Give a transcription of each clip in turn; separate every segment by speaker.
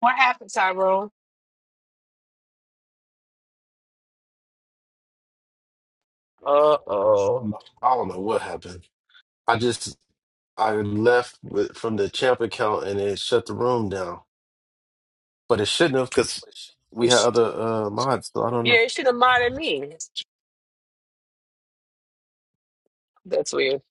Speaker 1: What happened, Tyrone? Uh oh.
Speaker 2: I don't know what happened. I just I left with, from the champ account and it shut the room down, but it shouldn't have because we had other uh, mods. So I don't know.
Speaker 1: Yeah, you should have minded me. That's weird.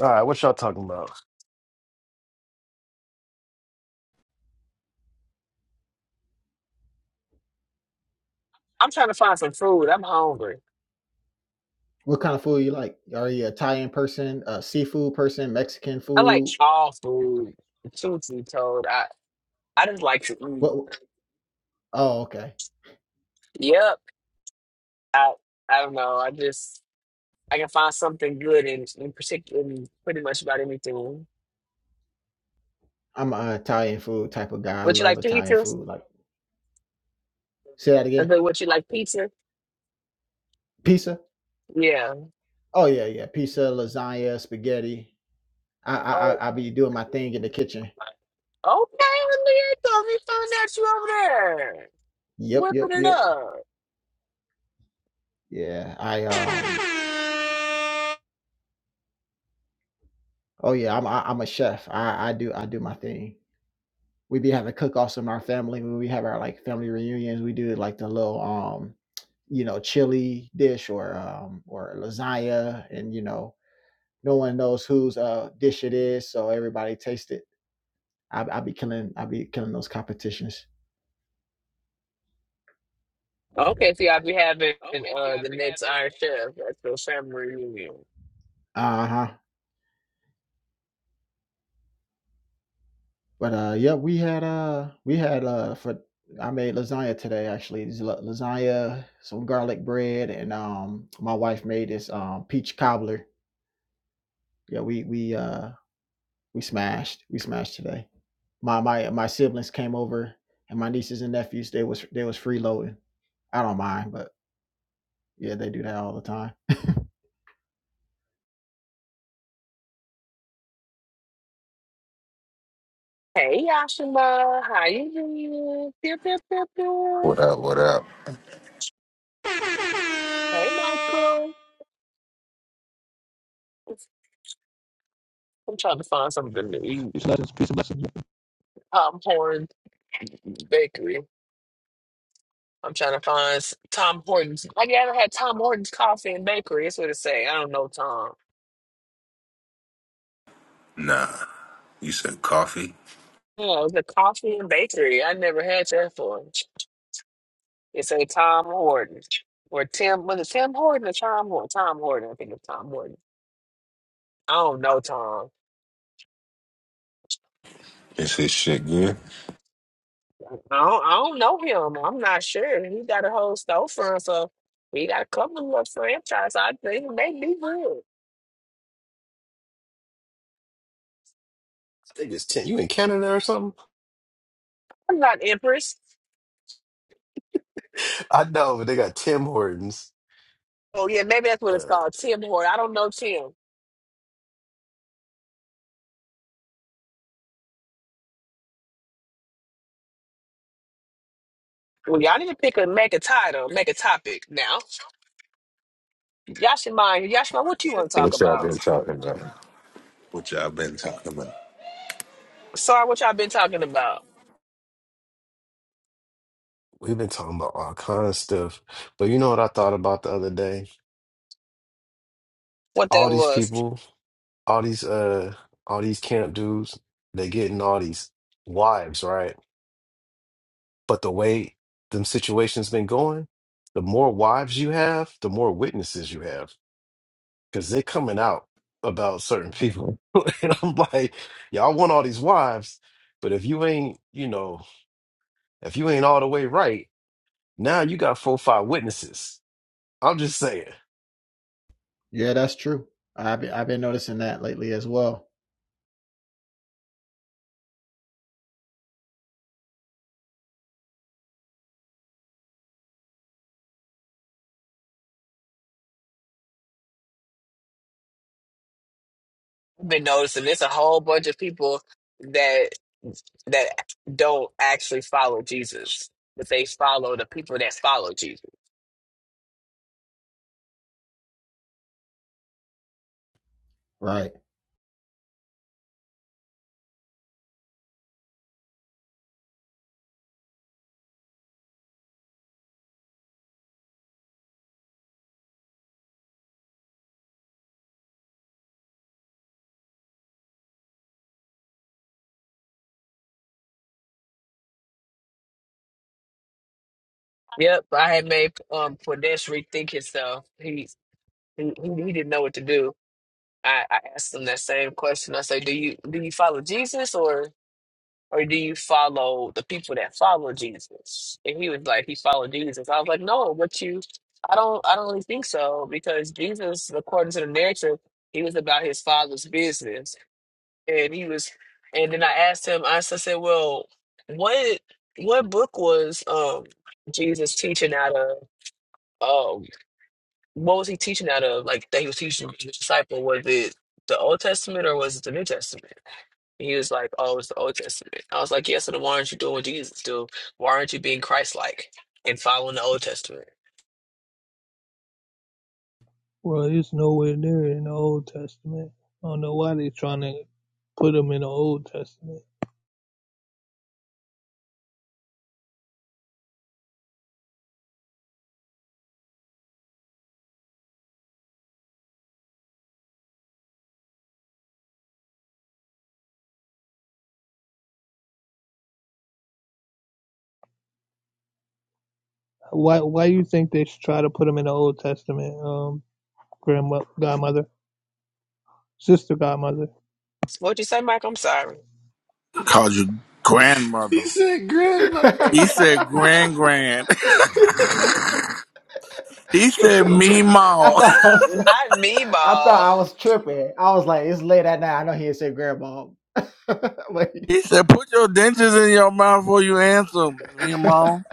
Speaker 2: All right, what y'all talking about?
Speaker 1: I'm trying to find some food. I'm hungry.
Speaker 3: What kind of Thai uh, seafood person? Mexican?
Speaker 1: I like all food. Truth be told, I I just like to eat.
Speaker 3: What? Oh, okay.
Speaker 1: Yep. I I don't know. I just I can find something good in in particular in pretty much about anything.
Speaker 3: I'm a Italian food type of guy. I
Speaker 1: Would you
Speaker 3: love
Speaker 1: like
Speaker 3: Italian
Speaker 1: pizza? Is
Speaker 3: food. Like, say that again.
Speaker 1: that what you like pizza?
Speaker 3: Pizza.
Speaker 1: Yeah.
Speaker 3: Oh yeah, yeah. Pizza, lasagna, spaghetti. I I
Speaker 1: Oh,
Speaker 3: I I be doing my thing in the kitchen.
Speaker 1: okay. Leah thought we found out you over there
Speaker 3: Yep, yep,
Speaker 1: whipping it
Speaker 3: yep.
Speaker 1: up.
Speaker 3: Yeah. I um. Oh yeah. I'm I, I'm a chef. I I do I do my thing. We be having cook-offs in our family when we have our like family reunions. We do like the little um, you know, chili dish or um or lasagna, and you know No one knows whose uh, dish it is, so everybody taste it. I, I be killing, I be killing those competitions.
Speaker 1: Okay, so y'all be having uh the next Iron Chef at the family reunion.
Speaker 3: Uh huh. But uh, yeah, we had uh, we had uh, for I made lasagna today actually. It's la- Lasagna, some garlic bread, and um, my wife made this um peach cobbler. Yeah, we we uh we smashed, we smashed today. My my my siblings came over, and my nieces and nephews they was they was freeloading. I don't mind, but Yeah, they do that all the time.
Speaker 1: Hey Yashima, how you doing? Pew, pew, pew,
Speaker 4: What
Speaker 1: pew.
Speaker 4: up? What up?
Speaker 1: Hey Michael. I'm trying to find something to eat.
Speaker 5: Peace and blessings. Peace and blessings.
Speaker 1: Tom Hortons Bakery. I'm trying to find s- Tom Hortons. I never had Tom Hortons Coffee and Bakery? That's what it say. I don't know Tom.
Speaker 4: Nah, you said coffee.
Speaker 1: Oh, the coffee and bakery. I never had that for. It's a Tom Horton or Tim. Was it Tim Horton or Tom Horton? Tom Horton. I think it's Tom Horton. I don't know Tom.
Speaker 4: Is this shit good?
Speaker 1: I don't, I don't know him. I'm not sure. He got a whole storefront, so he got a couple of little franchises. I think they be good.
Speaker 2: I think it's Tim. You in Canada or something?
Speaker 1: I'm not Empress.
Speaker 2: I know, but they got Tim Hortons.
Speaker 1: Oh yeah, maybe that's what it's
Speaker 2: Uh,
Speaker 1: called. Tim Horton. I don't know Tim. Well, y'all need to pick a make a title, make a topic now. Y'all should mind. Y'all should mind what you want to talk
Speaker 4: What y'all
Speaker 1: about.
Speaker 4: been talking about? What y'all been talking about?
Speaker 1: Sorry, what y'all been talking about.
Speaker 2: we've been talking about all kind of stuff, but you know what I thought about the other day?
Speaker 1: what that
Speaker 2: All these
Speaker 1: was.
Speaker 2: people, all these uh, all these camp dudes, they getting all these wives, right? But the way them situations been going, the more wives you have, the more witnesses you have, because they're coming out about certain people. and I'm like, y'all want all these wives, but if you ain't, you know, if you ain't all the way right, now you got four, or five witnesses. I'm just saying.
Speaker 3: Yeah, that's true. I've been, I've been noticing that lately as well.
Speaker 1: I've been noticing there's a whole bunch of people that that don't actually follow Jesus, but they follow the people that follow Jesus.
Speaker 3: Right.
Speaker 1: Yep, I had made um Pradesh rethink himself. He he, he he didn't know what to do. I, I asked him that same question. I said, "Do you do you follow Jesus or?" or do you follow the people that follow Jesus? And he was like, he followed Jesus. I was like, no, but you, I don't, I don't really think so because Jesus, according to the narrative, he was about his father's business, and he was. And then I asked him, I s- I said, well, what, what book was um Jesus teaching out of? Um, what was he teaching out of? Like that he was teaching his disciple? Was it the Old Testament or was it the New Testament? He was like, "Oh, it's the Old Testament." I was like, "Yes, so then why aren't you doing what Jesus do? Why aren't you being Christ-like and following the Old Testament?"
Speaker 5: Well, it's nowhere near in the Old Testament. I don't know why they are trying to put them in the Old Testament. Why why you think they should try to put them in the Old Testament, um, grandma, godmother, sister, godmother?
Speaker 1: What'd you say, Mike? I'm sorry.
Speaker 6: Called you
Speaker 2: He
Speaker 6: grandmother.
Speaker 2: said, "Grandma."
Speaker 6: He said grand grand. He said
Speaker 3: I
Speaker 6: meemaw.
Speaker 3: thought I was
Speaker 1: Not me,
Speaker 3: I thought
Speaker 1: ball.
Speaker 3: I was tripping. I was like, it's late at night. I know he had said grandma. Wait.
Speaker 6: He said put your dentures in your mouth before you answer meemaw.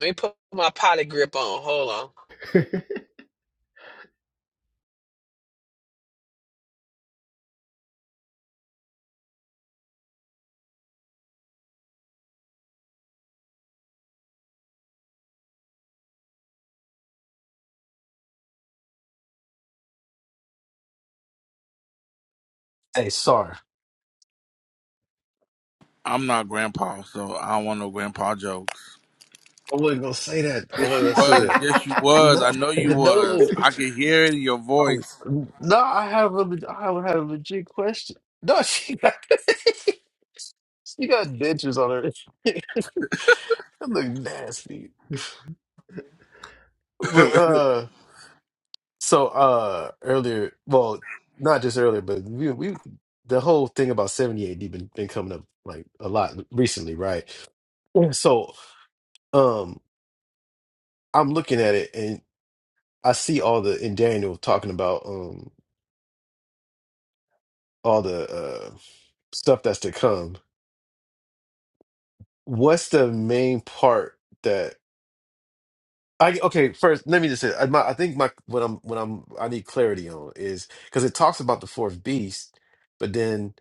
Speaker 1: Let me put my potty grip on. Hold on.
Speaker 2: Hey, sorry,
Speaker 6: I'm not grandpa, so I don't want no grandpa jokes.
Speaker 2: I wasn't gonna say that. I
Speaker 6: Yes,
Speaker 2: wasn't
Speaker 6: you
Speaker 2: gonna say
Speaker 6: was.
Speaker 2: that.
Speaker 6: Yes, you
Speaker 3: I
Speaker 6: was.
Speaker 2: No,
Speaker 6: I know you
Speaker 2: no.
Speaker 6: was. I could hear it in your
Speaker 2: Oh,
Speaker 6: voice.
Speaker 2: No, I have a, leg- I have a legit question. No, she got she got dentures on her. That look nasty. But uh, so uh, earlier, well, not just earlier, but we we the whole thing about seventy AD been been coming up like a lot recently, right? Yeah. So um, I'm looking at it and I see all the in Daniel talking about um all the uh stuff that's to come what's the main part that I okay, first let me just say I, my, I think my what I'm what I'm I need clarity on is because it talks about the fourth beast, but then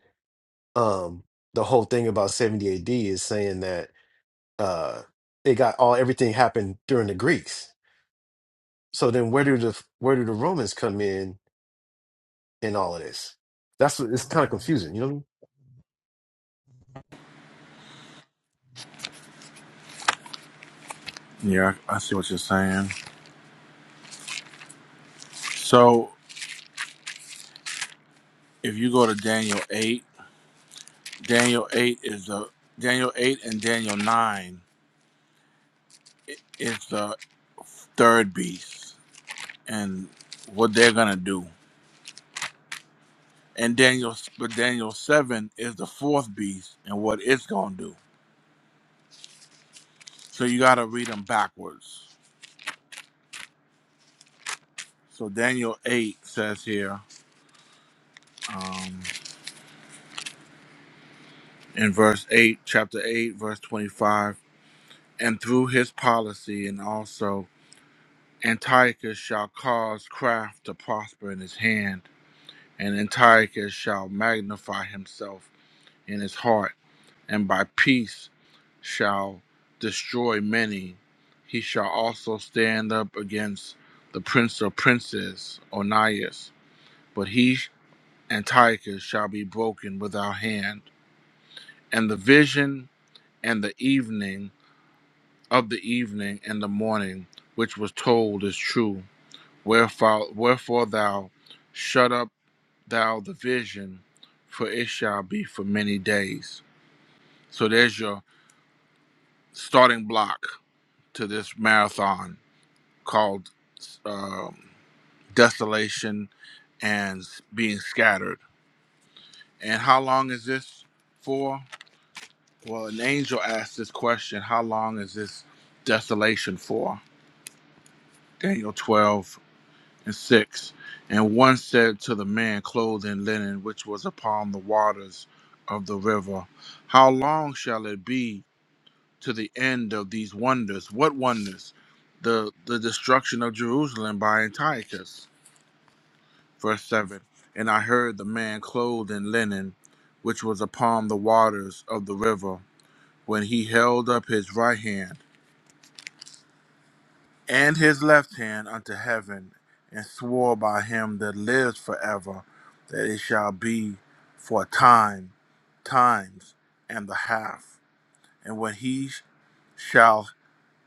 Speaker 2: um the whole thing about 70 AD is saying that uh it got all everything happened during the Greeks. So then where do the where do the Romans come in in all of this? That's what it's kind of confusing, you know what I mean?
Speaker 6: yeah, I see what you're saying. So if you go to Daniel eight, Daniel eight is the Daniel eight and Daniel nine i- is the third beast. and what they're gonna do. And Daniel, but Daniel seven is the fourth beast and what it's gonna do. So you gotta read them backwards. So Daniel eight says here um, in verse eight, chapter eight, verse twenty-five, and through his policy and also Antiochus shall cause craft to prosper in his hand, and Antiochus shall magnify himself in his heart and by peace shall destroy many. He shall also stand up against the prince of princes, Onias, but he Antiochus shall be broken without hand. And the vision and the evening of the evening and the morning, which was told, is true. Wherefore, wherefore thou shut up thou the vision, for it shall be for many days. So there's your starting block to this marathon called um, Desolation and Being Scattered. And how long is this for? Well, an angel asked this question How long is this desolation for? Daniel 12 and 6. And one said to the man clothed in linen, which was upon the waters of the river, How long shall it be to the end of these wonders? What wonders? The, the destruction of Jerusalem by Antiochus Verse 7 And I heard the man clothed in linen, which was upon the waters of the river, when he held up his right hand and his left hand unto heaven, and swore by him that lives forever, that it shall be for a time, times, and the half. And when he shall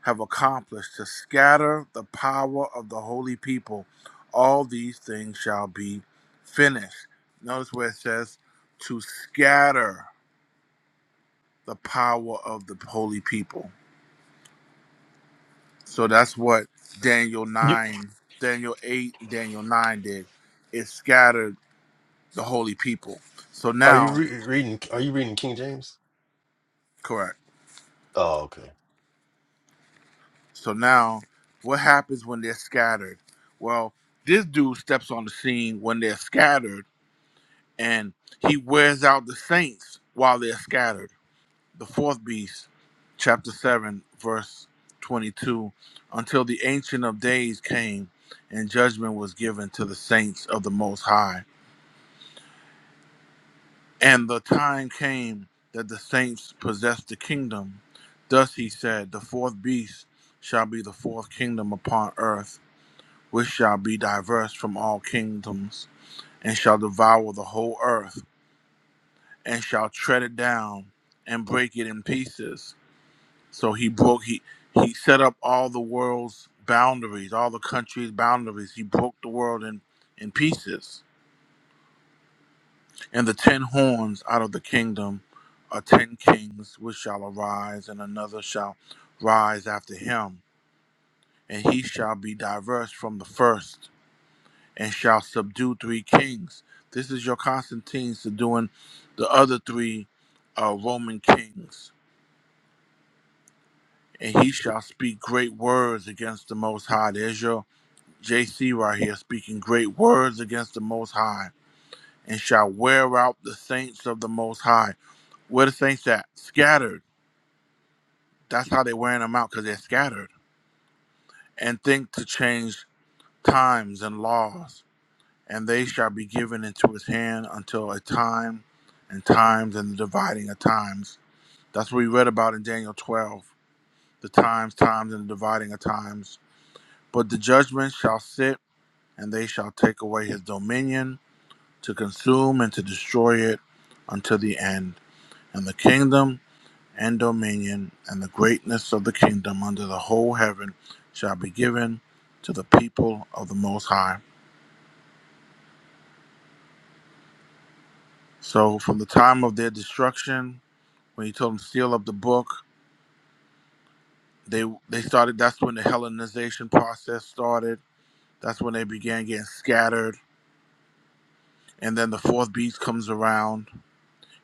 Speaker 6: have accomplished to scatter the power of the holy people. All these things shall be finished. Notice where it says to scatter the power of the holy people. So that's what Daniel
Speaker 2: You
Speaker 6: 9, Daniel 8, Daniel 9 did. It scattered the holy people. So
Speaker 2: are you
Speaker 6: now,
Speaker 2: re reading? Are you reading King James?
Speaker 6: correct.
Speaker 2: Oh, okay.
Speaker 6: So now, what happens when they're scattered? Well, this dude steps on the scene when they're scattered and he wears out the saints while they're scattered. The fourth beast, chapter 7, verse 22, until the Ancient of Days came and judgment was given to the saints of the Most High. And the time came that the saints possessed the kingdom. Thus he said, The fourth beast shall be the fourth kingdom upon earth, which shall be diverse from all kingdoms, and shall devour the whole earth and shall tread it down and break it in pieces. So he broke he he set up all the world's boundaries, all the countries' boundaries. He broke the world in in pieces. And the ten horns out of the kingdom are ten kings which shall arise, and another shall rise after him, and he shall be diverse from the first, and shall subdue three kings. This is your Constantine subduing the other three uh, Roman kings and he shall speak great words against the Most High. There's your JC right here speaking great words against the Most High, and shall wear out the saints of the Most High. Where the saints at? Scattered. That's how they're wearing them out because they're scattered. And think to change times and laws, and they shall be given into his hand until a time and times and the dividing of times. That's what we read about in Daniel 12 the times, times, and the dividing of times. But the judgment shall sit and they shall take away his dominion to consume and to destroy it until the end. And the kingdom and dominion and the greatness of the kingdom under the whole heaven shall be given to the people of the Most High. So from the time of their destruction, when he told them to seal up the book, they they started. That's when the Hellenization process started. That's when they began getting scattered. And then the fourth beast comes around,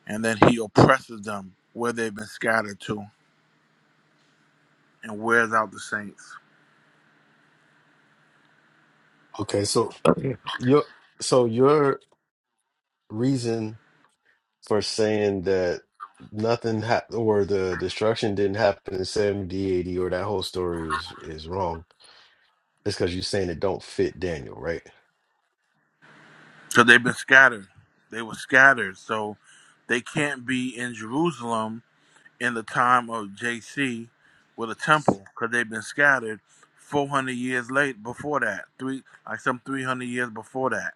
Speaker 6: and then he oppresses them where they've been scattered to and wears out the saints.
Speaker 2: Okay, so Okay. you so your. reason for saying that nothing ha or the destruction didn't happen in 70 80 or that whole story is is wrong it's because you're saying it don't fit Daniel right
Speaker 6: So they've been scattered. They were scattered. So they can't be in Jerusalem in the time of JC with a temple because they've been scattered 400 years late before that. Three, like some 300 years before that.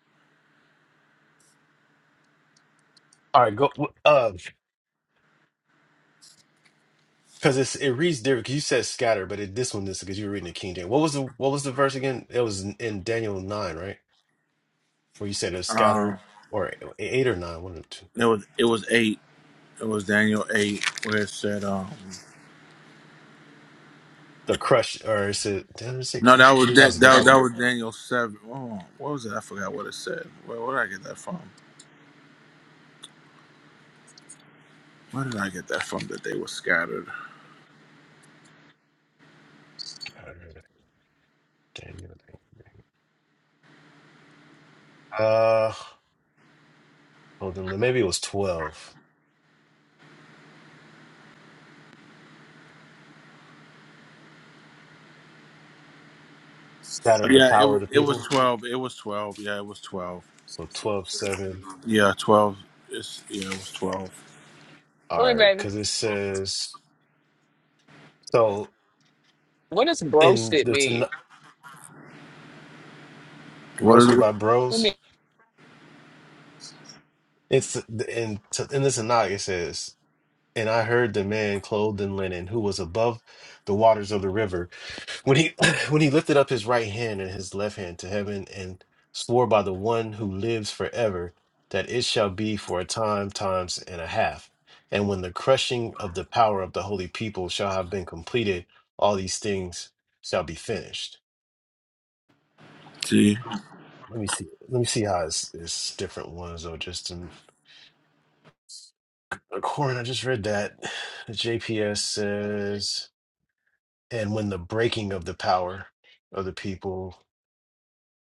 Speaker 2: all right go w- uh because it's it reads different 'cause you said scatter but it this one is because you were reading the King James what was the what was the verse again it was in, in Daniel 9 right where you said it was
Speaker 6: Um,
Speaker 2: scattered or eight or nine one or two
Speaker 6: it was it was eight. It was Daniel eight where it said um
Speaker 2: the crush or is it did I just say
Speaker 6: no that was
Speaker 2: crushing that
Speaker 6: da-
Speaker 2: was a
Speaker 6: that,
Speaker 2: different
Speaker 6: that
Speaker 2: one
Speaker 6: was Daniel seven. Oh, what was it? I forgot what it said. Where, where did I get that from? Where did I get that from? That they were scattered.
Speaker 2: Daniel, Daniel. uh hold on maybe it was 12 scatter the
Speaker 6: Yeah, it
Speaker 2: power of
Speaker 6: was
Speaker 2: the
Speaker 6: it was
Speaker 2: people.
Speaker 6: twelve. It was twelve. Yeah, it was twelve.
Speaker 2: So 12 7.
Speaker 6: Yeah, twelve. It's yeah, it was twelve.
Speaker 1: Tell me,
Speaker 2: All right,
Speaker 1: baby,
Speaker 2: because it says so
Speaker 1: what does
Speaker 2: in
Speaker 1: broasted
Speaker 2: the Tan-
Speaker 1: mean?
Speaker 6: What is
Speaker 2: roasted
Speaker 6: it?
Speaker 2: by
Speaker 1: I
Speaker 2: bros.
Speaker 1: mean,
Speaker 2: It's in in the Tanakh. It says, and I heard the man clothed in linen who was above the waters of the river. when he when he lifted up his right hand and his left hand to heaven and swore by the one who lives forever that it shall be for a time times and a half and when the crushing of the power of the holy people shall have been completed all these things shall be finished
Speaker 6: See,
Speaker 2: let me see let me see how it's, it's different ones though just in according i just read that the jps says and when the breaking of the power of the people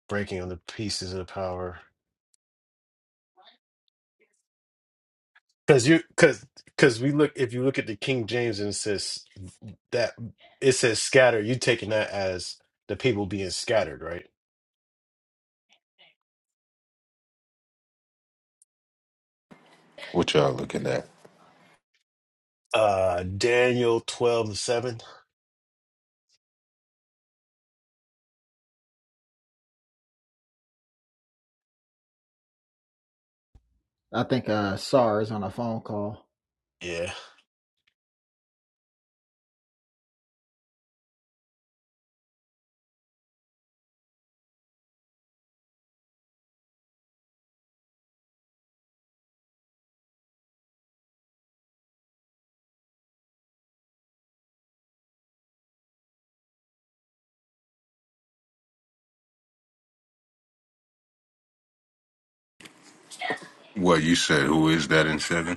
Speaker 2: breaking of the pieces of the power Cause you, cause, cause we look. If you look at the King James and it says that it says scatter, you taking that as the people being scattered, right?
Speaker 4: What y'all looking at?
Speaker 2: Uh, Daniel twelve and seven.
Speaker 3: think uh Sar is on a phone call.
Speaker 2: Yeah,
Speaker 4: Well, you said who is that in seven?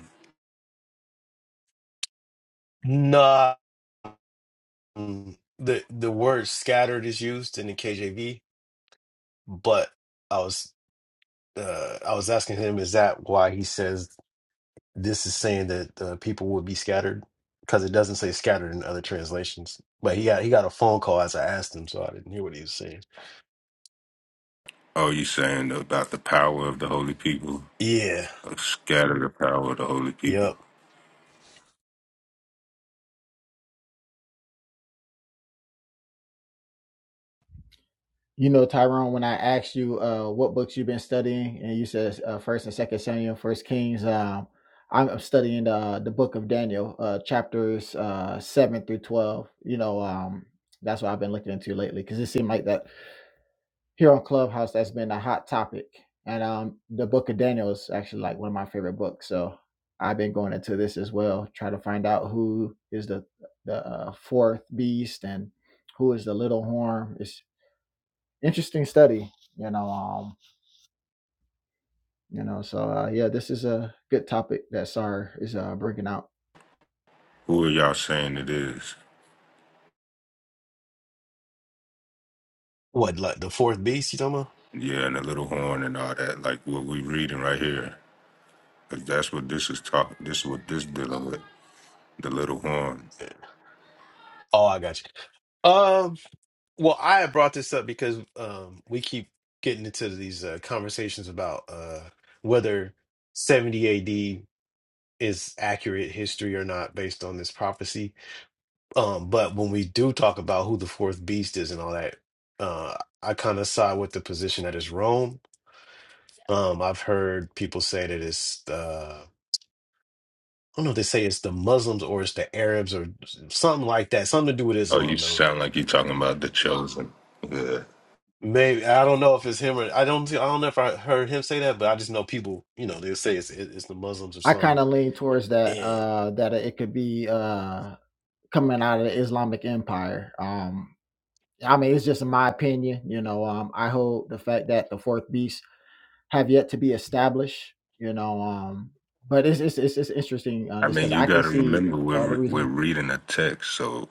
Speaker 2: not the the word scattered is used in the KJV, but I was uh I was asking him, is that why he says this is saying that uh, people will be scattered? Because it doesn't say scattered in other translations. But he got he got a phone call as I asked him, so I didn't hear what he was saying.
Speaker 4: Oh, you saying about the power of the holy people?
Speaker 2: Yeah.
Speaker 4: Uh, Scatter the power of the holy people.
Speaker 2: Yep.
Speaker 3: You know, Tyrone, when I asked you uh, what books you've been studying, and you said uh, First and Second Samuel, First Kings, um, I'm studying the the book of Daniel, uh, chapters uh, seven through twelve. You know, um, that's what I've been looking into lately because it seemed like that here on Clubhouse that's been a hot topic, and um, the book of Daniel is actually like one of my favorite books. So I've been going into this as well, try to find out who is the the uh, fourth beast and who is the little horn. It's interesting study you know um you know so uh, yeah this is a good topic that sar is uh, bringing out
Speaker 4: Who are y'all saying it is?
Speaker 2: What, like the fourth beast you talking about?
Speaker 4: Yeah, and the little horn and all that, like what we reading right here. 'Cause that's what this is talking. This is what this dealing with. The little horn.
Speaker 2: Oh, I got you. Um, well, I had brought this up because um we keep getting into these uh, conversations about uh whether 70 AD is accurate history or not based on this prophecy. Um, but when we do talk about who the fourth beast is and all that, uh I kind of side with the position that is Rome. Um, I've heard people say that it's uh, I don't know if they say it's the Muslims or it's the Arabs or something like that. Something to do with
Speaker 4: Oh, you
Speaker 2: Islam, though.
Speaker 4: sound like you talking about the chosen. Yeah.
Speaker 2: Maybe I don't know if it's him or I don't. I don't know if I heard him say that, but I just know people. You know, they will say it's it- it's the Muslims or
Speaker 3: i kind
Speaker 2: something.
Speaker 3: of lean towards that
Speaker 2: And
Speaker 3: uh that it could be uh coming out of the islamic empire um i mean it's just my opinion you know um i hold the fact that the fourth beast have yet to be established you know um but it's it's it's, it's interesting uh,
Speaker 4: I
Speaker 3: just
Speaker 4: mean,
Speaker 3: because
Speaker 4: you
Speaker 3: i can
Speaker 4: got to
Speaker 3: see
Speaker 4: remember we're
Speaker 3: uh, the reason
Speaker 4: we're reading a text. So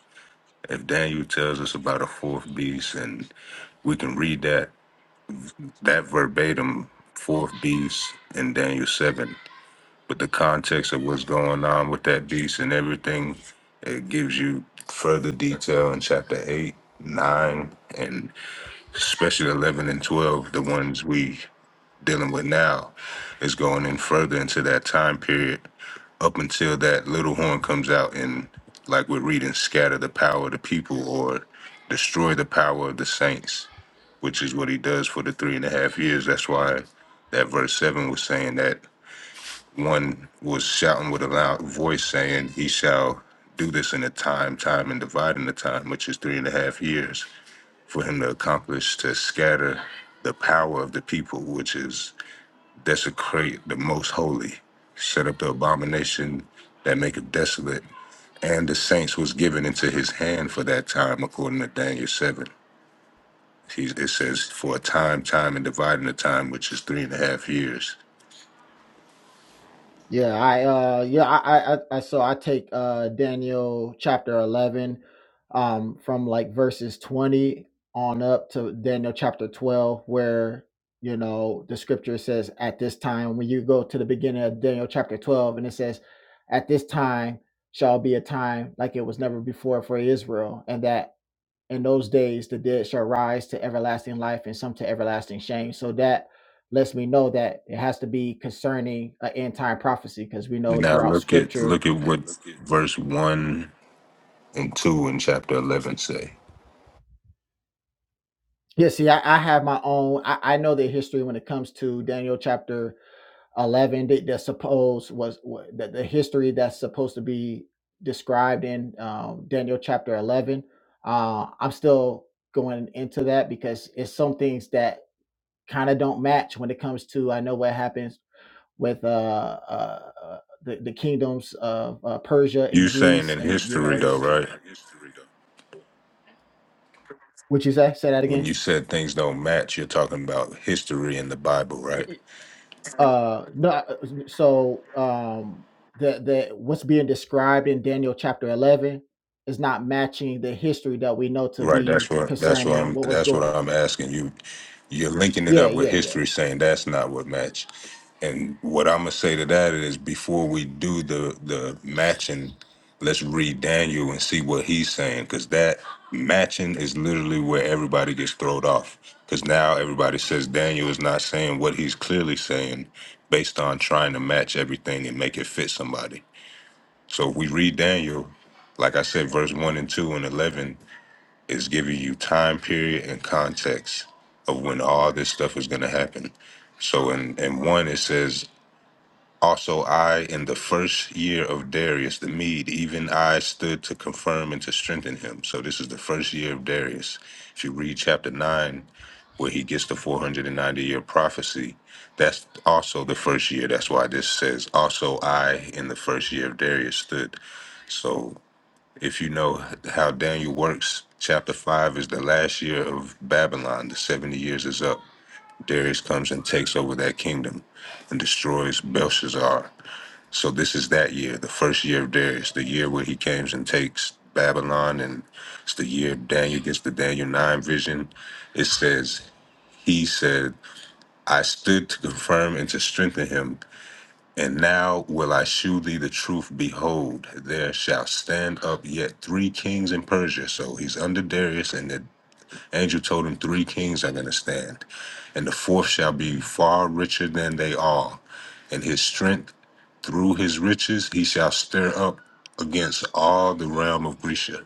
Speaker 4: if Daniel tells us about a fourth beast, and we can read that that verbatim fourth beast in Daniel seven, but the context of what's going on with that beast and everything, it gives you further detail in chapter eight, nine, and especially eleven and twelve, the ones we dealing with now is going in further into that time period up until that little horn comes out and like we're reading scatter the power of the people or destroy the power of the saints which is what he does for the three and a half years that's why that verse 7 was saying that one was shouting with a loud voice saying he shall do this in a time time and dividing the time which is three and a half years for him to accomplish to scatter the power of the people which is desecrate the most holy, set up the abomination that maketh desolate, and the saints was given into his hand for that time, according to Daniel 7. He, it says, for a time, time, and dividing the time, which is three and a half years.
Speaker 3: Yeah, I uh yeah, I I, I so I take uh Daniel chapter 11 um from like verses 20 on up to Daniel chapter 12 where you know the scripture says at this time when you go to the beginning of Daniel chapter 12 and it says at this time shall be a time like it was never before for Israel and that in those days the dead shall rise to everlasting life and some to everlasting shame so that lets me know that it has to be concerning an end time prophecy because we know
Speaker 4: Now
Speaker 3: throughout
Speaker 4: look at
Speaker 3: scripture
Speaker 4: look at what verse one and two in chapter eleven say.
Speaker 3: yeah see i, I have my own I, I know the history when it comes to daniel chapter 11 that, that supposed was wa- the, the history that's supposed to be described in um, daniel chapter 11 uh, i'm still going into that because it's some things that kind of don't match when it comes to i know what happens with uh, uh, uh, the, the kingdoms of uh, Persia
Speaker 4: You
Speaker 3: and
Speaker 4: saying
Speaker 3: Greece,
Speaker 4: in
Speaker 3: and you know,
Speaker 4: history
Speaker 3: you,
Speaker 4: though, right?
Speaker 3: would you say say that
Speaker 4: When
Speaker 3: again?
Speaker 4: you said things don't match, you're talking about history in the Bible, right?
Speaker 3: Uh, no. I- So um, the the what's being described in Daniel chapter eleven is not matching the history that we know to
Speaker 4: Right.
Speaker 3: be
Speaker 4: That's what. That's what
Speaker 3: concerning
Speaker 4: I'm.
Speaker 3: what was
Speaker 4: That's what
Speaker 3: going.
Speaker 4: I'm asking you. You're linking it
Speaker 3: Yeah,
Speaker 4: up with
Speaker 3: yeah, yeah,
Speaker 4: history, saying that's not what match. And what I'm gonna say to that is, before we do the the matching, let's read Daniel and see what he's saying, because that matching is literally where everybody gets thrown off. Because now everybody says Daniel is not saying what he's clearly saying, based on trying to match everything and make it fit somebody. So if we read Daniel, like I said, verse one and two and eleven. It's giving you time period and context of when all this stuff is going to happen. So in, in one, it says, Also, I, in the first year of Darius the Mede, even I stood to confirm and to strengthen him. So this is the first year of Darius. If you read chapter 9, where he gets the 490 year prophecy, that's also the first year. That's why this says, Also, I, in the first year of Darius stood. So if you know how Daniel works, chapter 5 is the last year of Babylon. The 70 years is up. Darius comes and takes over that kingdom and destroys Belshazzar. So, this is that year, the first year of Darius, the year where he comes and takes Babylon. And it's the year Daniel gets the Daniel 9 vision. It says, He said, I stood to confirm and to strengthen him and now will I shew thee the truth. Behold, there shall stand up yet three kings in Persia. So he's under Darius, and the angel told him three kings are going to stand. And the fourth shall be far richer than they are. And his strength through his riches he shall stir up against all the realm of Grecia.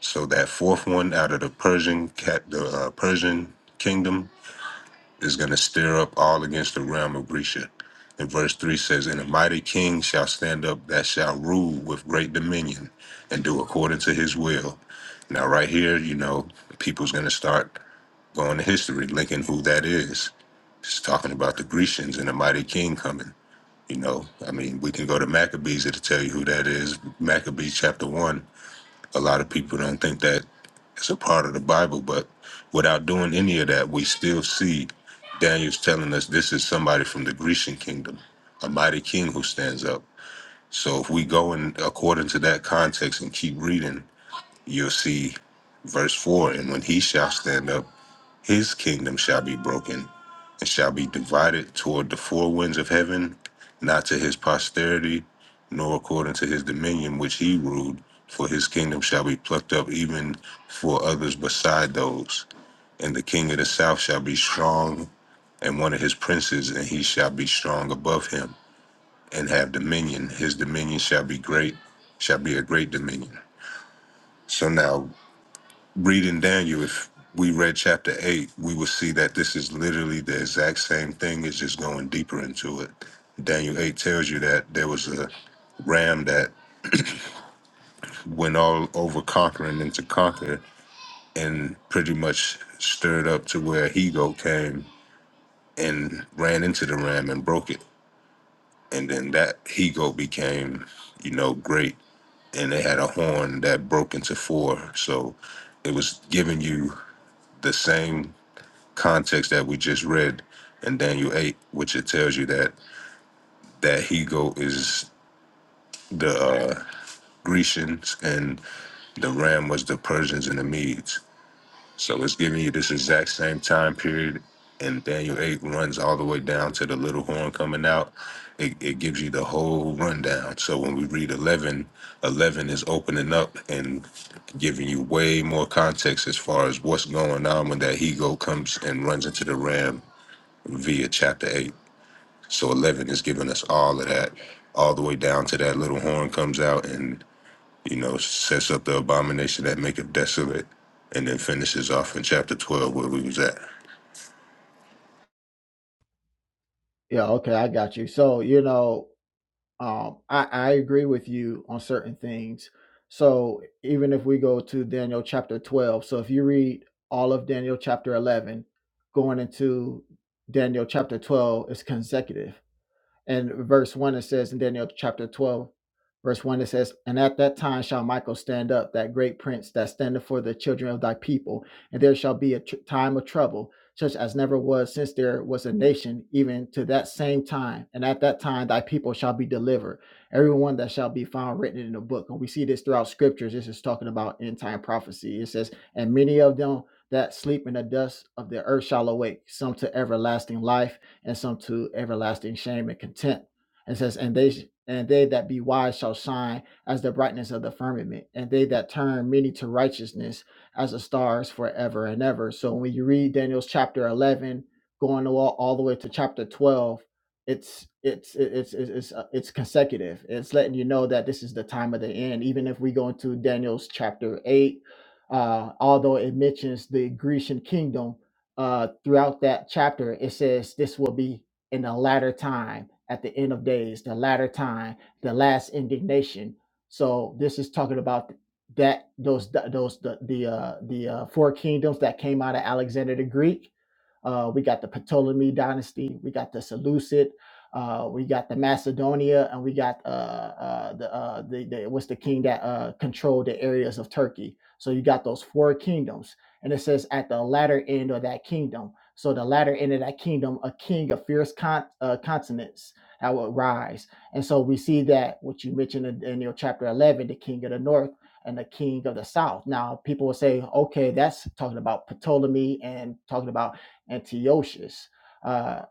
Speaker 4: So that fourth one out of the Persian cat, the uh, Persian kingdom is going to stir up all against the realm of Grisha. And verse 3 says, And a mighty king shall stand up that shall rule with great dominion and do according to his will. Now, right here, you know, people's going to start going to history, linking who that is. It's talking about the Grecians and a mighty king coming. You know, I mean, we can go to Maccabees to tell you who that is. Maccabees chapter 1. A lot of people don't think that it's a part of the Bible, but without doing any of that, we still see Daniel's telling us this is somebody from the Grecian kingdom, a mighty king who stands up. So if we go in according to that context and keep reading, you'll see verse 4 and when he shall stand up, his kingdom shall be broken, and shall be divided toward the four winds of heaven, not to his posterity, nor according to his dominion which he ruled, for his kingdom shall be plucked up even for others beside those. And the king of the south shall be strong, and one of his princes, and he shall be strong above him, and have dominion. His dominion shall be great, shall be a great dominion. So now reading Daniel, if we read chapter eight, we would see that this is literally the exact same thing. It's just going deeper into it. Daniel eight tells you that there was a ram that went all over conquering and to conquer, and pretty much stirred up to where he goat came and ran into the ram and broke it, and then that he goat became, you know, great, and they had a horn that broke into four. So it was giving you the same. context that we just read in Daniel 8, which it tells you that that he-goat is the uh, Grecians and the ram was the Persians and the Medes. So it's giving you this exact same time period. And Daniel 8 runs all the way down to the little horn coming out. It, it gives you the whole rundown. So when we read 11, 11 is opening up and giving you way more context as far as what's going on when that he-goat comes and runs into the ram via chapter 8. So 11 is giving us all of that, all the way down to that little horn comes out and, you know, sets up the abomination that maketh desolate, and then finishes off in chapter 12 where we was at.
Speaker 3: yeah. Okay, I got you. So you know. um, I, I agree with you on certain things. So even if we go to Daniel chapter 12, so if you read all of Daniel chapter 11, going into Daniel chapter 12 is consecutive. And verse 1 it says in Daniel chapter 12, verse 1 it says, And at that time shall Michael stand up, that great prince that standeth for the children of thy people, and there shall be a tr- time of trouble, such as never was since there was a nation, even to that same time. And at that time thy people shall be delivered, everyone that shall be found written in the book. And we see this throughout scriptures. This is talking about end time prophecy. It says, And many of them that sleep in the dust of the earth shall awake, some to everlasting life and some to everlasting shame and contempt. And says, and they and they that be wise shall shine as the brightness of the firmament, and they that turn many to righteousness as the stars forever and ever. So when you read Daniel's chapter eleven, going all, all the way to chapter twelve, it's it's it's it's it's, uh, it's consecutive. It's letting you know that this is the time of the end. Even if we go into Daniel's chapter eight, uh, although it mentions the Grecian kingdom uh, throughout that chapter, it says this will be in the latter time, at the end of days, the latter time, the last indignation. So this is talking about that those those the the uh, the uh, four kingdoms that came out of Alexander the Greek. Uh, we got the Ptolemy dynasty. We got the Seleucid. Uh, we got the Macedonia, and we got uh, uh, the, uh, the the what's the king that uh, controlled the areas of Turkey. So you got those four kingdoms and it says, at the latter end of that kingdom. So the latter end of that kingdom, a king of fierce con- uh, consonants that will rise. And so we see that what you mentioned in in your chapter 11, the king of the north and the king of the south. Now people will say, okay, that's talking about Ptolemy and talking about Antiochus. Uh,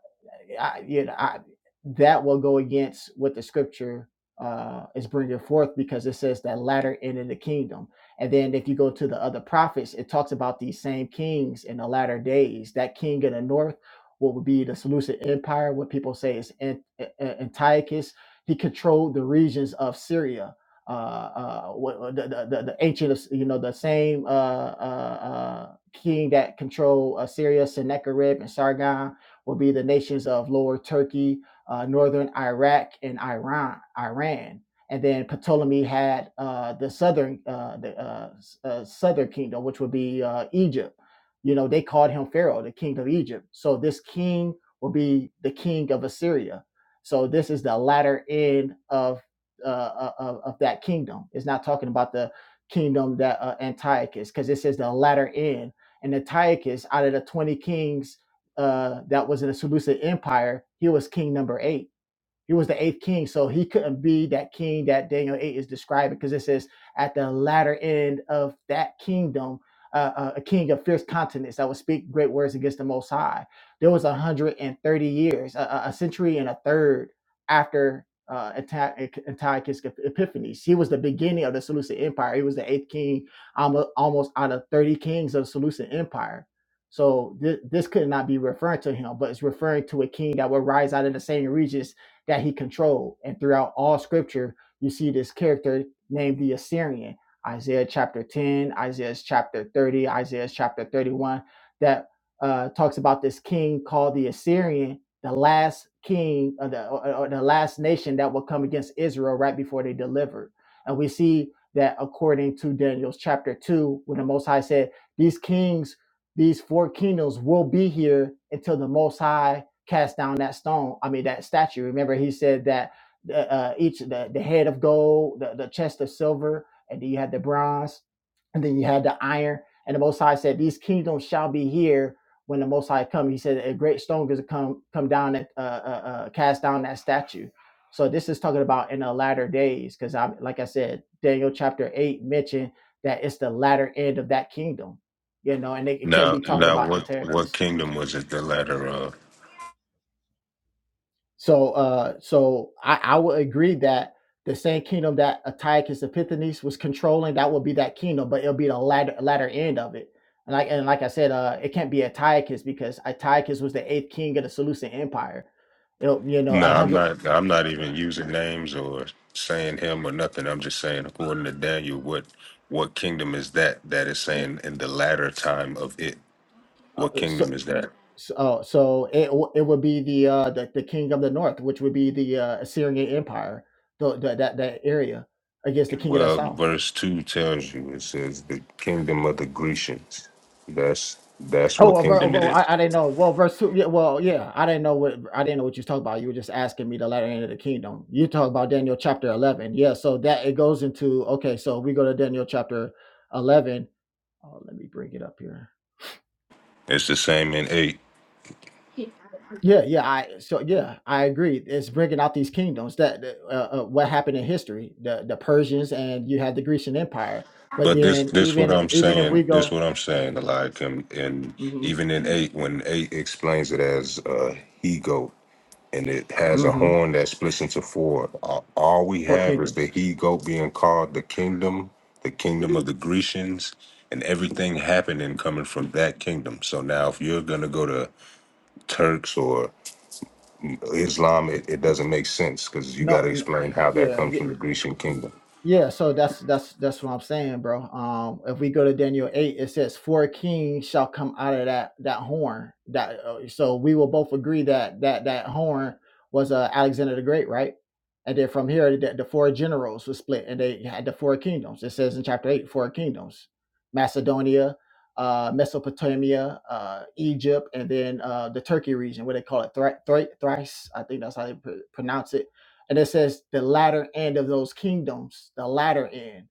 Speaker 3: I, you know, I, that will go against what the scripture uh, is bringing forth because it says that latter end of the kingdom and then if you go to the other prophets, it talks about these same kings in the latter days. That king in the north, what would be the Seleucid Empire, what people say is Ant- A- Antiochus, he controlled the regions of Syria. Uh, uh, what- what the, the, the the ancient, you know, the same uh, uh, uh, king that controlled uh, Syria, Sennacherib and Sargon, will be the nations of Lower Turkey, uh, Northern Iraq, and Iran. Iran and then Ptolemy had uh, the southern uh, the uh, uh, southern kingdom, which would be uh, Egypt. You know, they called him Pharaoh, the king of Egypt. So this king will be the king of Assyria. So this is the latter end of uh, uh, of, of that kingdom. It's not talking about the kingdom that uh, Antiochus, because it says the latter end. And Antiochus, out of the twenty kings uh, that was in the Seleucid Empire, he was king number eight he was the eighth king, so he couldn't be that king that Daniel 8 is describing because it says at the latter end of that kingdom, uh, uh, a king of fierce countenance that would speak great words against the Most High. There was 130 years, a, a century and a third after uh, Anta- Antiochus Epiphanes. He was the beginning of the Seleucid Empire. He was the eighth king almo- almost out of 30 kings of the Seleucid Empire. So thi- this could not be referring to him, but it's referring to a king that would rise out of the same regions that he controlled. And throughout all scripture, you see this character named the Assyrian. Isaiah chapter 10, Isaiah chapter 30, Isaiah chapter 31, that uh, talks about this king called the Assyrian, the last king of the, or, or the last nation that will come against Israel right before they delivered. And we see that according to Daniel's chapter 2, when the Most High said, These kings, these four kingdoms will be here until the Most High cast down that stone. I mean that statue. Remember, he said that the, uh, each the, the head of gold, the, the chest of silver, and then you had the bronze, and then you had the iron. And the Most High said, "These kingdoms shall be here when the Most High come." He said, "A great stone is come come down and uh, uh, uh, cast down that statue." So this is talking about in the latter days, because I like I said, Daniel chapter eight mentioned that it's the latter end of that kingdom, you know, and it, it couldn't be
Speaker 4: Now,
Speaker 3: talking
Speaker 4: now,
Speaker 3: about
Speaker 4: what what
Speaker 3: Antichrist.
Speaker 4: kingdom was it? The latter of?
Speaker 3: So, uh, so I, I would agree that the same kingdom that Antiochus Epiphanes was controlling, that would be that kingdom, but it'll be the latter latter end of it. And like and like I said, uh, it can't be Antiochus because Antiochus was the eighth king of the Seleucid Empire. It'll, you know, a
Speaker 4: No, I'm
Speaker 3: hundred. Yeah,
Speaker 4: not. I'm not even using names or saying him or nothing. I'm just saying, according to Daniel, what what kingdom is that that is saying in the latter time of it? What
Speaker 3: Uh, uh,
Speaker 4: kingdom
Speaker 3: so,
Speaker 4: is that?
Speaker 3: so, uh, so it w- it would be the uh the, the king of the north, which would be the uh, Assyrian Empire, the, the that that area against the king of the
Speaker 4: Well,
Speaker 3: south.
Speaker 4: verse two tells you it says the kingdom of the Grecians. That's that's
Speaker 3: Oh,
Speaker 4: what
Speaker 3: well, ver-
Speaker 4: kingdom it
Speaker 3: well,
Speaker 4: is.
Speaker 3: I, I didn't know. Well, verse two. Yeah, well, yeah, I didn't know what I didn't know what you was talking about. You were just asking me the latter end of the kingdom. You talk about Daniel chapter eleven. Yeah, so that it goes into okay. So we go to Daniel chapter eleven. Oh, let me bring it up here.
Speaker 4: It's the same in eight.
Speaker 3: Yeah, yeah. I so yeah, I agree. It's bringing out these kingdoms that that, uh, uh, what happened in history, the the Persians and you had the Grecian Empire. But
Speaker 4: But this
Speaker 3: then
Speaker 4: this what
Speaker 3: even
Speaker 4: I'm
Speaker 3: even if we
Speaker 4: saying. This
Speaker 3: go,
Speaker 4: what I'm saying. Like and, and
Speaker 3: mm-hmm,
Speaker 4: even in eight, when eight explains it as uh, he goat, and it has a
Speaker 3: mm-hmm,
Speaker 4: horn that splits into four. All, all we
Speaker 3: four
Speaker 4: have is the
Speaker 3: kingdoms.
Speaker 4: he goat being called the kingdom, the kingdom of the Grecians, and everything happening coming from that kingdom. So now, if you're gonna go to Turks Islam, it, it doesn't make sense because you got
Speaker 3: No,
Speaker 4: to
Speaker 3: no
Speaker 4: explain how that
Speaker 3: yeah,
Speaker 4: comes
Speaker 3: yeah.
Speaker 4: from the Grecian kingdom.
Speaker 3: Yeah, so that's that's that's what I'm saying, bro. Um, if we go to Daniel eight, it says four kings shall come out of that that horn. That uh, so we will both agree that that that horn was uh, Alexander the Great, right? And then from here, the, the four generals were split, and they had the four kingdoms. It says in chapter eight, four kingdoms: Macedonia, uh, Mesopotamia, uh, Egypt, and then uh, the Turkey region, what they call it, Thri- Thri- Thrice. I think that's how they pr- pronounce it and it says the latter end of those kingdoms, the latter end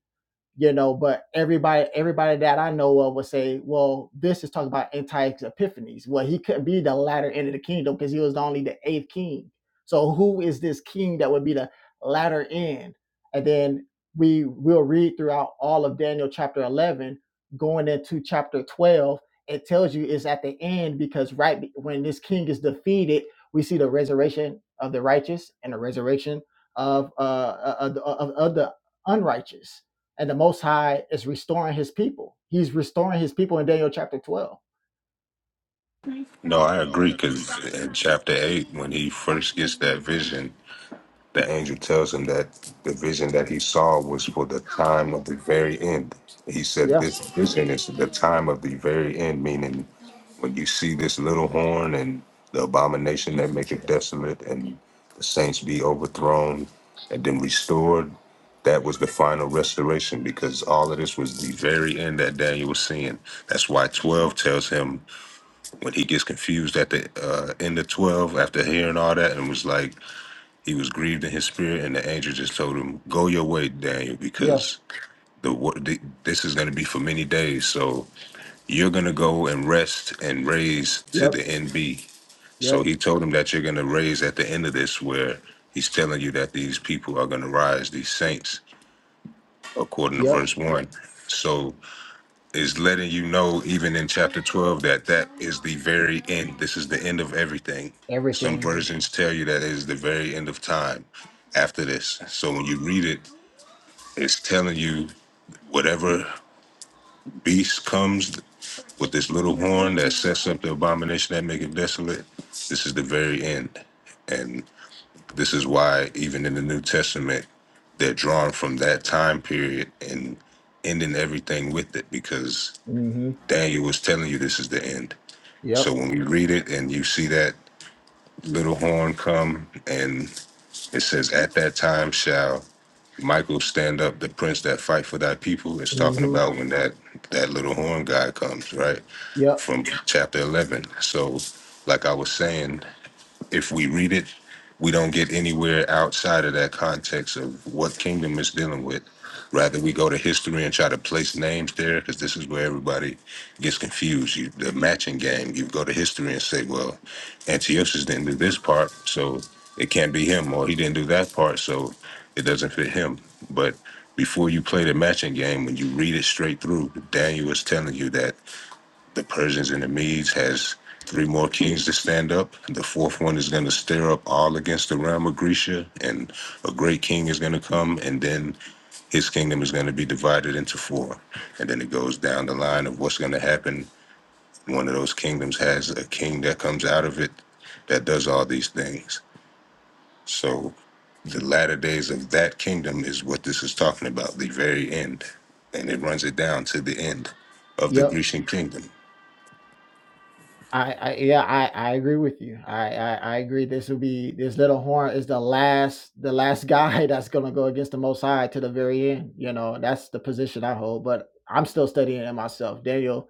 Speaker 3: you know but everybody everybody that i know of would say well this is talking about antioch's epiphanies well he couldn't be the latter end of the kingdom because he was only the eighth king so who is this king that would be the latter end and then we will read throughout all of daniel chapter 11 going into chapter 12 it tells you it's at the end because right be- when this king is defeated we see the resurrection of the righteous and the resurrection of uh of, of, of the unrighteous and the Most High is restoring His people. He's restoring His people in Daniel chapter twelve.
Speaker 4: No, I agree because in chapter eight, when he first gets that vision, the angel tells him that the vision that he saw was for the time of the very end. He said,
Speaker 3: Yeah,
Speaker 4: This vision is the time of the very end, meaning when you see this little horn and the abomination that maketh desolate and the saints be overthrown and then restored, that was the final restoration because all of this was the very end that Daniel was seeing. That's why 12 tells him when he gets confused at the uh, end of 12 after hearing all that and was like, he was grieved in his spirit, and the angel just told him, "Go your way, Daniel,
Speaker 3: yeah,
Speaker 4: because the wo- th- this is going to be for many days. So you're going to go and rest and raise to
Speaker 3: yep,
Speaker 4: the NB." So
Speaker 3: yep,
Speaker 4: he told him that you're going to raise at the end of this, where he's telling you that these people are going to rise, these saints, according to
Speaker 3: yep.
Speaker 4: verse one. So is letting you know, even in chapter 12, that that is the very end. This is the end of everything. Some
Speaker 3: Everything.
Speaker 4: versions tell you that it is the very end of time after this. So when you read it, it's telling you whatever beast comes with this little horn that sets up the abomination that make it desolate, this is the very end. And this is why, even in the New Testament, they're drawn from that time period and ending everything with it because
Speaker 3: Mm-hmm.
Speaker 4: Daniel was telling you this is the end. So
Speaker 3: Yep.
Speaker 4: when we read it and you see that little horn come and it says, At that time shall Michael stand up, the prince that fight for thy people, it's talking
Speaker 3: Mm-hmm.
Speaker 4: about when that, that little horn guy comes, right?
Speaker 3: Yep.
Speaker 4: From Yeah. chapter 11. So, like I was saying, if we read it, we don't get anywhere outside of that context of what kingdom is dealing with. Rather, we go to history and try to place names there because this is where everybody gets confused. You, the matching game, you go to history and say, well, Antiochus didn't do this part, so it can't be him, or he didn't do that part, so it doesn't fit him. But before you play the matching game, when you read it straight through, Daniel is telling you that the Persians and the Medes has three more kings to stand up. The fourth one is going to stir up all against the realm of Grecia, and a great king is going to come, and then his kingdom is going to be divided into four. And then it goes down the line of what's going to happen. One of those kingdoms has a king that comes out of it that does all these things. So the latter days of that kingdom is what this is talking about, the very end. And it runs it down to the end of the
Speaker 3: Yep.
Speaker 4: Grecian kingdom.
Speaker 3: I, I yeah I, I agree with you I, I I agree this will be this little horn is the last the last guy that's gonna go against the Most High to the very end you know that's the position I hold but I'm still studying it myself Daniel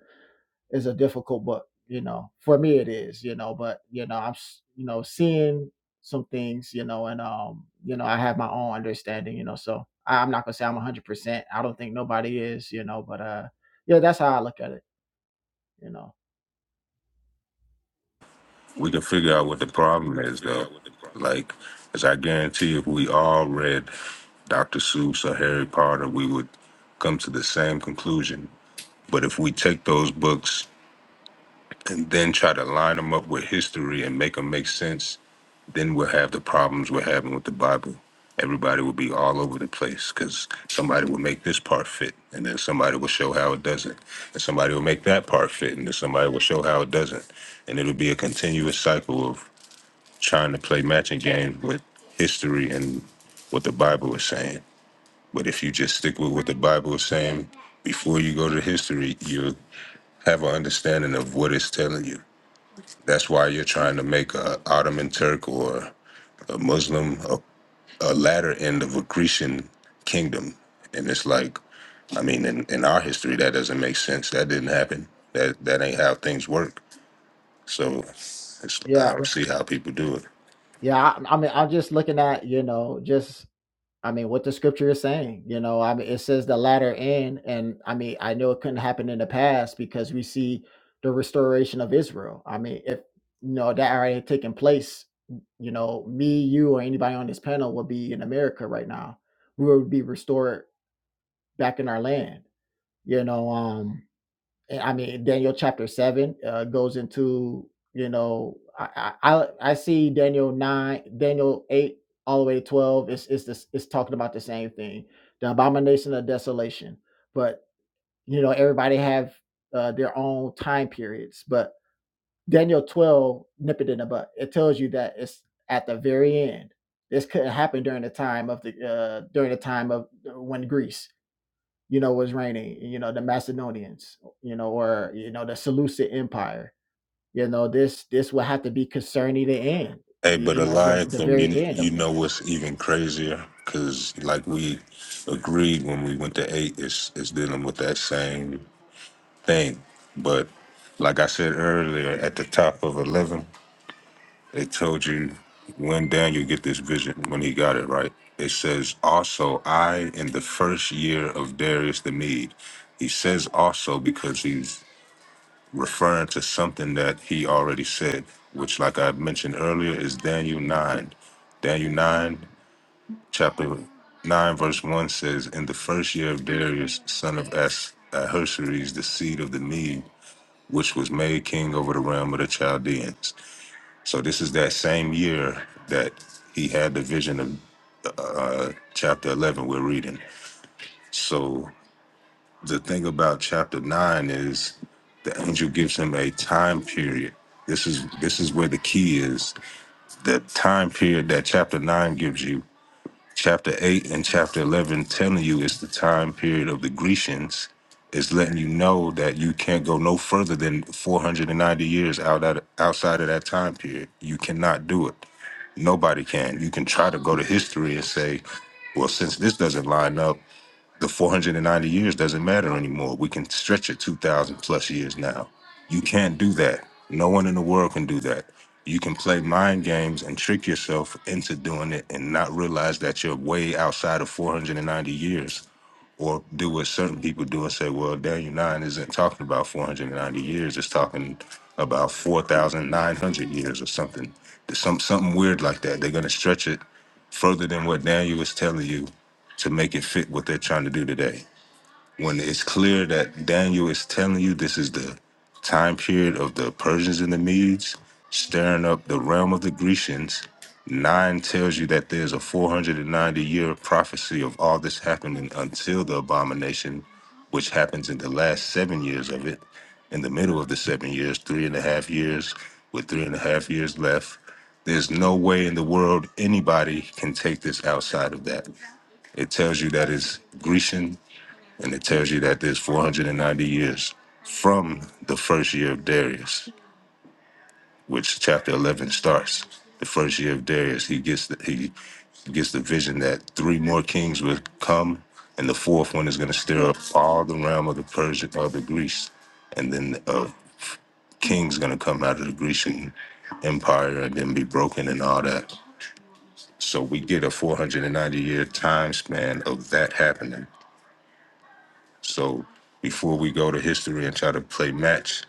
Speaker 3: is a difficult book, you know. For me, it is, you know. But you know, I'm you know seeing some things, you know, and um, you know, I have my own understanding, you know. So I- I'm not gonna say I'm 100. percent I don't think nobody is, you know. But uh, yeah, that's how I look at it, you know.
Speaker 4: we can figure out what the problem is though. Like, as I guarantee, if we all read Dr. Seuss or Harry Potter, we would come to the same conclusion. But if we take those books and then try to line them up with history and make them make sense, then we'll have the problems we're having with the Bible. Everybody will be all over the place because somebody will make this part fit, and then somebody will show how it doesn't, and somebody will make that part fit, and then somebody will show how it doesn't, and it'll be a continuous cycle of trying to play matching game with history and what the Bible is saying. But if you just stick with what the Bible is saying before you go to history, you have an understanding of what it's telling you. That's why you're trying to make a Ottoman Turk or a Muslim a, a latter end of a Grecian kingdom. And it's like, I mean, in, in our history, that doesn't make sense. That didn't happen. That that ain't how things work. So it's, I
Speaker 3: Yeah,
Speaker 4: don't see how people do it.
Speaker 3: yeah. I, I mean, I'm just looking at, you know, just I mean, what the scripture is saying, you know, I mean, it says the latter end, and I mean, I know it couldn't happen in the past because we see the restoration of Israel. I mean, if you know that already had taken place, you know, me, you, or anybody on this panel would be in America right now. We would be restored back in our land, you know. Um, and I mean, Daniel chapter seven uh, goes into you know I, I I I see Daniel nine, Daniel eight, all the way to twelve. It's it's this it's talking about the same thing, the abomination of desolation. But you know everybody have uh, their own time periods. But Daniel twelve, nip it in the butt. It tells you that it's at the very end. This couldn't happen during the time of the uh, during the time of uh, when Greece you know, was reigning, you know, the Macedonians, you know, or, you know, the Seleucid Empire. You know, this this would have to be concerning the end,
Speaker 4: Hey,
Speaker 3: the,
Speaker 4: but
Speaker 3: you know, the, the
Speaker 4: Eliakim,
Speaker 3: very
Speaker 4: you
Speaker 3: end.
Speaker 4: you know what's even crazier? Cause like we agreed when we went to eight, it's it's dealing with that same thing. But like I said earlier, at the top of eleven, they told you when Daniel get this vision, when he got it right. It says also I in the first year of Darius the Mede. He says also because he's referring to something that he already said, which, like I mentioned earlier, is Daniel 9. Daniel 9, chapter 9, verse 1 says, In the first year of Darius, son of As- Ahasuerus, the seed of the Mede, which was made king over the realm of the Chaldeans. So, this is that same year that he had the vision of uh, chapter 11 we're reading. So, the thing about chapter nine is the angel gives him a time period. This is this is where the key is. The time period that chapter nine gives you. Chapter eight and chapter eleven telling you it's the time period of the Grecians. Is letting you know that you can't go no further than 490 years out at, outside of that time period. You cannot do it. Nobody can. You can try to go to history and say, well, since this doesn't line up, the 490 years doesn't matter anymore. We can stretch it 2,000 plus years now. You can't do that. No one in the world can do that. You can play mind games and trick yourself into doing it and not realize that you're way outside of 490 years or do what certain people do and say, well, Daniel 9 isn't talking about 490 years, it's talking about 4,900 years or something. Some, something weird like that. They're going to stretch it further than what Daniel was telling you to make it fit what they're trying to do today when it's clear that Daniel is telling you this is the time period of the Persians and the Medes stirring up the realm of the Grecians, nine tells you that there's a 490 year prophecy of all this happening until the abomination, which happens in the last seven years of it, in the middle of the seven years, three and a half years, with three and a half years left. There's no way in the world anybody can take this outside of that. It tells you that it's Grecian and it tells you that there's 490 years from the first year of Darius, which chapter 11 starts. The first year of Darius, he gets the, he gets the vision that three more kings will come, and the fourth one is going to stir up all the realm of the Persian of the Greece, and then a king's going to come out of the Grecian empire and then be broken and all that. So we get a 490 year time span of that happening So before we go to history and try to play match,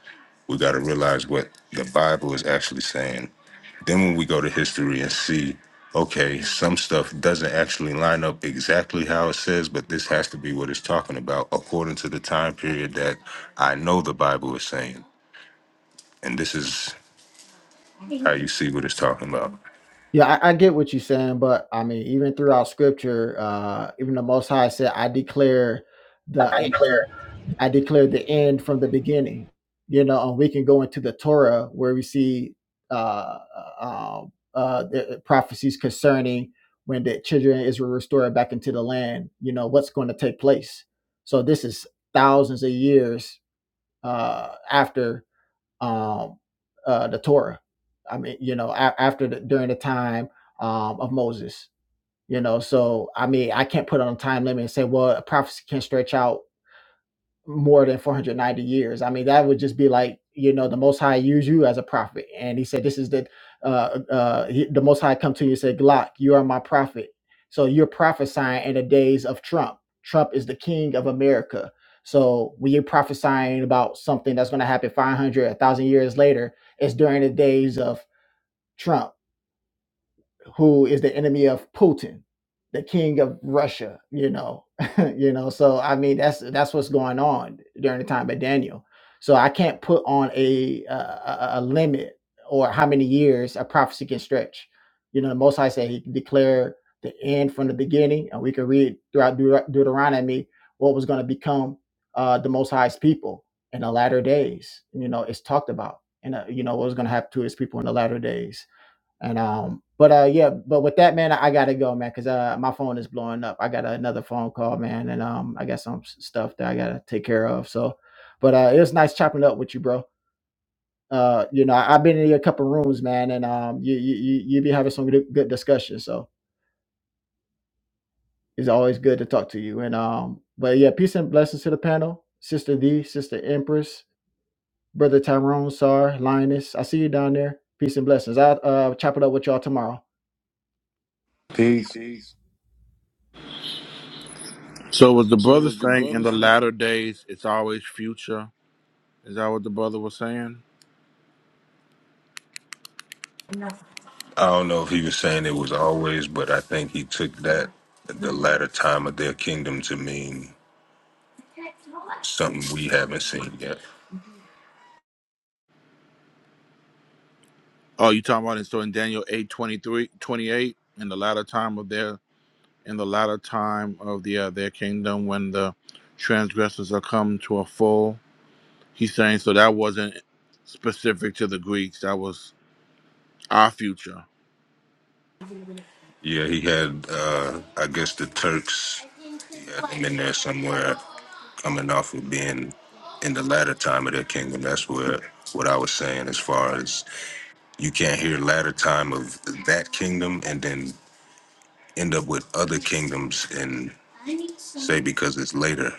Speaker 4: we got to realize what the Bible is actually saying. Then when we go to history and see, okay, some stuff doesn't actually line up exactly how it says, but this has to be what it's talking about according to the time period that I know the Bible is saying. And this is how you see what it's talking about.
Speaker 3: Yeah, I, I get what you're saying, but I mean, even throughout scripture, uh, even the Most High said, I declare
Speaker 7: I
Speaker 3: the
Speaker 7: declare.
Speaker 3: I declare the end from the beginning. You know, and we can go into the Torah where we see uh, uh, um, uh, the uh, prophecies concerning when the children of Israel restored back into the land. You know, what's going to take place. So this is thousands of years uh, after um, uh, the Torah. I mean, you know, a- after the, during the time um, of Moses. You know, so I mean, I can't put on a time limit and say, well, a prophecy can stretch out more than 490 years. I mean, that would just be like, you know, the Most High use you as a prophet. And he said, This is the, uh, uh, he- the Most High come to you and said, Glock, you are my prophet. So you're prophesying in the days of Trump. Trump is the king of America. So when you're prophesying about something that's going to happen 500, 1,000 years later, it's during the days of Trump who is the enemy of Putin, the king of Russia, you know. you know, so I mean that's that's what's going on during the time of Daniel. So I can't put on a uh, a, a limit or how many years a prophecy can stretch. You know, the most High said he can declare the end from the beginning, and we can read throughout Deut- Deuteronomy what was going to become uh, the Most High's people in the latter days. You know, it's talked about, and uh, you know what was going to happen to his people in the latter days and um, but uh, yeah, but with that man, I, I gotta go, man, because uh, my phone is blowing up. I got another phone call, man, and um, I got some s- stuff that I gotta take care of. So, but uh, it was nice chopping up with you, bro. Uh, you know, I, I've been in your couple rooms, man, and um, you you you you be having some good, good discussion. So it's always good to talk to you. And um, but yeah, peace and blessings to the panel, sister D, sister Empress, brother Tyrone, Sar, Linus. I see you down there. Peace and blessings. I'll uh chop it up with y'all tomorrow.
Speaker 2: Peace.
Speaker 3: Peace.
Speaker 6: so was the
Speaker 3: So
Speaker 6: brother saying in the latter days it's always future? Is that what the brother was saying?
Speaker 4: I don't know if he was saying it was always, but I think he took that the latter time of their kingdom to mean something we haven't seen yet.
Speaker 6: Oh, you talking about it? So in Daniel 8 23 28 in the latter time of their in the latter time of the uh, their kingdom when the transgressors are come to a full. He's saying so that wasn't specific to the Greeks. That was our future,
Speaker 4: Yeah, he had, uh, I guess, the Turks. He had them in there somewhere, coming off of being in the latter time of their kingdom. That's where what I was saying, as far as you can't hear latter time of that kingdom and then end up with other kingdoms and say because it's later,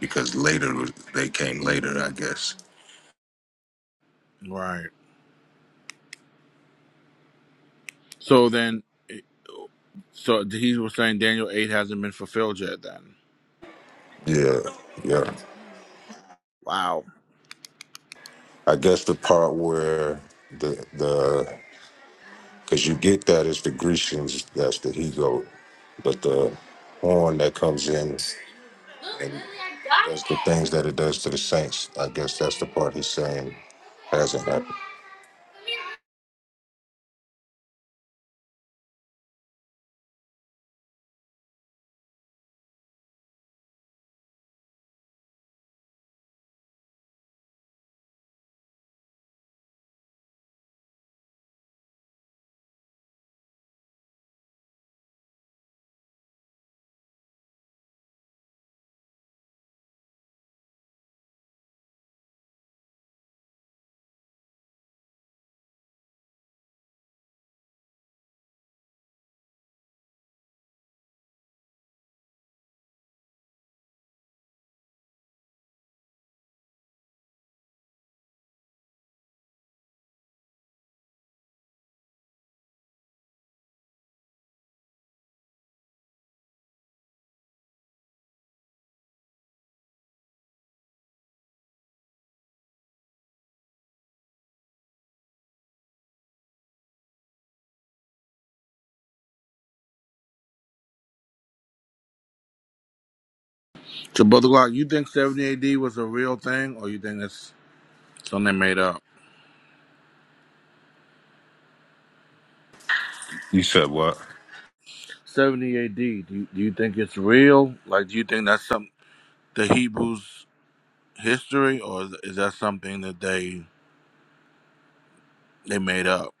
Speaker 4: because later was- they came later, I guess.
Speaker 6: right? So then. So he was saying Daniel 8 hasn't been fulfilled yet then.
Speaker 4: Yeah, yeah.
Speaker 6: Wow.
Speaker 4: I guess the part where the the Because you get that as the Grecians, that's the he goat. But the horn that comes in and does the things that it does to the saints, I guess that's the part he's saying hasn't happened.
Speaker 6: So Brother Glock, you think 70 AD was a real thing or you think it's something they made up?
Speaker 4: You said what?
Speaker 6: 70 AD, do you, do you think it's real? Like, do you think that's some the Hebrews history or is, is that something that they they made up?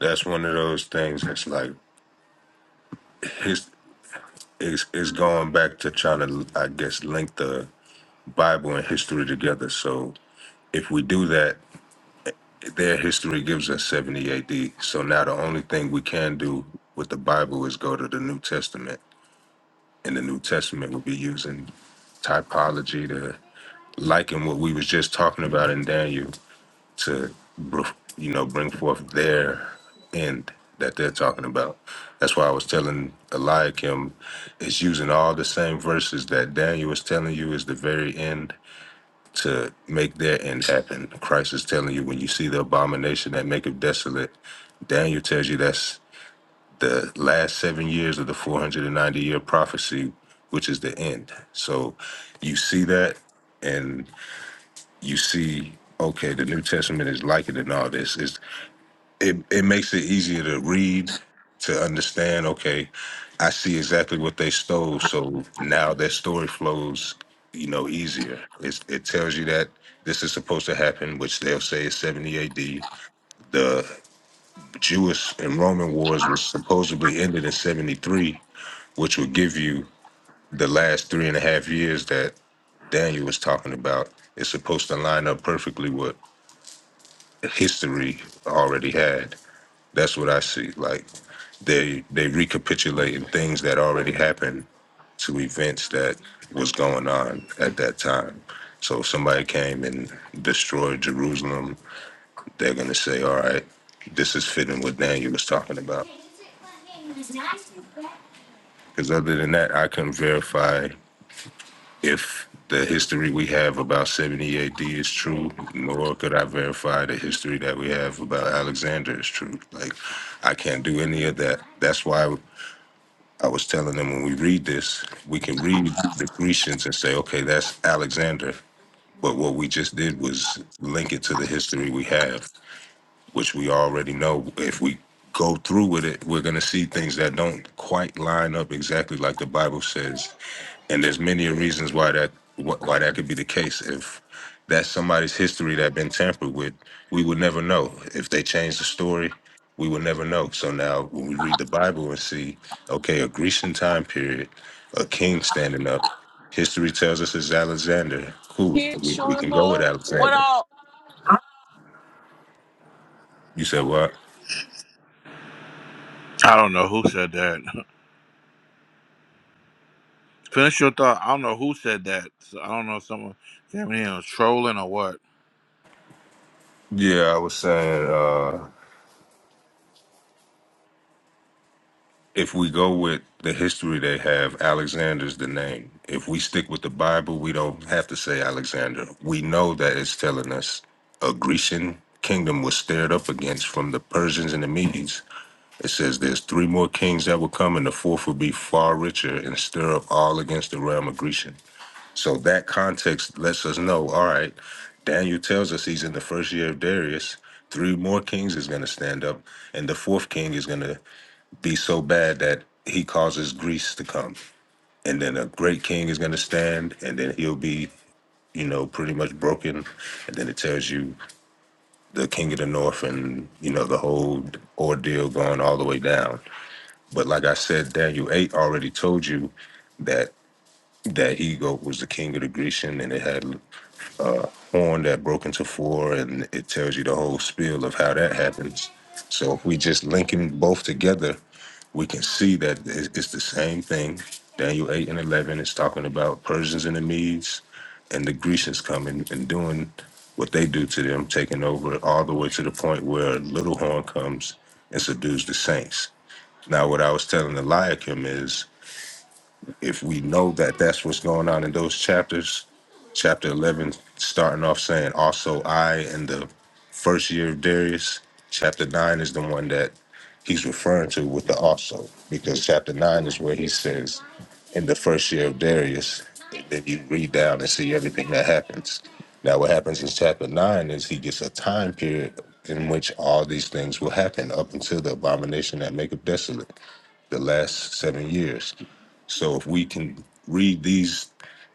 Speaker 4: That's one of those things that's like his it's, it's going back to trying to I guess link the Bible and history together. So if we do that, their history gives us 70 AD. So now the only thing we can do with the Bible is go to the New Testament in the New Testament would be using typology to liken what we was just talking about in Daniel to, br- you know, bring forth their end that they're talking about. That's why I was telling Eliakim, it's using all the same verses that Daniel was telling you is the very end to make their end happen. Christ is telling you when you see the abomination that make it desolate, Daniel tells you that's the last seven years of the 490 year prophecy, which is the end. So you see that and you see, okay, the New Testament is like it and all this. It's, it, it makes it easier to read, to understand, okay, I see exactly what they stole. So now their story flows, you know, easier. It's, it tells you that this is supposed to happen, which they'll say is 70 AD. The Jewish and Roman wars was supposedly ended in 73 which will give you the last three and a half years that Daniel was talking about. It's supposed to line up perfectly with history already had. That's what I see. Like they they recapitulating things that already happened to events that was going on at that time. So if somebody came and destroyed Jerusalem, they're gonna say, All right, this is fitting what Daniel was talking about. Because other than that, I couldn't verify If the history we have about 70 AD is true, nor could I verify the history that we have about Alexander is true. Like, I can't do any of that. That's why I was telling them when we read this, we can read the Grecians and say, okay, that's Alexander. But what we just did was link it to the history we have which we already know if we go through with it we're going to see things that don't quite line up exactly like the bible says and there's many reasons why that wh- why that could be the case if that's somebody's history that been tampered with we would never know if they change the story we would never know so now when we read the bible and see okay a grecian time period a king standing up history tells us it's alexander cool
Speaker 1: kid,
Speaker 4: we, we can go with
Speaker 1: Sharma. What
Speaker 4: alexander
Speaker 1: all?
Speaker 4: you said what
Speaker 6: I don't know who said that. Finish your thought. I don't know who said that. So I don't know if someone came in was trolling or what.
Speaker 4: Yeah, I was saying uh, if we go with the history they have, Alexander's the name. If we stick with the Bible, we don't have to say Alexander. We know that it's telling us a Grecian kingdom was stared up against from the Persians and the Medes. It says there's three more kings that will come, and the fourth will be far richer and stir up all against the realm of Grecian. So that context lets us know, all right, Daniel tells us he's in the first year of Darius. Three more kings is going to stand up, and the fourth king is going to be so bad that he causes Greece to come. And then a great king is going to stand, and then he'll be, you know, pretty much broken. And then it tells you the king of the north and, you know, the whole ordeal going all the way down. But like I said, Daniel eight already told you that that he goat was the king of the Grecian, and it had a horn that broke into four, and it tells you the whole spiel of how that happens. So if we just link them both together, we can see that it's it's the same thing. Daniel eight and eleven is talking about Persians and the Medes, and the Grecians coming and doing what they do to them, taking over all the way to the point where little horn comes and subdues the saints now, what I was telling Eliakim is if we know that that's what's going on in those chapters, chapter 11, starting off saying, also I in the first year of Darius, chapter 9 is the one that he's referring to with the also, because chapter 9 is where he says, in the first year of Darius, and then you read down and see everything that happens. Now, what happens in chapter 9 is he gets a time period in which all these things will happen up until the abomination that make up desolate the last seven years. So if we can read these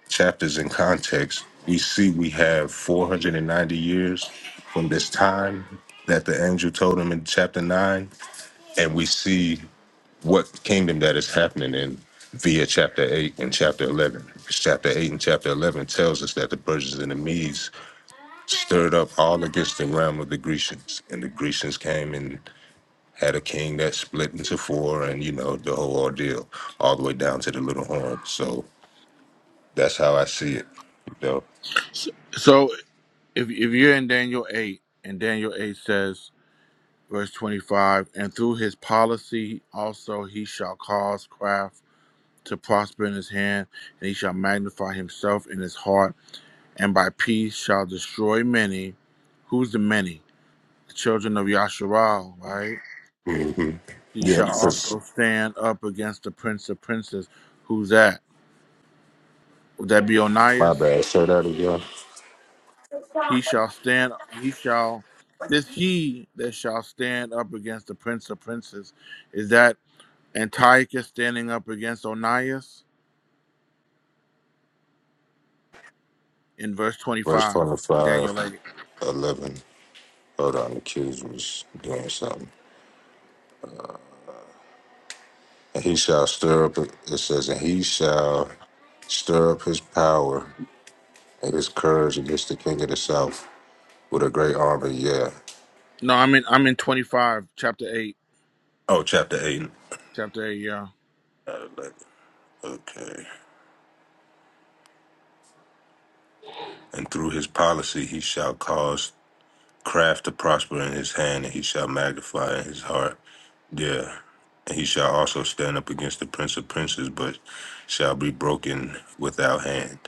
Speaker 4: chapters in context, we see we have 490 years from this time that the angel told him in chapter 9, and we see what kingdom that is happening in via chapter 8 and chapter 11. Because Chapter 8 and chapter 11 tells us that the Persians and the Medes stirred up all against the realm of the Grecians, and the Grecians came and had a king that split into four and you know the whole ordeal all the way down to the little horn so that's how i see it you know
Speaker 6: So if, if you're in Daniel 8 and Daniel 8 says verse 25 and through his policy also he shall cause craft to prosper in his hand and he shall magnify himself in his heart and by peace shall destroy many who's the many the children of yasharal right
Speaker 4: hmm
Speaker 6: he
Speaker 4: yep
Speaker 6: shall
Speaker 4: because
Speaker 6: also stand up against the prince of princes who's that would that be
Speaker 4: my
Speaker 6: onias
Speaker 4: bad say that again
Speaker 6: he shall stand he shall this he that shall stand up against the prince of princes is that Antiochus standing up against Onias in verse
Speaker 4: verse
Speaker 6: 25,
Speaker 4: 25,
Speaker 6: Daniel 8.
Speaker 4: 11. hold on the kids was doing something and he shall stir up it says and he shall stir up his power and his courage against the king of the south with a great army yeah
Speaker 6: No, I'm in I'm in 25, chapter 8,
Speaker 4: oh chapter 8
Speaker 6: chapter 8, yeah.
Speaker 4: Uh, like, okay and through his policy he shall cause craft to prosper in his hand, and he shall magnify in his heart. Yeah. And he shall also stand up against the prince of princes, but shall be broken without hand.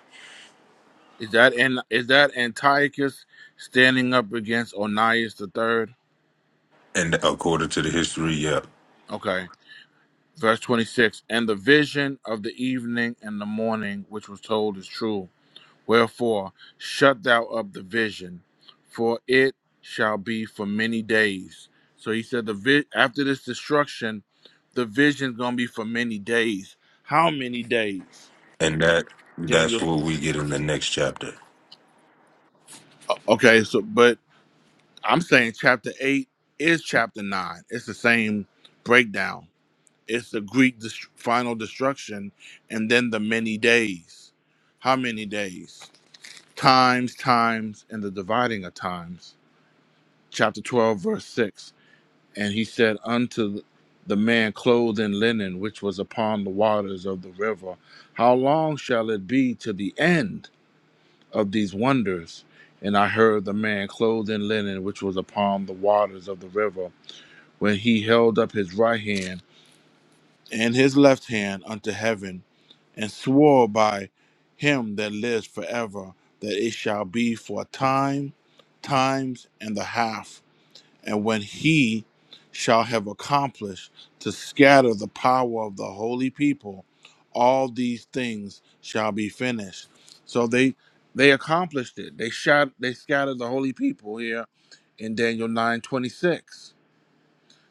Speaker 6: Is that and is that Antiochus standing up against Onias the third?
Speaker 4: And according to the history, yeah.
Speaker 6: Okay. Verse 26, and the vision of the evening and the morning which was told is true. Wherefore, shut thou up the vision, for it shall be for many days. So he said, the vi- after this destruction, the vision's gonna be for many days. How many days,
Speaker 4: And that
Speaker 6: Daniel?
Speaker 4: that's what we get in the next chapter.
Speaker 6: Okay, so but I'm saying chapter eight is chapter nine. It's the same breakdown. It's the Greek dest- final destruction, and then the many days. How many days? Times, times, and the dividing of times chapter 12, verse 6. And he said unto the man clothed in linen, which was upon the waters of the river, How long shall it be to the end of these wonders? And I heard the man clothed in linen, which was upon the waters of the river, when he held up his right hand and his left hand unto heaven, and swore by him that lives forever, that it shall be for a time, times, and a half and when he shall have accomplished to scatter the power of the holy people, all these things shall be finished. So they they accomplished it. They shot they scattered the holy people here in Daniel 9 26.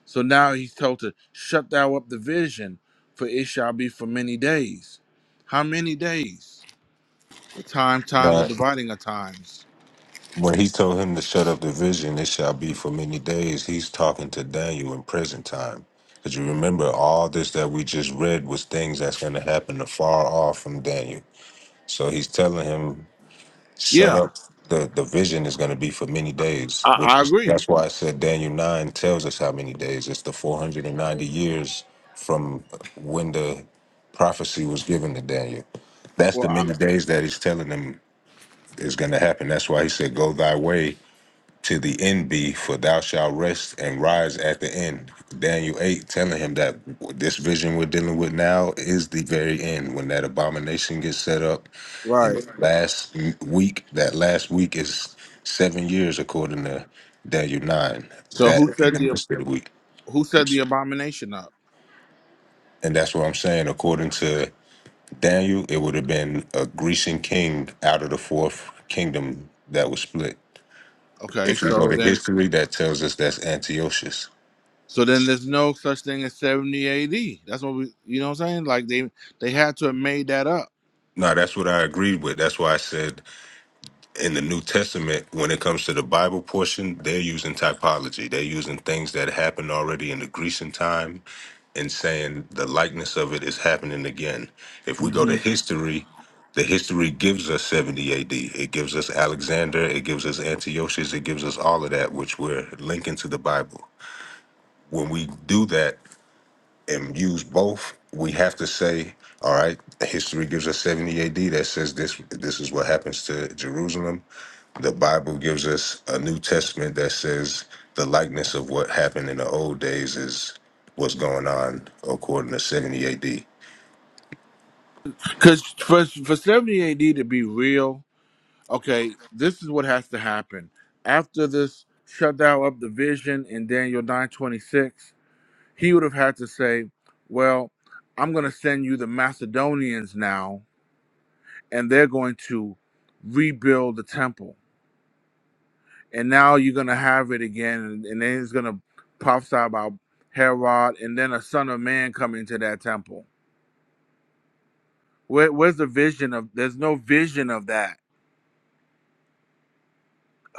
Speaker 6: So now he's told to shut thou up the vision, for it shall be for many days. How many days? The time, times,
Speaker 4: Now,
Speaker 6: and dividing of times.
Speaker 4: when he told him to shut up the vision, it shall be for many days, he's talking to Daniel in present time. Because you remember, all this that we just read was things that's going to happen afar off from Daniel. So he's telling him shut
Speaker 6: Yeah,
Speaker 4: up the the vision is going to be for many days
Speaker 6: I,
Speaker 4: which
Speaker 6: I
Speaker 4: is,
Speaker 6: agree.
Speaker 4: that's why i said daniel 9 tells us how many days it's the 490 years from when the prophecy was given to daniel that's
Speaker 6: Well,
Speaker 4: the
Speaker 6: I,
Speaker 4: many days that he's telling them is going to happen that's why he said go thy way to the end be, for thou shalt rest and rise at the end. Daniel 8 telling him that this vision we're dealing with now is the very end when that abomination gets set up. And
Speaker 6: right.
Speaker 4: the last week, that last week is seven years according to Daniel 9.
Speaker 6: So
Speaker 4: That
Speaker 6: who
Speaker 4: in
Speaker 6: said
Speaker 4: the
Speaker 6: the
Speaker 4: midst of the week.
Speaker 6: who said the abomination up?
Speaker 4: And that's what I'm saying. According to Daniel, it would have been a Grecian king out of the fourth kingdom that was split.
Speaker 6: Okay,
Speaker 4: If we go
Speaker 6: so
Speaker 4: to
Speaker 6: then
Speaker 4: history, that tells us that's Antiochus.
Speaker 6: so then there's no such thing as 70 AD. That's what we you know what I'm saying? Like they they had to have made that up.
Speaker 4: No, that's what I agreed with. That's why I said in the New Testament, when it comes to the Bible portion, they're using typology. They're using things that happened already in the Grecian time and saying the likeness of it is happening again. If we go to history, the history gives us 70 AD. It gives us Alexander, it gives us Antiochus, it gives us all of that, which we're linking to the Bible. When we do that, and use both, we have to say, all right, history gives us 70 AD that says this this is what happens to Jerusalem. The Bible gives us a New Testament that says the likeness of what happened in the old days is what's going on according to 70 AD.
Speaker 6: Cuz for for 70 AD to be real, okay, this is what has to happen. After this shut thou up the vision in Daniel 9:26, he would have had to say, "Well, I'm going to send you the Macedonians now, and they're going to rebuild the temple." and now you're gonna have it again, and, and then it's gonna prophesy about Herod, and then a son of man coming to that temple. Where, where's the vision of? There's no vision of that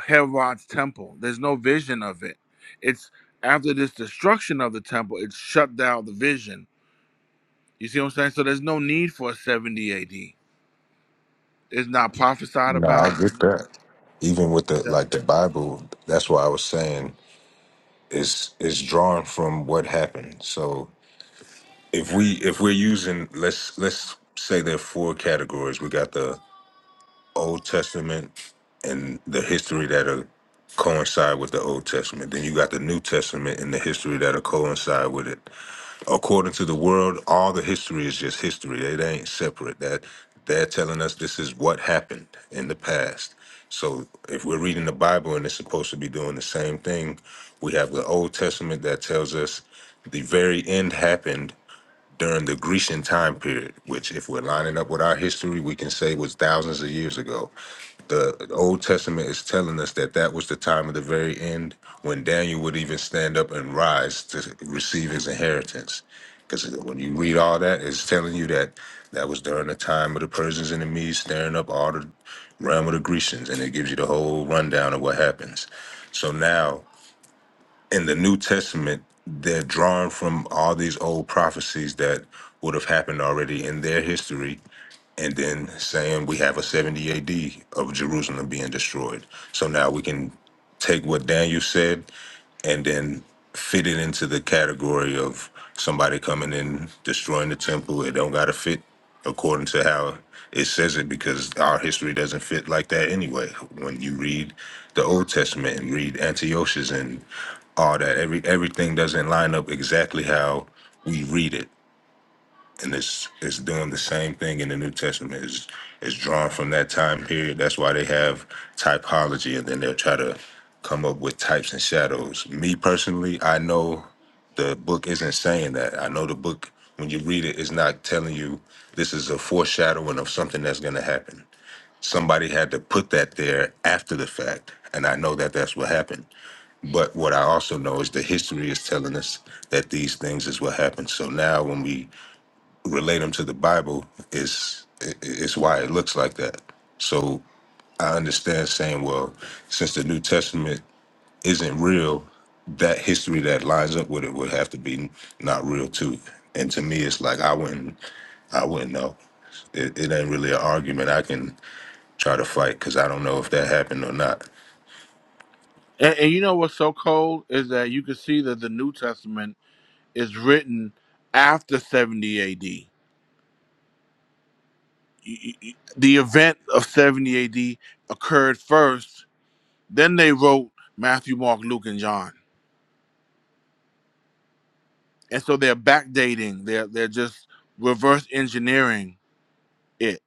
Speaker 6: Herod's temple. There's no vision of it. It's after this destruction of the temple, it's shut down the vision. You see what I'm saying? So there's no need for a 70 AD. It's not prophesied
Speaker 4: No, I
Speaker 6: about.
Speaker 4: get that. Even with the
Speaker 6: Yeah.
Speaker 4: like the Bible, that's why I was saying is is drawn from what happened. So if we if we're using let's let's say there are four categories. We got the Old Testament and the history that'll coincide with the Old Testament. Then you got the New Testament and the history that'll coincide with it. According to the world, all the history is just history. It ain't separate. That they're telling us this is what happened in the past. So if we're reading the Bible and it's supposed to be doing the same thing, we have the Old Testament that tells us the very end happened during the Grecian time period, which, if we're lining up with our history, we can say was thousands of years ago. The Old Testament is telling us that that was the time of the very end when Daniel would even stand up and rise to receive his inheritance. Because when you read all that, it's telling you that that was during the time of the Persians and the Medes stirring up all the realm of the Grecians, and it gives you the whole rundown of what happens. So now in the New Testament, they're drawn from all these old prophecies that would have happened already in their history, and then saying we have a 70 AD of Jerusalem being destroyed. So now we can take what Daniel said and then fit it into the category of somebody coming in destroying the temple. It don't gotta fit according to how it says it because our history doesn't fit like that anyway. When you read the Old Testament and read Antiochus and all that, every everything doesn't line up exactly how we read it and it's it's doing the same thing in the New Testament. It's, it's drawn from that time period. That's why they have typology, and then they'll try to come up with types and shadows. Me personally, I know the book isn't saying that. I know the book when you read it is not telling you this is a foreshadowing of something that's going to happen. Somebody had to put that there after the fact, and I know that that's what happened. But what I also know is the history is telling us that these things is what happened. So now when we relate them to the Bible is i- i- is why it looks like that. So I understand saying, well, since the New Testament isn't real, that history that lines up with it would have to be not real too. And to me, it's like I wouldn't, I wouldn't know. It, it ain't really an argument I can try to fight because I don't know if that happened or not.
Speaker 6: And, and you know what's so cold is that you can see that the New Testament is written after 70 AD y- y- the event of 70 AD occurred first. Then they wrote Matthew, Mark, Luke, and John. And so they're backdating. They're they're just reverse engineering it.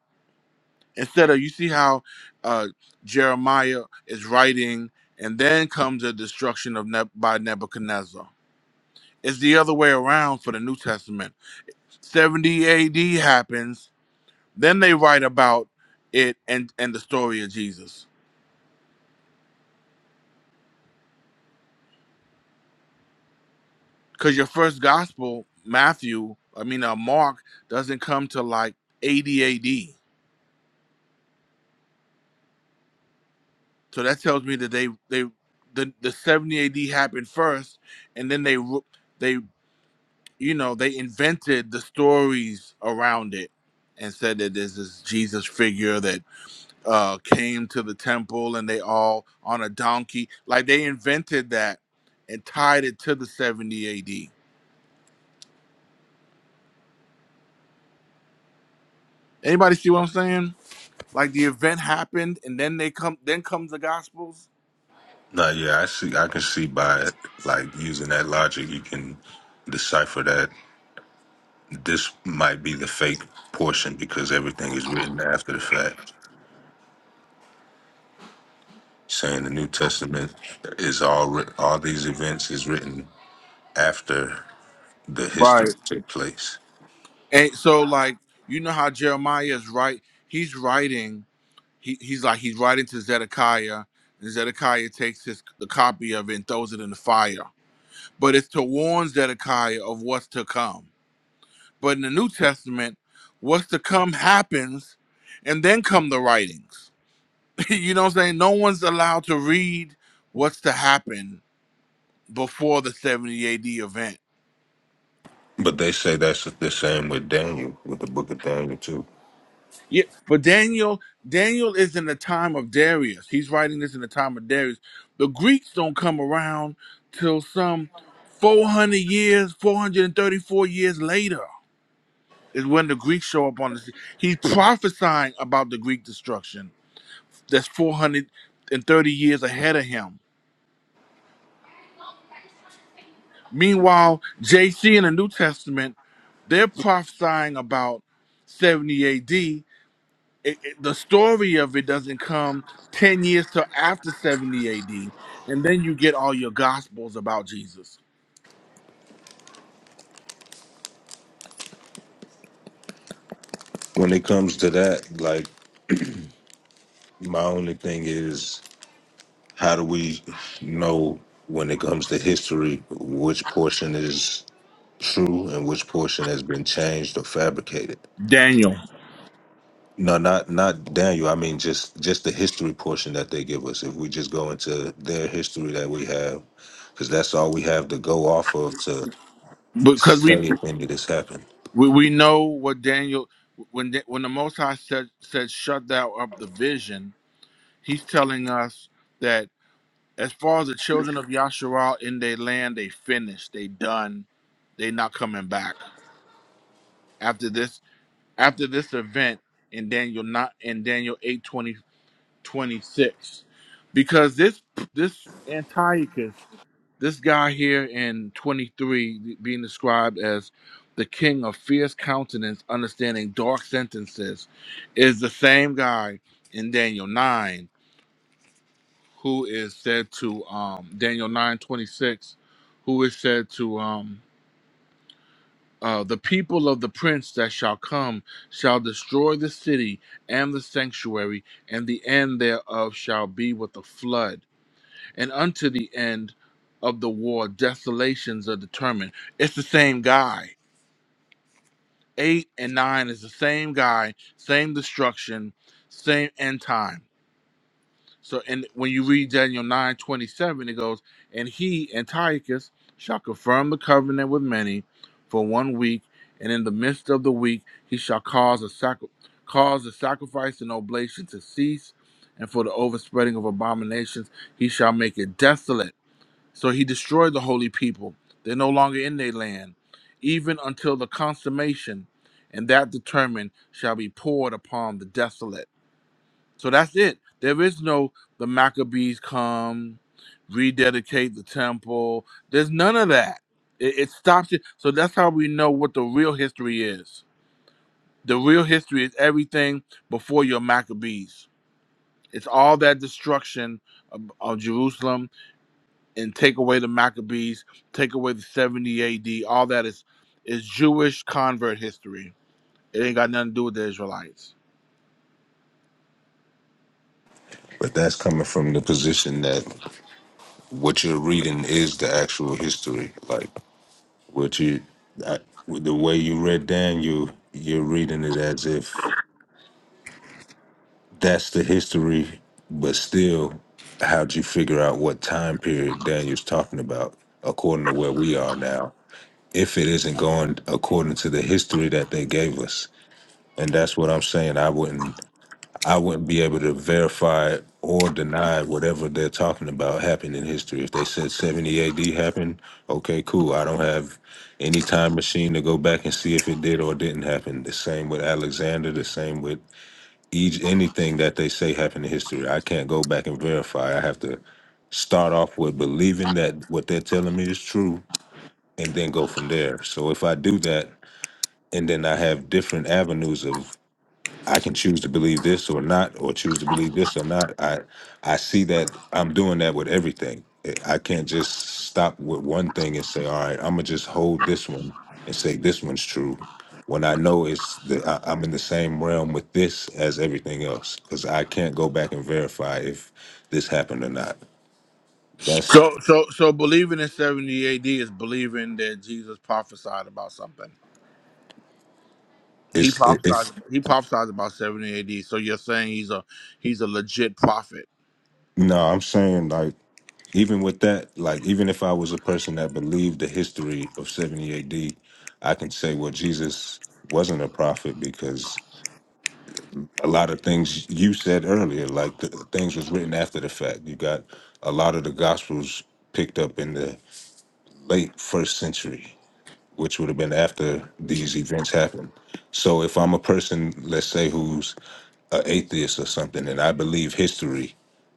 Speaker 6: Instead of you see how uh, Jeremiah is writing, and then comes the destruction of Neb by Nebuchadnezzar. It's the other way around for the New Testament. 70 AD happens, then they write about it and and the story of Jesus. because your first gospel, Matthew, I mean uh, Mark, doesn't come to like 80 AD. So that tells me that they they the, the 70 AD happened first, and then they ru- they you know they invented the stories around it and said that there's this Jesus figure that uh, came to the temple and they all on a donkey. Like they invented that and tied it to the 70 AD. Anybody see what I'm saying? Like the event happened, and then they come. Then comes the Gospels.
Speaker 4: No, yeah, I see. I can see by like using that logic, you can decipher that This might be the fake portion because everything is written after the fact. Saying the New Testament is all writ- all these events is written after the history
Speaker 6: Right.
Speaker 4: took place.
Speaker 6: And so, like, you know how Jeremiah is right? He's writing. He, he's like he's writing to Zedekiah, and Zedekiah takes his the copy of it and throws it in the fire. But it's to warn Zedekiah of what's to come. But in the New Testament, what's to come happens, and then come the writings. you know what I'm saying? No one's allowed to read what's to happen before the 70 AD event
Speaker 4: But they say that's the same with Daniel, with the book of Daniel too.
Speaker 6: Yeah, but Daniel, Daniel is in the time of Darius. He's writing this in the time of Darius. The Greeks don't come around till some 400 years, 434 years later is when the Greeks show up on the scene. He's prophesying about the Greek destruction that's 430 years ahead of him. Meanwhile, JC in the New Testament, they're prophesying about 70 AD it, it- the story of it doesn't come 10 years till after 70 AD. And then you get all your gospels about Jesus.
Speaker 4: When it comes to that, like my only thing is how do we know when it comes to history which portion is true and which portion has been changed or fabricated?
Speaker 6: Daniel.
Speaker 4: No, not not Daniel. I mean, just just the history portion that they give us. If we just go into their history that we have, because that's all we have to go off of to
Speaker 6: Because
Speaker 4: say
Speaker 6: we
Speaker 4: if any of this happened.
Speaker 6: we, we know what Daniel when the, when the Most High said said shut thou up the vision, he's telling us that as far as the children of Yasharal in their land, they finished, they done, they not coming back. After this after this event in Daniel not in Daniel 8:24. 26 because this this Antiochus, this guy here in 23 being described as the king of fierce countenance, understanding dark sentences, is the same guy in Daniel 9 who is said to um Daniel 9:26 who is said to um uh, the people of the prince that shall come shall destroy the city and the sanctuary, and the end thereof shall be with a flood and unto the end of the war desolations are determined. It's the same guy. Eight and nine is the same guy, same destruction, same end time. So and when you read Daniel nine twenty seven, it goes, And he, Antiochus, shall confirm the covenant with many for one week, and in the midst of the week he shall cause a sacri- cause the sacrifice and oblation to cease, and for the overspreading of abominations he shall make it desolate so he destroyed the holy people. They're no longer in their land, even until the consummation, and that determined shall be poured upon the desolate. So that's it. There is no the Maccabees come, rededicate the temple. There's none of that. It, it stops it. So that's how we know what the real history is. The real history is everything before your Maccabees. It's all that destruction of, of Jerusalem and take away the Maccabees, take away the 70 AD, all that is is Jewish convert history. It ain't got nothing to do with the Israelites.
Speaker 4: But that's coming from the position that what you're reading is the actual history. Like what you, I, with the way you read Daniel, you're reading it as if that's the history. But still, how'd you figure out what time period Daniel's talking about according to where we are now? if it isn't going according to the history that they gave us. And that's what I'm saying. I wouldn't I wouldn't be able to verify or deny whatever they're talking about happened in history. If they said 70 AD happened, okay, cool. I don't have any time machine to go back and see if it did or didn't happen. The same with Alexander, the same with each anything that they say happened in history. I can't go back and verify. I have to start off with believing that what they're telling me is true and then go from there. So if I do that, and then I have different avenues of I can choose to believe this or not, or choose to believe this or not. I I see that I'm doing that with everything. I I can't just stop with one thing and say, all right, I'm gonna just hold this one and say this one's true. When I know it's the I, I'm in the same realm with this as everything else, because I can't go back and verify if this happened or not. That's
Speaker 6: So so so believing in 70 AD is believing that Jesus prophesied about something. He
Speaker 4: it's
Speaker 6: prophesied
Speaker 4: it's
Speaker 6: he prophesied about 70 AD. So you're saying he's a he's a legit prophet.
Speaker 4: No, I'm saying like even with that, like even if I was a person that believed the history of 70 AD, I can say well Jesus wasn't a prophet because a lot of things you said earlier, like the things was written after the fact. You got a lot of the gospels picked up in the late first century which would have been after these events happened. So if I'm a person, let's say, who's an atheist or something, and I believe history,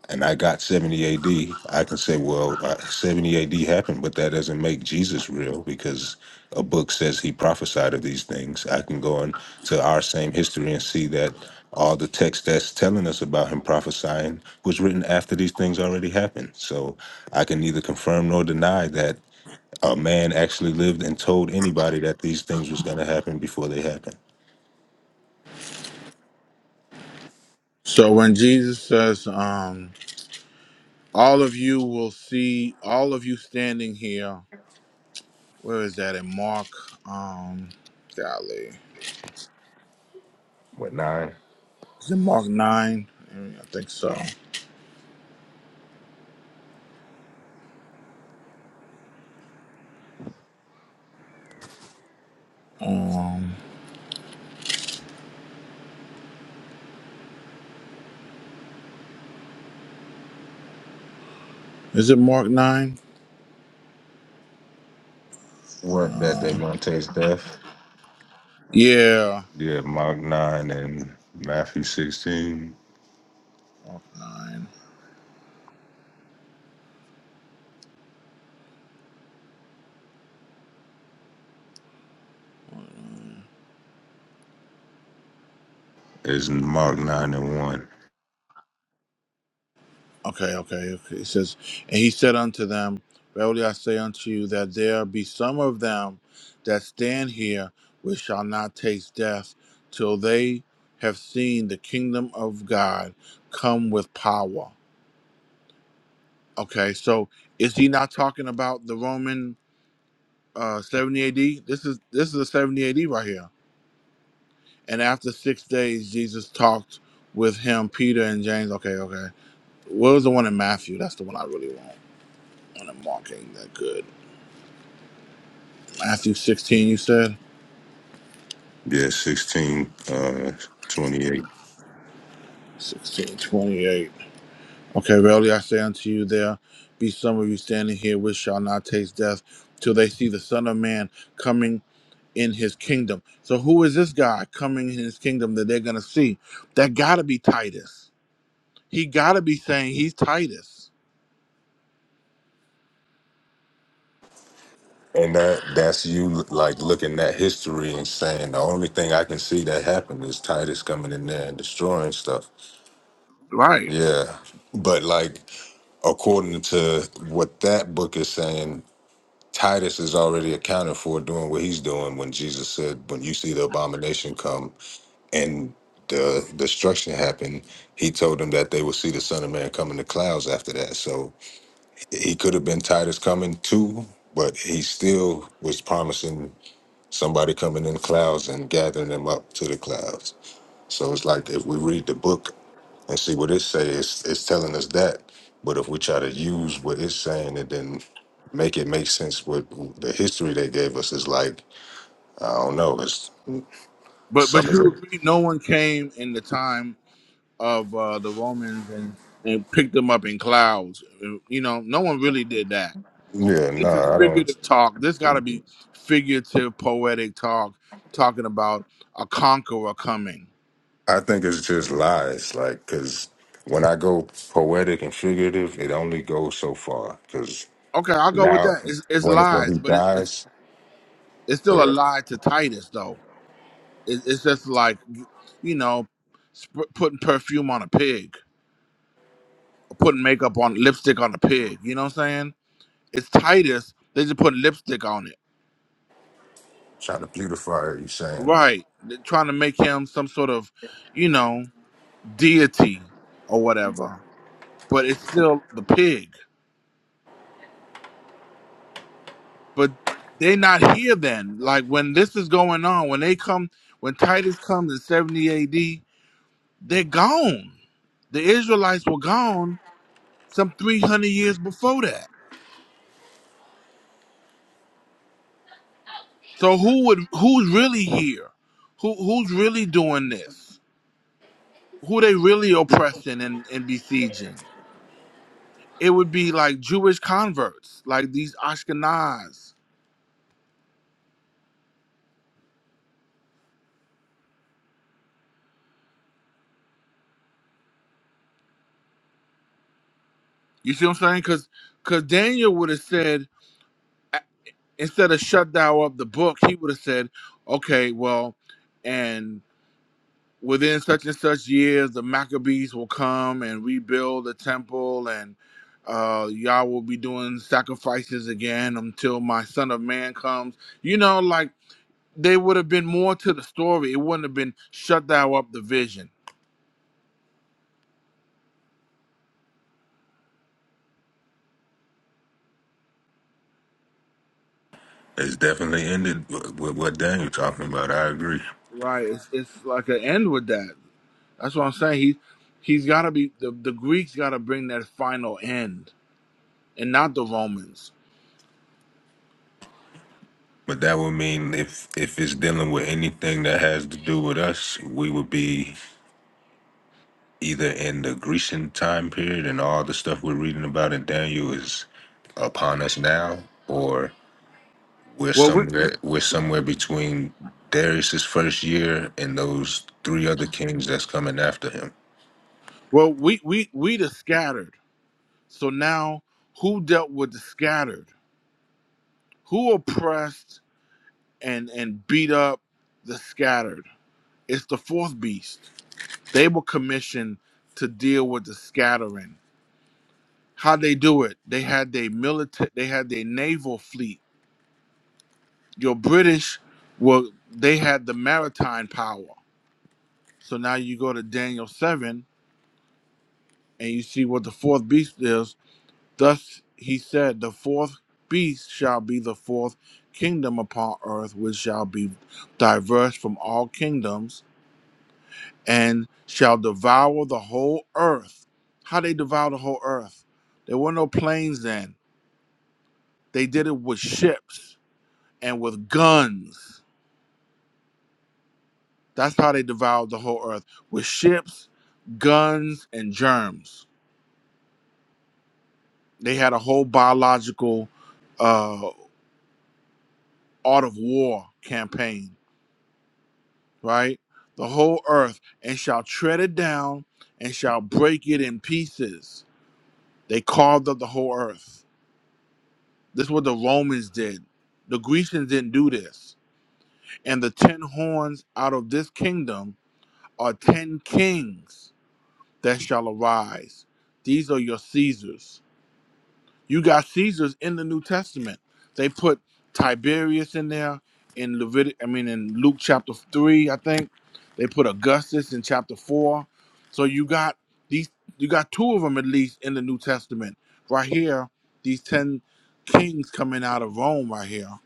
Speaker 4: and I got 70 AD, I can say, well, uh, 70 AD happened, but that doesn't make Jesus real because a book says he prophesied of these things. I can go into our same history and see that all the text that's telling us about him prophesying was written after these things already happened. So I can neither confirm nor deny that a man actually lived and told anybody that these things was gonna happen before they happened.
Speaker 6: So when Jesus says, um, all of you will see all of you standing here, where is that in Mark? Um golly.
Speaker 4: What nine?
Speaker 6: Is it Mark nine? Mm, I think so. Um, is it Mark nine?
Speaker 4: What that they gonna taste death?
Speaker 6: Yeah,
Speaker 4: Yeah, Mark nine and Matthew sixteen
Speaker 6: Mark nine. Mm,
Speaker 4: is Mark nine and one.
Speaker 6: Okay, okay, okay. It says, and he said unto them, Verily I say unto you that there be some of them that stand here which shall not taste death till they have seen the kingdom of God come with power. Okay, so is he not talking about the Roman uh, 70 AD? This is this is a 70 AD right here. And after six days, Jesus talked with him, Peter and James. Okay, okay. What was the one in Matthew? That's the one I really want. And I'm marking that good. Matthew 16, you said?
Speaker 4: Yeah, sixteen, uh, twenty-eight.
Speaker 6: 16:28. Okay, verily I say unto you, there be some of you standing here which shall not taste death till they see the Son of Man coming in his kingdom. So who is this guy coming in his kingdom that they're going to see? That got to be Titus. He got to be saying he's Titus.
Speaker 4: And that that's you like looking at history and saying the only thing I can see that happened is Titus coming in there and destroying stuff.
Speaker 6: Right.
Speaker 4: Yeah. But like according to what that book is saying, Titus is already accounted for doing what he's doing when Jesus said, When you see the abomination come and the destruction happen, he told them that they will see the Son of Man come in the clouds after that. So he could have been Titus coming too, but he still was promising somebody coming in the clouds and gathering them up to the clouds. So it's like if we read the book and see what it says, it's telling us that. But if we try to use what it's saying and then make it make sense with the history they gave us, it's like, I don't know, it's
Speaker 6: But
Speaker 4: some
Speaker 6: but
Speaker 4: of
Speaker 6: you
Speaker 4: it.
Speaker 6: agree, no one came in the time of uh, the Romans and and picked them up in clouds. You know, no one really did that.
Speaker 4: Yeah,
Speaker 6: So
Speaker 4: no,
Speaker 6: this is
Speaker 4: I
Speaker 6: figurative
Speaker 4: don't.
Speaker 6: talk. This got to be figurative, poetic talk, talking about a conqueror coming.
Speaker 4: I think it's just lies. Like, because when I go poetic and figurative, it only goes so far. Because
Speaker 6: Okay, I'll go with
Speaker 4: now,
Speaker 6: that. It's, it's
Speaker 4: when, when he
Speaker 6: lies, but it's, it's
Speaker 4: dies,
Speaker 6: it's still a
Speaker 4: they're
Speaker 6: lie to Titus though. It, it's just like you know, sp- putting perfume on a pig, putting makeup on lipstick on a pig. You know what I'm saying? It's Titus. They just put lipstick on it.
Speaker 4: trying to beautify it, you saying.
Speaker 6: Right. They're trying to make him some sort of, you know, deity or whatever. But it's still the pig. But they not here then. Like when this is going on, when they come when Titus comes in seventy AD, they're gone. The Israelites were gone some three hundred years before that. So who would who's really here? Who who's really doing this? Who they really oppressing and, and besieging? it would be like Jewish converts, like these Ashkenaz. You see what I'm saying? Because because Daniel would have said a- instead of shut thou up the book, he would have said, okay, well, and within such and such years, the Maccabees will come and rebuild the temple, and uh, y'all will be doing sacrifices again until my Son of Man comes. You know, like they would have been more to the story. It wouldn't have been shut thou up the vision.
Speaker 4: It's definitely ended with with what Daniel talking about. I agree.
Speaker 6: Right. It's, it's like an end with that. That's what I'm saying. He he's got to be the the Greeks got to bring that final end, and not the Romans.
Speaker 4: But that would mean if if it's dealing with anything that has to do with us, we would be either in the Grecian time period and all the stuff we're reading about in Daniel is upon us now, or we're
Speaker 6: Well, we
Speaker 4: somewhere we're somewhere between Darius's first year and those three other kings that's coming after him.
Speaker 6: well we we we the scattered. So now who dealt with the scattered? Who oppressed and and beat up the scattered? It's the fourth beast. They were commissioned to deal with the scattering. How they do it? They had their military. They had their naval fleet. Your British were they had the maritime power So now you go to Daniel 7 and you see what the fourth beast is. Thus he said, The fourth beast shall be the fourth kingdom upon earth, which shall be diverse from all kingdoms and shall devour the whole earth. How they devour the whole earth? There were no planes then. They did it with ships and with guns. That's how they devoured the whole earth with ships, guns, and germs They had a whole biological uh, art of war campaign, right? The whole earth and shall tread it down and shall break it in pieces. They carved up the whole earth. This is what the Romans did. The Grecians didn't do this. And the ten horns out of this kingdom are ten kings that shall arise. These are your Caesars. You got Caesars in the New Testament. They put Tiberius in there in Levitic. I mean, in Luke chapter three, I think they put Augustus in chapter four. So you got these. You got two of them at least in the New Testament. Right here, these ten kings coming out of Rome. Right here,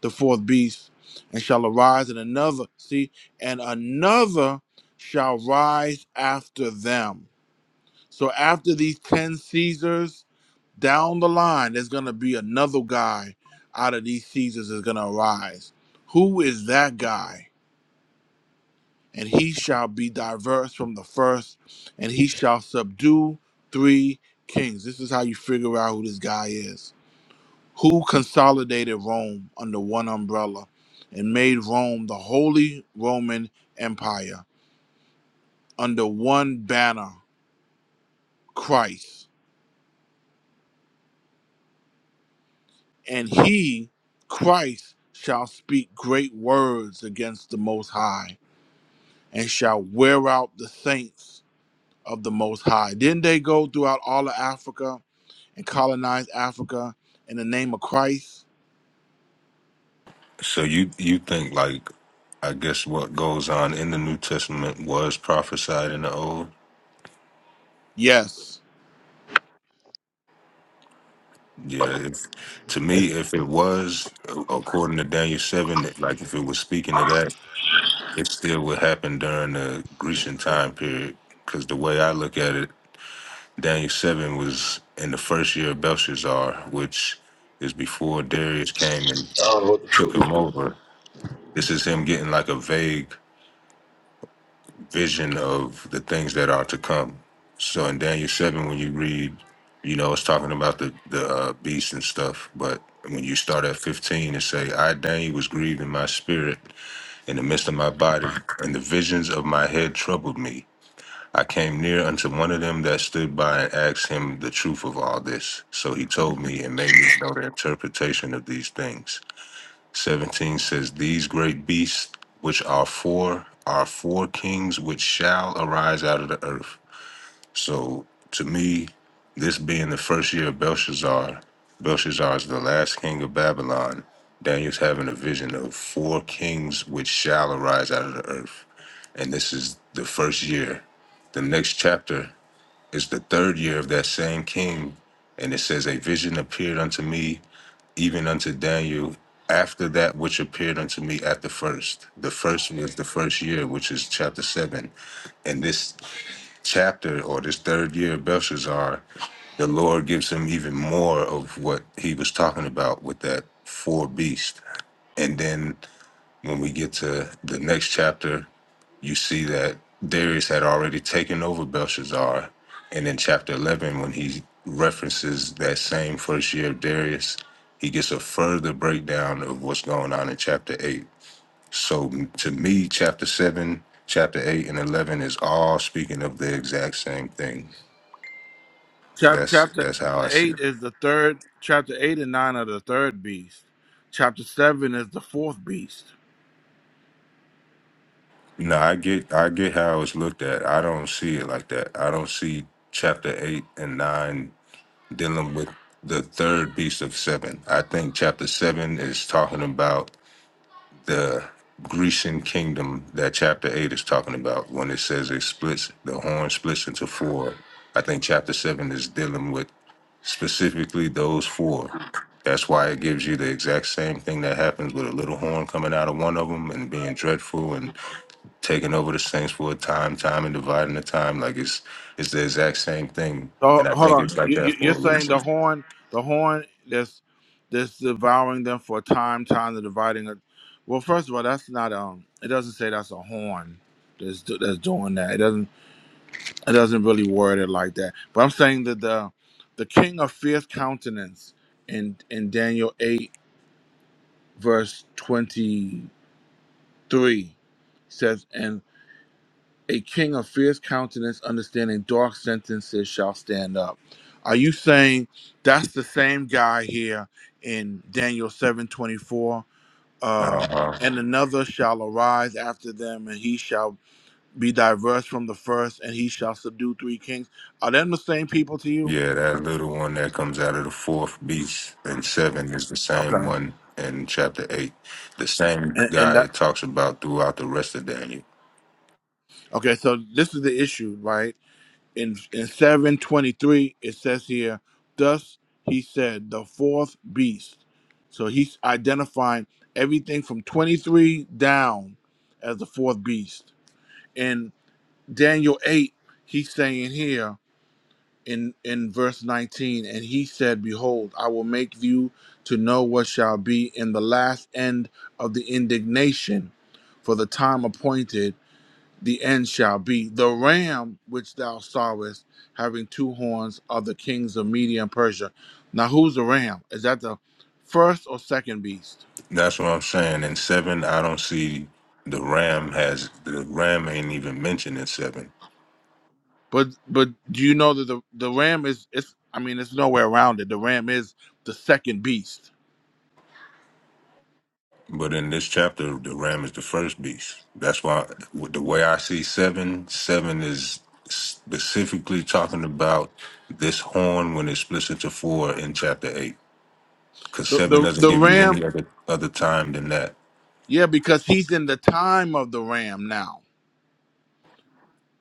Speaker 6: the fourth beast, and shall arise, and another. See, and another shall rise after them so after these 10 Caesars, down the line, there's going to be another guy out of these Caesars is going to arise. Who is that guy? And he shall be diverse from the first, and he shall subdue three kings. This is how you figure out who this guy is. Who consolidated Rome under one umbrella and made Rome the Holy Roman Empire under one banner, Christ. and he, Christ, shall speak great words against the Most High, and shall wear out the saints of the Most High. Didn't they go throughout all of Africa and colonize Africa in the name of Christ?
Speaker 4: So you you think like I guess what goes on in the New Testament was prophesied in the old?
Speaker 6: Yes.
Speaker 4: Yeah, if, to
Speaker 6: It's-
Speaker 4: me, if it was a- according to Daniel seven, like if it was speaking to that, it still would happen during the Grecian time period. Because the way I look at it, Daniel seven was in the first year of Belshazzar, which is before Darius came and
Speaker 8: I don't know the
Speaker 4: took
Speaker 8: food
Speaker 4: him over. This is him getting like a vague vision of the things that are to come. So in Daniel seven, when you read, you know, it's talking about the the uh, beast and stuff. But when you start at fifteen and say, "I Daniel was grieved in my spirit in the midst of my body, and the visions of my head troubled me." I came near unto one of them that stood by and asked him the truth of all this. So he told me and made me know the interpretation of these things. 17 says, These great beasts, which are four, are four kings which shall arise out of the earth. So to me, this being the first year of Belshazzar, Belshazzar is the last king of Babylon. Daniel's having a vision of four kings which shall arise out of the earth. And this is the first year. The next chapter is the third year of that same king. And it says, A vision appeared unto me even unto Daniel after that which appeared unto me at the first. The first was the first year, which is chapter seven. And this chapter or this third year of Belshazzar, the Lord gives him even more of what he was talking about with that four beast. And then when we get to the next chapter, you see that Darius had already taken over Belshazzar. And in chapter 11, when he references that same first year of Darius, he gets a further breakdown of what's going on in chapter 8. So m- to me, chapter 7, chapter 8, and 11 is all speaking of the exact same thing.
Speaker 6: Chap-
Speaker 4: That's
Speaker 6: Chapter
Speaker 4: that's how I see it.
Speaker 6: 8 is the third, chapter 8 and 9 are the third beast. Chapter 7 is the fourth beast.
Speaker 4: No, I get I get how it's looked at. I don't see it like that. I don't see chapter 8 and 9 dealing with the third beast of seven. I think chapter seven is talking about the Grecian kingdom that chapter eight is talking about when it says it splits, the horn splits into four. I think chapter seven is dealing with specifically those four. That's why it gives you the exact same thing that happens with a little horn coming out of one of them and being dreadful and taking over the saints for a time, time and dividing the time. Like it's it's the exact same thing.
Speaker 6: So
Speaker 4: And I
Speaker 6: hold
Speaker 4: think
Speaker 6: on.
Speaker 4: it's like
Speaker 6: You,
Speaker 4: that
Speaker 6: you- you're
Speaker 4: for a
Speaker 6: saying
Speaker 4: reason.
Speaker 6: the horn, the horn that's that's devouring them for time, time the dividing. It. Well, first of all, that's not um. It doesn't say that's a horn that's do- that's doing that. It doesn't it doesn't really word it like that. But I'm saying that the the king of fierce countenance in in Daniel eight verse twenty three says. A king of fierce countenance, understanding dark sentences, shall stand up. Are you saying that's the same guy here in Daniel seven twenty four? Uh,
Speaker 4: Uh huh.
Speaker 6: and another shall arise after them, and he shall be diverse from the first, and he shall subdue three kings. Are them the same people to you?
Speaker 4: Yeah, that little one that comes out of the fourth beast in seven is the same
Speaker 6: Okay,
Speaker 4: one in chapter eight. The same
Speaker 6: and, and
Speaker 4: guy
Speaker 6: that
Speaker 4: it talks about throughout the rest of Daniel.
Speaker 6: okay. So this is the issue, right? in in seven twenty three it says here, thus he said the fourth beast. So he's identifying everything from twenty three down as the fourth beast. In Daniel eight, he's saying here in in verse nineteen, and he said, Behold, I will make you to know what shall be in the last end of the indignation, for the time appointed the end shall be. The ram which thou sawest having two horns of the kings of Media and Persia. Now who's the ram? Is that the first or second beast?
Speaker 4: That's what I'm saying. In seven, I don't see the ram has the ram ain't even mentioned in seven.
Speaker 6: But but do you know that the, the ram is it's I mean it's nowhere around it. The ram is the second beast.
Speaker 4: But in this chapter, the ram is the first beast. That's why with the way I see seven, seven is specifically talking about this horn when it splits into four in chapter eight. because
Speaker 6: The
Speaker 4: seven
Speaker 6: the,
Speaker 4: doesn't
Speaker 6: the
Speaker 4: give you
Speaker 6: ram
Speaker 4: any other other time than that.
Speaker 6: yeah, because he's in the time of the ram now.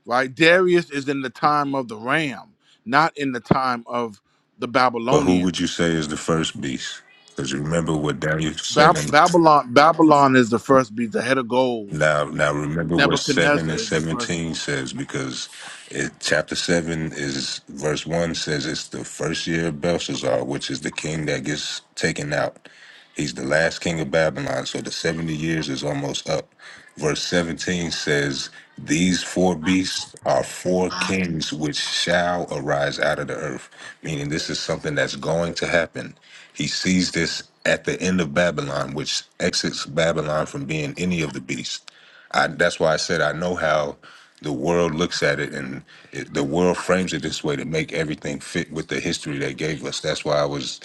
Speaker 6: Right? Darius is in the time of the ram, not in the time of the
Speaker 4: But who would you
Speaker 6: Babylonians.
Speaker 4: say is the first beast? Because remember what Daniel said
Speaker 6: Bab-
Speaker 4: in
Speaker 6: Babylon Babylon is the first beast, the head of gold.
Speaker 4: Now, now remember what seven
Speaker 6: Nebuchadnezzar
Speaker 4: and
Speaker 6: is the first
Speaker 4: seventeen
Speaker 6: beast.
Speaker 4: says because it, chapter seven is verse one says it's the first year of Belshazzar, which is the king that gets taken out. He's the last king of Babylon, so the seventy years is almost up. Verse seventeen says, "These four beasts are four kings which shall arise out of the earth," meaning this is something that's going to happen. He sees this at the end of Babylon, which exits Babylon from being any of the beasts. I, that's why I said I know how the world looks at it, and it, the world frames it this way to make everything fit with the history they gave us. That's why I was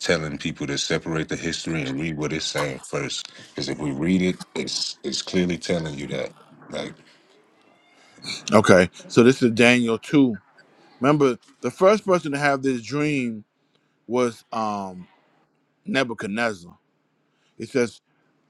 Speaker 4: telling people to separate the history and read what it's saying first, because if we read it, it's it's clearly telling you that. Like,
Speaker 6: Okay, so this is Daniel two. Remember, the first person to have this dream was um Nebuchadnezzar. It says,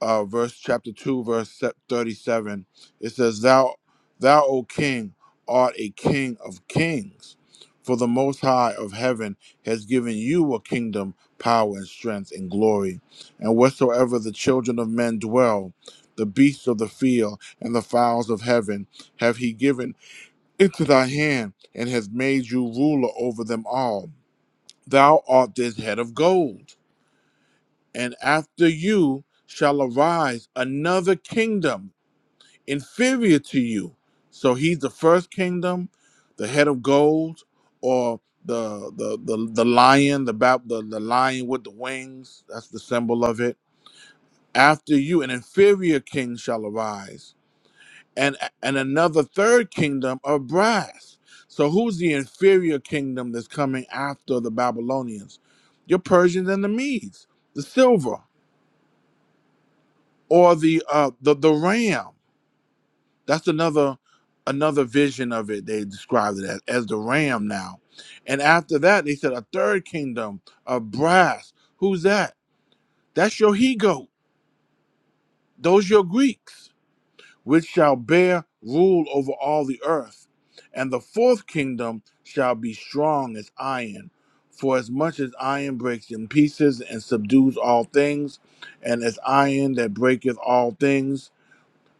Speaker 6: uh, verse chapter two, verse se- thirty-seven. It says, "Thou, thou, O King, art a King of kings, for the Most High of heaven has given you a kingdom, power, and strength, and glory. And whatsoever the children of men dwell, the beasts of the field and the fowls of heaven, have He given into thy hand, and has made you ruler over them all. Thou art this head of gold." and after you shall arise another kingdom inferior to you. So he's the first kingdom, the head of gold, or the the the, the lion, the, bab- the the lion with the wings. That's the symbol of it. After you, an inferior king shall arise, and and another third kingdom of brass. So who's the inferior kingdom that's coming after the Babylonians? Your Persians and the Medes, the silver or the uh the the ram that's another another vision of it they described it as, as the ram now and after that they said a third kingdom of brass who's that that's your he goat those your greeks which shall bear rule over all the earth and the fourth kingdom shall be strong as iron for as much as iron breaks in pieces and subdues all things and as iron that breaketh all things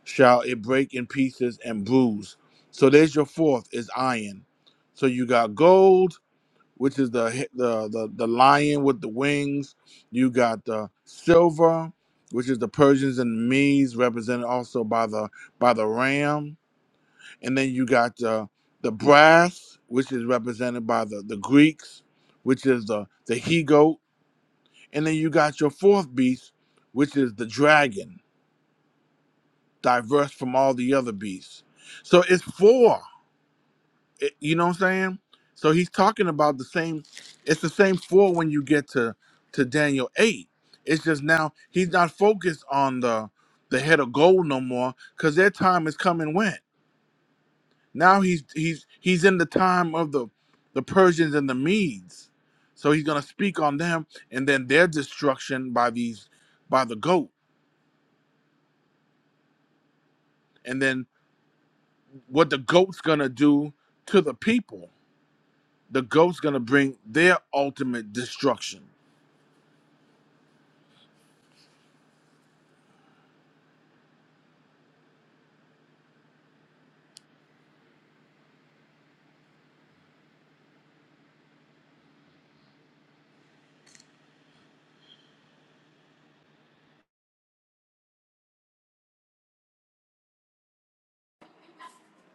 Speaker 6: shall it break in pieces and bruise. So there's your fourth is iron. So you got gold, which is the hi- the the, the lion with the wings. You got the silver, which is the Persians and the Medes, represented also by the by the ram. And then you got the the brass, which is represented by the the Greeks, which is the the he goat. And then you got your fourth beast, which is the dragon diverse from all the other beasts. So it's four. It- you know what I'm saying? So he's talking about the same. It's the same four when you get to to Daniel eight. It's just now he's not focused on the the head of gold no more because their time has come and went. Now he's he's he's in the time of the the Persians and the Medes. So he's gonna speak on them and then their destruction by these by the goat and then what the goat's gonna do to the people the goat's gonna bring their ultimate destruction.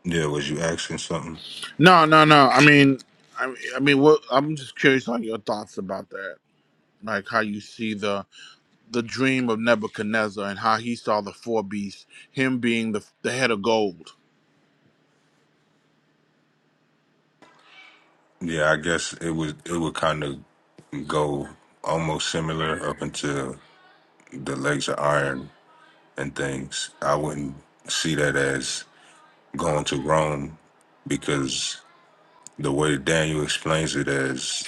Speaker 4: yeah, was you asking something?
Speaker 6: No, no, no. I mean, I, mean- I mean, what? I'm just curious on your thoughts about that. Like how you see the the dream of Nebuchadnezzar and how he saw the four beasts, him being the the head of gold.
Speaker 4: Yeah, I guess it was. It would kind of go almost similar up until the legs of iron and things. I wouldn't see that as going to Rome because the way Daniel explains it as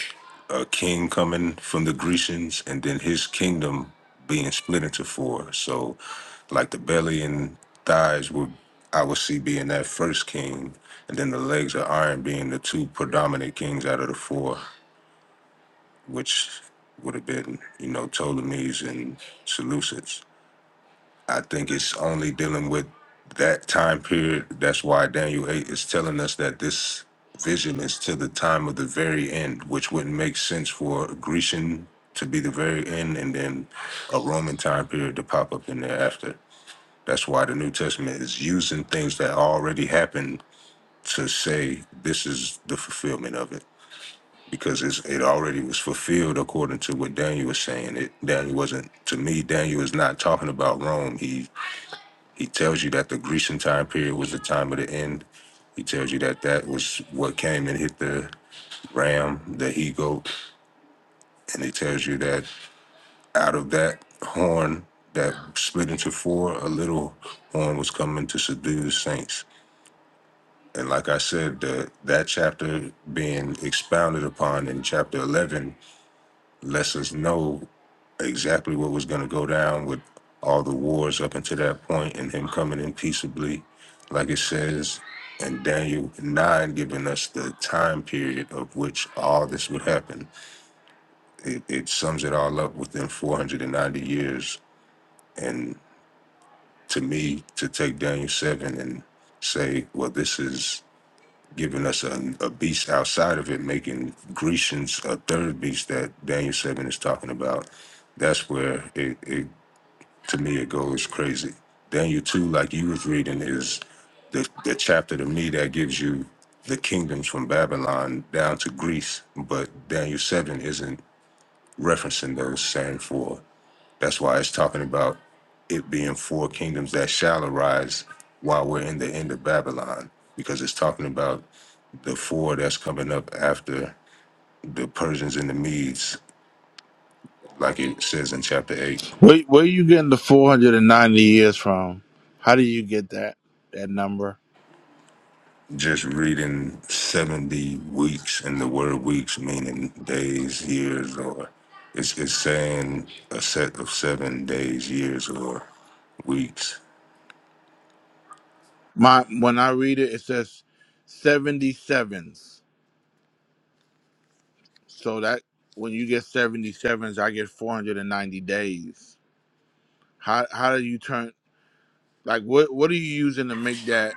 Speaker 4: a king coming from the Grecians and then his kingdom being split into four. So, like the belly and thighs would I would see being that first king, and then the legs of iron being the two predominant kings out of the four, which would have been you know Ptolemies and Seleucids. I think it's only dealing with that time period. That's why Daniel 8 is telling us that this vision is to the time of the very end, which wouldn't make sense for a Grecian to be the very end and then a Roman time period to pop up in there after. That's why the New Testament is using things that already happened to say this is the fulfillment of it. Because it's, it already was fulfilled according to what Daniel was saying. It Daniel wasn't to me. Daniel is not talking about Rome. He he tells you that the Grecian time period was the time of the end. He tells you that that was what came and hit the ram, the he goat. And he tells you that out of that horn that split into four, a little horn was coming to subdue the saints. And like I said, the, that chapter being expounded upon in chapter 11 lets us know exactly what was going to go down with all the wars up until that point and him coming in peaceably, like it says, and Daniel 9 giving us the time period of which all this would happen. It, it sums it all up within 490 years. And to me, to take Daniel 7 and say, well, this is giving us a, a beast outside of it, making Grecians a third beast that Daniel 7 is talking about. That's where it, it to me, it goes crazy. Daniel 2, like you was reading, is the, the chapter to me that gives you the kingdoms from Babylon down to Greece, but Daniel 7 isn't referencing those same four. That's why it's talking about it being four kingdoms that shall arise while we're in the end of Babylon, because it's talking about the four that's coming up after the Persians and the Medes, like it says in chapter eight.
Speaker 6: Where where are you getting the 490 years from? How do you get that that number?
Speaker 4: Just reading 70 weeks, and the word weeks meaning days, years, or it's, it's saying a set of seven days, years, or weeks
Speaker 6: My when I read it, it says 77s. So that when you get 77s, I get 490 days. How how do you turn like what what are you using to make that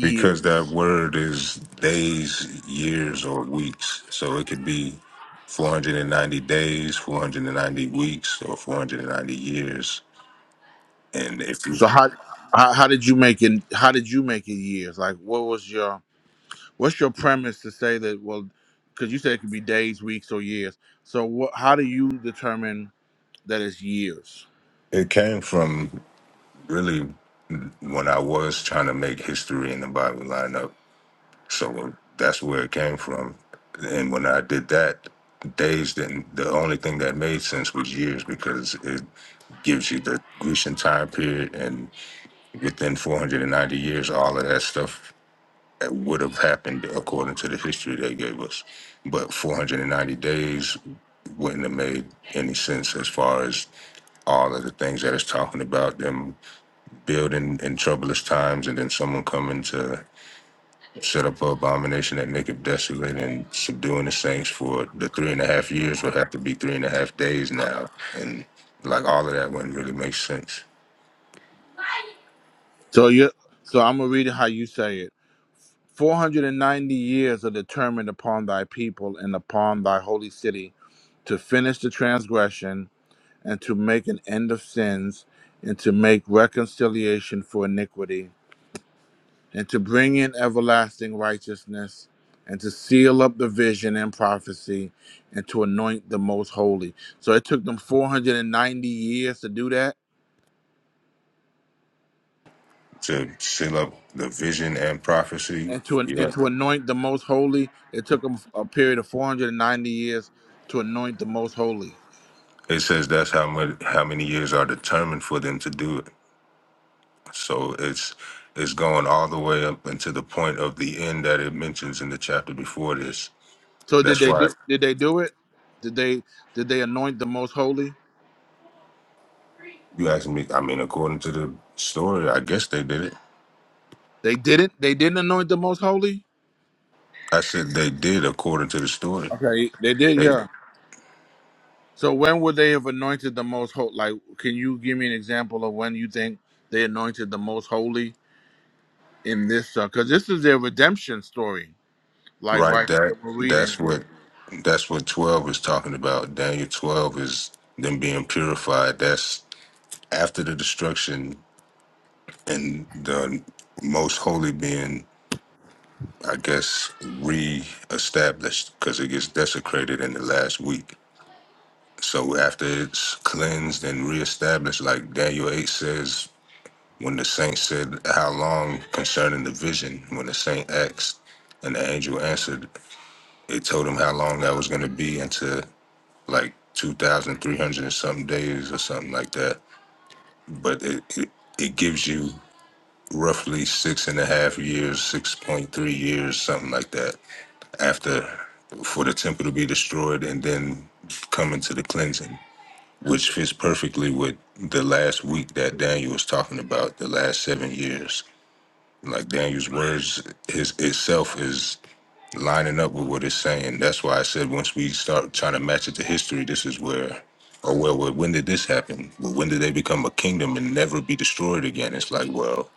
Speaker 4: because that word is days, years, or weeks. So it could be 490 days, 490 weeks, or 490 years. And if you,
Speaker 6: So how how, how did you make it? How did you make it years? Like what was your what's your premise to say that? Well, because you said it could be days, weeks, or years. So what? How do you determine that it's years?
Speaker 4: it came from really when I was trying to make history in the Bible line up. So that's where it came from. And when I did that, days didn't, the only thing that made sense was years because it gives you the Grecian time period and. Within 490 years, all of that stuff would have happened according to the history they gave us. But 490 days wouldn't have made any sense as far as all of the things that it's talking about them building in troublous times and then someone coming to set up an abomination that make it desolate and subduing the saints for the three and a half years would have to be three and a half days now and like all of that wouldn't really make sense
Speaker 6: So you so I'm gonna read it how you say it. 490 years are determined upon thy people and upon thy holy city to finish the transgression and to make an end of sins, and to make reconciliation for iniquity, and to bring in everlasting righteousness, and to seal up the vision and prophecy, and to anoint the most holy. So it took them 490 years to do that.
Speaker 4: to seal up the vision and prophecy.
Speaker 6: And to, and
Speaker 4: Yeah.
Speaker 6: to anoint the most holy, it took them a period of 490 years to anoint the most holy.
Speaker 4: It says that's how much how many years are determined for them to do it. So it's it's going all the way up until the point of the end that it mentions in the chapter before this.
Speaker 6: So did
Speaker 4: That's
Speaker 6: they
Speaker 4: why
Speaker 6: do? Did they do it? Did they did they anoint the most holy?
Speaker 4: you asking me I mean, according to the story, I guess they did it.
Speaker 6: They didn't. They didn't anoint the most holy.
Speaker 4: I said they did according to the story.
Speaker 6: Okay, they did,
Speaker 4: They
Speaker 6: yeah. So when would they have anointed the most holy? Like, can you give me an example of when you think they anointed the most holy in this? Because this is their redemption story, like
Speaker 4: right
Speaker 6: right here
Speaker 4: that
Speaker 6: that we're reading.
Speaker 4: that's what that's what twelve is talking about. Daniel twelve is them being purified. That's after the destruction and the most holy being, I guess, re-established because it gets desecrated in the last week. So after it's cleansed and reestablished, like Daniel 8 says, when the saint said, How long concerning the vision? When the saint asked and the angel answered, it told him how long that was going to be into like 2,300 and something days or something like that. But it, it, it gives you roughly six and a half years, 6.3 years, something like that, after for the temple to be destroyed and then come into the cleansing, which fits perfectly with the last week that Daniel was talking about, the last seven years. Like Daniel's words his itself is lining up with what it's saying. That's why I said once we start trying to match it to history, this is where or well, well when did this happen? Well, when did they become a kingdom and never be destroyed again? It's like, well,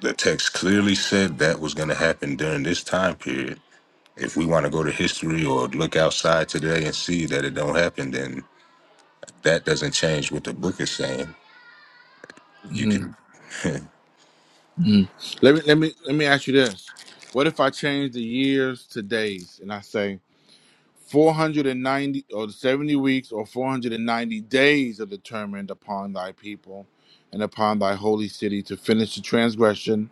Speaker 4: the text clearly said that was going to happen during this time period. If we want to go to history or look outside today and see that it don't happen, then that doesn't change what the book is saying. You
Speaker 6: hmm
Speaker 4: could,
Speaker 6: hmm Let me let me let me ask you this: What if I change the years to days and I say 490 or 70 weeks or 490 days are determined upon thy people and upon thy holy city to finish the transgression?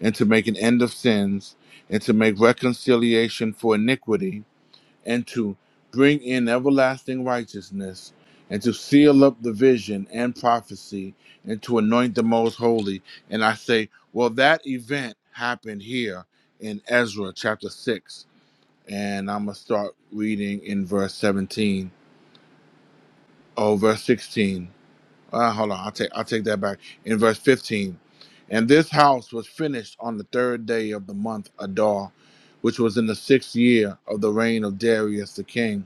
Speaker 6: and to make an end of sins, and to make reconciliation for iniquity, and to bring in everlasting righteousness, and to seal up the vision and prophecy, and to anoint the most holy. And I say, well, that event happened here in Ezra chapter 6. And I'm going to start reading in verse 17. Oh, verse 16. Uh, hold on, I'll take I'll take that back. In verse 15, and this house was finished on the third day of the month Adar, which was in the sixth year of the reign of Darius the king.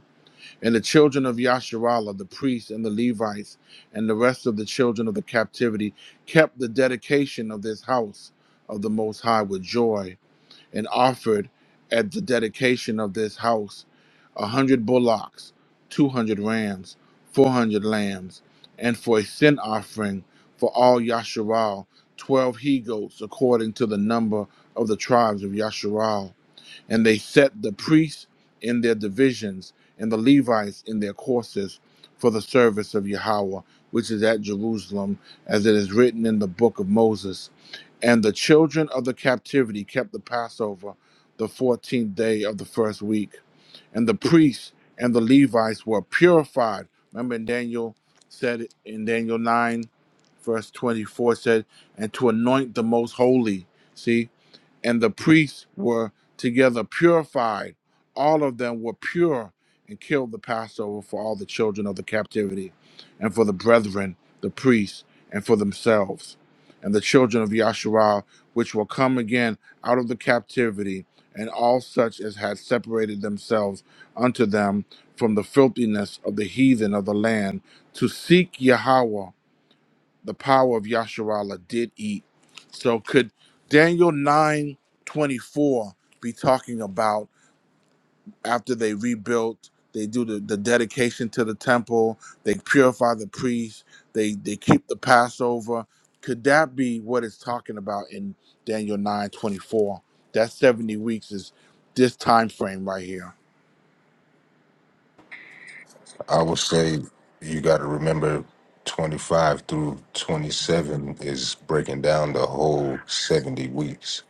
Speaker 6: And the children of Yasharallah, the priests and the Levites, and the rest of the children of the captivity, kept the dedication of this house of the Most High with joy and offered at the dedication of this house a hundred bullocks, two hundred rams, four hundred lambs, and for a sin offering for all Yasharal, twelve he goats according to the number of the tribes of Yasharal and they set the priests in their divisions and the Levites in their courses for the service of Yahweh, which is at Jerusalem, as it is written in the book of Moses. And the children of the captivity kept the Passover the 14th day of the first week. And the priests and the Levites were purified. Remember, in Daniel said it in Daniel 9, verse 24 said, and to anoint the most holy. See? and the priests were together purified. All of them were pure and killed the Passover for all the children of the captivity, and for the brethren, the priests, and for themselves, and the children of Yasharah, which will come again out of the captivity, and all such as had separated themselves unto them from the filthiness of the heathen of the land, to seek Yahweh the power of Yasharala did eat. So could Daniel 9 24 be talking about after they rebuilt, they do the, the dedication to the temple, they purify the priests, they, they keep the Passover. Could that be what it's talking about in Daniel 9 24? That 70 weeks is this time frame right here.
Speaker 4: I would say, you got to remember, twenty five through twenty seven is breaking down the whole seventy weeks.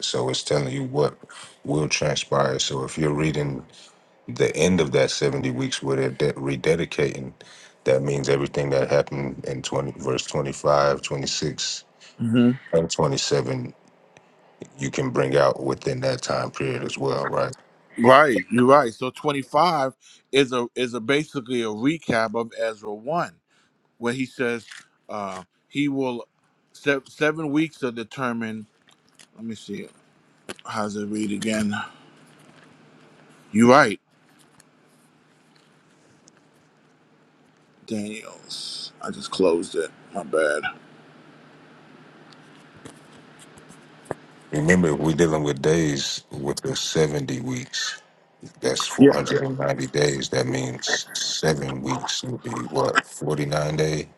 Speaker 4: So it's telling you what will transpire. So if you're reading the end of that 70 weeks where they're de- rededicating that means everything that happened in 20 verse 25, 26,
Speaker 6: hmm
Speaker 4: and 27 you can bring out within that time period as well right
Speaker 6: Right, you're right. So 25 is a is a basically a recap of Ezra 1 where he says uh, he will se- seven weeks are determined. Let me see. How's it read again? You right, Daniels. I just closed it. My bad.
Speaker 4: remember we're dealing with days with the 70 weeks that's
Speaker 6: Yeah,
Speaker 4: 490 days that means seven weeks would be what 49 day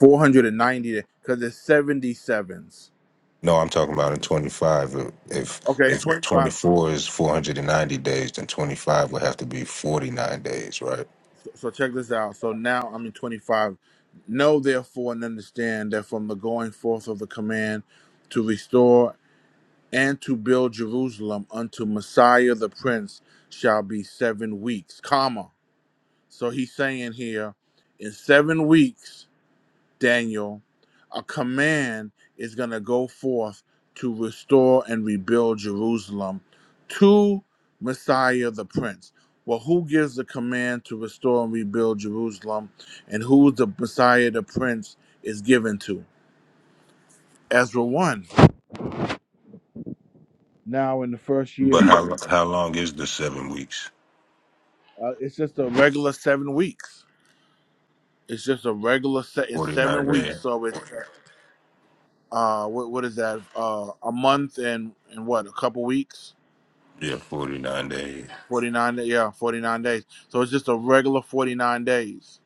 Speaker 6: four hundred and ninety because it's seventy sevens.
Speaker 4: no i'm talking about in 25 if
Speaker 6: Okay,
Speaker 4: if
Speaker 6: twenty five.
Speaker 4: 24 is 490 days then 25 would have to be 49 days right
Speaker 6: So so check this out. So now I'm in twenty five. Know therefore and understand that from the going forth of the command to restore and to build Jerusalem unto Messiah the Prince shall be seven weeks, comma. So he's saying here, in seven weeks, Daniel, a command is going to go forth to restore and rebuild Jerusalem to Messiah the Prince. Well, who gives the command to restore and rebuild Jerusalem and who the Messiah the Prince is given to? Ezra 1. Now, in the first year,
Speaker 4: But how how long is the seven weeks?
Speaker 6: uh, it's just a regular seven weeks. It's just a regular set in
Speaker 4: Forty
Speaker 6: seven
Speaker 4: nine
Speaker 6: weeks.
Speaker 4: days.
Speaker 6: So it's uh what what is that uh a month and and what a couple weeks
Speaker 4: Yeah, forty nine days.
Speaker 6: 49 yeah 49 days so it's just a regular 49 days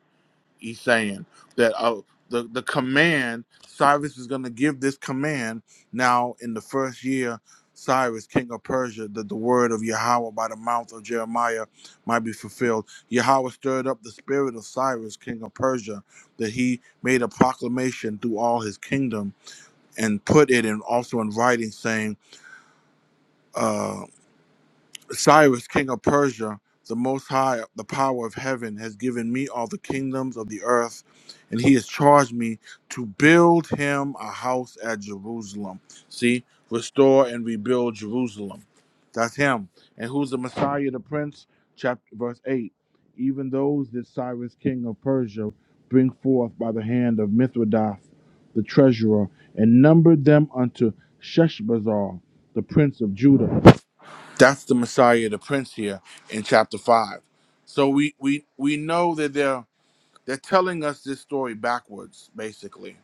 Speaker 6: he's saying that uh the the command cyrus is going to give this command now in the first year cyrus king of persia that the word of yahweh by the mouth of jeremiah might be fulfilled yahweh stirred up the spirit of cyrus king of persia that he made a proclamation through all his kingdom and put it in also in writing saying uh, Cyrus, king of Persia, the Most High, the power of heaven, has given me all the kingdoms of the earth, and he has charged me to build him a house at Jerusalem. See, restore and rebuild Jerusalem. That's him. And who's the Messiah, the Prince? Chapter verse eight. Even those did Cyrus, king of Persia, bring forth by the hand of Mithridates, the treasurer, and numbered them unto Sheshbazzar, the prince of Judah that's the Messiah, the Prince here in chapter five. So we we we know that they're they're telling us this story backwards, basically.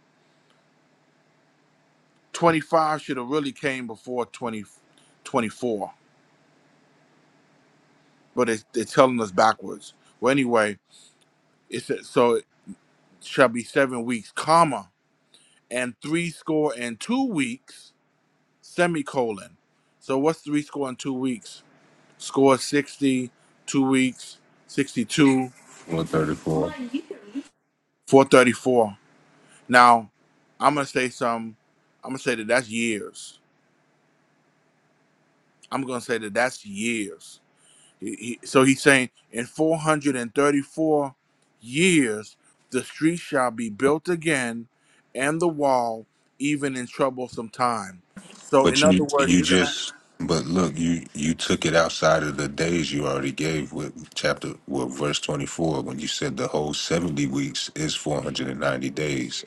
Speaker 6: Twenty five should have really came before 20, 24, but it's, they're telling us backwards. Well, anyway, it says so it shall be seven weeks, comma, and three score and two weeks, semicolon. So what's three score and two weeks? Score sixty, two weeks, sixty two,
Speaker 4: One thirty four.
Speaker 6: four thirty four. Now, I'm gonna say some. I'm gonna say that that's years. I'm gonna say that that's years. He- he- so he's saying in 434 years, the street shall be built again, and the wall, even in troublesome time. So
Speaker 4: But
Speaker 6: in other
Speaker 4: you
Speaker 6: words,
Speaker 4: you
Speaker 6: you're gonna
Speaker 4: just but look you you took it outside of the days you already gave with chapter well verse twenty four when you said the whole seventy weeks is four hundred and ninety days.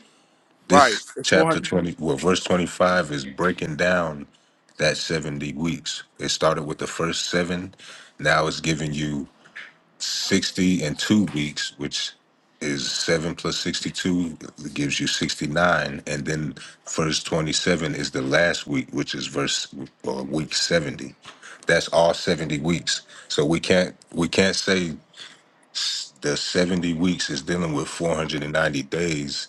Speaker 6: right.
Speaker 4: This
Speaker 6: It's
Speaker 4: chapter
Speaker 6: 400.
Speaker 4: twenty well verse twenty five is breaking down that seventy weeks. It started with the first seven. Now it's giving you 60 and two weeks, which is seven plus 62 gives you 69. And then verse 27 is the last week, which is verse or week 70. That's all 70 weeks. So we can't we can't say the 70 weeks is dealing with 490 days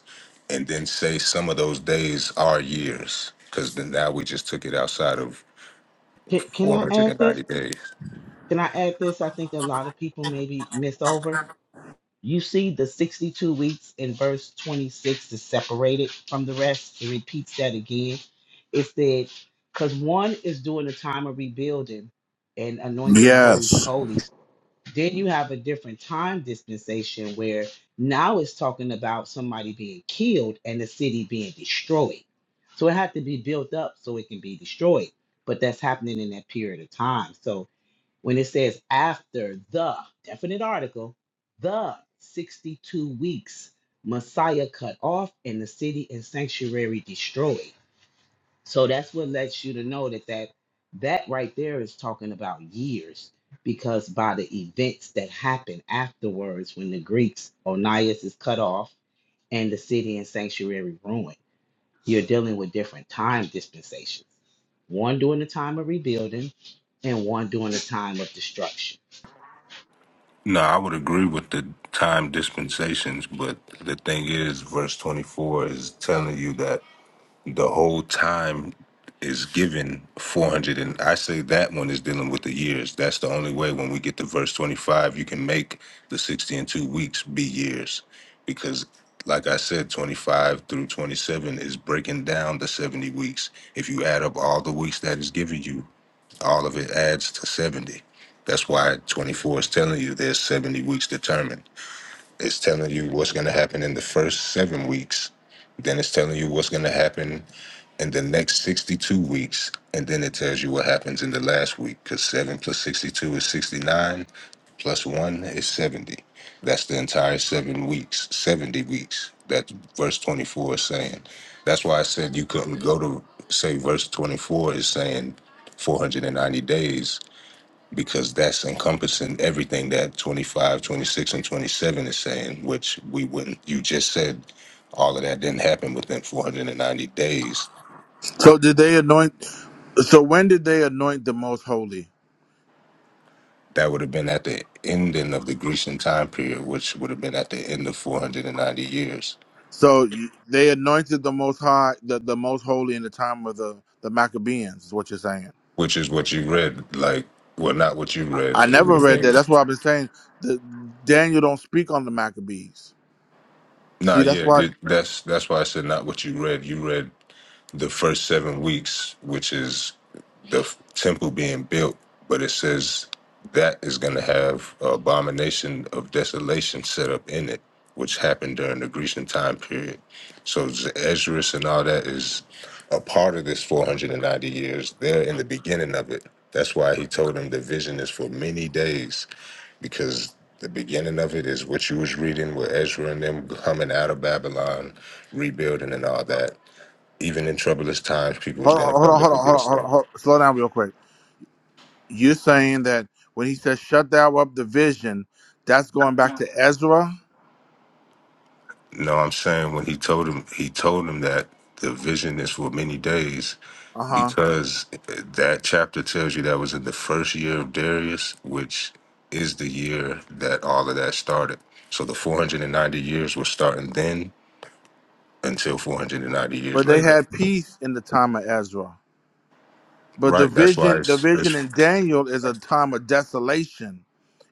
Speaker 4: and then say some of those days are years because then now we just took it outside of
Speaker 9: Can, can I add this?
Speaker 4: 490 days.
Speaker 9: Can I add this? I think a lot of people maybe miss over. You see, the 62 weeks in verse 26 is separated from the rest. It repeats that again. It said, because one is doing a time of rebuilding and anointing the holies of
Speaker 6: Yes.
Speaker 9: holies. Then you have a different time dispensation where now it's talking about somebody being killed and the city being destroyed. So it had to be built up so it can be destroyed. But that's happening in that period of time. So when it says after the definite article, the 62 weeks, Messiah cut off and the city and sanctuary destroyed. So that's what lets you to know that that, that right there is talking about years because by the events that happen afterwards when the Greeks, Onias is cut off and the city and sanctuary ruined, you're dealing with different time dispensations. One during the time of rebuilding and one during the time of destruction.
Speaker 4: No, I would agree with the time dispensations, but the thing is, verse 24 is telling you that the whole time is given 400. And I say that one is dealing with the years. That's the only way when we get to verse 25, you can make the 60 and two weeks be years. Because, like I said, 25 through 27 is breaking down the 70 weeks. If you add up all the weeks that is given you, all of it adds to 70. That's why 24 is telling you there's 70 weeks determined. It's telling you what's going to happen in the first seven weeks. Then it's telling you what's going to happen in the next 62 weeks. And then it tells you what happens in the last week because 7 plus 62 is 69, plus 1 is 70. That's the entire seven weeks, 70 weeks. That verse 24 is saying. That's why I said you couldn't go to, say, verse 24 is saying 490 days because that's encompassing everything that 25, 26, and 27 is saying, which we wouldn't, you just said all of that didn't happen within 490 days.
Speaker 6: So did they anoint? So when did they anoint the most holy?
Speaker 4: That would have been at the ending of the Grecian time period, which would have been at the end of 490 years,
Speaker 6: So you- they anointed the most high, the, the most holy in the time of the the Maccabees. Is what you're saying?
Speaker 4: which is what you read. Like, well, not what you read.
Speaker 6: I
Speaker 4: It would
Speaker 6: never
Speaker 4: have
Speaker 6: read
Speaker 4: been.
Speaker 6: that. That's what I've been saying. The, Daniel don't speak on the Maccabees.
Speaker 4: Nah,
Speaker 6: See, that's
Speaker 4: yeah,
Speaker 6: why.
Speaker 4: th- that's that's why I said not what you read. You read the first seven weeks, which is the f- temple being built, but it says that is going to have a abomination of desolation set up in it, which happened during the Grecian time period. So Esdras and all that is a part of this 490 years. They're in the beginning of it. That's why he told him the vision is for many days, because the beginning of it is what you was reading with Ezra and them coming out of Babylon, rebuilding and all that even in troublous times, people was
Speaker 6: Hold on,
Speaker 4: gonna
Speaker 6: hold
Speaker 4: come
Speaker 6: on,
Speaker 4: up
Speaker 6: hold on, hold on,
Speaker 4: against
Speaker 6: hold on,
Speaker 4: them.
Speaker 6: hold on. Slow down real quick. You're saying that when he says "shut thou up the vision," that's going back to Ezra.
Speaker 4: No, I'm saying when he told him, he told him that the vision is for many days,
Speaker 6: Uh huh.
Speaker 4: because eh, that chapter tells you that was in the first year of Darius, which is the year that all of that started. So the 490 years was starting then until 490 years
Speaker 6: But they
Speaker 4: later.
Speaker 6: had peace in the time of Ezra. But the
Speaker 4: Right. That's why
Speaker 6: vision, the
Speaker 4: it's,
Speaker 6: vision
Speaker 4: it's
Speaker 6: in Daniel is a time of desolation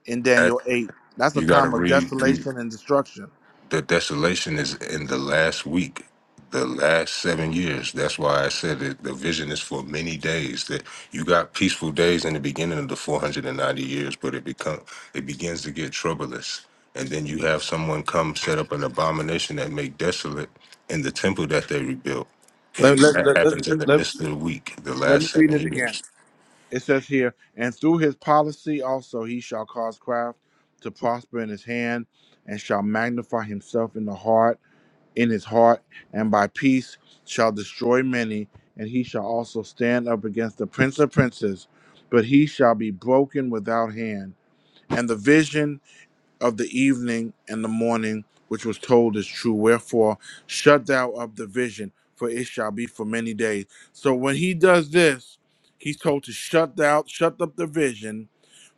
Speaker 6: in
Speaker 4: at,
Speaker 6: Daniel 8. That's a
Speaker 4: you got to
Speaker 6: time of
Speaker 4: read.
Speaker 6: desolation and destruction.
Speaker 4: The desolation is in the last week, the last seven years. That's why I said that the vision is for many days. That you got peaceful days in the beginning of the 490 years, but it become it begins to get troublous. And then you have someone come set up an abomination that make desolate in the temple that they rebuilt.
Speaker 6: Let,
Speaker 4: And
Speaker 6: let,
Speaker 4: that
Speaker 6: let, let,
Speaker 4: happens in the
Speaker 6: let,
Speaker 4: midst of the week, the
Speaker 6: let
Speaker 4: last
Speaker 6: me read
Speaker 4: seven
Speaker 6: it again.
Speaker 4: years.
Speaker 6: It says here, and through his policy also he shall cause craft to prosper in his hand, and shall magnify himself in the heart, in his heart, and by peace shall destroy many, and he shall also stand up against the prince of princes, but he shall be broken without hand. And the vision of the evening and the morning which was told is true. Wherefore, shut thou up the vision, for it shall be for many days. So when he does this, he's told to shut thou, shut up the vision,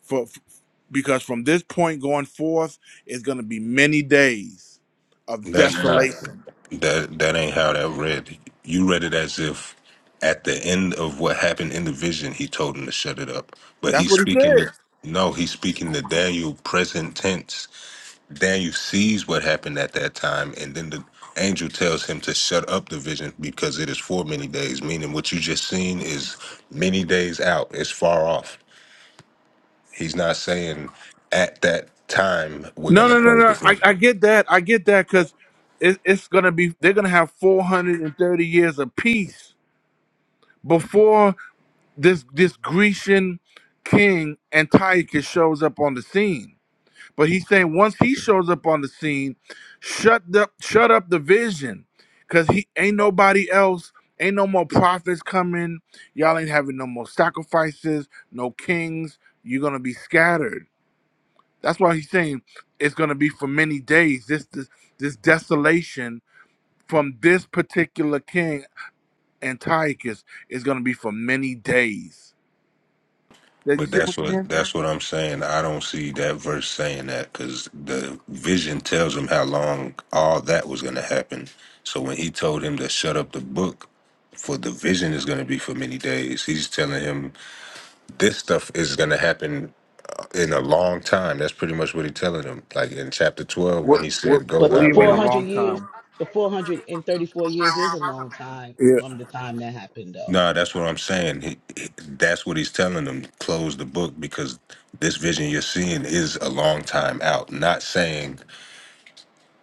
Speaker 6: for f- because from this point going forth is going to be many days of
Speaker 4: That's not
Speaker 6: desolation.
Speaker 4: that that ain't how that read. You read it as if at the end of what happened in the vision he told him to shut it up. But
Speaker 6: That's
Speaker 4: he's
Speaker 6: what he
Speaker 4: speaking
Speaker 6: said.
Speaker 4: to no, he's speaking to Daniel present tense. Daniel sees what happened at that time and then the angel tells him to shut up the vision because it is for many days, meaning what you just seen is many days out. It's far off. He's not saying at that time we're
Speaker 6: No,
Speaker 4: gonna
Speaker 6: no, no,
Speaker 4: close the
Speaker 6: no. I,
Speaker 4: vision.
Speaker 6: I get that. I get that because it, it's going to be, they're going to have 430 years of peace before this this Grecian king Antiochus shows up on the scene. But he's saying once he shows up on the scene, shut up shut up the vision. Cause he ain't nobody else, ain't no more prophets coming. Y'all ain't having no more sacrifices, no kings. You're gonna be scattered. That's why he's saying it's gonna be for many days. This this this desolation from this particular king Antiochus is gonna be for many days. Did you
Speaker 4: But
Speaker 6: see
Speaker 4: that's
Speaker 6: what I'm
Speaker 4: what
Speaker 6: saying?
Speaker 4: that's what I'm saying. I don't see that verse saying that because the vision tells him how long all that was going to happen. So when he told him to shut up the book, for the vision is going to be for many days. He's telling him this stuff is going to happen uh, in a long time. That's pretty much what he's telling him. Like in chapter 12 when
Speaker 6: What
Speaker 4: he
Speaker 6: what
Speaker 4: said, "Go
Speaker 9: But
Speaker 6: what
Speaker 9: the
Speaker 6: do
Speaker 4: thy
Speaker 6: you mean a
Speaker 4: way."
Speaker 9: 400
Speaker 6: long
Speaker 9: years,
Speaker 6: time?
Speaker 9: the 434 years is a long time
Speaker 6: Yeah.
Speaker 9: from the time that happened, though.
Speaker 4: Nah, that's what I'm saying. He, he- that's what he's telling them. Close the book because this vision you're seeing is a long time out. Not saying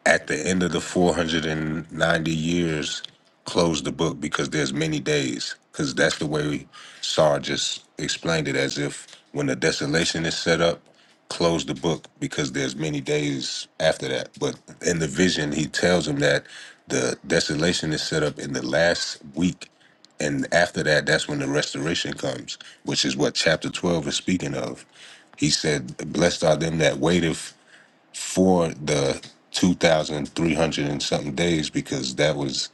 Speaker 4: at the end of the 490 years close the book because there's many days because that's the way Sar just explained it as if when the desolation is set up close the book because there's many days after that but in the vision he tells him that the desolation is set up in the last week and after that that's when the restoration comes which is what chapter 12 is speaking of he said blessed are them that waiteth for the 2,300 and something days because that was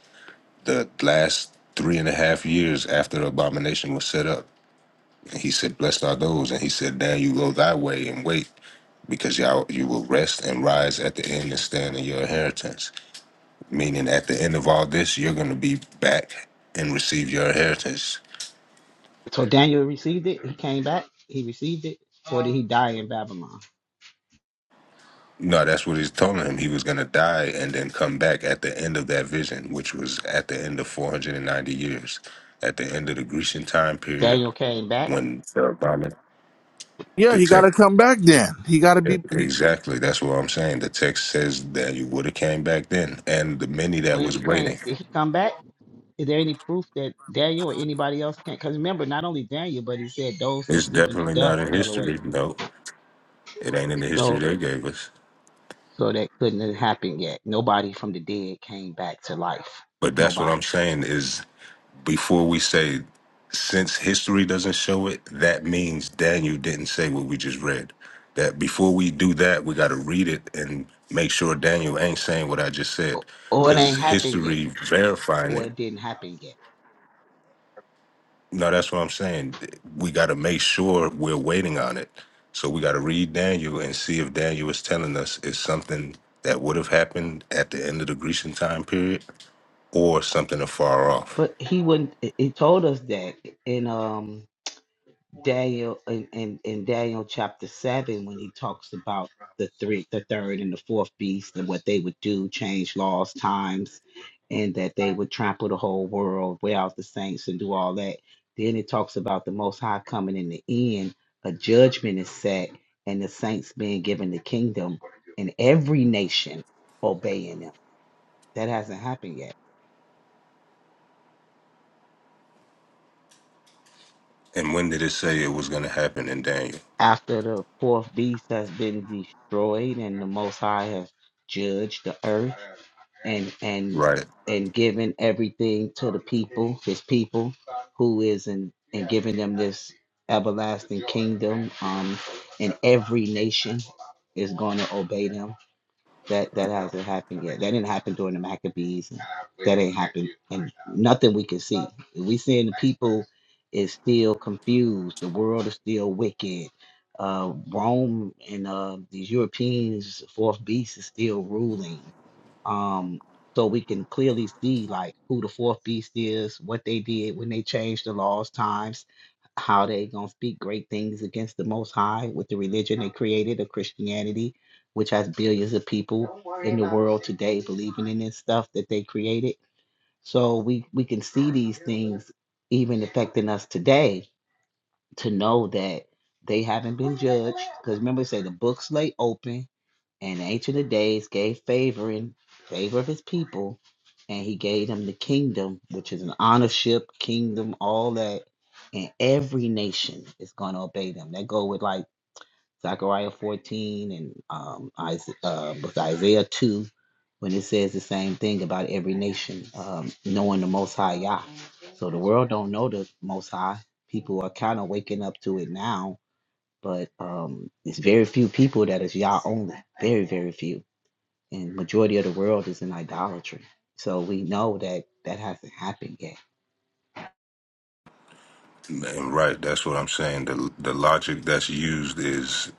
Speaker 4: the last three and a half years after the abomination was set up. And he said, Blessed are those. And he said, Now you go thy way and wait because y'all, you will rest and rise at the end and stand in your inheritance. Meaning, at the end of all this, you're going to be back and receive your inheritance.
Speaker 9: So Daniel received it. He came back. He received it. Or did he die in Babylon?
Speaker 4: No, that's what he's telling him. He was going to die and then come back at the end of that vision, which was at the end of 490 years, at the end of the Grecian time period
Speaker 9: Daniel came back.
Speaker 4: when the Roman-
Speaker 6: Yeah,
Speaker 4: the
Speaker 6: he got to
Speaker 4: text.
Speaker 6: come back. Then he got to
Speaker 4: yeah,
Speaker 6: be. He,
Speaker 4: Exactly. That's what I'm saying. The text says that you would have came back then, and the many that
Speaker 9: When
Speaker 4: was
Speaker 9: he came,
Speaker 4: waiting.
Speaker 9: did he come back? Is there any proof that Daniel or anybody else can't? Because remember, not only Daniel, but he said those that
Speaker 4: It's
Speaker 9: sleep in the
Speaker 4: definitely
Speaker 9: dust
Speaker 4: not in
Speaker 9: shall awake.
Speaker 4: history. No, it ain't in the history
Speaker 9: So,
Speaker 4: they gave us.
Speaker 9: so that couldn't have happened yet. Nobody from the dead came back to life.
Speaker 4: But that's what
Speaker 9: Nobody.
Speaker 4: I'm saying is before we say since history doesn't show it, that means Daniel didn't say what we just read. That before we do that, we got to read it and make sure Daniel ain't saying what I just
Speaker 9: Or
Speaker 4: said,
Speaker 9: or it
Speaker 4: because
Speaker 9: ain't happened yet.
Speaker 4: history verifying
Speaker 9: Or
Speaker 4: it.
Speaker 9: it didn't happen yet.
Speaker 4: No, that's what I'm saying. We got to make sure we're waiting on it. So we got to read Daniel and see if Daniel is telling us it's something that would have happened at the end of the Grecian time period or something afar off.
Speaker 9: But he wouldn't. He told us that in um Daniel in, in, in Daniel chapter seven when he talks about the three, the third and the fourth beast and what they would do, change laws, times, and that they would trample the whole world, wear out the saints, and do all that. Then it talks about the Most High coming in the end. A judgment is set, and the saints being given the kingdom, and every nation obeying them. That hasn't happened yet.
Speaker 4: And when did it say it was going to happen in Daniel?
Speaker 9: after the fourth beast has been destroyed and the most high has judged the earth and and
Speaker 4: Right.
Speaker 9: and given everything to the people his people who is in and giving them this everlasting kingdom um and every nation is going to obey them that that hasn't happened yet. That didn't happen during the Maccabees. and that ain't happened, and nothing we can see. We seeing the people is still confused. The world is still wicked. Uh, Rome and uh, these Europeans, fourth beast, is still ruling um, so we can clearly see like who the fourth beast is, what they did when they changed the laws, times, how they gonna speak great things against the Most High with the religion they created of Christianity, which has billions of people in the world today believing in this stuff that they created. So we we can see these things even affecting us today to know that they haven't been judged. Because remember, it say the books lay open, and the Ancient of Days gave favor in favor of his people, and he gave them the kingdom, which is an honorship, kingdom, all that. And every nation is going to obey them. That go with like. Zechariah 14 and um, Isa uh, was Isaiah 2 when it says the same thing about every nation um, knowing the Most High Yah. So the world don't know the Most High. People are kind of waking up to it now, but um, it's very few people that is Yah only. Very, very few. And majority of the world is in idolatry. So we know that that hasn't happened yet.
Speaker 4: And right, that's what I'm saying. The the logic that's used is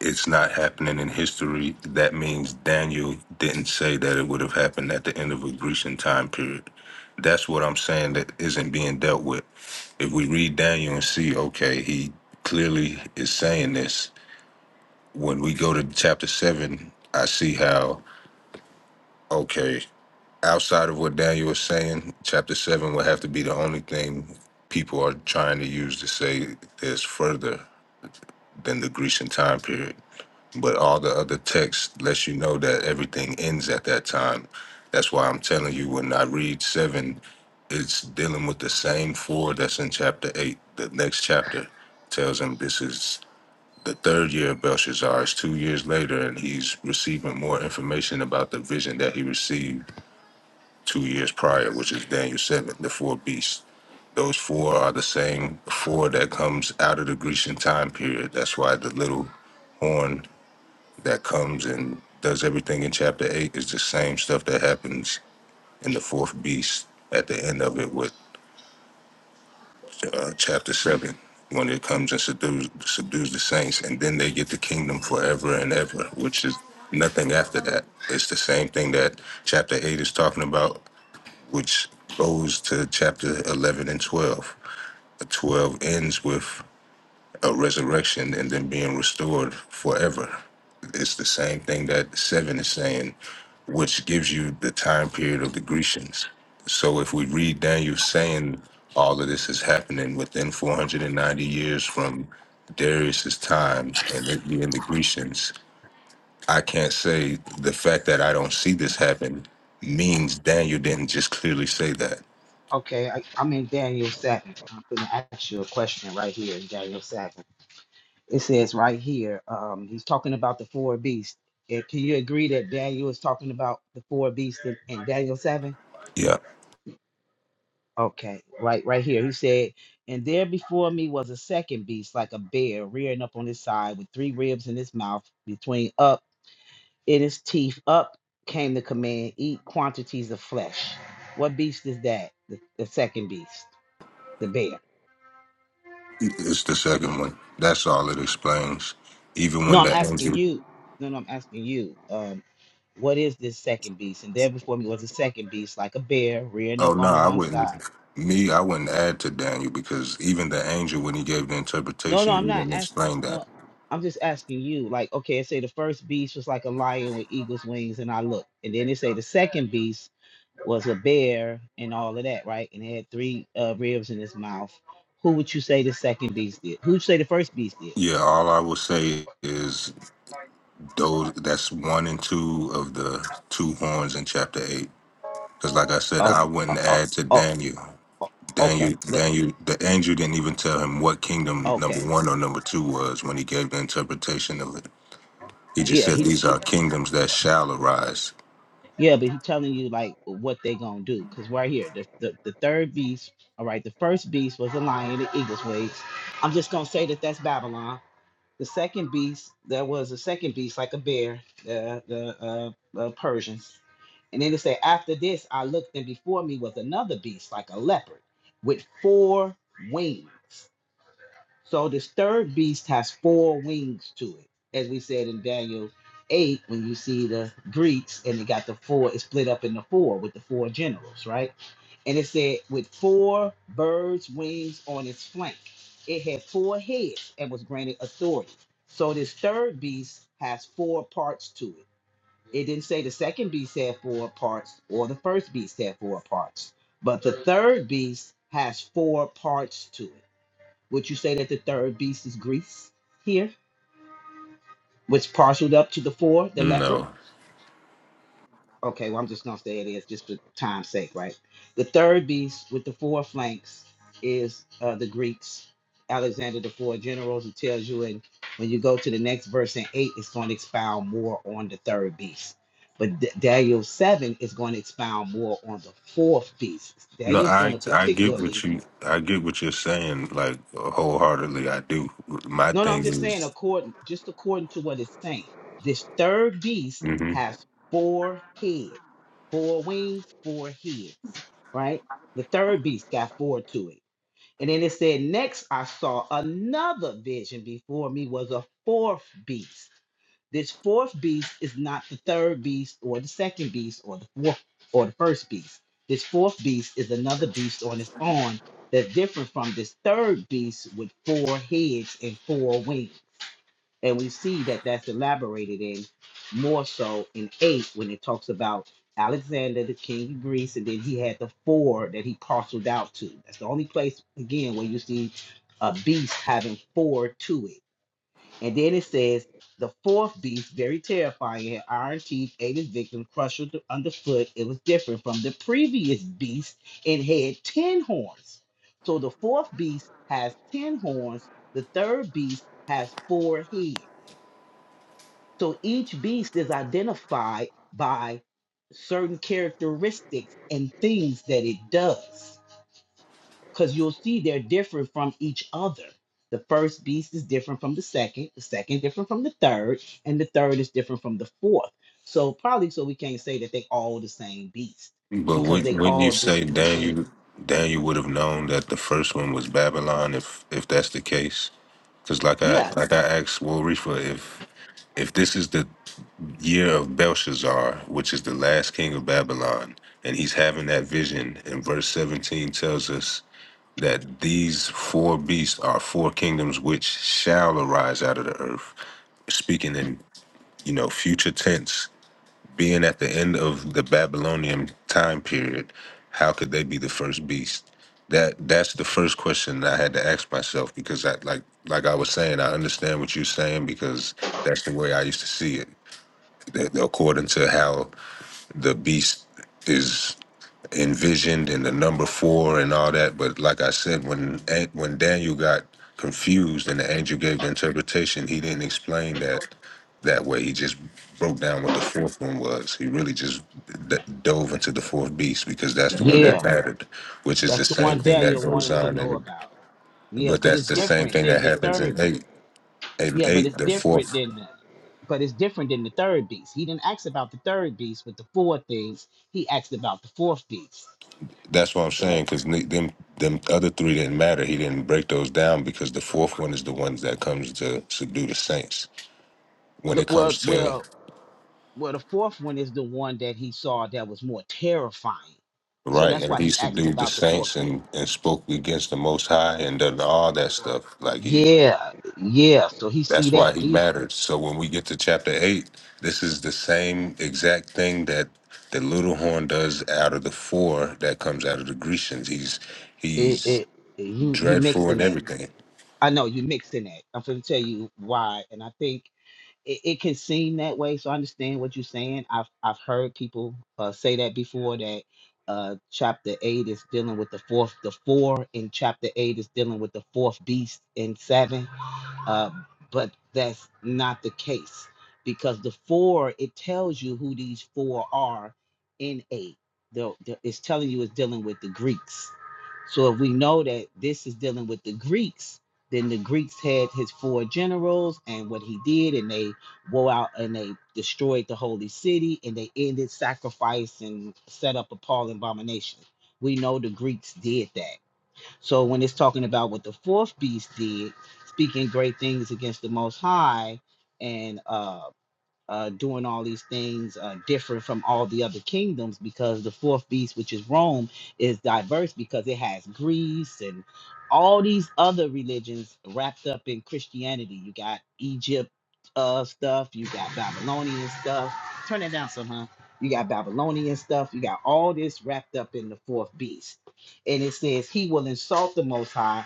Speaker 4: it's not happening in history. That means Daniel didn't say that it would have happened at the end of a Grecian time period. That's what I'm saying that isn't being dealt with. If we read Daniel and see, okay, he clearly is saying this. When we go to chapter seven, I see how Okay. Outside of what Daniel was saying, chapter seven would have to be the only thing people are trying to use to say there's further than the Grecian time period. But all the other texts lets you know that everything ends at that time. That's why I'm telling you when I read seven, it's dealing with the same four that's in chapter eight. The next chapter tells him this is the third year of Belshazzar. It's two years later, and he's receiving more information about the vision that he received two years prior, which is Daniel 7, the four beasts. Those four are the same four that comes out of the Grecian time period. That's why the little horn that comes and does everything in chapter 8 is the same stuff that happens in the fourth beast at the end of it with uh, chapter 7 when it comes and subdues, subdues the saints. And then they get the kingdom forever and ever, which is nothing after that. It's the same thing that chapter 8 is talking about which goes to chapter 11 and 12. 12 ends with a resurrection and then being restored forever. It's the same thing that 7 is saying, which gives you the time period of the Grecians. So if we read Daniel saying all of this is happening within 490 years from Darius's time and it being the Grecians, I can't say the fact that I don't see this happen means Daniel didn't just clearly say that.
Speaker 9: Okay, I, I'm in Daniel 7. I'm going to ask you a question right here in Daniel 7. it says right here, um, he's talking about the four beasts. And can you agree that Daniel is talking about the four beasts in, in Daniel 7?
Speaker 4: Yeah.
Speaker 9: Okay, right, right here. He said, And there before me was a second beast, like a bear, rearing up on his side, with three ribs in his mouth, between up in his teeth. Up came the command, Eat quantities of flesh. What beast is that? The, the second beast, the bear.
Speaker 4: It's the second one. That's all it explains. Even
Speaker 9: No,
Speaker 4: when
Speaker 9: I'm
Speaker 4: the
Speaker 9: asking
Speaker 4: angel,
Speaker 9: you. No, no, I'm asking you. um, What is this second beast? And there before me was a second beast, like a bear rearing up
Speaker 4: oh
Speaker 9: on
Speaker 4: no,
Speaker 9: the
Speaker 4: I
Speaker 9: one
Speaker 4: wouldn't.
Speaker 9: side.
Speaker 4: Me, I wouldn't add to Daniel because even the angel, when he gave the
Speaker 9: No, no,
Speaker 4: interpretation, he
Speaker 9: I'm not
Speaker 4: didn't
Speaker 9: asking.
Speaker 4: explain that.
Speaker 9: No, I'm just asking you. Like, okay, it say the first beast was like a lion with eagle's wings, and I looked. And then they say the second beast was a bear and all of that, right? And it had three uh, ribs in its mouth. Who would you say the second beast did? Who would you say the first beast did?
Speaker 4: Yeah, all I will say is those. That's one and two of the two horns in chapter eight. Because, like I said,
Speaker 9: Oh,
Speaker 4: I
Speaker 9: oh,
Speaker 4: wouldn't
Speaker 9: oh,
Speaker 4: add to
Speaker 9: oh,
Speaker 4: Daniel.
Speaker 9: oh
Speaker 4: Daniel,
Speaker 9: okay. Look,
Speaker 4: Daniel, the angel didn't even tell him what kingdom number
Speaker 9: okay.
Speaker 4: one or number two was when he gave the interpretation of it. He just
Speaker 9: Yeah, he
Speaker 4: said these are kingdoms that shall arise.
Speaker 9: Yeah, but he's telling you like what they gonna do. Cause right here, the, the the third beast. All right, the first beast was a lion, the eagle's wings. I'm just gonna say that that's Babylon. The second beast, there was a second beast like a bear, the the uh, uh, Persians. And then it say, after this, I looked, and before me was another beast like a leopard, with four wings. So this third beast has four wings to it, as we said in Daniel 8, when you see the Greeks and it got the four, it's split up into four with the four generals, right? And it said, with four birds' wings on its flank, it had four heads and was granted authority. So this third beast has four parts to it. It didn't say the second beast had four parts or the first beast had four parts, but the third beast has four parts to it would you say that the third beast is Greece here, which parceled up to the four, the leopard?
Speaker 4: No,
Speaker 9: Okay, well, I'm just going to say it is just for time's sake, right? The third beast with the four flanks is uh, the Greeks, Alexander the Four Generals. It tells you in, when you go to the next verse in eight, it's going to expound more on the third beast. But D- Daniel 7 is going to expound more on the fourth beast.
Speaker 4: no,
Speaker 9: Daniel's going
Speaker 4: I
Speaker 9: to
Speaker 4: I get
Speaker 9: particularly
Speaker 4: what you I get what you're saying like wholeheartedly. I do. My
Speaker 9: No, no, I'm
Speaker 4: thing
Speaker 9: just saying
Speaker 4: is,
Speaker 9: according just according to what it's saying. This third beast
Speaker 4: hmm
Speaker 9: has four heads, four wings, four heads, right? The third beast got four to it. And then it said, Next I saw another vision before me was a fourth beast. This fourth beast is not the third beast or the second beast or the fourth or the first beast. This fourth beast is another beast on its own that's different from this third beast with four heads and four wings and we see that that's elaborated in more so in eight when it talks about Alexander, the king of Greece, and then he had the four that he parceled out to. That's the only place again where you see a beast having four to it. And then it says the fourth beast, very terrifying, had iron teeth, ate his victim, crushed her underfoot. It was different from the previous beast and had ten horns. So the fourth beast has ten horns. The third beast has four heads. So each beast is identified by certain characteristics and things that it does. Because you'll see they're different from each other. The first beast is different from the second, the second different from the third, and the third is different from the fourth. So probably so we can't say that they all the same beast
Speaker 4: but
Speaker 9: because
Speaker 4: would
Speaker 9: they
Speaker 4: wouldn't you
Speaker 9: all do
Speaker 4: say
Speaker 9: different things.
Speaker 4: Daniel Daniel would have known that the first one was Babylon if if that's the case? Because like I
Speaker 9: Yeah,
Speaker 4: like I asked Wolrefa if if this is the year of Belshazzar, which is the last king of Babylon, and he's having that vision, and verse seventeen tells us that these four beasts are four kingdoms which shall arise out of the earth. Speaking in, you know, future tense, being at the end of the Babylonian time period, how could they be the first beast? That that's the first question that I had to ask myself because I like like I was saying, I understand what you're saying because that's the way I used to see it. That- According to how the beast is envisioned and the number four and all that. But like I said, when when Daniel got confused and the angel gave the interpretation, he didn't explain that that way. He just broke down what the fourth one was. He really just d- dove into the fourth beast because that's the one that
Speaker 9: yeah.
Speaker 4: mattered, which is
Speaker 9: That's
Speaker 4: the
Speaker 9: the
Speaker 4: same
Speaker 9: one
Speaker 4: thing that
Speaker 9: Daniel
Speaker 4: goes
Speaker 9: wanted to
Speaker 4: on.
Speaker 9: know
Speaker 4: And
Speaker 9: about. Yeah,
Speaker 4: but
Speaker 9: because
Speaker 4: that's
Speaker 9: it's
Speaker 4: the same
Speaker 9: different
Speaker 4: thing
Speaker 9: than
Speaker 4: that
Speaker 9: the
Speaker 4: happens in
Speaker 9: third beast.
Speaker 4: eight. In
Speaker 9: Yeah, but
Speaker 4: eight,
Speaker 9: it's
Speaker 4: the
Speaker 9: different
Speaker 4: fourth.
Speaker 9: than that. But it's different than the third beast. He didn't ask about the third beast with the four things. He asked about the fourth beast,
Speaker 4: That's what I'm
Speaker 9: right?
Speaker 4: saying because them them other three didn't matter. He didn't break those down because the fourth one is the ones that comes to subdue the saints. When
Speaker 9: The,
Speaker 4: it
Speaker 9: well,
Speaker 4: comes to
Speaker 9: well, well, the fourth one is the one that he saw that was more terrifying. So
Speaker 4: right,
Speaker 9: that's
Speaker 4: and
Speaker 9: why
Speaker 4: he
Speaker 9: he asked
Speaker 4: subdued the
Speaker 9: about the fourth
Speaker 4: saints
Speaker 9: beast.
Speaker 4: and and spoke against the Most High and done all that stuff. Like he,
Speaker 9: Yeah, yeah. So he see
Speaker 4: that's why
Speaker 9: that.
Speaker 4: he
Speaker 9: He's
Speaker 4: mattered. So when we get to chapter eight, this is the same exact thing that the little horn does out of the four that comes out of the Grecians. He's
Speaker 9: it,
Speaker 4: he's
Speaker 9: it, you you
Speaker 4: dreadful
Speaker 9: mixing
Speaker 4: and
Speaker 9: that.
Speaker 4: everything.
Speaker 9: I know you mixing that. I'm gonna tell you why, and I think it, it can seem that way. So I understand what you're saying. I've I've heard people uh, say that before that uh, chapter eight is dealing with the fourth, the four in chapter eight is dealing with the fourth beast in seven. Uh, but that's not the case because the four, it tells you who these four are in eight. The, the- it's telling you it's dealing with the Greeks. So if we know that this is dealing with the Greeks, then the Greeks had his four generals and what he did, and they wore out and they destroyed the holy city and they ended sacrifice and set up a Paul abomination. We know the Greeks did that. So when it's talking about what the fourth beast did, speaking great things against the Most High, and. uh uh, doing all these things uh, different from all the other kingdoms because the fourth beast, which is Rome, is diverse because it has Greece and all these other religions wrapped up in Christianity. You got Egypt uh, stuff, you got Babylonian stuff. Turn it down somehow. You got Babylonian stuff. You got all this wrapped up in the fourth beast. And it says, He will insult the Most High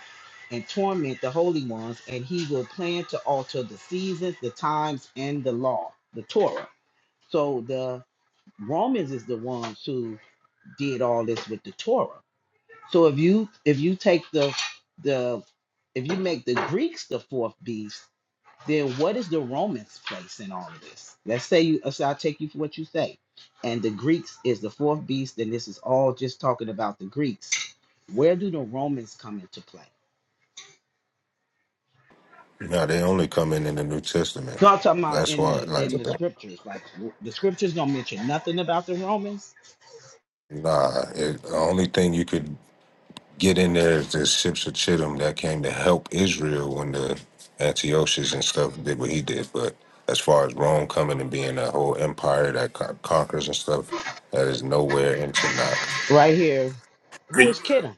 Speaker 9: and torment the holy ones, and he will plan to alter the seasons, the times, and the law, the Torah. So the Romans is the ones who did all this with the Torah. So if you if you take the the if you make the Greeks the fourth beast, then what is the Romans' place in all of this? Let's say you so I'll take you for what you say. And the Greeks is the fourth beast, and this is all just talking about the Greeks. Where do the Romans come into play?
Speaker 4: No, they only come in in the New Testament.
Speaker 9: No, I'm talking about
Speaker 4: That's
Speaker 9: in
Speaker 4: why,
Speaker 9: the
Speaker 4: like,
Speaker 9: in the
Speaker 4: Okay.
Speaker 9: scriptures. Like the scriptures don't mention nothing about the Romans.
Speaker 4: nah. It, the only thing you could get in there is the ships of Chittim that came to help Israel when the Antiochus and stuff did what he did. But as far as Rome coming and being that whole empire that con- conquers and stuff, that is nowhere in Tanakh.
Speaker 9: Right here, who
Speaker 6: Can,
Speaker 9: is kidding?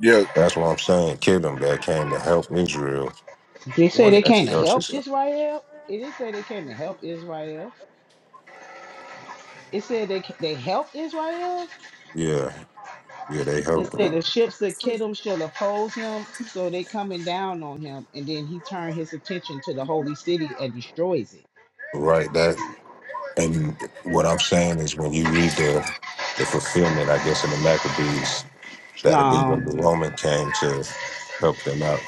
Speaker 6: yeah.
Speaker 4: That's what I'm saying. Chittim that came to help Israel
Speaker 9: They say they
Speaker 4: when
Speaker 9: came to help
Speaker 4: Antiochus.
Speaker 9: Israel. It didn't say they came to help Israel. It said they they helped Israel.
Speaker 4: Yeah, yeah, they
Speaker 9: It
Speaker 4: helped him.
Speaker 9: said the ships that Kittim shall oppose him, so they coming down on him, and then he turned his attention to the holy city and destroys it.
Speaker 4: Right. That And what I'm saying is, when you read the the fulfillment, I guess in the Maccabees, that'll be
Speaker 9: No.
Speaker 4: when the Roman came to help them out.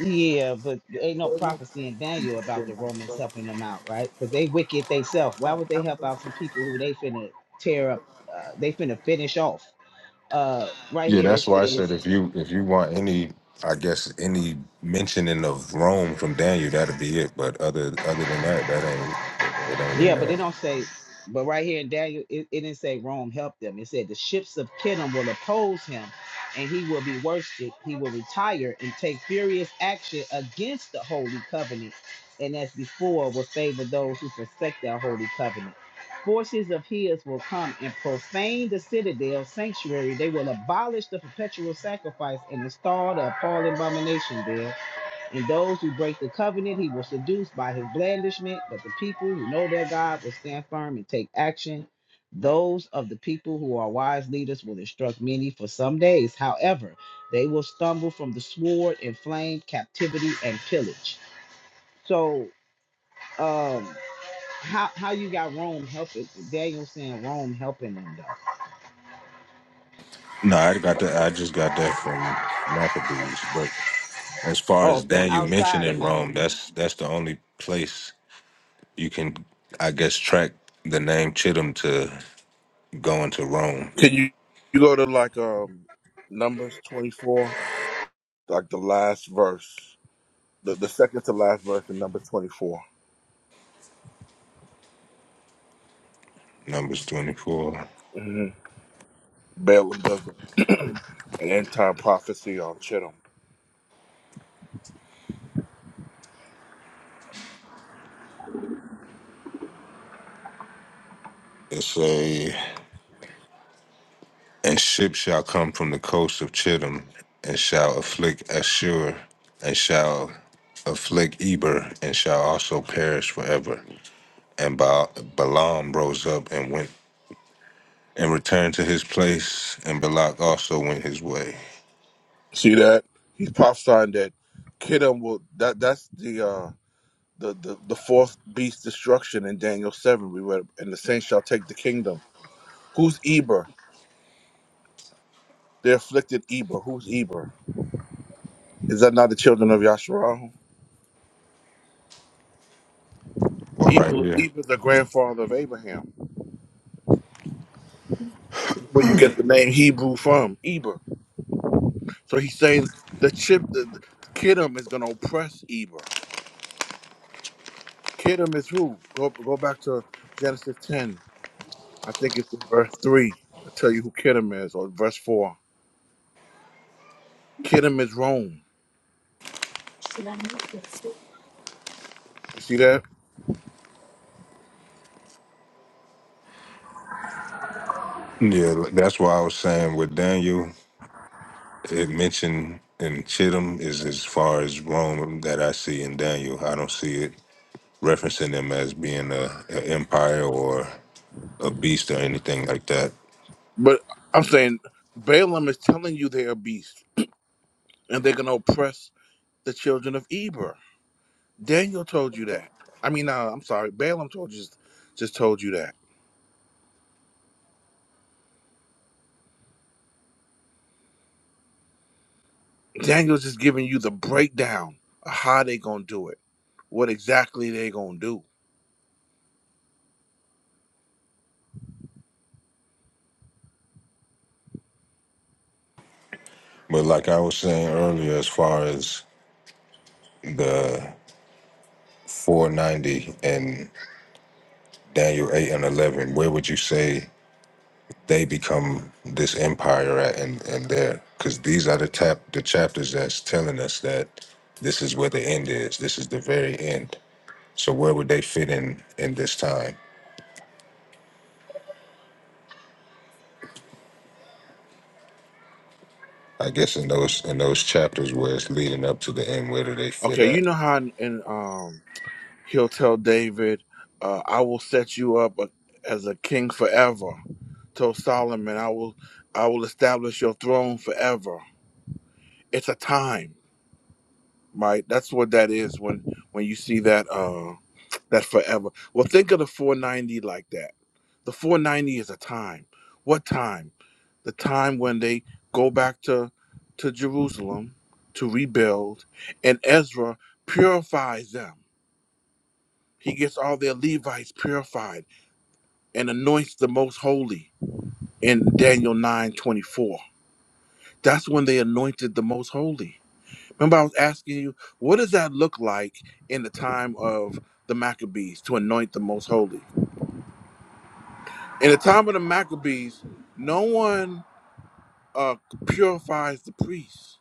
Speaker 9: Yeah, but ain't no prophecy in Daniel about the Romans helping them out, right? Because they wicked themselves. Why would they help out some people who they finna tear up? Uh, they finna finish off. Uh, right
Speaker 4: Yeah,
Speaker 9: here it
Speaker 4: that's why I
Speaker 9: says
Speaker 4: said if you if you want any, I guess any mentioning of Rome from Daniel, that'll be it. But other other than that, that ain't it ain't in
Speaker 9: Yeah, but they
Speaker 4: there.
Speaker 9: don't say, but right here in Daniel, it, it didn't say Rome helped them. It said the ships of Kittim will oppose him and he will be worsted. He will retire and take furious action against the holy covenant. And as before, will favor those who forsake their holy covenant. Forces of his will come and profane the citadel sanctuary. They will abolish the perpetual sacrifice and install the appalling abomination there and those who break the covenant, he will seduce by his blandishment. But the people who know their God will stand firm and take action. Those of the people who are wise leaders will instruct many for some days. However, they will stumble from the sword and flame, captivity and pillage. So, um, how how you got Rome helping? Daniel saying Rome helping them though.
Speaker 4: No, I got that. I just got that from Maccabees. But as far
Speaker 9: Oh,
Speaker 4: as
Speaker 9: so
Speaker 4: Daniel
Speaker 9: outside of
Speaker 4: mentioning Rome,
Speaker 9: Maccabees,
Speaker 4: that's that's the only place you can, I guess, track the name Chittim to going to Rome.
Speaker 6: Can you you go to like um Numbers twenty four, like the last verse, the the second to last verse in Numbers twenty four.
Speaker 4: Numbers 24.
Speaker 6: mm Mm-hmm. Balaam does an end time prophecy on Chittim.
Speaker 4: It say, And ships shall come from the coast of Chittim, and shall afflict Ashur, and shall afflict Eber, and shall also perish forever. And ba- Balaam rose up and went and returned to his place, and Balak also went his way.
Speaker 6: See that he's prophesying that Chittim will that that's the uh the the, the fourth beast destruction in Daniel seven. We read, and the saints shall take the kingdom. Who's Eber? The afflicted Eber. Who's Eber? Is that not the children of Yasharal?
Speaker 4: Well, right
Speaker 6: Eber,
Speaker 4: here.
Speaker 6: Eber, is the grandfather of Abraham, where you get the name Hebrew from, Eber. So he's saying the chip, the, the Kittim is going to oppress Eber. Kittim is who? Go go back to Genesis 10. I think it's in verse 3. I'll tell you who Kittim is, or verse 4. Kittim is Rome. You see that?
Speaker 4: Yeah, that's why I was saying with Daniel, it mentioned in Chittim is as far as Rome that I see in Daniel. I don't see it referencing them as being a, an empire or a beast or anything like that.
Speaker 6: But I'm saying Balaam is telling you they're beasts and they're going to oppress the children of Eber. Daniel told you that. I mean, uh, I'm sorry, Balaam told you just told you that. Daniel's just giving you the breakdown of how they gonna do it, what exactly they gonna do.
Speaker 4: But like I was saying earlier, as far as the 490 and Daniel 8 and 11, where would you say they become this empire at and, and there? Because these are the, tap, the chapters that's telling us that this is where the end is. This is the very end. So where would they fit in in this time? I guess in those in those chapters where it's leading up to the end, where do they fit
Speaker 6: Okay,
Speaker 4: at?
Speaker 6: you know how in, in, um he'll tell David, uh, "I will set you up a, as a king forever." Told Solomon, "I will, I will establish your throne forever." It's a time. right? That's what that is when when you see that uh that forever. Well, think of the 490 like that. The 490 is a time. What time? The time when they go back to to Jerusalem to rebuild and Ezra purifies them. He gets all their Levites purified and anoints the most holy in Daniel 9:24. That's when they anointed the most holy. Remember, I was asking you, what does that look like in the time of the Maccabees to anoint the most holy? In the time of the Maccabees, no one uh, purifies the priests.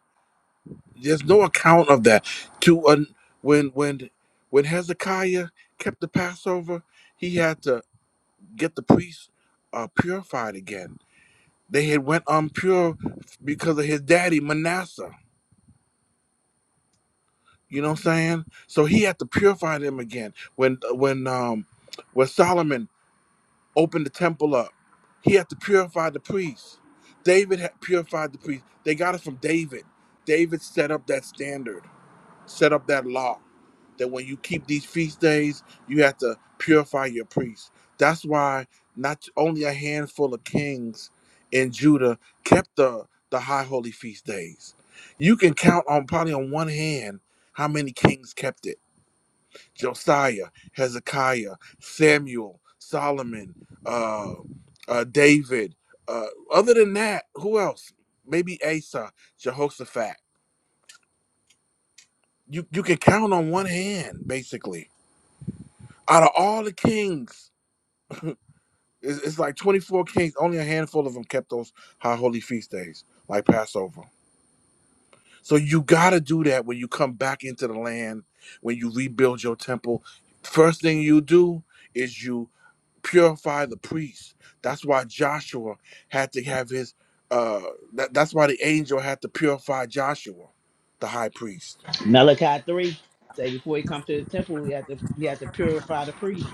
Speaker 6: There's no account of that. To uh, when when when Hezekiah kept the Passover, he had to get the priests uh, purified again. They had went unpure because of his daddy Manasseh You know what I'm saying? So he had to purify them again. When uh, when um when Solomon opened the temple up, he had to purify the priests. David had purified the priests. They got it from David. David set up that standard, set up that law that when you keep these feast days, you have to purify your priests. That's why not only a handful of kings in Judah kept the, the high holy feast days. You can count on probably on one hand how many kings kept it. Josiah, Hezekiah, Samuel, Solomon, uh, uh, David. Uh, other than that, who else? Maybe Asa, Jehoshaphat. You you can count on one hand, basically out of all the kings It's, it's like 24 kings. Only a handful of them kept those high holy feast days, like Passover. So you got to do that when you come back into the land, when you rebuild your temple. First thing you do is you purify the priests. That's why Joshua had to have his, uh, that, that's why the angel had to purify Joshua, the high priest.
Speaker 9: Malachi three say before he come to the temple, he had to he had to purify the priest.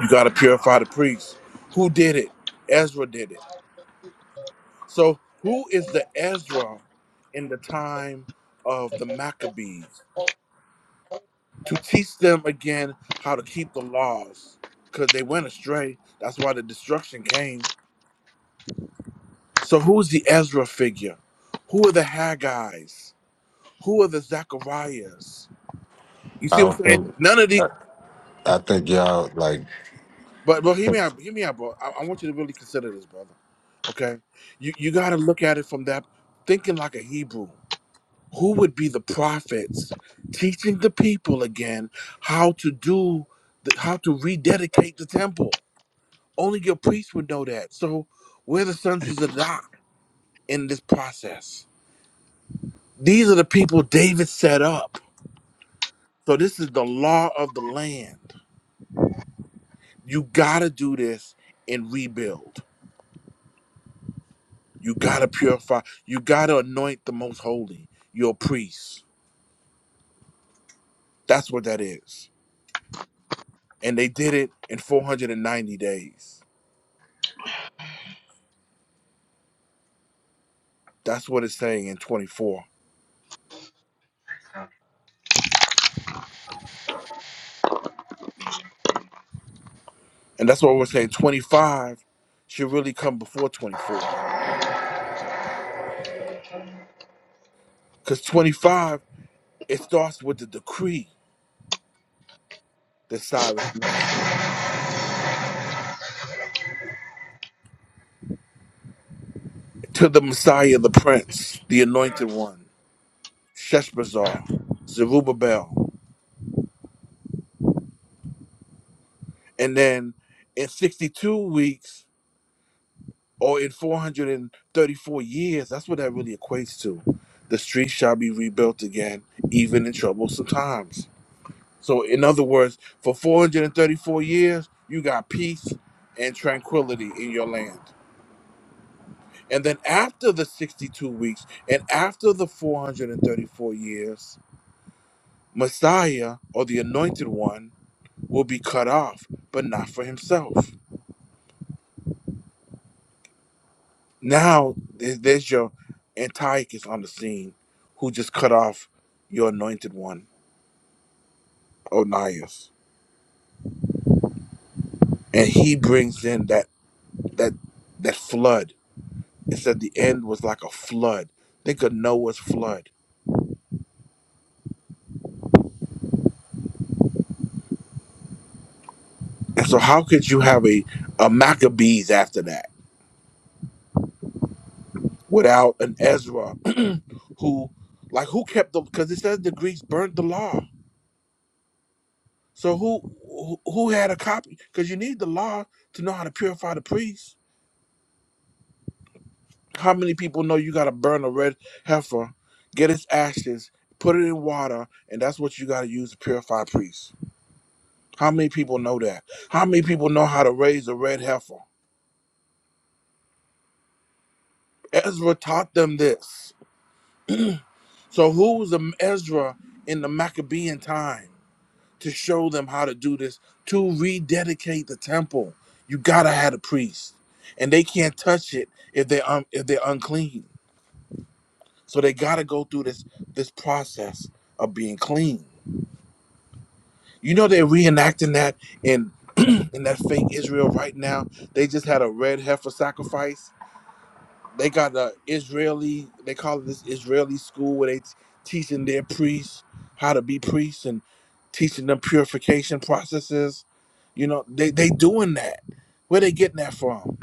Speaker 6: You got to purify the priests. Who did it? Ezra did it. So, who is the Ezra in the time of the Maccabees to teach them again how to keep the laws? Because they went astray. That's why the destruction came. So, who's the Ezra figure? Who are the Haggai's? Who are the Zacharias? You
Speaker 4: I
Speaker 6: see what
Speaker 4: don't
Speaker 6: I'm saying?
Speaker 4: think.
Speaker 6: None of the.
Speaker 4: I, I think y'all like.
Speaker 6: But, but hear me
Speaker 4: Yeah,
Speaker 6: out. Hear me out, bro. I, I want you to really consider this, brother. Okay, you you got to look at it from that thinking like a Hebrew. who would be the prophets teaching the people again how to do the, how to rededicate the temple only your priests would know that so we're the sons of zadok in this process these are the people david set up so this is the law of the land you gotta do this and rebuild you gotta purify you gotta anoint the most holy your priests that's what that is and they did it in 490 days That's what it's saying in 24. And that's what we're saying 25 should really come before 24. Because 25, it starts with the decree that Cyrus made to the Messiah, the Prince, the Anointed One, Sheshbazzar, Zerubbabel. And then in 62 weeks or in 434 years, that's what that really equates to. The streets shall be rebuilt again, even in troublesome times So, in other words, for 434 years, you got peace and tranquility in your land. And then after the 62 weeks and after the 434 years, Messiah or the anointed one will be cut off, but not for himself. Now, there- there's your Antiochus on the scene who just cut off your anointed one, Onias. And he brings in that that that flood It said the end was like a flood. Think of Noah's flood. And so, how could you have a, a Maccabees after that without an Ezra who, like, who kept the, because it says the Greeks burnt the law. So, who, who who had a copy? Because you need the law to know how to purify the priest. How many people know you got to burn a red heifer, get its ashes, put it in water, and that's what you got to use to purify priests? How many people know that? How many people know how to raise a red heifer? Ezra taught them this. So who was the Ezra in the Maccabean time to show them how to do this to rededicate the temple? You gotta have a priest, and they can't touch it if they um if they're unclean. So they gotta go through this this process of being clean. You know they're reenacting that in in that fake Israel right now. They just had a red heifer sacrifice They got the Israeli. They call it this Israeli school where they t- teaching their priests how to be priests and teaching them purification processes. You know, they they doing that. Where they getting that from?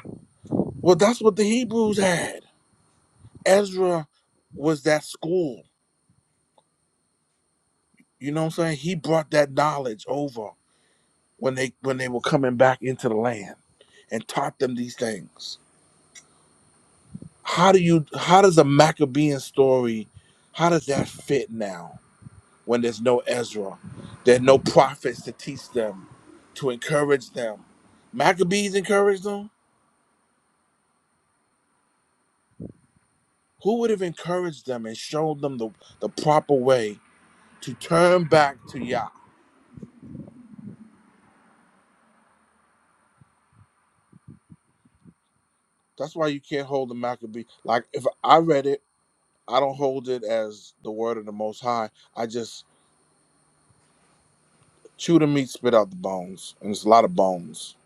Speaker 6: Well, that's what the Hebrews had. Ezra was that school. You know what I'm saying? He brought that knowledge over when they when they were coming back into the land and taught them these things. How do you how does a Maccabean story how does that fit now? when there's no Ezra. There are no prophets to teach them, to encourage them. Maccabees encouraged them. Who would have encouraged them and shown them the, the proper way to turn back to Yah? That's why you can't hold the Maccabee. Like if I read it, I don't hold it as the word of the Most High. I just chew the meat, spit out the bones, and it's a lot of bones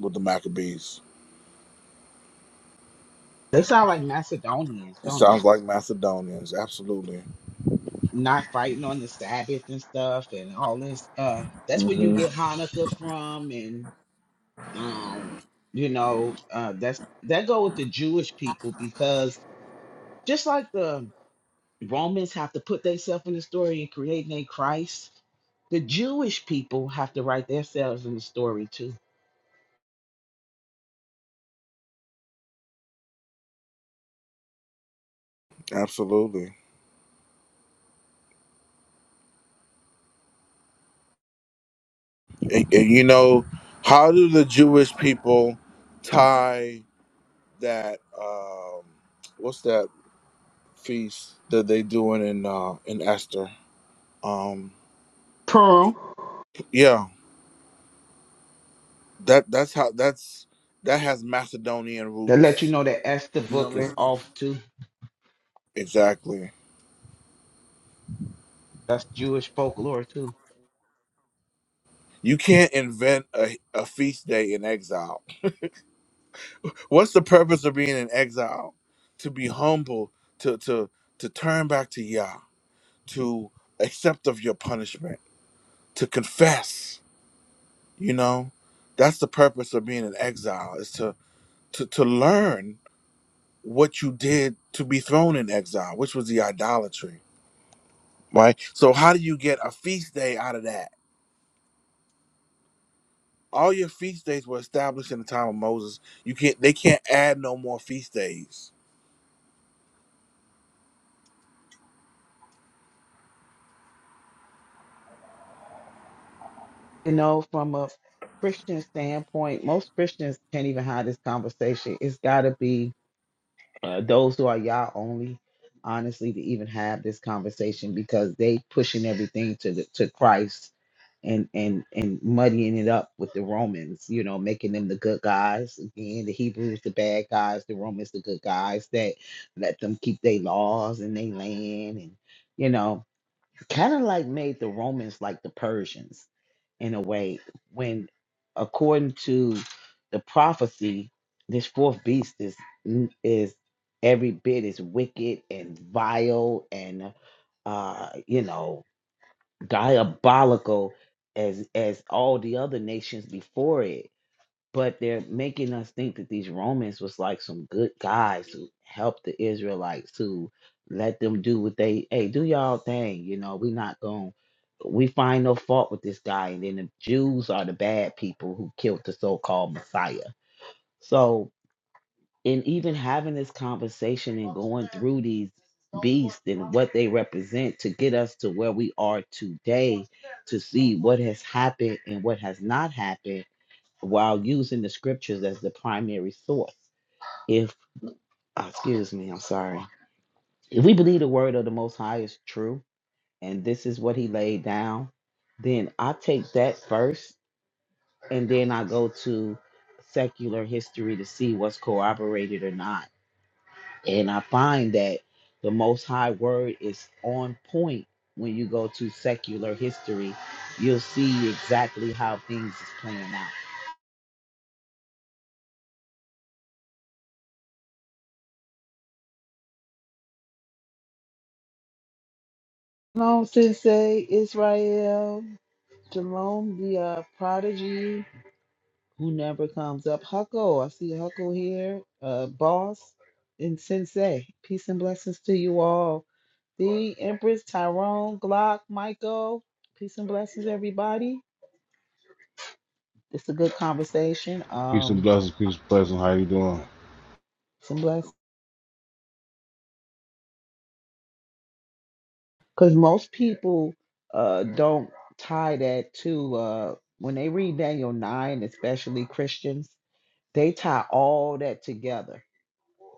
Speaker 6: with the Maccabees.
Speaker 9: They sound like Macedonians,
Speaker 6: It
Speaker 9: don't they?
Speaker 6: sounds like Macedonians. Absolutely.
Speaker 9: Not fighting on the Sabbath and stuff and all this. Uh, that's where you
Speaker 6: hmm
Speaker 9: get Hanukkah from, and um, you know, uh, that's that go with the Jewish people because just like the Romans have to put themselves in the story and create their Christ, the Jewish people have to write themselves in the story too.
Speaker 6: Absolutely. And- and you know, how do the Jewish people tie that? Um, what's that feast that they doing in uh, in Esther? Um,
Speaker 9: Pearl,
Speaker 6: yeah, that that's how that's that has Macedonian
Speaker 9: that let you
Speaker 6: roots.
Speaker 9: know that Esther
Speaker 6: You know
Speaker 9: book
Speaker 6: what I
Speaker 9: is
Speaker 6: mean?
Speaker 9: off too.
Speaker 6: Exactly.
Speaker 9: That's Jewish folklore too.
Speaker 6: You can't invent a, a feast day in exile. What's the purpose of being in exile? To be humble, to to to turn back to Yah, to accept of your punishment, to confess. you know that's the purpose of being in exile is to to, to learn what you did to be thrown in exile which was the idolatry right so how do you get a feast day out of that all your feast days were established in the time of moses you can't they can't add no more feast days
Speaker 9: you know, from a Christian standpoint, most Christians can't even have this conversation. It's got to be uh, those who are y'all only, honestly, to even have this conversation because they pushing everything to the, to Christ and and and muddying it up with the Romans. You know, making them the good guys again. The Hebrews the bad guys. The Romans the good guys that let them keep their laws and their land and. You know, kind of like made the Romans like the Persians in a way, when according to the prophecy, this fourth beast is is every bit as wicked and vile and uh you know diabolical as as all the other nations before it but they're making us think that these Romans was like some good guys who helped the Israelites who let them do what they hey do y'all thing you know we not going we find no fault with this guy and then the Jews are the bad people who killed the so-called Messiah so in even having this conversation and going through these beasts and what they represent to get us to where we are today to see what has happened and what has not happened while using the scriptures as the primary source. If, ah, excuse me, I'm sorry. If we believe the word of the Most High is true and this is what he laid down, then I take that first and then I go to secular history to see what's corroborated or not. And I find that the Most High word is on point when you go to secular history. You'll see exactly how things is playing out. Shalom, Sensei, Israel. Jerome, the uh, prodigy who never comes up. Huckle, I see Huckle here. Uh, boss and Sensei. Peace and blessings to you all. The Empress, Tyrone, Glock, Michael. Peace and blessings, everybody. It's a good conversation.
Speaker 10: Peace and
Speaker 9: Um,
Speaker 10: blessings, peace and blessings. How you doing?
Speaker 9: some blessings. Because most people uh don't tie that to uh when they read Daniel 9, especially Christians, they tie all that together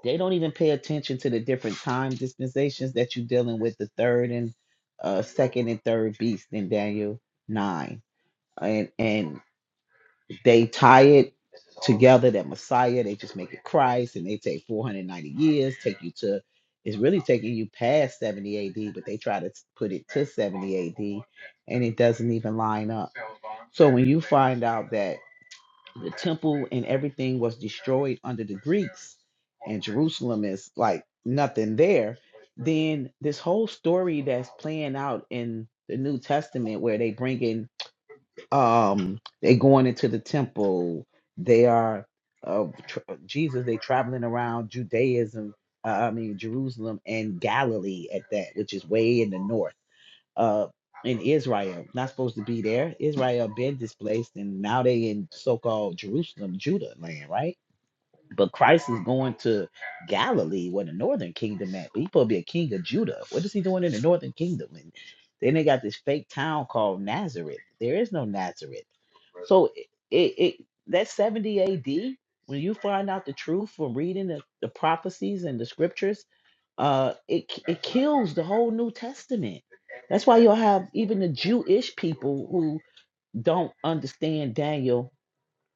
Speaker 9: They don't even pay attention to the different time dispensations that you're dealing with the third and uh, second and third beast in Daniel nine, and and they tie it together that Messiah. They just make it Christ, and they take 490 years, take you to. It's really taking you past 70 AD, but they try to put it to 70 AD, and it doesn't even line up. So when you find out that the temple and everything was destroyed under the Greeks, and Jerusalem is like nothing there, then this whole story that's playing out in the New Testament where they bring in, um, they going into the temple, they are uh, tr- Jesus, they traveling around Judaism, uh, I mean Jerusalem and Galilee at that, which is way in the north uh in Israel, not supposed to be there. Israel been displaced and now they in so-called Jerusalem, Judah land, right? But Christ is going to Galilee where the northern kingdom at. But he supposed to be a king of Judah. What is he doing in the northern kingdom? And then they got this fake town called Nazareth. There is no Nazareth. So it, it, it that 70 AD, when you find out the truth from reading the, the prophecies and the scriptures uh it k- it kills the whole new testament that's why you'll have even the jewish people who don't understand daniel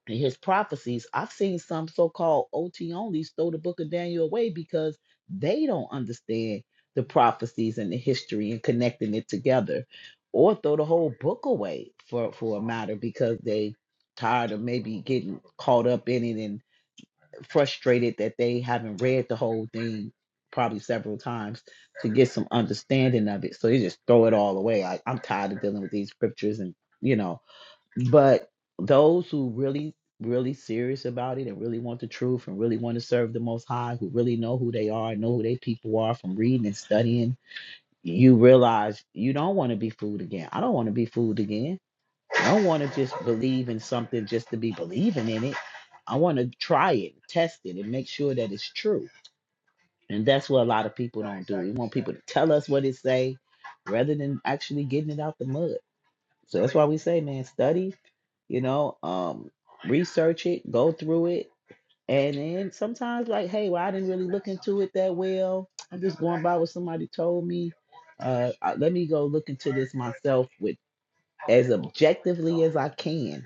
Speaker 9: and his prophecies i've seen some so-called ot onlys throw the book of daniel away because they don't understand the prophecies and the history and connecting it together or throw the whole book away for for a matter because they tired of maybe getting caught up in it frustrated that they haven't read the whole thing probably several times to get some understanding of it. So they just throw it all away. Like I'm tired of dealing with these scriptures and you know, but those who really really serious about it and really want the truth and really want to serve the most high who really know who they are know who they people are from reading and studying you realize you don't want to be fooled again i don't want to be fooled again I don't want to just believe in something just to be believing in it. I want to try it, test it, and make sure that it's true. And that's what a lot of people don't do. We want people to tell us what it say, rather than actually getting it out the mud. So that's why we say, man, study. You know, um, research it, go through it, and then sometimes like, hey, well, I didn't really look into it that well. I'm just going by what somebody told me. Uh, I- let me go look into this myself with as objectively as I can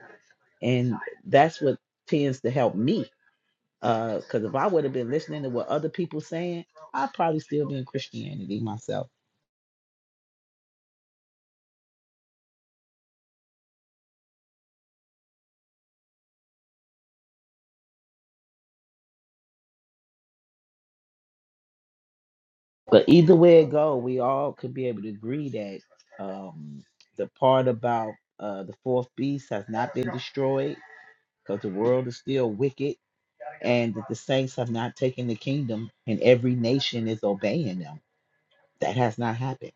Speaker 9: and that's what tends to help me because uh, if i would have been listening to what other people saying i'd probably still be in christianity myself but either way it go we all could be able to agree that um, the part about uh, the fourth beast has not been destroyed because the world is still wicked and that the saints have not taken the kingdom and every nation is obeying them that has not happened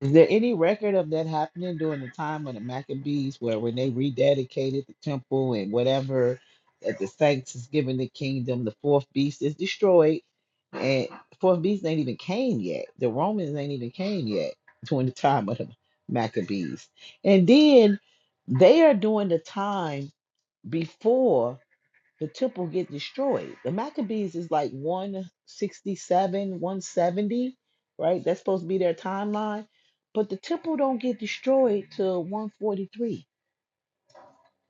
Speaker 9: Is there any record of that happening during the time of the Maccabees where when they rededicated the temple and whatever that the saints is given the kingdom, the fourth beast is destroyed, and fourth beast ain't even came yet. The Romans ain't even came yet during the time of the Maccabees. And then they are doing the time before the temple get destroyed. The Maccabees is like 167, 170, right? That's supposed to be their timeline. But the temple don't get destroyed till 143.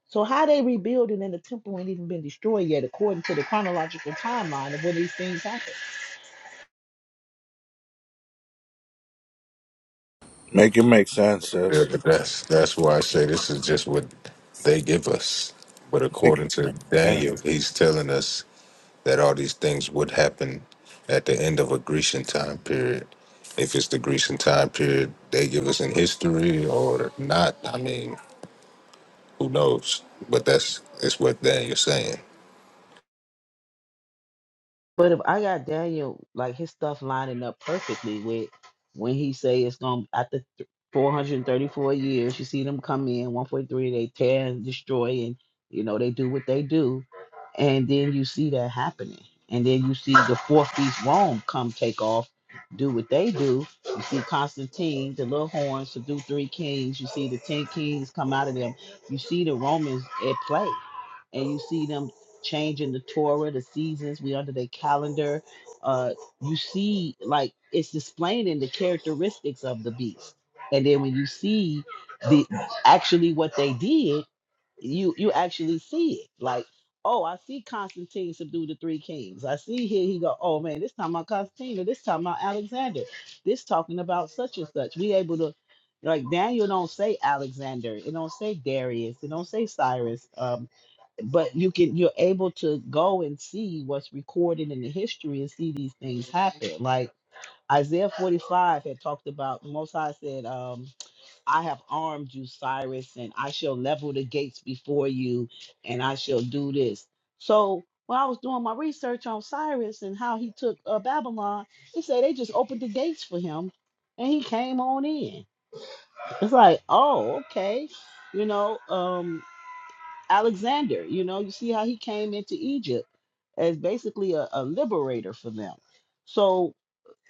Speaker 9: So how they rebuilding and the temple ain't even been destroyed yet, according to the chronological timeline of when these things happen.
Speaker 6: make it make sense sis
Speaker 4: but that's that's why I say this is just what they give us. But
Speaker 6: make
Speaker 4: according
Speaker 6: it
Speaker 4: to
Speaker 6: yeah.
Speaker 4: Daniel, he's telling us that all these things would happen at the end of a Grecian time period. If it's the Grecian time period they give us in history or not, I mean, who knows? But that's it's what Daniel's saying.
Speaker 9: But if I got Daniel, like his stuff lining up perfectly with when he say it's gonna after th- 434 years, you see them come in 143, they tear and destroy, and you know they do what they do, and then you see that happening, and then you see the fourth beast Rome come take off, do what they do. You see Constantine, the little horns to do three kings. You see the ten kings come out of them. You see the Romans at play, and you see them change in the Torah, the seasons, we under their calendar. Uh, you see, like it's displaying in the characteristics of the beast. And then when you see the actually what they did, you you actually see it. Like, oh, I see Constantine subdue the three kings. I see here he go, oh man, this time about Constantine, or this time about Alexander. This talking about such and such. We able to like Daniel don't say Alexander, it don't say Darius, it don't say Cyrus. Um but you can you're able to go and see what's recorded in the history and see these things happen like isaiah 45 had talked about the most high said um i have armed you cyrus and i shall level the gates before you and i shall do this so when i was doing my research on cyrus and how he took uh, babylon he said they just opened the gates for him and he came on in it's like oh okay you know um, Alexander, you know, you see how he came into Egypt as basically a, a liberator for them. So,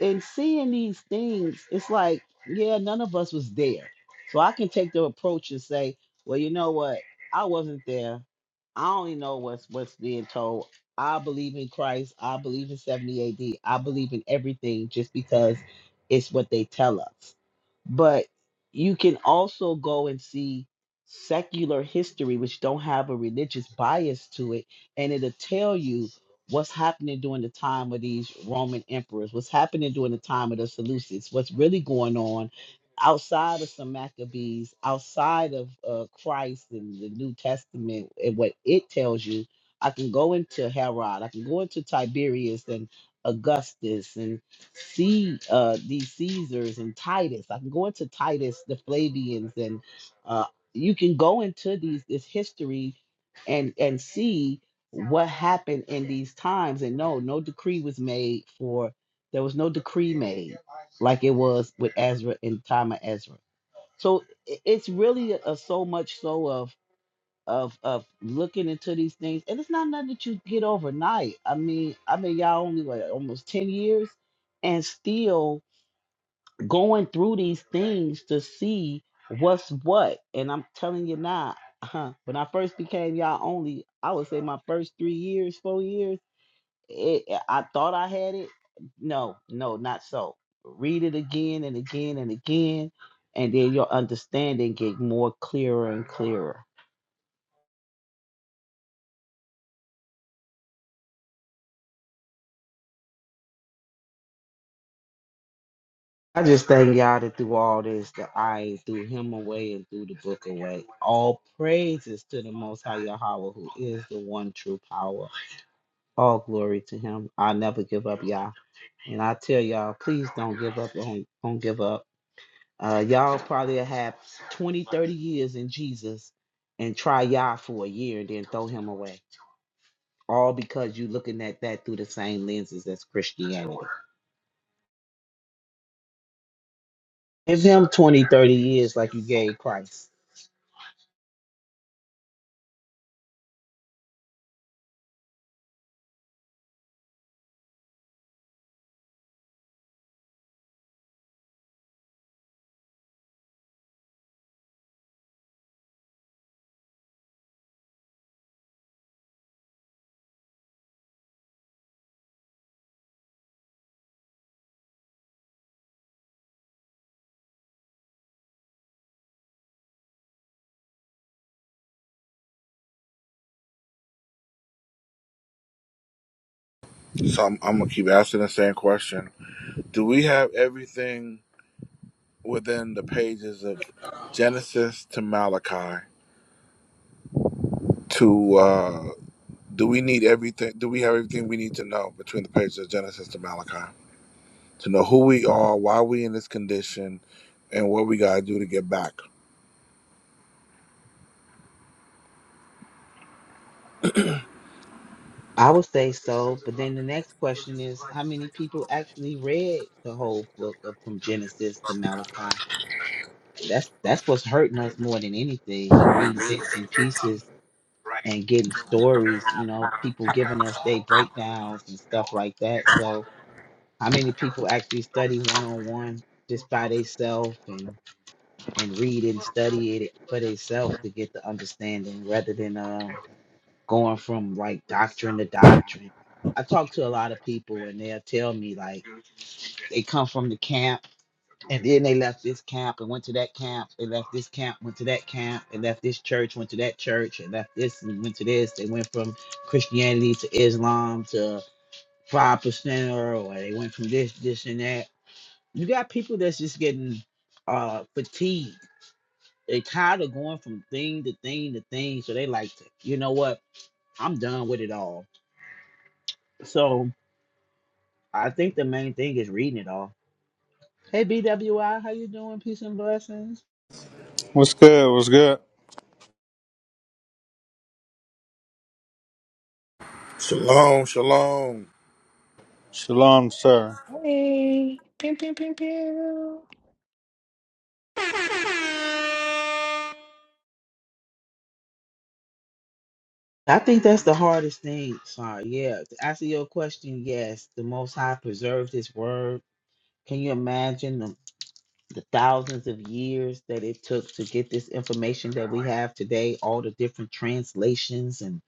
Speaker 9: in seeing these things, it's like, yeah, none of us was there. So, I can take the approach and say, well, you know what? I wasn't there. I only know what's what's being told. I believe in Christ. I believe in 70 AD. I believe in everything just because it's what they tell us but you can also go and see secular history which don't have a religious bias to it and it'll tell you what's happening during the time of these roman emperors what's happening during the time of the seleucids what's really going on outside of some maccabees outside of uh, christ and the new testament and what it tells you i can go into herod i can go into tiberius and augustus see uh, these Caesars and Titus. I can go into Titus, the Flavians, and uh, you can go into these this history and and see what happened in these times. And no, no decree was made for. There was no decree made like it was with Ezra in time of Ezra. So i- it's really a, so much so of of of looking into these things and it's not nothing that you get overnight i mean i mean y'all only like almost 10 years and still going through these things to see what's what and i'm telling you now huh, when i first became y'all only i would say my first three years four years it- i thought i had it no no not so read it again and again and again and then your understanding get more clearer and clearer I just thank y'all that through all this, that I threw him away and threw the book away. All praises to the Most High Yahweh, who is the one true power. All glory to Him. I never give up, y'all. And I tell y'all, please don't give up. Don't, don't give up. Uh, y'all probably have 20, 30 years in Jesus and try y'all for a year and then throw Him away. All because you looking at that through the same lenses as Christianity. Give Him 20, 30 years like you gave Christ
Speaker 6: so I'm, I'm gonna keep asking the same question do we have everything within the pages of genesis to malachi to uh, Do we need everything? Do we have everything we need to know between the pages of Genesis to Malachi to know who we are, why we in this condition, and what we gotta do to get back?
Speaker 9: I would say so, but then the next question is how many people actually read the whole book of from Genesis to Malachi? That's that's what's hurting us more than anything. We read bits and pieces and getting stories, you know, people giving us their breakdowns and stuff like that. So how many people actually study one on one just by themselves and, and read and study it for themselves to get the understanding rather than uh, going from like doctrine to doctrine. I talk to a lot of people and they'll tell me like they come from the camp and then they left this camp and went to that camp. They left this camp, went to that camp, they left this church, went to that church, and left this and went to this. They went from Christianity to Islam to five percent or they went from this, this and that. You got people that's just getting uh fatigued. They tired of going from thing to thing to thing. So they like to, you know what? I'm done with it all. So I think the main thing is reading it all. Hey BWI, how you doing? Peace and blessings.
Speaker 11: What's good? What's good?
Speaker 6: Shalom, shalom,
Speaker 11: Shalom, sir.
Speaker 1: Hey, pew pew pew pew.
Speaker 9: I think that's the hardest thing. Sorry, yeah. To answer your question, yes, the Most High preserved His Word. Can you imagine the, the thousands of years that it took to get this information that we have today? All the different translations and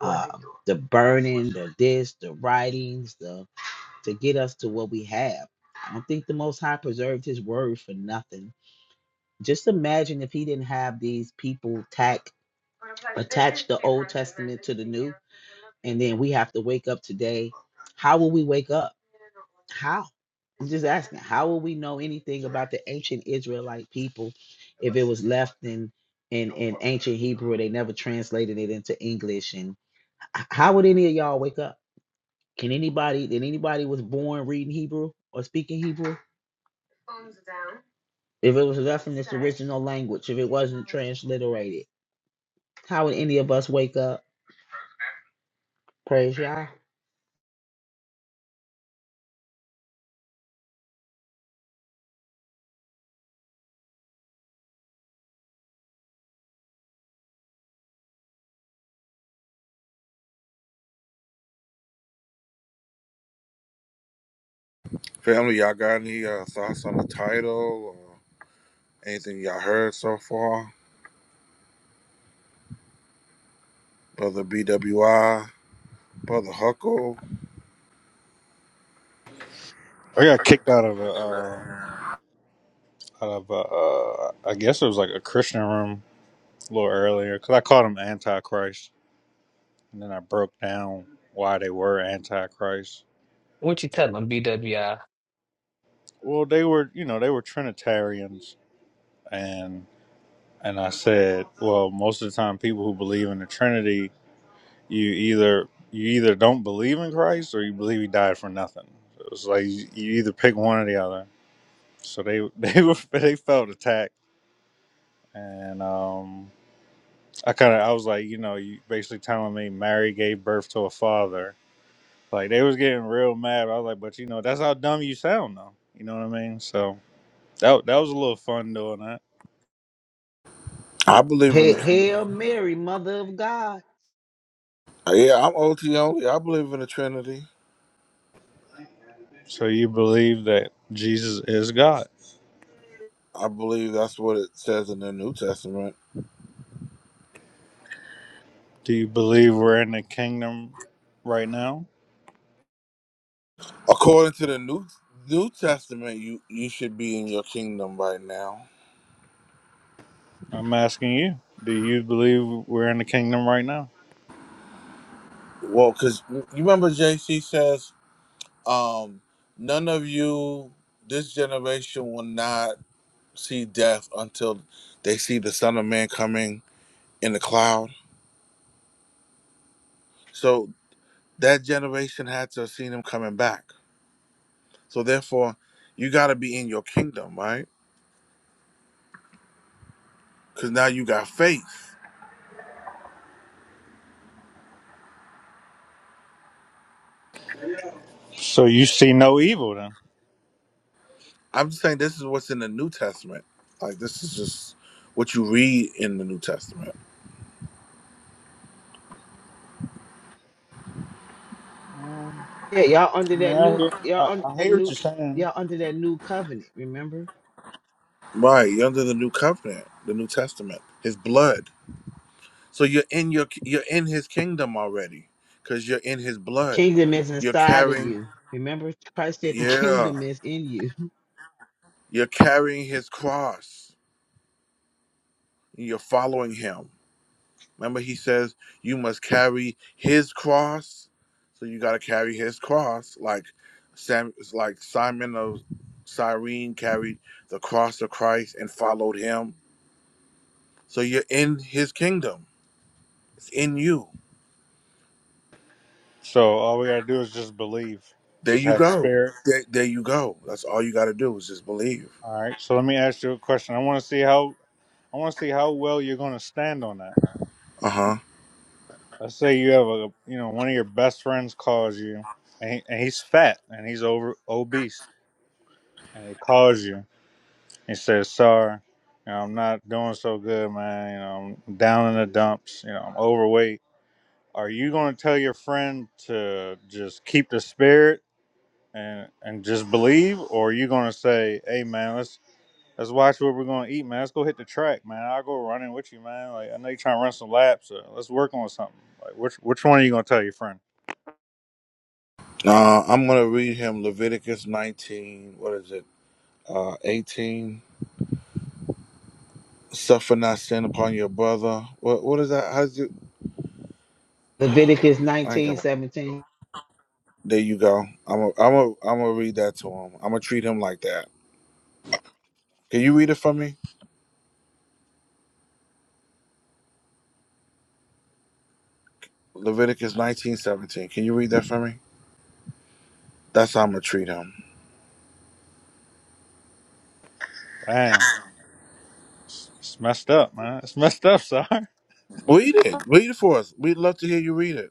Speaker 9: uh, the burning, the this, the writings, the to get us to what we have. I don't think the Most High preserved His Word for nothing Just imagine if he didn't have these people tack attach the Old Testament to the New, and then we have to wake up today. How will we wake up? How? I'm just asking. How will we know anything about the ancient Israelite people if it was left in in, in ancient Hebrew? They never translated it into English. And how would any of y'all wake up? Can anybody? Did anybody was born reading Hebrew or speaking Hebrew? If it was left in its original language, if it wasn't transliterated, How would any of us wake up? Praise Yah.
Speaker 6: family. Y'all got any uh, thoughts on the title or anything y'all heard so far? Brother BWI, Brother Huckle.
Speaker 11: I got kicked out of a, um, out of a, uh, I guess it was like a Christian room a little earlier because I called them Antichrist, and then I broke down why they were Antichrist.
Speaker 1: What you telling them, BWI?
Speaker 11: Well, they were, you know, they were Trinitarians, and and I said, well, most of the time, people who believe in the Trinity, you either you either don't believe in Christ or you believe he died for nothing. It was like you you either pick one or the other. So they they were they felt attacked and um, I kind of I was like, you know, you basically telling me Mary gave birth to a father. Like they was getting real mad. I was like, but you know, that's how dumb you sound, though. You know what I mean? So that that was a little fun doing that.
Speaker 6: I believe in
Speaker 9: Hey,
Speaker 6: the Trinity.
Speaker 9: Hail Mary, Mother of God.
Speaker 6: Yeah, I'm OT only. I believe in the Trinity.
Speaker 11: So you believe that Jesus is God?
Speaker 6: I believe that's what it says in the New Testament.
Speaker 11: Do you believe we're in the kingdom right now?
Speaker 6: According to the New New Testament, you you should be in your kingdom right now.
Speaker 11: I'm asking you. Do you believe we're in the kingdom right now?
Speaker 6: Well, because you remember JC says, um, none of you, this generation will not see death until they see the Son of Man coming in the cloud. So that generation had to have seen him coming back So therefore, you got to be in your kingdom, right? Because now you got faith.
Speaker 11: So you see no evil then?
Speaker 6: I'm just saying this is what's in the New Testament. Like this is just what you read in the New Testament,
Speaker 11: Um,
Speaker 9: Yeah, y'all under
Speaker 11: I mean,
Speaker 9: that
Speaker 11: I
Speaker 9: new,
Speaker 11: hear
Speaker 9: y'all
Speaker 11: I,
Speaker 9: under
Speaker 11: I
Speaker 9: that
Speaker 11: hear what
Speaker 9: new,
Speaker 11: you're saying.
Speaker 9: y'all under that new covenant. Remember,
Speaker 6: right? You're under the New Covenant, the New Testament, His blood. So you're in your you're in His kingdom already, because you're in His blood.
Speaker 9: kingdom is
Speaker 6: You're
Speaker 9: inside of
Speaker 6: carrying,
Speaker 9: you. Remember, Christ said the
Speaker 6: yeah,
Speaker 9: kingdom is in you.
Speaker 6: you're carrying His cross. You're following Him. Remember, he says you must carry his cross. So you got to carry his cross, like Sam, like Simon of Cyrene carried the cross of Christ and followed him. So you're in his kingdom. It's in you.
Speaker 11: So all we gotta do is just believe,
Speaker 6: There
Speaker 11: just
Speaker 6: you
Speaker 11: have
Speaker 6: go.
Speaker 11: spirit.
Speaker 6: There, there you go. That's all you got to do is just believe.
Speaker 11: All right. So let me ask you a question. I want to see how I want to see how well you're gonna stand on that.
Speaker 6: Uh huh.
Speaker 11: Let's say you have a you know one of your best friends calls you, and, he, and he's fat and he's over obese, and he calls you and says, "Sorry, you know, I'm not doing so good, man. You know, I'm down in the dumps. You know, I'm overweight." Are you gonna tell your friend to just keep the spirit and and just believe, or are you gonna say, "Hey, man, let's Let's watch what we're gonna eat, man. Let's go hit the track, man. I'll go running with you, man. Like I know you're trying to run some laps, so let's work on something. Like which which one are you gonna tell your friend?
Speaker 6: Uh, I'm gonna read him Leviticus 19. What is it? Uh, 18. Suffer not sin upon your brother. What? What is that? How's it?
Speaker 9: Leviticus
Speaker 6: I ain't got
Speaker 9: 1917
Speaker 6: my There you go. I'm a, I'm a, I'm gonna read that to him. I'm gonna treat him like that. Can you read it for me? Leviticus 19:17. Can you read that for me? That's how I'm gonna treat him.
Speaker 11: Damn, it's, it's messed up, man. It's messed up, sir.
Speaker 6: Read it. Read it for us. We'd love to hear you read it.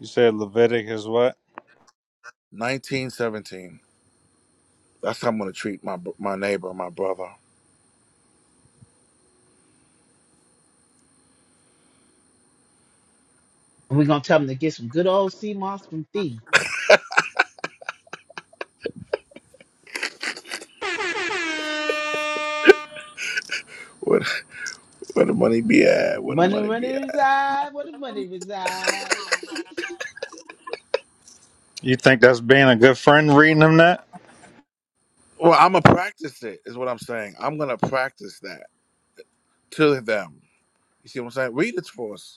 Speaker 11: You said Leviticus is what?
Speaker 6: 19:17. That's how I'm gonna treat my my neighbor, my brother.
Speaker 9: We're gonna tell them to get some good old sea moss from thee.
Speaker 6: Where, where the money be at? Where the
Speaker 9: Money,
Speaker 6: money be
Speaker 9: money
Speaker 6: at?
Speaker 9: reside. Where the money reside?
Speaker 11: You think that's being a good friend reading him that?
Speaker 6: Well, I'm gonna practice it. Is what I'm saying. I'm gonna practice that to them. You see what I'm saying? Read it for us.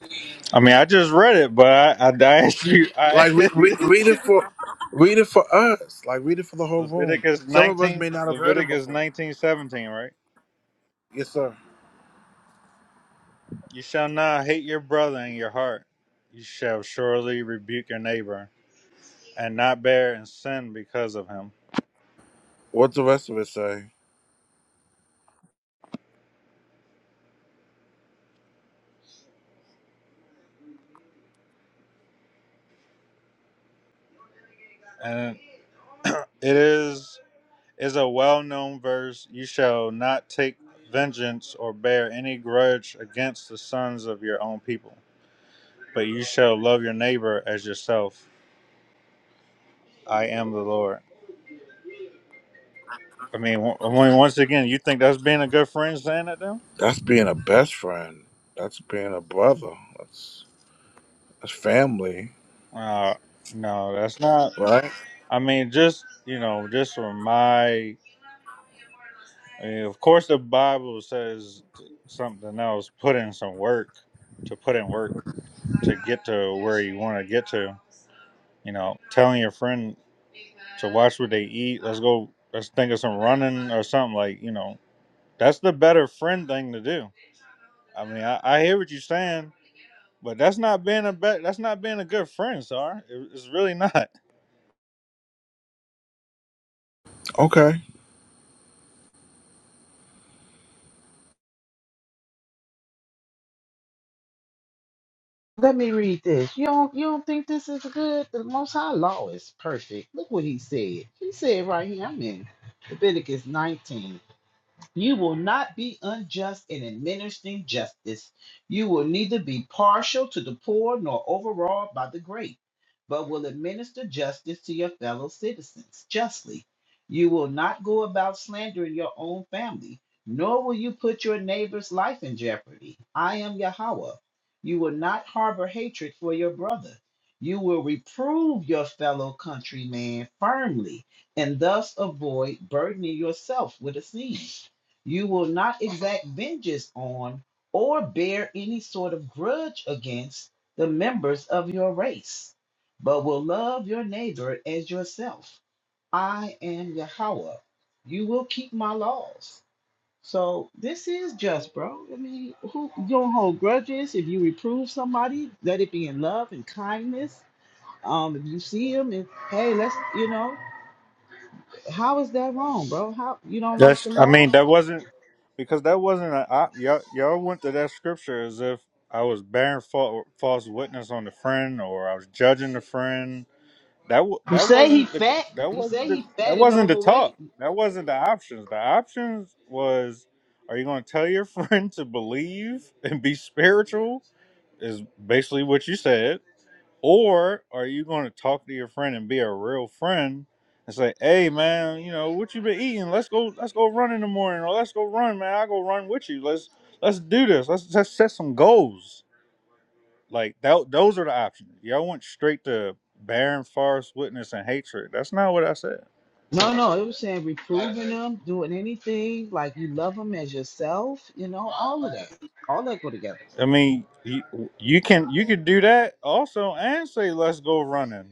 Speaker 11: I mean, I just read it, but I, I, I asked you. I,
Speaker 6: Like re- re- read it for, read it for us. Like read it for the whole room.
Speaker 11: Leviticus
Speaker 6: Some of us
Speaker 11: nineteen,
Speaker 6: may not have heard it
Speaker 11: Leviticus
Speaker 6: before.
Speaker 11: nineteen seventeen, right?
Speaker 6: Yes, sir.
Speaker 11: You shall not hate your brother in your heart. You shall surely rebuke your neighbor and not bear in sin because of him.
Speaker 6: What's the rest of it say?
Speaker 11: And it is is a well known verse, you shall not take vengeance or bear any grudge against the sons of your own people, but you shall love your neighbor as yourself. I am the Lord. I mean, w- I mean, once again, you think that's being a good friend saying that to them?
Speaker 6: That's being a best friend. That's being a brother. That's that's family,
Speaker 11: Uh, no, that's not.
Speaker 6: right?
Speaker 11: I mean, just you know, just from my I mean, of course, the Bible says something else. Put in some work to put in work to get to where you want to get to. You know, telling your friend to watch what they eat. Let's go. Let's think of some running or something like you know. That's the better friend thing to do. I mean, I, I hear what you're saying, but that's not being a bet. That's not being a good friend, Sar. It, it's really not.
Speaker 6: Okay.
Speaker 9: Let me read this. You don't you don't think this is good? The most high law is perfect. Look what he said. He said right here, I'm in Leviticus 19. You will not be unjust in administering justice. You will neither be partial to the poor nor overawed by the great, but will administer justice to your fellow citizens justly. You will not go about slandering your own family, nor will you put your neighbor's life in jeopardy. I am Yahweh. You will not harbor hatred for your brother. You will reprove your fellow countryman firmly and thus avoid burdening yourself with a sin. You will not exact vengeance on or bear any sort of grudge against the members of your race, but will love your neighbor as yourself. I am Yahweh. You will keep my laws. So this is just, bro. I mean, who you don't hold grudges. If you reprove somebody, let it be in love and kindness. Um, if you see them and hey, let's you know, how is that wrong, bro? How you don't like
Speaker 11: That's.
Speaker 9: the
Speaker 11: I
Speaker 9: law?
Speaker 11: mean, that wasn't because that wasn't a I, y'all. Y'all went to that scripture as if I was bearing fa- false witness on the friend, or I was judging the friend. That w-
Speaker 9: You
Speaker 11: that
Speaker 9: say he
Speaker 11: wasn't the
Speaker 9: fat.
Speaker 11: that
Speaker 9: You
Speaker 11: wasn't
Speaker 9: say
Speaker 11: the,
Speaker 9: he
Speaker 11: that
Speaker 9: fat and
Speaker 11: wasn't the
Speaker 9: overweight.
Speaker 11: talk. That wasn't the options. The options was, are you going to tell your friend to believe and be spiritual? Is basically what you said. Or are you going to talk to your friend and be a real friend and say, "Hey, man, you know what you been eating? Let's go. Let's go run in the morning, or let's go run, man. I go run with you. Let's let's do this. Let's let's set some goals. Like that. Those are the options. Y'all went straight to barren forest witness and hatred. That's not what I said.
Speaker 9: No, no, it was saying reproving him, doing anything like you love him as yourself. You know, all of that, all that go together.
Speaker 11: I mean, you, you can you could do that also and say, "Let's go running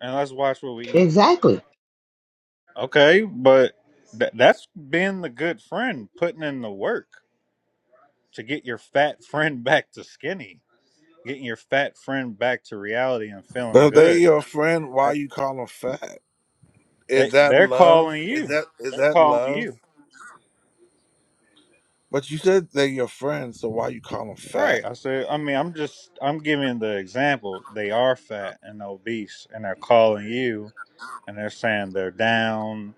Speaker 11: and let's watch what we eat."
Speaker 9: Exactly.
Speaker 11: Okay, but th- that's being the good friend, putting in the work to get your fat friend back to skinny, getting your fat friend back to reality and feeling
Speaker 6: But if they
Speaker 11: good.
Speaker 6: your friend, why
Speaker 11: That-
Speaker 6: you call them fat? Is
Speaker 11: They
Speaker 6: that
Speaker 11: they're
Speaker 6: love?
Speaker 11: calling
Speaker 6: Is
Speaker 11: you.
Speaker 6: that is
Speaker 11: They're
Speaker 6: that
Speaker 11: calling
Speaker 6: love?
Speaker 11: you.
Speaker 6: But you said they're your friend, so why you call them
Speaker 11: Right.
Speaker 6: fat?
Speaker 11: I said. I mean, I'm just I'm giving the example. They are fat and obese, and they're calling you, and they're saying they're down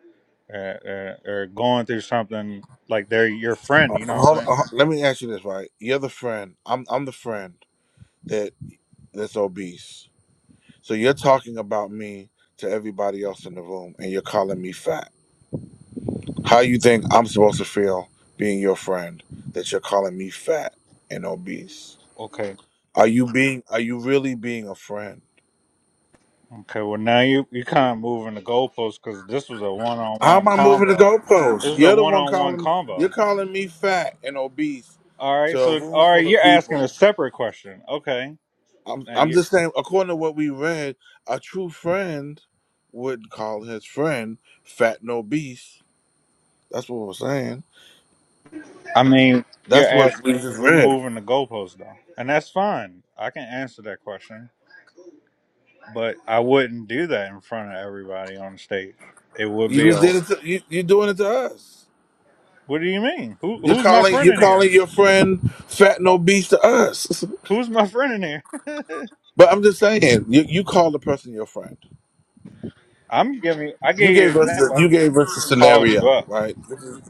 Speaker 11: uh, uh, or going through something like they're your friend.
Speaker 6: Uh,
Speaker 11: You know what I'm
Speaker 6: hold,
Speaker 11: saying?
Speaker 6: uh, let me ask you this, right? You're the friend. I'm I'm the friend that that's obese So you're talking about me to everybody else in the room and you're calling me fat. How you think I'm supposed to feel being your friend that you're calling me fat and obese?
Speaker 11: Okay.
Speaker 6: Are you being are you really being a friend?
Speaker 11: Okay. Well, now you you kind of moving the goalposts because this was a one on
Speaker 6: How
Speaker 11: one
Speaker 6: am I moving the
Speaker 11: combo. This
Speaker 6: goalposts?
Speaker 11: is a
Speaker 6: You're the
Speaker 11: one
Speaker 6: one
Speaker 11: on one
Speaker 6: calling
Speaker 11: combo
Speaker 6: you're calling me fat and obese
Speaker 11: All right,
Speaker 6: to a
Speaker 11: so
Speaker 6: room
Speaker 11: all right,
Speaker 6: full of
Speaker 11: you're asking a
Speaker 6: people.
Speaker 11: separate question. Okay,
Speaker 6: I'm
Speaker 11: now
Speaker 6: I'm
Speaker 11: you,
Speaker 6: just saying according to what we read, a true friend would call his friend fat and obese. That's what we're saying.
Speaker 11: I mean, you're
Speaker 6: That's what
Speaker 11: asking.
Speaker 6: we just
Speaker 11: We're
Speaker 6: read.
Speaker 11: moving the goalposts though, and that's fine. I can answer that question, but I wouldn't do that in front of everybody on stage. It would
Speaker 6: You
Speaker 11: be
Speaker 6: just
Speaker 11: a.
Speaker 6: did it. To, you, you're doing it to us.
Speaker 11: What do you mean? Who
Speaker 6: You're
Speaker 11: who's my
Speaker 6: calling.
Speaker 11: friend
Speaker 6: You're
Speaker 11: in here?
Speaker 6: calling your friend fat and obese to us.
Speaker 11: Who's my friend in here?
Speaker 6: But I'm just saying, you, you called the person your friend.
Speaker 11: I'm giving. I
Speaker 6: You
Speaker 11: gave you an
Speaker 6: gave us the.
Speaker 11: example. I
Speaker 6: You
Speaker 11: said
Speaker 6: gave
Speaker 11: your
Speaker 6: us the
Speaker 11: friend called you
Speaker 6: scenario,
Speaker 11: up.
Speaker 6: right? This is-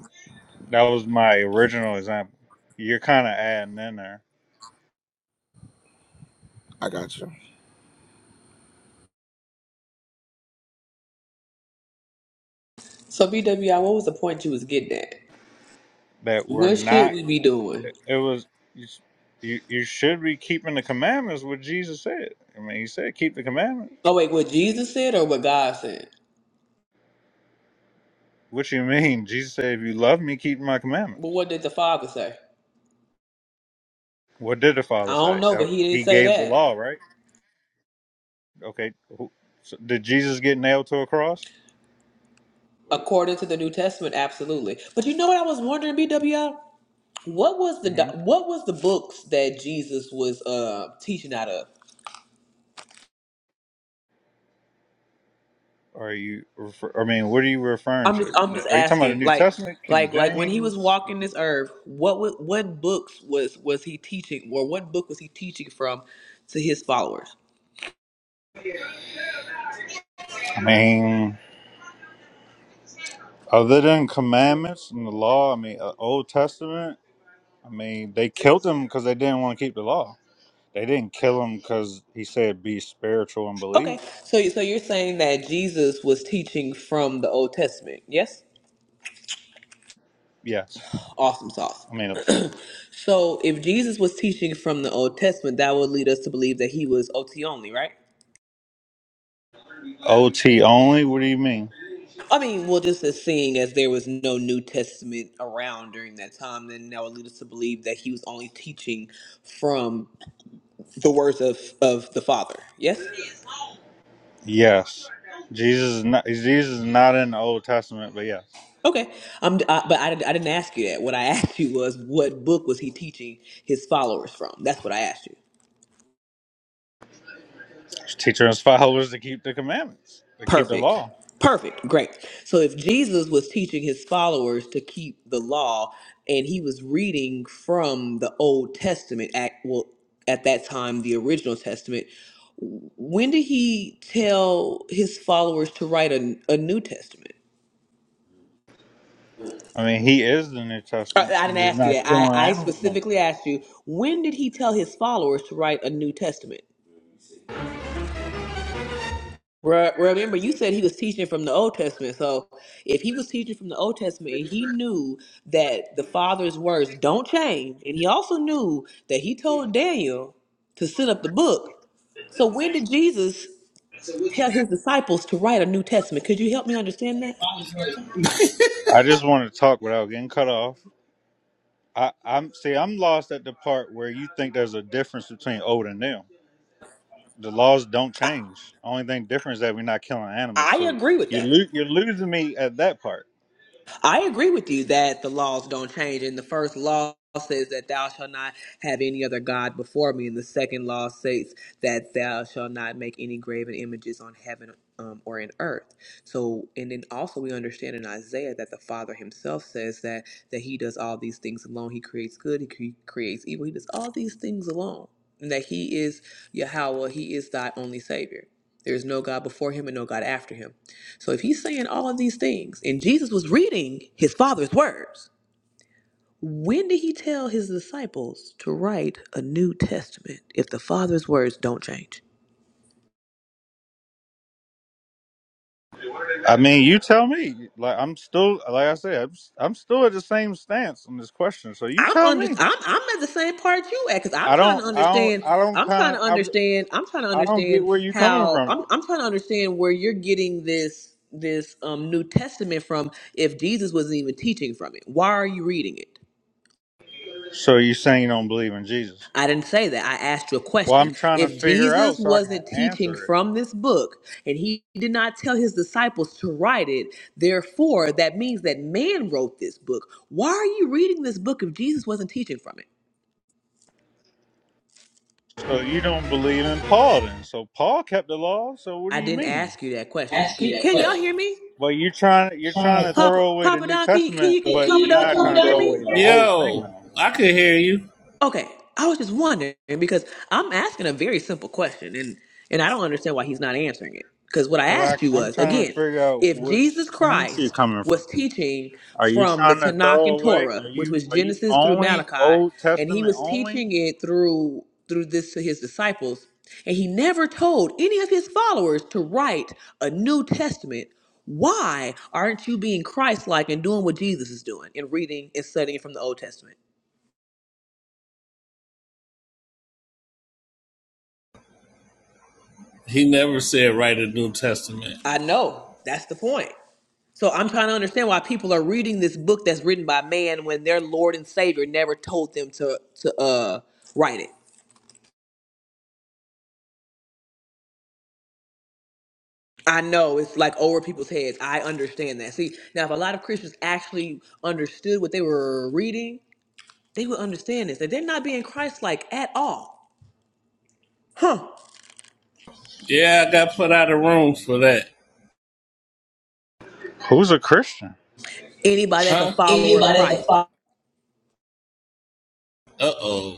Speaker 11: That was my original example. You're kind of adding in there
Speaker 6: I got you.
Speaker 11: that we're
Speaker 1: What
Speaker 11: not.
Speaker 1: should we be doing?
Speaker 11: It was you. You should be keeping the commandments. What Jesus said. I mean, he said, "Keep the commandments."
Speaker 1: Oh wait, what Jesus said or what God said?
Speaker 11: What you mean? Jesus said, "If you love me, keep my
Speaker 1: But
Speaker 11: commandments."
Speaker 1: what did the Father say?
Speaker 11: What did the
Speaker 1: I
Speaker 11: Father
Speaker 1: don't
Speaker 11: say?
Speaker 1: know,
Speaker 11: Uh,
Speaker 1: but he didn't
Speaker 11: He
Speaker 1: say
Speaker 11: gave the
Speaker 1: that.
Speaker 11: law, right? Okay. who- So did Jesus get nailed to a cross?
Speaker 1: According to the New Testament, absolutely. But you know what I was wondering, BWI? What was the
Speaker 11: hmm
Speaker 1: do- what was the books that Jesus was uh teaching out of?
Speaker 11: Are you? Refer, I mean, what are you referring
Speaker 1: I'm just
Speaker 11: to?
Speaker 1: I'm just
Speaker 11: Are you talking about the
Speaker 1: asking.
Speaker 11: New
Speaker 1: Like
Speaker 11: Testament, King
Speaker 1: like like when he was
Speaker 11: James?
Speaker 1: walking this earth, what wa- what books was was he teaching or what book was he teaching from to his followers?
Speaker 11: I mean, other than commandments and the law, I mean, uh, Old Testament. I mean, they killed him because they didn't want to keep the law. They didn't kill him because he said be spiritual and believe.
Speaker 1: Okay. So you- so you're saying that Jesus was teaching from the Old Testament. Yes?
Speaker 11: Yes.
Speaker 1: Awesome sauce.
Speaker 11: I mean,
Speaker 1: So, if Jesus was teaching from the Old Testament, that would lead us to believe that he was OT only, right?
Speaker 11: OT only. What do you mean?
Speaker 1: I mean, well, just as seeing as there was no New Testament around during that time, then that would lead us to believe that he was only teaching from the words of, of the Father. Yes?
Speaker 11: Yes. Jesus is not. Jesus is not in the Old Testament, but yes,
Speaker 1: Okay. Um, I, but I, didn't- I didn't ask you that. What I asked you was what book was he teaching his followers from? That's what I asked you.
Speaker 11: he's teaching his followers to keep the commandments, to keep the
Speaker 1: Perfect.
Speaker 11: law.
Speaker 1: Perfect. Great. So if Jesus was teaching his followers to keep the law and he was reading from the Old Testament at well at that time the original testament, w- when did he tell his followers to write a, a New Testament?
Speaker 11: I mean, he is the New
Speaker 1: I,
Speaker 11: Testament.
Speaker 1: I didn't
Speaker 11: He's
Speaker 1: ask you
Speaker 11: not
Speaker 1: that.
Speaker 11: killing
Speaker 1: I, I
Speaker 11: animals no more.
Speaker 1: specifically asked you when did he tell his followers to write a New Testament? Re- Remember, you said he was teaching from the Old Testament. So, if he was teaching from the Old Testament, and he knew that the Father's words don't change, and he also knew that he told Daniel to set up the book. So, when did Jesus tell his disciples to write a New Testament? Could you help me understand that?
Speaker 11: I just want to talk without getting cut off. I, I'm see. I'm lost at the part where you think there's a difference between old and new. the laws don't
Speaker 1: I,
Speaker 11: change. Only thing different is that we're not killing animals.
Speaker 1: I
Speaker 11: So
Speaker 1: agree with
Speaker 11: you
Speaker 1: that.
Speaker 11: lo- you're losing me at that part.
Speaker 1: I agree with you that the laws don't change. And the first law says that thou shalt not have any other God before me. And the second law states that thou shalt not make any graven images on heaven um, or in earth. So, and then also we understand in Isaiah that the Father himself says that, that he does all these things alone. He creates good, he cre- creates evil, he does all these things alone. And that he is Yahweh, he is thy only Savior. There is no God before him and no God after him. So if he's saying all of these things and Jesus was reading his father's words, when did he tell his disciples to write a New Testament if the father's words don't change?
Speaker 11: I mean, you tell me. Like I'm still, like I said, I'm, I'm still at the same stance on this question. So you
Speaker 1: I'm
Speaker 11: tell
Speaker 1: under
Speaker 11: me.
Speaker 1: I'm I'm at the same part you at cuz I'm
Speaker 11: I
Speaker 1: trying to
Speaker 11: don't, I don't,
Speaker 1: understand
Speaker 11: I don't
Speaker 1: I'm trying to
Speaker 11: kind of,
Speaker 1: understand I'm trying to
Speaker 11: I, I don't get
Speaker 1: understand
Speaker 11: where you're coming
Speaker 1: how
Speaker 11: from.
Speaker 1: I'm I'm trying to understand where you're getting this this um New Testament from if Jesus wasn't even teaching from it. Why are you reading it?
Speaker 11: So you're saying you don't believe in Jesus?
Speaker 1: I didn't say that. I asked you a
Speaker 11: Well,
Speaker 1: question.
Speaker 11: I'm trying to
Speaker 1: If
Speaker 11: figure
Speaker 1: Jesus
Speaker 11: out so I can
Speaker 1: wasn't teaching
Speaker 11: answer it.
Speaker 1: from this book and he did not tell his disciples to write it, therefore, that means that man wrote this book. Why are you reading this book if Jesus wasn't teaching from it?
Speaker 11: So you don't believe in Paul then? So Paul kept the law. So what do
Speaker 1: I
Speaker 11: you
Speaker 1: didn't
Speaker 11: mean?
Speaker 1: ask you that question.
Speaker 12: Ask me
Speaker 1: Can,
Speaker 12: that
Speaker 1: can y'all
Speaker 12: question.
Speaker 1: hear me?
Speaker 11: Well, you're trying you're trying to
Speaker 1: Papa,
Speaker 11: throw away the
Speaker 1: Papa
Speaker 11: New
Speaker 1: Don, can you, can
Speaker 11: Testament,
Speaker 1: you,
Speaker 11: but
Speaker 1: Papa
Speaker 11: you're
Speaker 1: Don,
Speaker 11: not
Speaker 1: can you
Speaker 11: trying to
Speaker 1: hear
Speaker 11: throw
Speaker 1: me?
Speaker 11: away the whole thing,
Speaker 12: Yo,
Speaker 11: though.
Speaker 12: I could hear you.
Speaker 1: Okay, I was just wondering because I'm asking a very simple question, and and I don't understand why he's not answering it. Because what I
Speaker 11: Because
Speaker 1: asked you
Speaker 11: I'm
Speaker 1: was
Speaker 11: trying to
Speaker 1: again,
Speaker 11: figure out
Speaker 1: if
Speaker 11: which
Speaker 1: Jesus
Speaker 11: stance you're
Speaker 1: Christ
Speaker 11: coming from.
Speaker 1: was teaching
Speaker 11: Are you
Speaker 1: from the
Speaker 11: trying to
Speaker 1: Tanakh
Speaker 11: throw
Speaker 1: and
Speaker 11: away? Are
Speaker 1: Torah, which
Speaker 11: you
Speaker 1: was
Speaker 11: are you
Speaker 1: Genesis through
Speaker 11: only
Speaker 1: Malachi,
Speaker 11: Old
Speaker 1: and he
Speaker 11: Testament
Speaker 1: was
Speaker 11: only?
Speaker 1: teaching it through through this to his disciples, and he never told any of his followers to write a New Testament. Why aren't you being Christ-like and doing what Jesus is doing and reading and studying from the Old Testament?
Speaker 12: He never said write a New Testament.
Speaker 1: I know. That's the point. So I'm trying to understand why people are reading this book that's written by man when their Lord and Savior never told them to to uh write it. I know it's like over people's heads. I understand that. See, now if a lot of Christians actually understood what they were reading, they would understand this. That they're not being Christ-like at all. Huh.
Speaker 12: Yeah, I got put out of room for that.
Speaker 11: Who's a Christian?
Speaker 1: Anybody that's a
Speaker 12: Huh?
Speaker 1: follower of
Speaker 12: Anybody at the
Speaker 1: Christ.
Speaker 12: Father. Uh oh.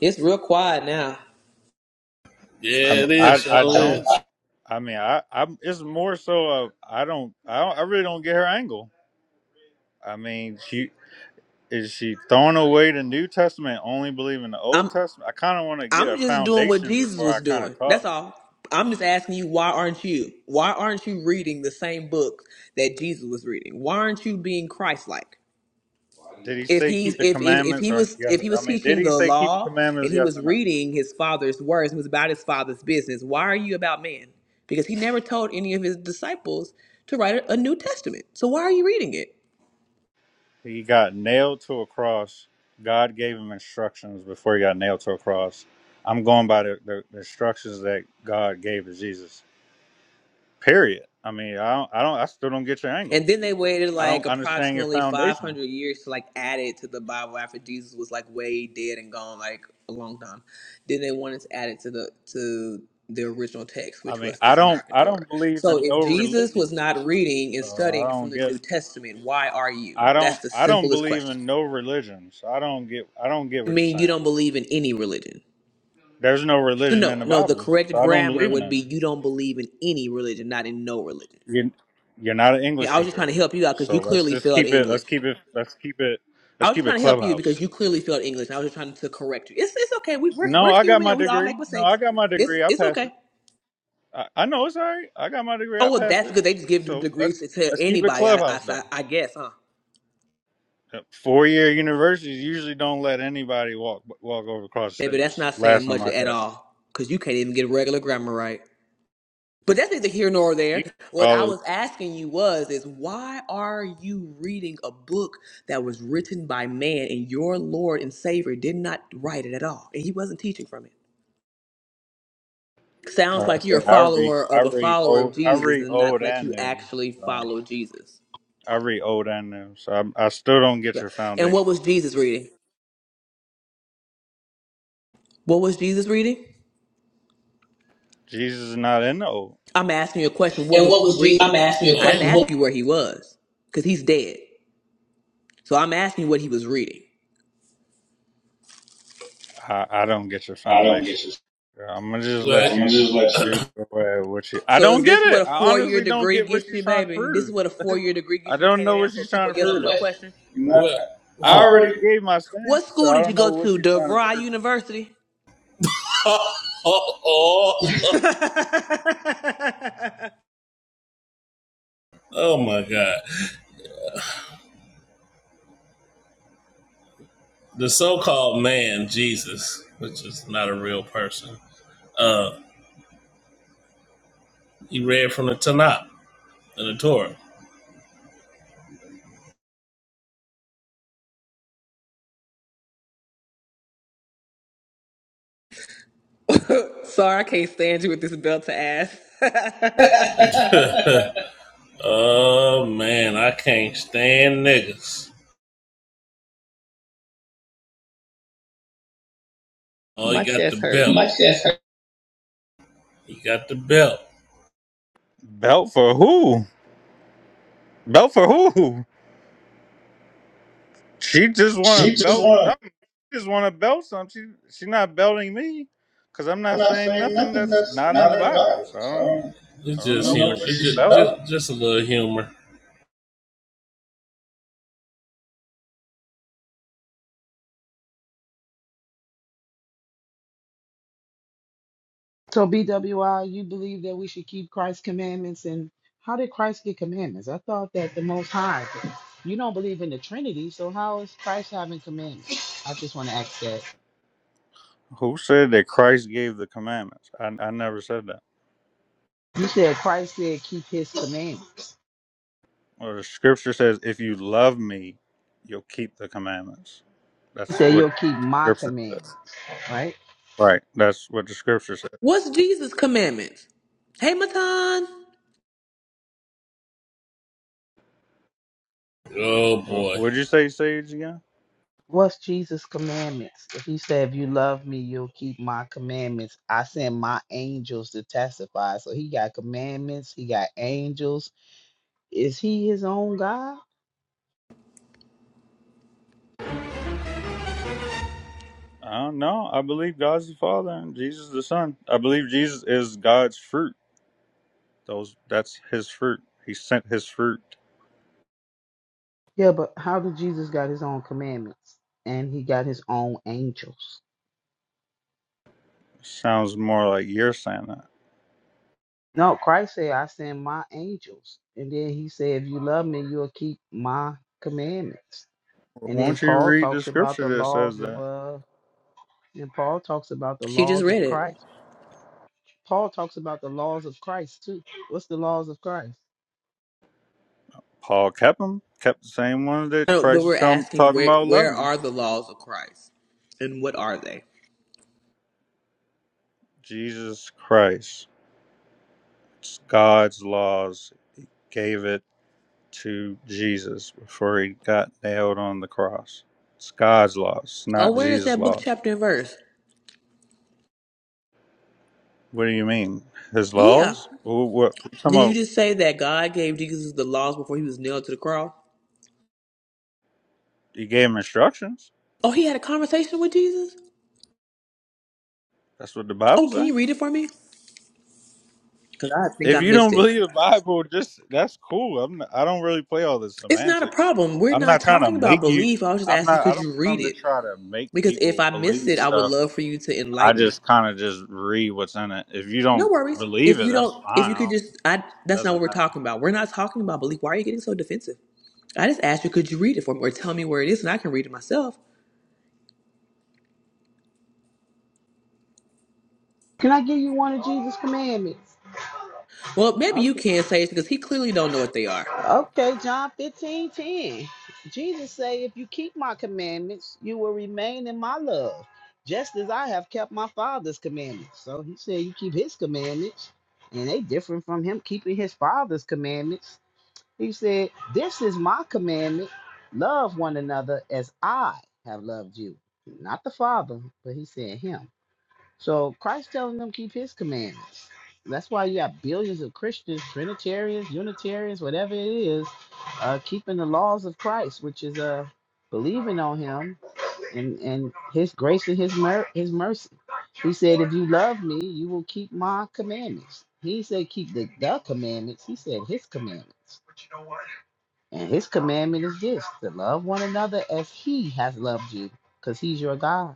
Speaker 1: It's real quiet now.
Speaker 12: Yeah,
Speaker 11: I'm,
Speaker 12: it is.
Speaker 11: I
Speaker 12: Sure
Speaker 11: I
Speaker 12: is.
Speaker 11: don't. I mean, I I'm. It's more so of I don't. I don't, I really don't get her angle. I mean, she is she throwing away the New Testament, only believing the Old
Speaker 1: I'm.
Speaker 11: Testament. I kind of want to get a
Speaker 1: I'm just doing what
Speaker 11: foundation
Speaker 1: Jesus
Speaker 11: before I
Speaker 1: was
Speaker 11: kind of
Speaker 1: doing. That's
Speaker 11: talk.
Speaker 1: all. I'm just asking you, why aren't you? Why aren't you reading the same books that Jesus was reading? Why aren't you being Christ-like?
Speaker 11: Did he
Speaker 1: If
Speaker 11: say
Speaker 1: he's
Speaker 11: keep the
Speaker 1: if if if
Speaker 11: commandments
Speaker 1: he
Speaker 11: or
Speaker 1: was
Speaker 11: yes?
Speaker 1: if he
Speaker 11: I
Speaker 1: was
Speaker 11: mean, did
Speaker 1: teaching
Speaker 11: he
Speaker 1: the
Speaker 11: say keep the
Speaker 1: law
Speaker 11: commandments?
Speaker 1: and he
Speaker 11: Yes
Speaker 1: was
Speaker 11: or no?
Speaker 1: reading his father's words and was about his father's business, why are you about man? Because he never told any of his disciples to write a a New Testament. So why are you reading it?
Speaker 11: He got nailed to a cross. God gave him instructions before he got nailed to a cross. I'm going by the, the, the instructions that God gave to Jesus. Period. I mean, I don't, I don't, I still don't get your angle.
Speaker 1: And then they waited
Speaker 11: I
Speaker 1: like
Speaker 11: don't understand your
Speaker 1: approximately
Speaker 11: foundation.
Speaker 1: 500 years to like add it to the Bible after Jesus was like way dead and gone like a long time. Then they wanted to add it to the to the original text,
Speaker 11: I
Speaker 1: which
Speaker 11: mean,
Speaker 1: was the
Speaker 11: I don't,
Speaker 1: Tanakh and
Speaker 11: I
Speaker 1: Torah.
Speaker 11: don't believe
Speaker 1: So
Speaker 11: in
Speaker 1: if
Speaker 11: no
Speaker 1: Jesus
Speaker 11: religion,
Speaker 1: was not reading and
Speaker 11: so I
Speaker 1: studying from
Speaker 11: don't
Speaker 1: the New
Speaker 11: get.
Speaker 1: Testament, why are you?
Speaker 11: I
Speaker 1: That's
Speaker 11: don't,
Speaker 1: the
Speaker 11: I don't
Speaker 1: simplest
Speaker 11: believe
Speaker 1: question.
Speaker 11: in no religions. I don't get, I don't get
Speaker 1: You
Speaker 11: what you're
Speaker 1: mean you
Speaker 11: saying.
Speaker 1: don't believe in any religion?
Speaker 11: There's no
Speaker 1: So
Speaker 11: religion
Speaker 1: no,
Speaker 11: in the
Speaker 1: no. The
Speaker 11: Bible,
Speaker 1: correct
Speaker 11: so I don't
Speaker 1: grammar
Speaker 11: believe in
Speaker 1: would
Speaker 11: it.
Speaker 1: be you don't believe in any religion, not in no religion.
Speaker 11: You, you're not an English
Speaker 1: I was just trying
Speaker 11: teacher,
Speaker 1: to help you out because
Speaker 11: so
Speaker 1: you
Speaker 11: let's
Speaker 1: clearly
Speaker 11: just
Speaker 1: failed
Speaker 11: keep it. Let's
Speaker 1: English.
Speaker 11: keep it. Let's keep it.
Speaker 1: I
Speaker 11: Let's
Speaker 1: was just
Speaker 11: keep it
Speaker 1: trying to help you
Speaker 11: clubhouse.
Speaker 1: because you clearly failed English, and I was just trying to correct you. It's it's okay. We, we're
Speaker 11: No,
Speaker 1: we're
Speaker 11: I got
Speaker 1: human,
Speaker 11: my
Speaker 1: and we all
Speaker 11: degree.
Speaker 1: make
Speaker 11: No, I
Speaker 1: mistakes.
Speaker 11: got my
Speaker 1: It's
Speaker 11: degree. I
Speaker 1: it's
Speaker 11: passed
Speaker 1: okay.
Speaker 11: it. I, I know it's all right. I got my degree. I
Speaker 1: Oh well,
Speaker 11: passed
Speaker 1: that's
Speaker 11: it.
Speaker 1: good. They just give
Speaker 11: So let's
Speaker 1: degrees to to
Speaker 11: let's keep it
Speaker 1: anybody. I I
Speaker 11: clubhouse though.
Speaker 1: I I guess, huh?
Speaker 11: Four year universities usually don't let anybody walk walk over across the
Speaker 1: Baby, that's
Speaker 11: stage.
Speaker 1: not
Speaker 11: Last
Speaker 1: saying
Speaker 11: time
Speaker 1: much
Speaker 11: I
Speaker 1: at
Speaker 11: checked,
Speaker 1: all because you can't even get regular grammar right. But that's neither here nor there.
Speaker 11: you can
Speaker 1: What I
Speaker 11: call it.
Speaker 1: was asking you was, is why are you reading a book that was written by man and your Lord and Savior did not write it at all, and He wasn't teaching from it? Sounds
Speaker 11: Like I
Speaker 1: like you're a
Speaker 11: said, I read
Speaker 1: follower
Speaker 11: I
Speaker 1: of a
Speaker 11: read
Speaker 1: follower of
Speaker 11: old I
Speaker 1: Jesus
Speaker 11: read
Speaker 1: and not
Speaker 11: old
Speaker 1: that
Speaker 11: and
Speaker 1: you
Speaker 11: new.
Speaker 1: actually
Speaker 11: So.
Speaker 1: follow Jesus.
Speaker 11: I read Old and New, so I, I still don't get your
Speaker 1: And what
Speaker 11: foundation.
Speaker 1: was Jesus reading? What was Jesus reading?
Speaker 11: Jesus is not in the Old.
Speaker 1: I'm asking you a question. What
Speaker 12: And
Speaker 1: was
Speaker 12: what
Speaker 1: he
Speaker 12: was Jesus? I'm
Speaker 1: reading?
Speaker 12: asking you a
Speaker 1: I didn't
Speaker 12: question.
Speaker 1: ask
Speaker 12: What
Speaker 1: you where he was because he's dead. So I'm asking you what he was reading.
Speaker 11: I, I don't get your
Speaker 12: I don't
Speaker 11: foundation.
Speaker 12: get you.
Speaker 11: I'm gonna just
Speaker 12: What?
Speaker 11: let
Speaker 12: I'm gonna
Speaker 11: you
Speaker 12: just let
Speaker 11: do
Speaker 12: you.
Speaker 11: away with you. I
Speaker 1: So is
Speaker 11: don't get
Speaker 1: this what
Speaker 11: it.
Speaker 1: a
Speaker 11: I
Speaker 1: four year
Speaker 11: honestly don't
Speaker 1: degree
Speaker 11: get what
Speaker 1: gets you,
Speaker 11: she's trying to
Speaker 1: baby? This is
Speaker 11: prove.
Speaker 1: what a four year degree
Speaker 11: I
Speaker 1: gets you. You
Speaker 11: don't
Speaker 1: can't
Speaker 11: know
Speaker 1: even
Speaker 11: what
Speaker 1: answer a
Speaker 11: she's trying
Speaker 1: simple
Speaker 11: to
Speaker 1: yes or no
Speaker 11: prove.
Speaker 12: question.
Speaker 1: question.
Speaker 11: You're not
Speaker 12: What?
Speaker 11: that.
Speaker 12: I
Speaker 11: I already
Speaker 12: already.
Speaker 11: gave my
Speaker 1: What
Speaker 11: stance, so
Speaker 1: school
Speaker 11: I
Speaker 1: did you
Speaker 11: don't know
Speaker 1: go
Speaker 11: what
Speaker 1: to?
Speaker 11: she's trying to
Speaker 1: DeVry
Speaker 11: prove.
Speaker 1: University?
Speaker 12: oh, oh oh oh my God. The so called man, Jesus, which is not a real person. Uh. He read from the Tanakh and the Torah.
Speaker 1: Sorry, I can't stand you with this belt to ass.
Speaker 12: oh man, I can't stand niggas. Oh, he
Speaker 1: My
Speaker 12: got the
Speaker 1: chest hurt.
Speaker 12: belt. Like He got the belt.
Speaker 11: Belt for who? Belt for who? She just want to
Speaker 12: She just
Speaker 11: belt
Speaker 12: want
Speaker 11: something. She just want to belt something. She she's not belting me because I'm
Speaker 12: to
Speaker 11: not
Speaker 12: not
Speaker 11: saying
Speaker 12: saying
Speaker 11: nothing
Speaker 12: nothing
Speaker 11: that's
Speaker 12: that's
Speaker 11: not in
Speaker 12: not
Speaker 11: the
Speaker 12: in the
Speaker 11: Bible.
Speaker 12: Bible.
Speaker 11: So I don't.
Speaker 12: So
Speaker 11: I
Speaker 12: It's
Speaker 11: don't
Speaker 12: just
Speaker 11: know
Speaker 12: humor.
Speaker 11: what
Speaker 12: It's
Speaker 11: she's
Speaker 12: just,
Speaker 11: about.
Speaker 12: just just a little humor.
Speaker 9: So BWI, you believe that we should keep Christ's commandments, and how did Christ get commandments? I thought that the Most High. You don't believe in the Trinity, so how is Christ having commandments? I just want to ask that.
Speaker 11: Who said that Christ gave the commandments? I, I never said that.
Speaker 9: You said Christ said keep His commandments.
Speaker 11: Well, the scripture says, if you love me, you'll keep the commandments.
Speaker 9: He
Speaker 11: That's
Speaker 9: said
Speaker 11: what
Speaker 9: you'll keep my
Speaker 11: scripture
Speaker 9: commandments,
Speaker 11: says.
Speaker 9: right?
Speaker 11: Right. That's what the scripture says.
Speaker 1: What's Jesus' commandments? Hey, Matan.
Speaker 12: Oh
Speaker 11: Wh-
Speaker 12: boy,
Speaker 11: What'd you say, Sage, again?
Speaker 9: What's Jesus' commandments? If he said, If you love me, you'll keep my commandments. I send my angels to testify. So he got commandments, he got angels. Is he his own God?
Speaker 11: I don't know. I believe God's the Father and Jesus the Son. I believe Jesus is God's fruit. Those that's his fruit. He sent his fruit.
Speaker 9: Yeah, but how did Jesus got his own commandments? And he got his own angels.
Speaker 11: Sounds more like you're saying that.
Speaker 9: No, Christ said, I send my angels. And then he said, If you love me, you'll keep my commandments. And then
Speaker 11: Won't you
Speaker 9: Paul
Speaker 11: read the
Speaker 9: talks about
Speaker 11: scripture
Speaker 9: the
Speaker 11: that says
Speaker 9: laws of
Speaker 11: that?
Speaker 9: uh and Paul talks about the
Speaker 1: She just
Speaker 9: laws of
Speaker 1: read
Speaker 9: Christ.
Speaker 1: it.
Speaker 9: Paul talks about the laws of Christ too. What's the laws of Christ?
Speaker 11: Paul kept them, kept the same one that
Speaker 1: No, but
Speaker 11: Christ was
Speaker 1: we're
Speaker 11: tell-
Speaker 1: asking
Speaker 11: talking
Speaker 1: where
Speaker 11: about
Speaker 1: where
Speaker 11: 11.
Speaker 1: are the laws of Christ and what are they?
Speaker 11: Jesus Christ, God's laws, gave it to Jesus before he got nailed on the cross. It's God's laws,
Speaker 1: Oh,
Speaker 11: not
Speaker 1: where is
Speaker 11: Jesus'
Speaker 1: that book,
Speaker 11: laws.
Speaker 1: chapter, and verse?
Speaker 11: What do you mean? His
Speaker 1: Yeah.
Speaker 11: laws? What, what, what you talking
Speaker 1: Did you
Speaker 11: about?
Speaker 1: just say that God gave Jesus the laws before he was nailed to the cross?
Speaker 11: He gave him instructions.
Speaker 1: Oh, he had a conversation with Jesus?
Speaker 11: That's what the Bible
Speaker 1: Oh, can
Speaker 11: says.
Speaker 1: you read it for me? Because I think
Speaker 11: If
Speaker 1: I
Speaker 11: you
Speaker 1: missed
Speaker 11: don't
Speaker 1: it.
Speaker 11: believe the Bible, just that's cool. I'm not, I don't really play all this
Speaker 1: It's not a
Speaker 11: semantics.
Speaker 1: problem. We're
Speaker 11: I'm
Speaker 1: not
Speaker 11: not trying to
Speaker 1: talking about
Speaker 11: make you.
Speaker 1: belief. I was just
Speaker 11: I'm
Speaker 1: asking,
Speaker 11: not. I
Speaker 1: could
Speaker 11: don't
Speaker 1: you read
Speaker 11: come to
Speaker 1: it?
Speaker 11: try to make
Speaker 1: Because if
Speaker 11: people
Speaker 1: I missed
Speaker 11: believe
Speaker 1: it, I would
Speaker 11: stuff.
Speaker 1: love for you to
Speaker 11: I
Speaker 1: enlighten me.
Speaker 11: just kind of just read what's in it. If you
Speaker 1: No
Speaker 11: don't
Speaker 1: worries. If
Speaker 11: believe it,
Speaker 1: you
Speaker 11: that's
Speaker 1: don't, if
Speaker 11: fine.
Speaker 1: you
Speaker 11: I
Speaker 1: could
Speaker 11: don't,
Speaker 1: just, I that's not what
Speaker 11: doesn't
Speaker 1: we're
Speaker 11: matter.
Speaker 1: talking about. We're not talking about belief. Why are you getting so defensive? I just asked you, could you read it for me, or tell me where it is, and I can read it myself.
Speaker 9: Can I give you one of Jesus' commandments?
Speaker 1: Well, maybe you
Speaker 9: Okay.
Speaker 1: can say it because he clearly don't know what they are.
Speaker 9: Okay, John 15 10. Jesus say, if you keep my commandments, you will remain in my love, just as I have kept my father's commandments. So he said you keep his commandments, and they different from him keeping his father's commandments. He said, This is my commandment. Love one another as I have loved you. Not the Father, but he said him. So Christ telling them keep his commandments. That's why you got billions of Christians, Trinitarians, Unitarians, whatever it is, uh, keeping the laws of Christ, which is uh, believing on him and, and his grace and his mer- his mercy. He said, if you love me, you will keep my commandments. He said, keep the, the commandments. He said, his commandments. And his commandment is this to love one another as he has loved you, because he's your God.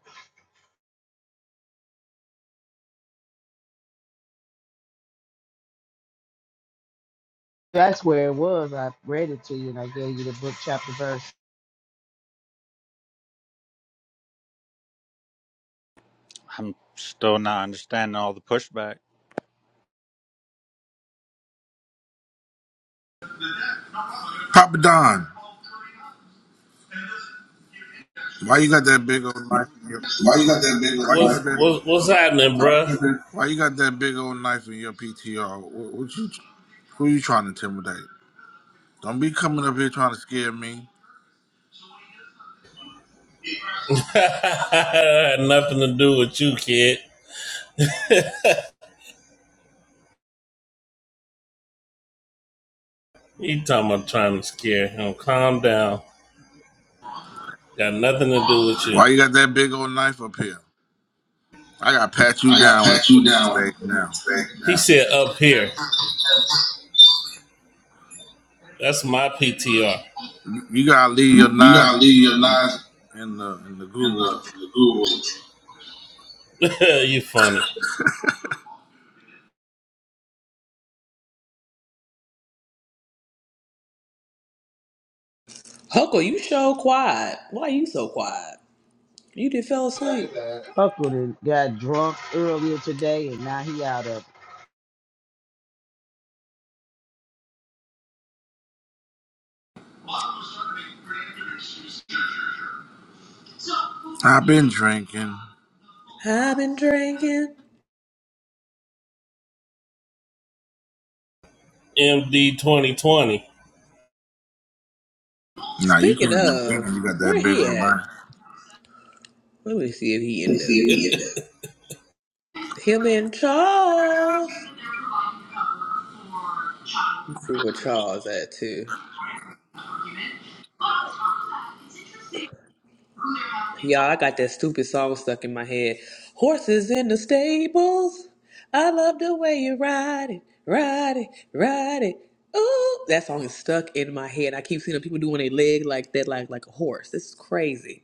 Speaker 9: That's where it was. I read it to you and I gave you the book chapter verse.
Speaker 11: I'm still not understanding all the pushback.
Speaker 6: Papa Don, why you got that big old knife in your?
Speaker 12: Why you got that big with the
Speaker 6: Why you
Speaker 12: what's
Speaker 6: got that?
Speaker 12: what, what's happening, bruh?
Speaker 6: Why you got that big old knife in your PTR? What, what you? Who you trying to intimidate? Don't be coming up here trying to scare me.
Speaker 12: had nothing to do with you, kid. He talking about trying to scare him. Calm down. Got nothing to do with you.
Speaker 6: Why you got that big old knife up here? I gotta pat you
Speaker 12: I gotta
Speaker 6: down when
Speaker 12: pat
Speaker 6: you
Speaker 12: you
Speaker 6: come on
Speaker 12: down.
Speaker 6: stage now.
Speaker 12: He said up here. That's my PTR.
Speaker 6: You gotta leave your
Speaker 12: You
Speaker 6: knives
Speaker 12: gotta leave your
Speaker 6: in the
Speaker 12: knives
Speaker 6: in the, in the
Speaker 12: in
Speaker 6: Google.
Speaker 12: the, the Google. you funny.
Speaker 1: Huckle, you so quiet. Why you so quiet? You just fell asleep.
Speaker 9: Uncle that got drunk earlier today and now he out of it.
Speaker 6: I've been drinking.
Speaker 1: I've been drinking.
Speaker 12: MD 2020.
Speaker 6: Nah, you
Speaker 1: Speaking
Speaker 6: can't be drinking.
Speaker 1: of,
Speaker 6: You got
Speaker 1: where
Speaker 6: that big
Speaker 1: he
Speaker 6: one,
Speaker 1: at?
Speaker 6: man.
Speaker 1: Let me see if he in there. Him and Charles. Let's see where Charles at too. Y'all, I got that stupid song stuck in my head. Horses in the stables. I love the way you ride it, ride it, ride it. Ooh, that song is stuck in my head. I keep seeing people doing their leg like that, like like a horse. This is crazy.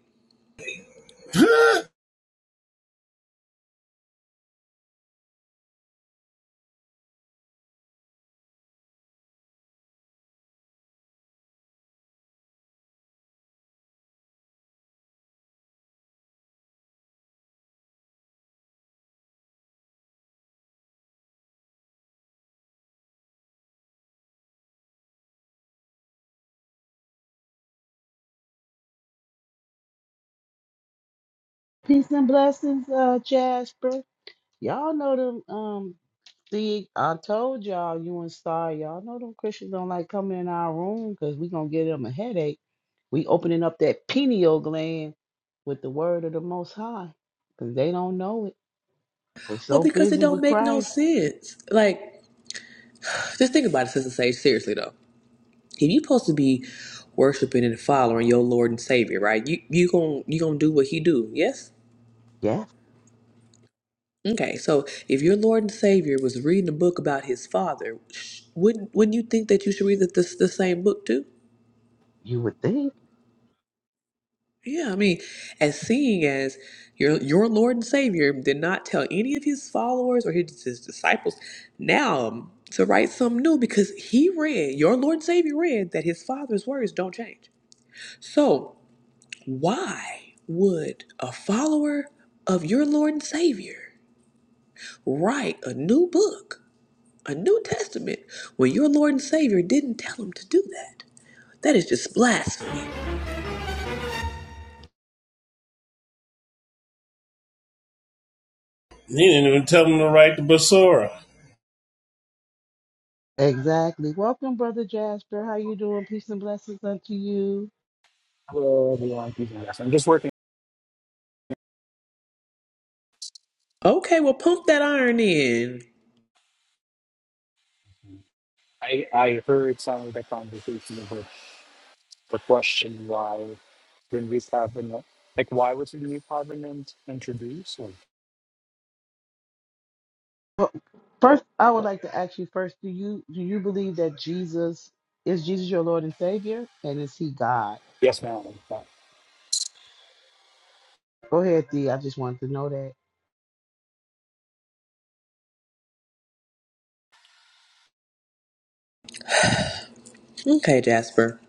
Speaker 9: peace and blessings, uh Jasper. Y'all know them um the I told y'all you and Star, y'all know them Christians don't like coming in our room because we gonna give them a headache. We opening up that pineal gland with the word of the most high. Cause they don't know it. They
Speaker 1: Well,
Speaker 9: so
Speaker 1: because it
Speaker 9: busy
Speaker 1: don't
Speaker 9: with
Speaker 1: make no
Speaker 9: Christ.
Speaker 1: sense. Like, just think about it, Sister Sage. Seriously though, if you' supposed to be worshiping and following your Lord and Savior, right? You you gonna you gonna do what He do? Yes.
Speaker 9: Yes,
Speaker 1: Okay, so if your Lord and Savior was reading a book about his father, sh- wouldn't wouldn't you think that you should read the, the, the same book too?
Speaker 9: you would think.
Speaker 1: Yeah, I mean, as seeing as your your Lord and Savior did not tell any of his followers or his, his disciples now um, to write something new because he read your Lord and Savior read that his father's words don't change. So why would a follower of your Lord and Savior write a new book A New Testament when your Lord and Savior didn't tell him to do that. That is just blasphemy.
Speaker 12: He didn't even tell him to write the Basora.
Speaker 9: Exactly. Welcome, Brother Jasper. How you doing? Peace and blessings unto you.
Speaker 13: Hello, everyone. Peace and blessings. I'm just working.
Speaker 1: Okay, well, pump that iron in.
Speaker 13: I, I heard some of the conversation about the question why when we have an, like why was the new parliament introduced? Like,
Speaker 9: Well, first, I would like to ask you first, do you do you believe that Jesus is Jesus your Lord and Savior? And is he God?
Speaker 13: yes, ma'am. But-
Speaker 9: Go ahead, Dee. I just wanted to know that.
Speaker 1: Okay, Jasper.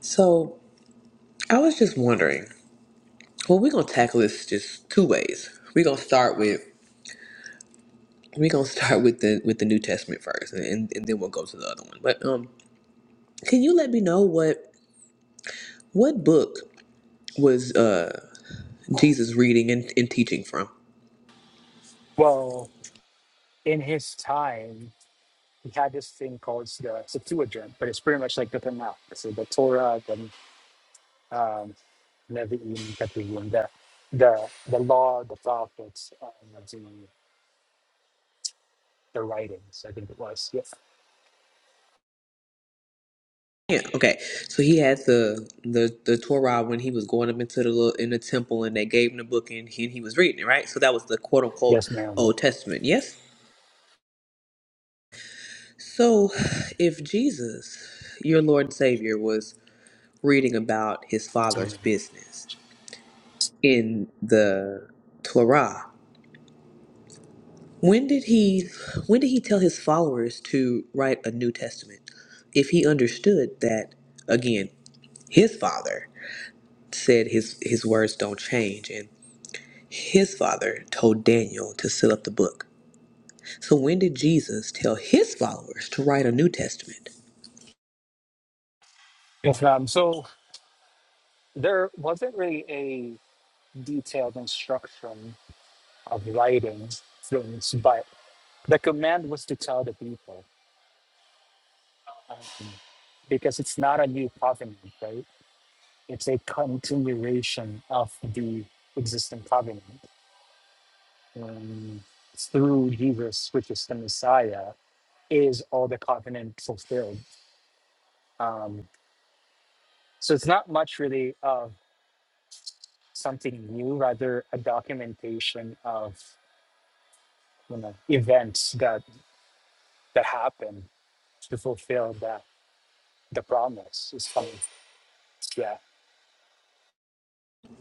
Speaker 1: So I was just wondering. Well, we're gonna tackle this just two ways. We're gonna start with we're gonna start with the with the New Testament first, and, and, and then we'll go to the other one. But um, can you let me know what what book was uh Jesus reading and, and teaching from?
Speaker 13: Well, in his time, he had this thing called the Septuagint, but it's pretty much like the Tanakh. So the Torah, the um, Nevi'im, Ketuvim, the the the law, the prophets, um, the the writings. I think it was. Yes,
Speaker 1: Yeah, okay. So he had the the the Torah when he was going up into the little in the temple, and they gave him the book, and he, he was reading it, right? So that was the quote unquote
Speaker 13: yes, ma'am.
Speaker 1: Old
Speaker 13: Yes,
Speaker 1: Testament. Yes. So, if Jesus, your Lord and Savior, was reading about his Father's
Speaker 13: ma'am.
Speaker 1: business in the Torah, when did he when did he tell his followers to write a New Testament? If he understood that again, his Father said his his words don't change and. His father told Daniel to seal up the book. So when did Jesus tell his followers to write a New Testament?
Speaker 13: Yes, ma'am. So. there wasn't really a detailed instruction of writing things, but the command was to tell the people um, because it's not a new covenant, right? It's a continuation of the existing covenant. Um, through Jesus, which is the Messiah, is all the covenant fulfilled. Um, so it's not much really of something new, rather a documentation of you know events that that happen to fulfill that the promise is coming. Yeah.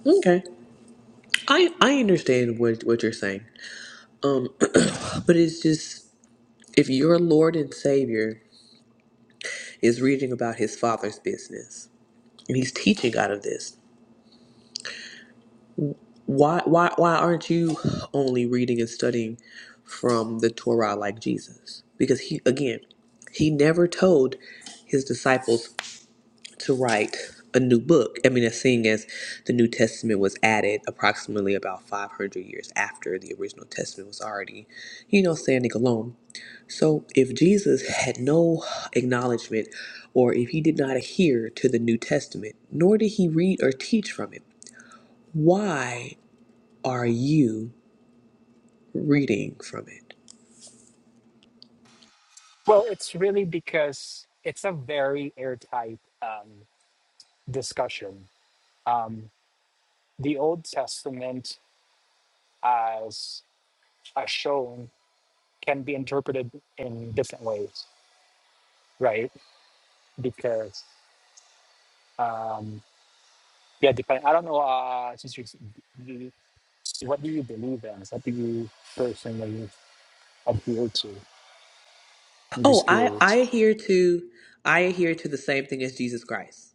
Speaker 1: Okay. I, I understand what, what you're saying. Um but it's just if your Lord and Savior is reading about his father's business and he's teaching out of this, why why why aren't you only reading and studying from the Torah like Jesus? Because he again, he never told his disciples to write a new book. I mean, as seeing as the New Testament was added approximately about 500 years after the original Testament was already, you know, standing alone. So if Jesus had no acknowledgement or if he did not adhere to the New Testament, nor did he read or teach from it, why are you reading from it?
Speaker 13: Well, it's really because it's a very airtight um, discussion. Um, the Old Testament, as as shown, can be interpreted in different ways, right? Because um, yeah, depend. I don't know. Uh, since you, you- what do you believe in? What do you personally adhere to? I'm
Speaker 1: Oh,
Speaker 13: just
Speaker 1: I, I
Speaker 13: curious.
Speaker 1: adhere to I adhere to the same thing as Jesus Christ.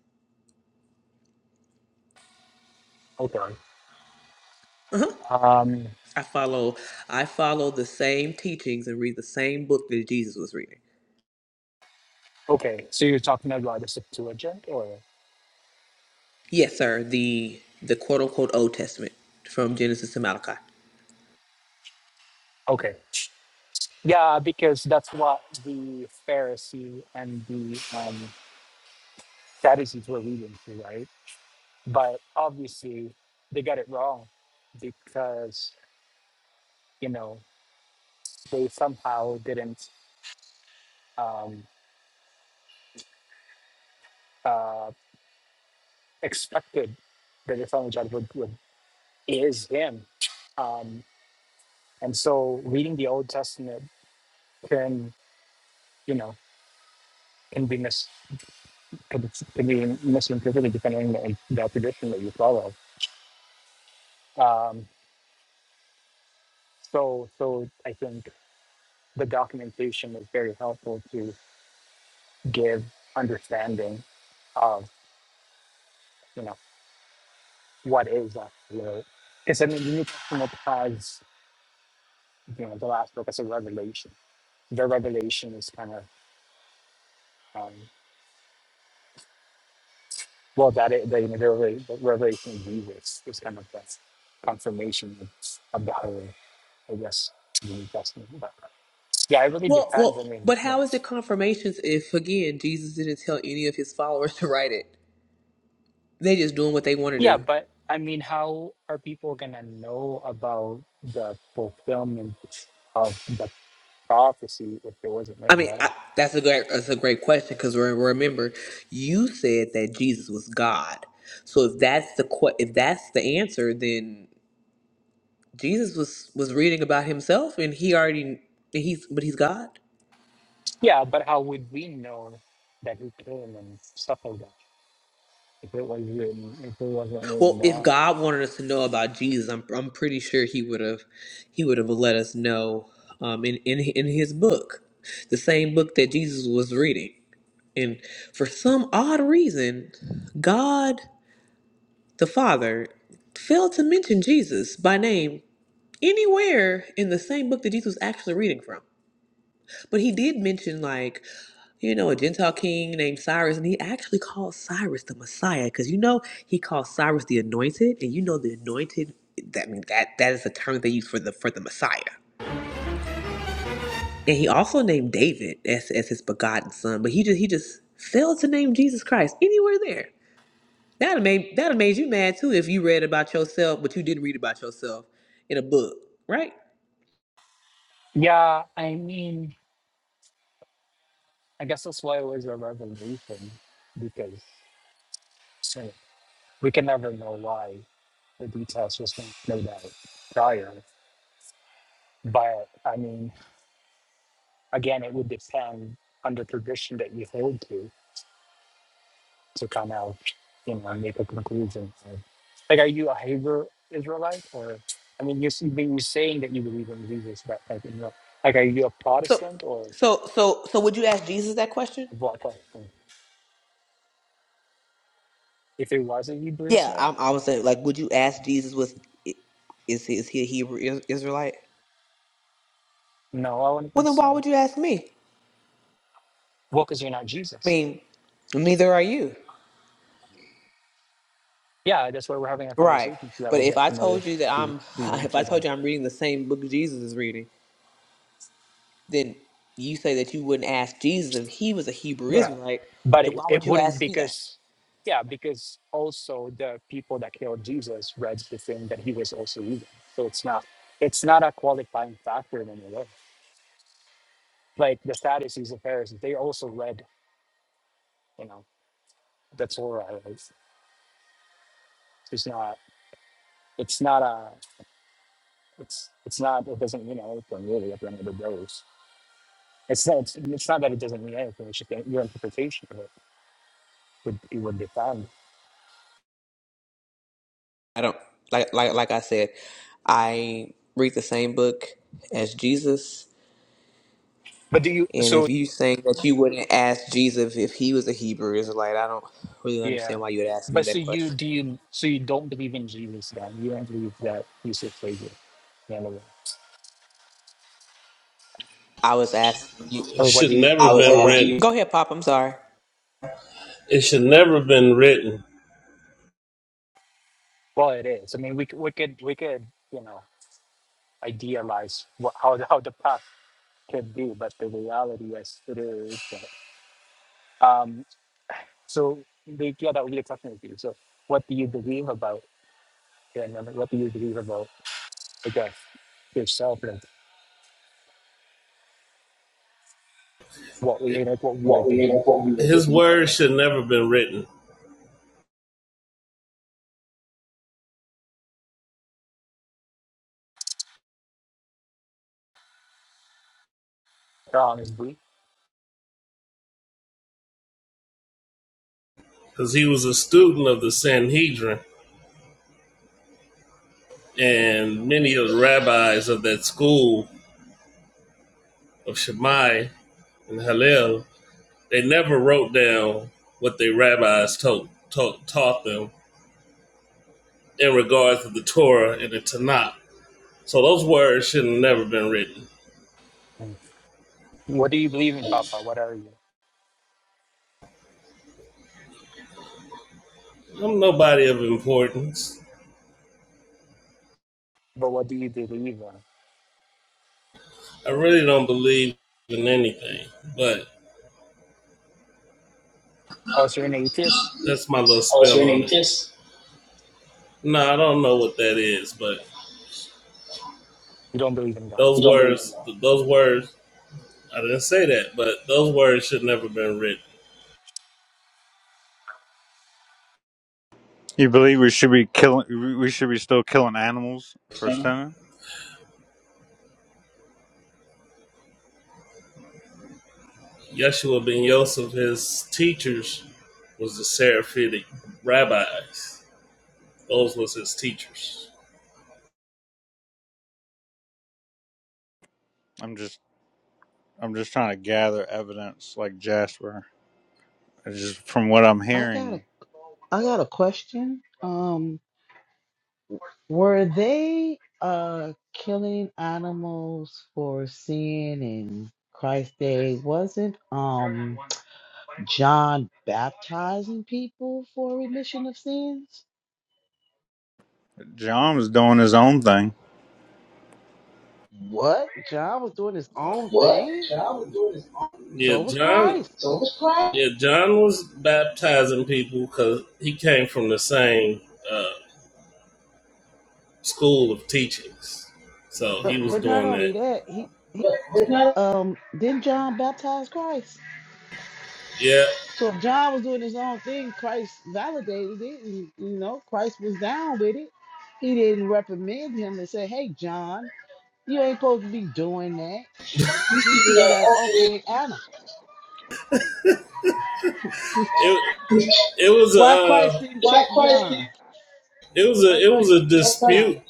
Speaker 13: Okay.
Speaker 1: Uh huh.
Speaker 13: Um,
Speaker 1: I follow I follow the same teachings and read the same book that Jesus was reading.
Speaker 13: Okay, so you're talking about the Septuagint, or
Speaker 1: Yes, sir. The the quote unquote Old Testament from Genesis to Malachi.
Speaker 13: okay, yeah, because that's what the Pharisee and the um, Sadducees were reading through, right? But obviously, they got it wrong because you know they somehow didn't um, uh, expected that the Son of God would, would is Him, um, and so reading the Old Testament can you know can be could s- could be misinterpreted depending on the tradition that you follow. Um, so, so I think the documentation is very helpful to give understanding of you know what is actually because I mean the New Testament has you know the last book is a revelation. The revelation is kind of um, well that is, the, you know, the, revela- the revelation of Jesus is kind of that confirmation of, of the whole. I guess the New Testament. But yeah, it really
Speaker 1: Well, well,
Speaker 13: depends. I mean,
Speaker 1: but
Speaker 13: you know.
Speaker 1: how is it confirmations if again Jesus didn't tell any of his followers to write it? They just doing what they want to
Speaker 13: yeah,
Speaker 1: do.
Speaker 13: but I mean, how are people gonna know about the fulfillment of the prophecy if it wasn't
Speaker 1: I
Speaker 13: written
Speaker 1: mean,
Speaker 13: down?
Speaker 1: I, that's a great that's a great question because remember, you said that Jesus was God. So if that's the que- if that's the answer, then Jesus was was reading about himself and he already and he's but he's God.
Speaker 13: Yeah, but how would we know that he came and stuff like that if it was written if it wasn't
Speaker 1: Well,
Speaker 13: written
Speaker 1: if
Speaker 13: down?
Speaker 1: God wanted us to know about Jesus, I'm I'm pretty sure he would have he would have let us know um in in in his book, the same book that Jesus was reading. And for some odd reason, God the Father failed to mention Jesus by name anywhere in the same book that Jesus was actually reading from. But he did mention like, you know, a Gentile king named Cyrus, and he actually called Cyrus the Messiah, because you know he called Cyrus the Anointed, and you know the Anointed. That I mean that that is the term they use for the for the Messiah. And he also named David as as his begotten son, but he just he just failed to name Jesus Christ anywhere there. That made that made you mad too if you read about yourself, but you didn't read about yourself in a book, right?
Speaker 13: Yeah, I mean, I guess that's why it was a revelation because you know, we can never know why the details just were laid out prior. But I mean, again, it would depend on the tradition that you hold to to kind of, you know, make a conclusion. So, Like, are you a Hebrew Israelite, or I mean, you see, you're saying that you believe in Jesus, but like, you know, like, are you a
Speaker 1: So
Speaker 13: Protestant or
Speaker 1: so so so would you ask Jesus that question?
Speaker 13: what? type If it was a Hebrew
Speaker 1: Yeah, I,
Speaker 13: Israelite,
Speaker 1: I was saying, like, would you ask Jesus was is is he a Hebrew Is- Israelite?
Speaker 13: no, I wouldn't
Speaker 1: Well,
Speaker 13: think
Speaker 1: then why
Speaker 13: so.
Speaker 1: would you ask me?
Speaker 13: Well, because you're not
Speaker 1: I
Speaker 13: Jesus.
Speaker 1: mean, neither are you,
Speaker 13: Yeah, that's why we're having a
Speaker 1: right?
Speaker 13: conversation so that
Speaker 1: But
Speaker 13: we
Speaker 1: if
Speaker 13: get
Speaker 1: I
Speaker 13: to know
Speaker 1: told you that
Speaker 13: who,
Speaker 1: I'm,
Speaker 13: who
Speaker 1: if
Speaker 13: each
Speaker 1: I
Speaker 13: other
Speaker 1: told you I'm reading the same book Jesus is reading, then you say that you wouldn't ask Jesus if he was a Hebrew
Speaker 13: Yeah,
Speaker 1: Israelite.
Speaker 13: but
Speaker 1: Then why
Speaker 13: it, it
Speaker 1: would you
Speaker 13: wouldn't
Speaker 1: ask me that?
Speaker 13: because, yeah, because also the people that killed Jesus read the thing that he was also eating. So it's not it's not a qualifying factor in any way. Like the Sadducees and Pharisees, they also read, you know, the Torah. It's, it's not it's not a it's it's not it doesn't mean anything really at the end of the day. It's it's not, it's, it's not that it doesn't mean anything. It's just that your interpretation of it would it would be found.
Speaker 1: I don't like like like I said, I read the same book as Jesus.
Speaker 13: But do you
Speaker 1: And
Speaker 13: so
Speaker 1: if you saying that you wouldn't ask Jesus if he was a Hebrew Israelite, I don't really
Speaker 13: Yeah.
Speaker 1: understand why you would ask me
Speaker 13: But so
Speaker 1: that
Speaker 13: you
Speaker 1: question.
Speaker 13: do you so you don't believe in Jesus then? You don't believe that he's your savior in a way.
Speaker 1: I was asking you.
Speaker 12: It
Speaker 13: Or what
Speaker 12: should
Speaker 13: do you
Speaker 12: never I been written. You.
Speaker 1: Go ahead, Pop. I'm sorry.
Speaker 12: It should never been written.
Speaker 13: well it is. I mean we could we could we could, you know, idealize what how the how the path could be, but the reality as it is that um so the yeah that would be the question with you. So what do you believe about yeah, and then what do you believe about I guess yourself and what we like what we
Speaker 12: What
Speaker 13: like to
Speaker 12: we
Speaker 13: be from
Speaker 12: on His words should never been written
Speaker 13: um, is we-
Speaker 12: because he was a student of the Sanhedrin and many of the rabbis of that school of Shammai and Hillel They never wrote down what their rabbis told, taught taught them in regards to the Torah and the Tanakh. So those words should have never been written.
Speaker 13: what do you believe in, Papa? What are you?
Speaker 12: I'm nobody of importance.
Speaker 13: But what do you believe in?
Speaker 12: I really don't believe in anything, but
Speaker 13: Oh, so you're an atheist?
Speaker 12: that's my little spell. Oh, your name it. Kiss? No, I don't know what that is, but
Speaker 13: You don't believe in God?
Speaker 12: those You words, those words, I didn't say that, but those words should never been written.
Speaker 11: You believe we should be killing? We we should be still killing animals for
Speaker 12: in
Speaker 11: sinning?
Speaker 12: Yeshua ben Yosef, his teachers was the Seraphitic rabbis. Those was his teachers.
Speaker 11: I'm just. I'm just trying to gather evidence, like Jasper. It's just from what I'm
Speaker 9: I got a
Speaker 11: hearing,
Speaker 9: I got a question. Um, were they uh killing animals for sin in Christ's day? Wasn't um John baptizing people for remission of sins?
Speaker 11: John was doing his own thing.
Speaker 9: What? John was doing his own
Speaker 12: What?
Speaker 9: thing.
Speaker 12: John was doing his own. Yeah,
Speaker 9: So was
Speaker 12: John.
Speaker 9: Christ.
Speaker 12: So it was class. Yeah, John was baptizing people because he came from the same uh, school of teachings. So
Speaker 9: But
Speaker 12: he was
Speaker 9: but not
Speaker 12: doing that.
Speaker 9: only that, he, he
Speaker 12: But not
Speaker 9: um then John baptized Christ.
Speaker 12: Yeah,
Speaker 9: So if John was doing his own thing, Christ validated it, and you know Christ was down with it. He didn't reprimand him and say, "Hey, John, you ain't supposed to be doing that. These people got to offer their honor."
Speaker 12: it it was a
Speaker 9: Why Christ
Speaker 12: uh,
Speaker 9: didn't
Speaker 12: why
Speaker 9: check
Speaker 12: Christ
Speaker 9: John?
Speaker 12: it was
Speaker 9: Why
Speaker 12: a it was
Speaker 9: Christ
Speaker 12: a
Speaker 9: didn't check John?
Speaker 12: dispute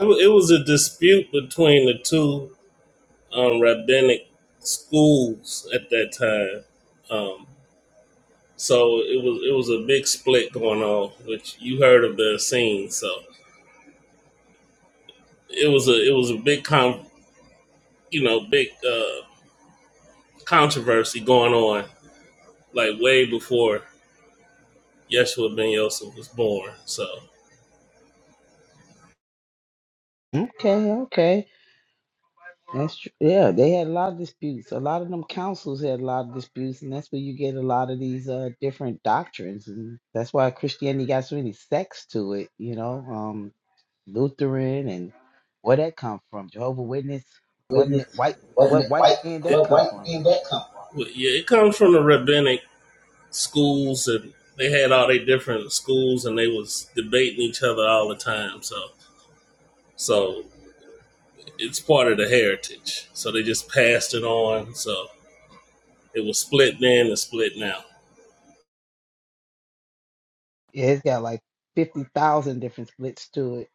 Speaker 12: It was a dispute between the two um, rabbinic schools at that time. Um, So it was it was a big split going on, which you heard of the scene. So it was a it was a big con you know big uh, controversy going on like way before Yeshua ben Yosef was born. So
Speaker 9: Okay, okay. That's true. Yeah, they had a lot of disputes. A lot of them councils had a lot of disputes, and that's where you get a lot of these uh, different doctrines, and that's why Christianity got so many sects to it. You know, um, Lutheran and where that come from? Jehovah Witness. What ma- white?
Speaker 12: What?
Speaker 9: What white man that come from?
Speaker 12: well, yeah, it comes from the rabbinic schools and they had all their different schools and they was debating each other all the time. So so it's part of the heritage. So they just passed it on. So it was split then and split now.
Speaker 9: Yeah, it's got like fifty thousand different splits to it.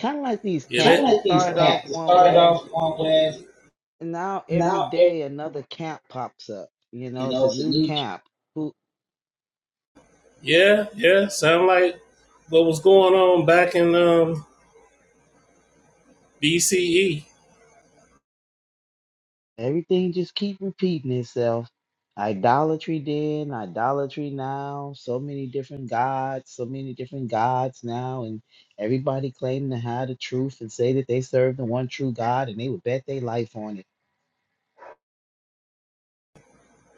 Speaker 9: Kind of like these
Speaker 12: Yeah, China
Speaker 9: camps.
Speaker 12: that,
Speaker 9: It
Speaker 12: has these
Speaker 9: started off
Speaker 12: cats. It
Speaker 9: one
Speaker 12: started
Speaker 9: way,
Speaker 12: off one class,
Speaker 9: and now every
Speaker 12: now every-
Speaker 9: day another camp pops up. You
Speaker 12: you
Speaker 9: know, it's
Speaker 12: know
Speaker 9: a
Speaker 12: it's a
Speaker 9: new
Speaker 12: new.
Speaker 9: camp.
Speaker 12: yeah, yeah. Sound like what was going on back in um, BCE.
Speaker 9: Everything just keep repeating itself. Idolatry then, idolatry now, so many different gods, so many different gods now, and everybody claiming to have the truth and say that they serve the one true God and they would bet their life on it.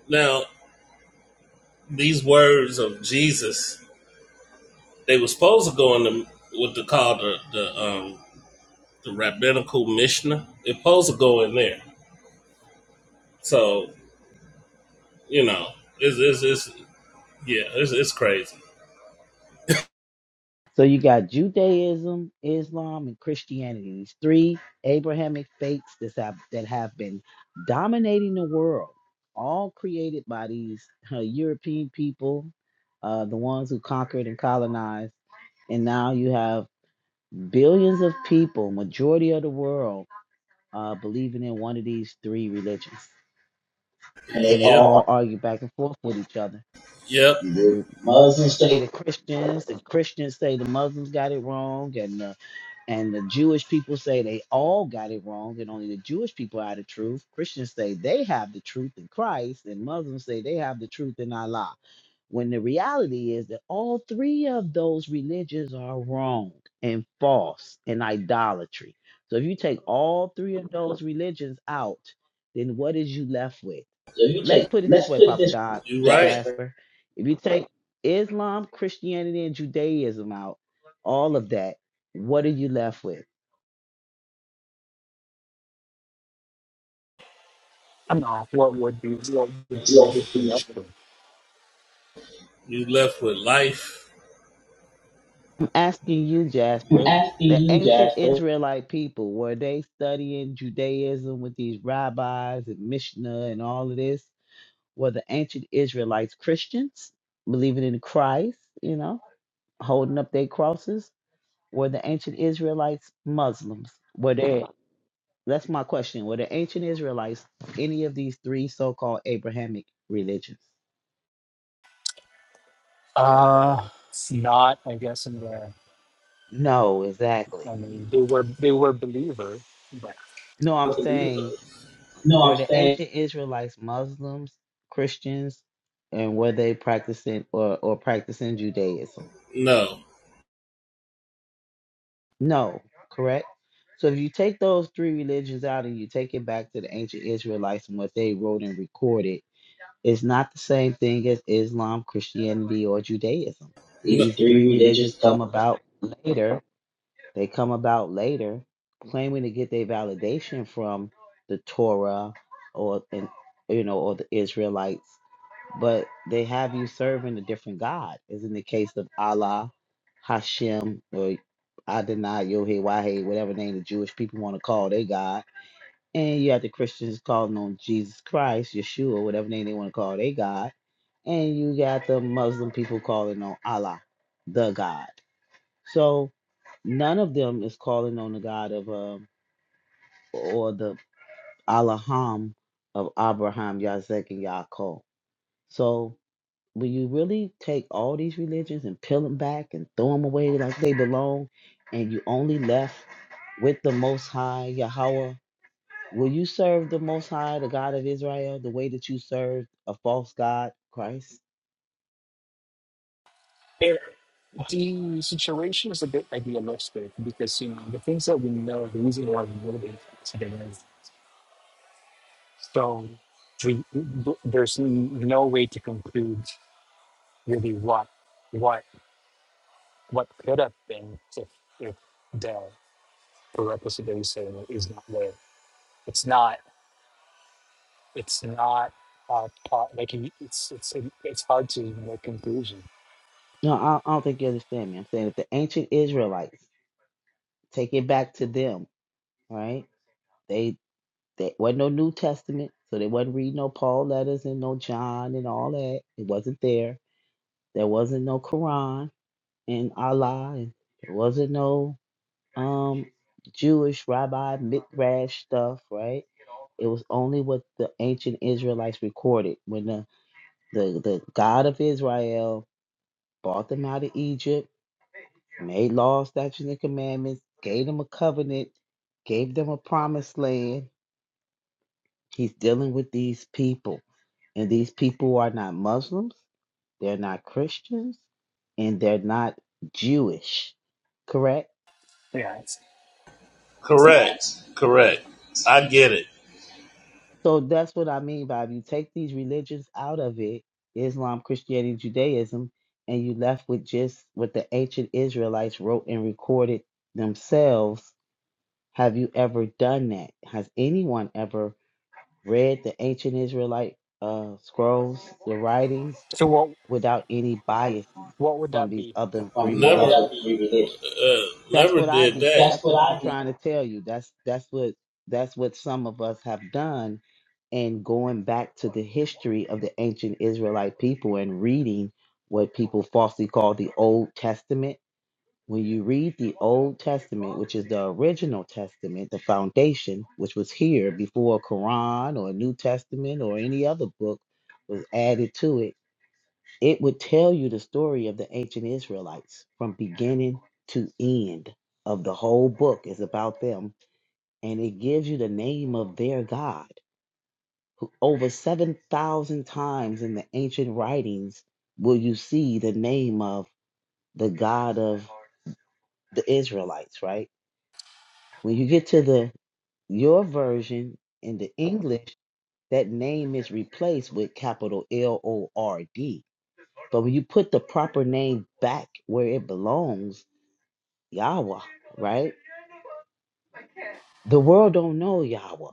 Speaker 12: Now these words of Jesus, they were supposed to go in the what they call the the um, the rabbinical Mishnah. It's supposed to go in there. So you know, it's it's, it's yeah, it's, it's crazy.
Speaker 9: So you got Judaism, Islam, and Christianity, these three Abrahamic faiths that have, that have been dominating the world, all created by these uh, European people, uh, the ones who conquered and colonized. and now you have billions of people, majority of the world, uh, believing in one of these three religions,
Speaker 12: And
Speaker 9: and
Speaker 12: they
Speaker 9: they
Speaker 12: Yep, all
Speaker 9: all
Speaker 12: are
Speaker 9: argue back and forth with each other.
Speaker 12: yep. Muslims.
Speaker 9: Muslims
Speaker 12: So
Speaker 9: say the Christians, the Christians say the Muslims got it wrong, and the And the Jewish people say they all got it wrong, and only the Jewish people are the truth. Christians say they have the truth in Christ, and Muslims say they have the truth in Allah. When the reality is that all three of those religions are wrong and false and idolatry. So if you take all three of those religions out, then what is you left with?
Speaker 12: if you
Speaker 9: let's
Speaker 12: take,
Speaker 9: put it
Speaker 12: let's
Speaker 9: this way,
Speaker 12: put it
Speaker 9: Papa
Speaker 12: this
Speaker 9: Doc,
Speaker 12: You way. You're right.
Speaker 9: Jasper. If you take Islam, Christianity, and Judaism out, all of that, what are you left with?
Speaker 13: I'm not. What would be what would be the other?
Speaker 12: You left with life?
Speaker 9: I'm asking you,
Speaker 12: I'm
Speaker 9: Jasper.
Speaker 12: asking
Speaker 9: The
Speaker 12: you,
Speaker 9: ancient
Speaker 12: Jasper.
Speaker 9: Israelite people, were they studying Judaism with these rabbis and Mishnah and all of this? Were the ancient Israelites Christians, believing in Christ, you know, holding up their crosses? Were the ancient Israelites Muslims? Were they? That's my question. Were the ancient Israelites any of these three so called Abrahamic religions?
Speaker 13: Uh, it's not. I guess in the.
Speaker 9: No, exactly.
Speaker 13: I mean, they were they were believer, but
Speaker 9: No, I'm saying
Speaker 12: No,
Speaker 9: were
Speaker 12: I'm
Speaker 9: the
Speaker 12: saying
Speaker 9: ancient Israelites Muslims, Christians, and were they practicing or, or practicing Judaism?
Speaker 12: No. no.
Speaker 9: No, correct? So if you take those three religions out and you take it back to the ancient Israelites and what they wrote and recorded, It's not the same thing as Islam, Christianity, or Judaism.
Speaker 12: these no.
Speaker 9: These
Speaker 12: three
Speaker 9: three religions
Speaker 12: religious
Speaker 9: come
Speaker 12: come
Speaker 9: about later. They come about later, claiming to get their validation from the Torah or and you know or the Israelites, but they have you serving a different God, as in the case of Allah, Hashem, or Adonai, Yohe, Wahe, whatever name the Jewish people want to call their God. And you have the Christians calling on Jesus Christ, Yeshua, whatever name they want to call their God and you got the Muslim people calling on Allah, the God. So none of them is calling on the God of uh, or the Allaham of Abraham, Yazek, and Yaakov. So when you really take all these religions and peel them back and throw them away like they belong, and you only left with the Most High, Yahweh, will you serve the Most High, the God of Israel, the way that you served a false God, Christ?
Speaker 13: it, the situation is a bit idealistic because you know the things that we know, the reason why we know these things today is so we, there's no way to conclude really what what what could have been if if the the that he's saying is not there. It's not. It's not. Uh, po- like he, it's it's it's hard to even make conclusion.
Speaker 9: No, I, I don't think you understand me. I'm saying if the ancient Israelites take it back to them, right? They they wasn't no New Testament, so they wasn't reading no Paul letters and no John and all that. It wasn't there. There wasn't no Quran and Allah, and there wasn't no um Jewish rabbi midrash stuff, right? It was only what the ancient Israelites recorded when the the, the God of Israel brought them out of Egypt made laws, statutes, and commandments, gave them a covenant, gave them a promised land. He's dealing with these people. And these people are not Muslims, they're not Christians, and they're not Jewish, correct?
Speaker 13: Yeah. It's,
Speaker 12: Correct. Correct. I get it.
Speaker 9: So that's what I mean by if you take these religions out of it Islam, Christianity, Judaism and you left with just what the ancient Israelites wrote and recorded themselves. Have you ever done that? Has anyone ever? read the ancient Israelite uh, scrolls, the writings,
Speaker 13: so what
Speaker 9: without any bias
Speaker 13: what would
Speaker 9: from
Speaker 13: that
Speaker 9: these
Speaker 13: be?
Speaker 9: other
Speaker 12: from
Speaker 9: three
Speaker 12: Never,
Speaker 9: religions.
Speaker 12: another three uh,
Speaker 9: That's
Speaker 12: never
Speaker 9: what I
Speaker 12: did that.
Speaker 9: did. That's
Speaker 12: That's what
Speaker 9: what I'm
Speaker 12: I did,
Speaker 9: trying to tell you. That's that's what that's what some of us have done and going back to the history of the ancient Israelite people and reading what people falsely call the Old Testament when you read the Old Testament, which is the original testament, the foundation, which was here before Quran or New Testament or any other book was added to it, it would tell you the story of the ancient Israelites from beginning to end of the whole book is about them and it gives you the name of their God. Over 7,000 times in the ancient writings will you see the name of the God of the Israelites, right? When you get to the your version in the English, that name is replaced with capital L O R D. But when you put the proper name back where it belongs, Yahweh, right? The world don't know Yahweh.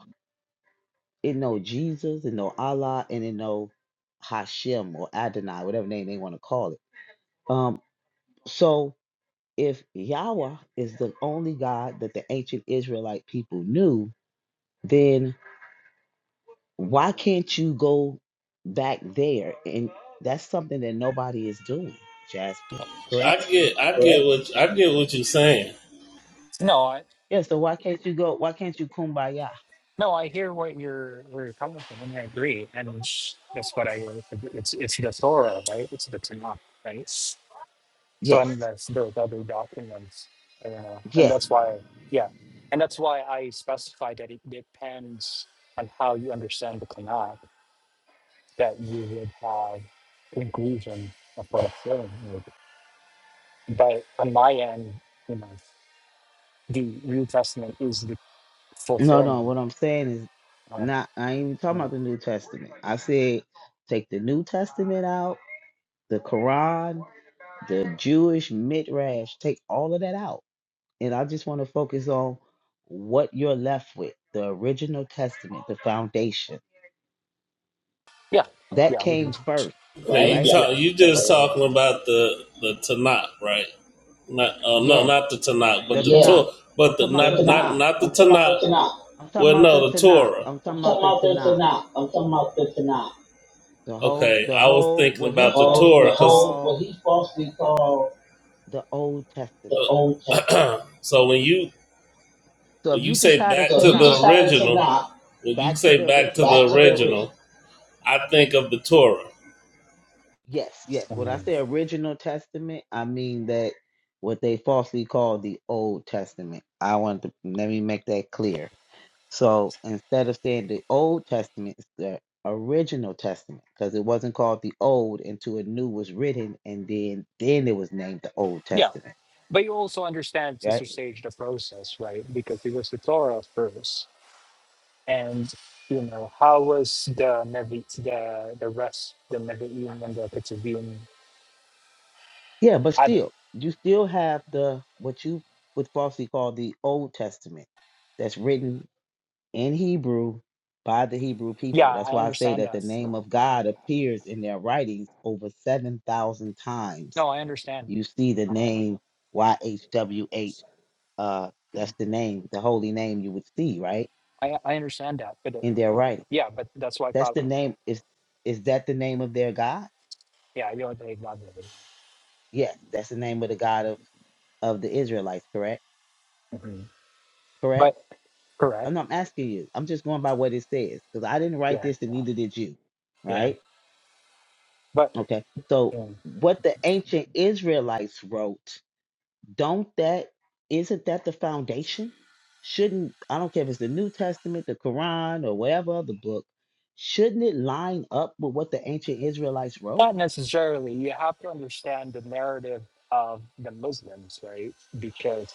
Speaker 9: It know Jesus, it know Allah, and it know Hashem or Adonai, whatever name they want to call it. Um, so if Yahweh is the only God that the ancient Israelite people knew, then Why can't you go back there? And that's something that nobody is doing, Jasper.
Speaker 12: I
Speaker 9: Correct?
Speaker 12: get, I get what I get what you're saying.
Speaker 13: No, I
Speaker 9: Yeah, so why can't you go why can't you kumbaya?
Speaker 13: no, I hear what you're where you're coming from, and I agree. And that's what I it's it's the Torah, right? It's the Tanakh, right? So
Speaker 9: Yes.
Speaker 13: unless that's those other documents, you know, and
Speaker 9: Yes.
Speaker 13: that's why, yeah, and that's why I specify that it depends on how you understand the Tanakh that you would have inclusion of what I'm Like, but on my end, you know, the New Testament is the
Speaker 9: No, no,
Speaker 13: fulfillment
Speaker 9: what I'm saying is
Speaker 13: of,
Speaker 9: not I ain't even talking
Speaker 13: you know,
Speaker 9: about the New Testament. I said take the New Testament out, the Quran, the Jewish midrash, take all of that out. And I just want to focus on what you're left with, the original testament, the foundation.
Speaker 13: yeah,
Speaker 9: That
Speaker 13: yeah, we do.
Speaker 9: came first,
Speaker 12: Okay, Right? you Yeah.
Speaker 9: right?
Speaker 13: Yeah,
Speaker 12: talk, you just
Speaker 13: okay, yeah.
Speaker 12: talking about the the Tanakh, right? Not, uh, no,
Speaker 9: Yes,
Speaker 12: not the Tanakh, but
Speaker 9: the
Speaker 12: the Yeah.
Speaker 9: Tanakh.
Speaker 12: Torah,
Speaker 9: I'm
Speaker 12: but the The
Speaker 9: talking about
Speaker 12: not,
Speaker 9: the
Speaker 12: the not,
Speaker 9: Tanakh.
Speaker 12: not the Tanakh.
Speaker 9: I'm talking
Speaker 12: Well,
Speaker 9: about the
Speaker 12: no, the
Speaker 9: Tanakh.
Speaker 12: Torah.
Speaker 9: I'm
Speaker 12: I'm
Speaker 9: talking
Speaker 12: talking
Speaker 9: about the
Speaker 12: about the
Speaker 9: Tanakh.
Speaker 12: Tanakh. I'm talking about the Tanakh.
Speaker 9: The whole,
Speaker 12: Okay,
Speaker 9: the
Speaker 12: I was
Speaker 9: whole,
Speaker 12: thinking The
Speaker 9: what
Speaker 12: about
Speaker 9: he
Speaker 12: the old, Torah the
Speaker 9: falsely
Speaker 12: because old, what
Speaker 9: called
Speaker 12: he falsely called
Speaker 9: the Old Testament.
Speaker 12: the Old Testament. so when you
Speaker 9: So
Speaker 12: when
Speaker 9: if
Speaker 12: you
Speaker 9: you just
Speaker 12: say
Speaker 9: had a
Speaker 12: back So to he the
Speaker 9: Tanakh,
Speaker 12: decided to original, knock when you
Speaker 9: back to
Speaker 12: say
Speaker 9: the
Speaker 12: back to
Speaker 9: original.
Speaker 12: the back to the original. original, I think of the Torah.
Speaker 9: Yes, yes.
Speaker 13: I
Speaker 9: When I
Speaker 13: mean,
Speaker 9: say original Testament, I mean that what they falsely called the Old Testament. I want to let me make that clear. So instead of saying the Old Testament, it's the original testament because it wasn't called the Old until a new was written, and then then it was named the Old
Speaker 13: yeah.
Speaker 9: Testament,
Speaker 13: But you also understand,
Speaker 9: right?
Speaker 13: Sister Sage, the process, right? Because it was the Torah first. And, you know, how was the Nevi, the, the rest, the Nevi'im and the Ketuvim
Speaker 9: Yeah, but
Speaker 13: added?
Speaker 9: still, you still have the what you would falsely call the Old Testament that's written in Hebrew by the Hebrew
Speaker 13: Yeah,
Speaker 9: people. That's
Speaker 13: I
Speaker 9: why I say
Speaker 13: understand
Speaker 9: that the
Speaker 13: that.
Speaker 9: name of God appears in their writings over seven thousand times.
Speaker 13: No, I understand.
Speaker 9: You see the name YHWH uh that's the name the holy name you would see right
Speaker 13: I I understand that, but uh,
Speaker 9: in their writing
Speaker 13: yeah, but that's why I
Speaker 9: that's
Speaker 13: thought,
Speaker 9: the name is is that the name of their god
Speaker 13: yeah, you don't take God with it.
Speaker 9: yes that's the name of the god of of the israelites correct
Speaker 13: Mhm.
Speaker 9: correct
Speaker 13: But
Speaker 9: i'm
Speaker 13: correct,
Speaker 9: not asking you i'm just going by what it says because i didn't write
Speaker 13: yeah,
Speaker 9: this and neither did you
Speaker 13: yeah,
Speaker 9: right
Speaker 13: but
Speaker 9: okay so
Speaker 13: yeah.
Speaker 9: what the ancient israelites wrote Don't that isn't that the foundation? Shouldn't I don't care if it's the New Testament, the Quran, or whatever other book, shouldn't it line up with what the ancient Israelites wrote?
Speaker 13: not necessarily. You have to understand the narrative of the Muslims, right? Because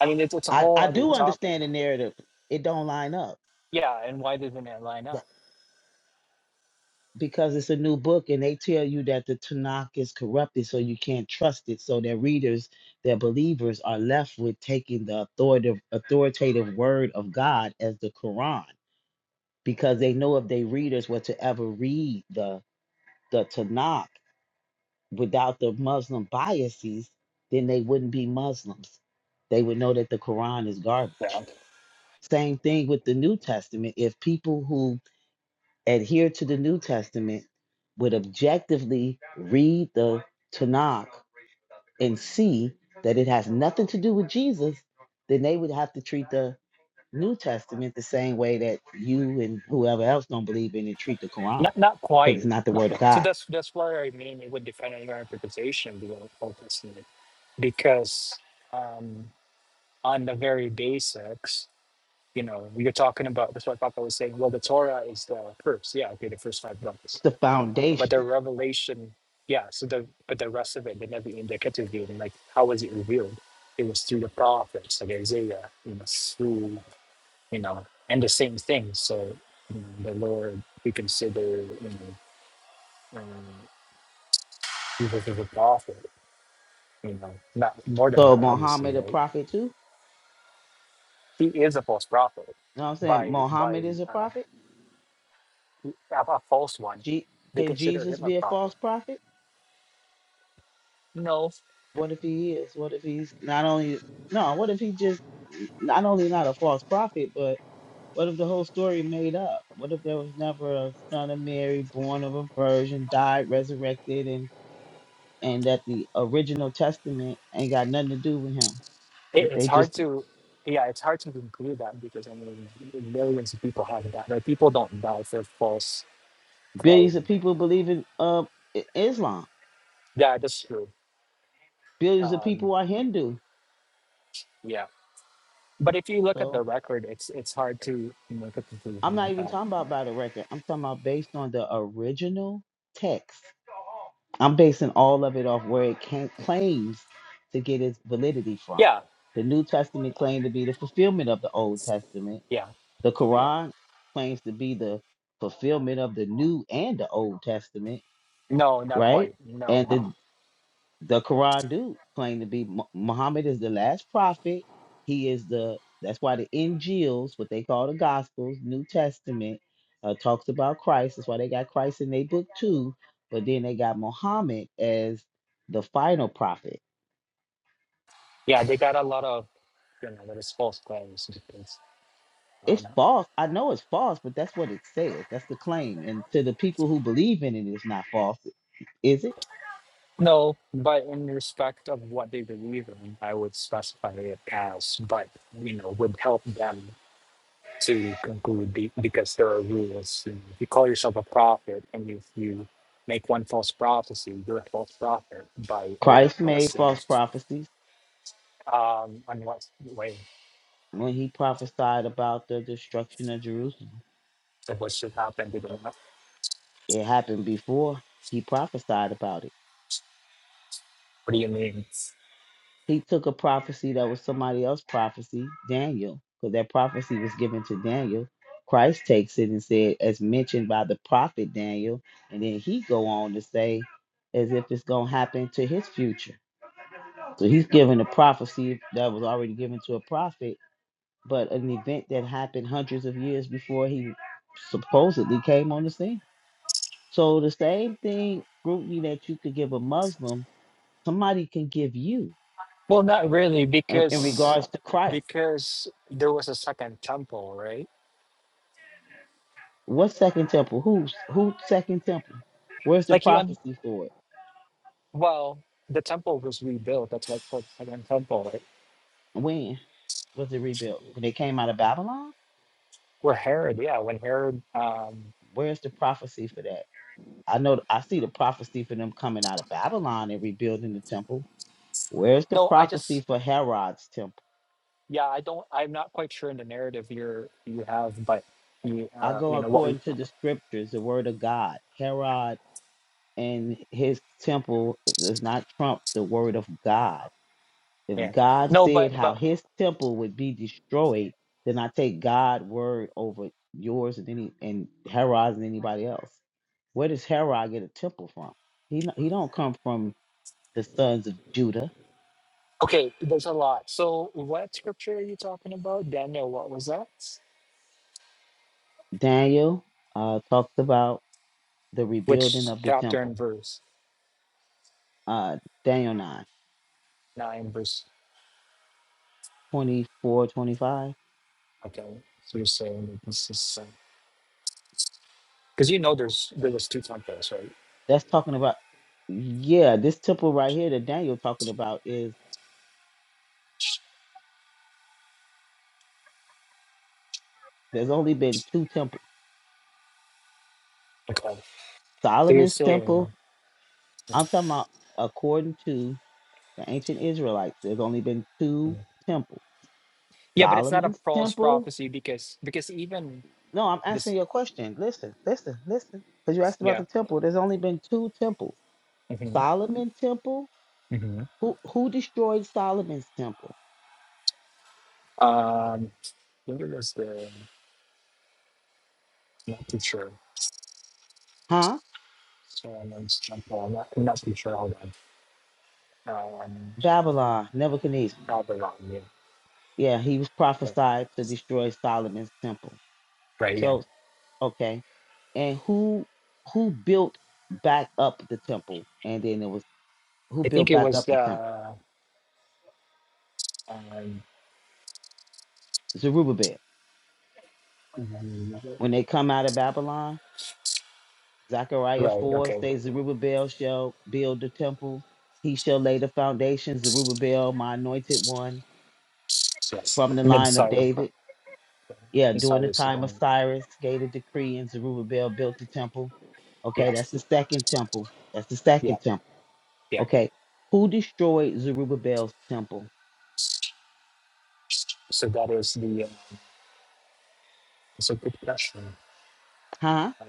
Speaker 13: I mean, it's it's a
Speaker 9: I,
Speaker 13: whole
Speaker 9: I
Speaker 13: other
Speaker 9: do
Speaker 13: topic.
Speaker 9: understand the narrative. It don't line up
Speaker 13: Yeah, and why doesn't it line
Speaker 9: but-
Speaker 13: up?
Speaker 9: because it's a new book and they tell you that the Tanakh is corrupted, so you can't trust it. So their readers, their believers are left with taking the authoritative authoritative word of God as the Quran because they know if they readers were to ever read the the Tanakh without the Muslim biases, then they wouldn't be Muslims. They would know that the Quran is
Speaker 13: Yeah,
Speaker 9: garbage. Same thing with the New Testament. If people who adhere to the New Testament would objectively read the Tanakh and see that it has nothing to do with Jesus, then they would have to treat the New Testament the same way that you and whoever else don't believe in it treat the Quran,
Speaker 13: not not
Speaker 9: because it's
Speaker 13: quite.
Speaker 9: not the word of
Speaker 13: So
Speaker 9: God.
Speaker 13: that's that's where I mean it would depend on your interpretation, being the Old Testament, because um, on the very basics. You know, we are talking about that's what Papa was saying. Well, the Torah is the first, yeah, okay, the first five
Speaker 9: It's
Speaker 13: books,
Speaker 9: the
Speaker 13: but
Speaker 9: foundation.
Speaker 13: the revelation, yeah. So the but the rest of it, the Nevi'im, the Ketuvim, like how was it revealed? It was through the prophets, like Isaiah, you know, through you know, and the same thing. So you know, the Lord we consider, you know, um, Jesus is a prophet. You know, not more than
Speaker 9: So
Speaker 13: that, obviously,
Speaker 9: Muhammad a
Speaker 13: right?
Speaker 9: prophet too? You
Speaker 13: He is a false prophet
Speaker 9: know what I'm saying?
Speaker 13: by by
Speaker 9: Muhammad is a
Speaker 13: uh,
Speaker 9: prophet?
Speaker 13: a, a false one.
Speaker 9: Je-
Speaker 13: They
Speaker 9: can
Speaker 13: consider
Speaker 9: Jesus
Speaker 13: him a
Speaker 9: be a
Speaker 13: prophet.
Speaker 9: false prophet?
Speaker 13: No,
Speaker 9: What if he is? What if he's not only no, what if he just not only not a false prophet, but what if the whole story made up? What if there was never a son of Mary, born of a virgin, died, resurrected, and and that the original testament ain't got nothing to do with him? That
Speaker 13: it,
Speaker 9: they
Speaker 13: it's
Speaker 9: just
Speaker 13: hard to, yeah, it's hard to conclude that because I mean, millions of people have that. Like people don't die for false
Speaker 9: billions of
Speaker 13: claim.
Speaker 9: people believe in uh I- Islam.
Speaker 13: Yeah, that's true.
Speaker 9: Billions of
Speaker 13: Um,
Speaker 9: people are Hindu.
Speaker 13: yeah, but if you look at the
Speaker 9: So.
Speaker 13: record, it's it's hard to make a
Speaker 9: I'm
Speaker 13: conclusion
Speaker 9: not
Speaker 13: like
Speaker 9: even
Speaker 13: that.
Speaker 9: talking about by the record. I'm talking about based on the original text. I'm basing all of it off where it can, claims to get its validity from.
Speaker 13: Yeah,
Speaker 9: The New Testament claimed to be the fulfillment of the Old Testament.
Speaker 13: yeah.
Speaker 9: The Quran claims to be the fulfillment of the New and the Old Testament,
Speaker 13: No, not
Speaker 9: right?
Speaker 13: quite. No.
Speaker 9: And the the Quran do claim to be Mu- Muhammad is the last prophet. He is the that's why the Injils, what they call the Gospels, New Testament, uh, talks about Christ. That's why they got Christ in their book too. But then they got Muhammad as the final prophet.
Speaker 13: Yeah, they got a lot of you know, there's false claims. and things.
Speaker 9: It's
Speaker 13: Um,
Speaker 9: false. I know it's false, but that's what it says. That's the claim. And to the people who believe in it, it's not false, is it?
Speaker 13: No, but in respect of what they believe in, I would specify it as, but you know, would help them to conclude be, because there are rules. And If you call yourself a prophet, and if you make one false prophecy, you're a false prophet by Old
Speaker 9: Christ made false
Speaker 13: Testament.
Speaker 9: prophecies
Speaker 13: Um, on what way?
Speaker 9: when he prophesied about the destruction of Jerusalem.
Speaker 13: So what should happen to them? What
Speaker 9: It happened before he prophesied about it.
Speaker 13: do you mean?
Speaker 9: He took a prophecy that was somebody else's prophecy, Daniel, because that prophecy was given to Daniel. Christ takes it and said, as mentioned by the prophet Daniel, and then he go on to say, as if it's gonna happen to his future. So he's given a prophecy that was already given to a prophet, but an event that happened hundreds of years before he supposedly came on the scene. So the same thing, scrutiny that you could give a Muslim somebody can give you
Speaker 13: Well, not really,
Speaker 9: um, in
Speaker 13: because
Speaker 9: regards to Christ.
Speaker 13: because there was a second temple, right?
Speaker 9: What second temple? Who's who second temple? Where's the
Speaker 13: Like you, un-
Speaker 9: prophecy for it?
Speaker 13: Well, the temple was rebuilt. That's why it's called Second Temple, right?
Speaker 9: When was it rebuilt? When they came out of Babylon?
Speaker 13: Where Herod, yeah, when Herod, um,
Speaker 9: Where's the prophecy for that? I know I see the prophecy for them coming out of Babylon and rebuilding the temple. Where's the
Speaker 13: no, I
Speaker 9: prophecy
Speaker 13: just,
Speaker 9: for Herod's temple?
Speaker 13: yeah, I don't, I'm not quite sure in the narrative you're you have, but you,
Speaker 9: I
Speaker 13: uh,
Speaker 9: go
Speaker 13: you know what, we,
Speaker 9: according to the scriptures, the word of God. Herod and his temple does not trump the word of God.
Speaker 13: yeah,
Speaker 9: If God
Speaker 13: no,
Speaker 9: said
Speaker 13: but
Speaker 9: how
Speaker 13: but
Speaker 9: his temple would be destroyed, then I take God's word over yours and any and Herod's and anybody else. Where does Herod get a temple from? He n- he don't come from the sons of Judah.
Speaker 13: okay, there's a lot. So, what scripture are you talking about, Daniel? What was that?
Speaker 9: Daniel uh, talks about the rebuilding
Speaker 13: Which
Speaker 9: of the
Speaker 13: chapter
Speaker 9: temple.
Speaker 13: and verse?
Speaker 9: Uh, Daniel 9
Speaker 13: Nine verse.
Speaker 9: 24 25.
Speaker 13: Okay, so you're saying that this is because you know there's there was two temples, right?
Speaker 9: That's talking about, yeah, this temple right here that Daniel talking about is there's only been two temples.
Speaker 13: Okay, so you're
Speaker 9: Solomon's temple
Speaker 13: saying.
Speaker 9: I'm talking about according to the ancient Israelites, there's only been two temples.
Speaker 13: Yeah, but it's not a
Speaker 9: Solomon's
Speaker 13: false
Speaker 9: temple.
Speaker 13: prophecy because because even
Speaker 9: No, I'm
Speaker 13: this
Speaker 9: asking you a question. Listen, listen, listen. Because you asked about
Speaker 13: yeah.
Speaker 9: the temple. There's only been two temples.
Speaker 13: hmm
Speaker 9: Solomon's temple.
Speaker 13: hmm
Speaker 9: Who who destroyed Solomon's temple?
Speaker 13: Um I think it was the not too sure.
Speaker 9: Huh?
Speaker 13: So I'm not, I'm not, I'm not I'm not too sure, hold on. Um
Speaker 9: Babylon, Nebuchadnezzar.
Speaker 13: probably wrong, yeah.
Speaker 9: Yeah, he was
Speaker 13: But,
Speaker 9: prophesied to destroy Solomon's temple.
Speaker 13: right, yeah.
Speaker 9: So okay. And who who built back up the temple? And then it was who
Speaker 13: I think
Speaker 9: built
Speaker 13: it
Speaker 9: back
Speaker 13: was
Speaker 9: up the
Speaker 13: the
Speaker 9: temple?
Speaker 13: um
Speaker 9: Zerubbabel.
Speaker 13: um,
Speaker 9: When they come out of Babylon, Zechariah
Speaker 13: right,
Speaker 9: 4
Speaker 13: okay.
Speaker 9: says, Zerubbabel shall build the temple. He shall lay the foundations, Zerubbabel, my anointed one,
Speaker 13: Yes.
Speaker 9: from the
Speaker 13: And then
Speaker 9: line of
Speaker 13: sorry.
Speaker 9: David. Yeah,
Speaker 13: And
Speaker 9: during the
Speaker 13: sorry so
Speaker 9: time of
Speaker 13: then
Speaker 9: Cyrus, gave a decree, and Zerubbabel built the temple. Okay,
Speaker 13: yeah,
Speaker 9: that's the second temple. That's the
Speaker 13: yeah,
Speaker 9: second temple.
Speaker 13: yeah.
Speaker 9: Okay, who destroyed Zerubbabel's temple?
Speaker 13: So that is the um, it's a good question.
Speaker 9: Huh?
Speaker 13: Um,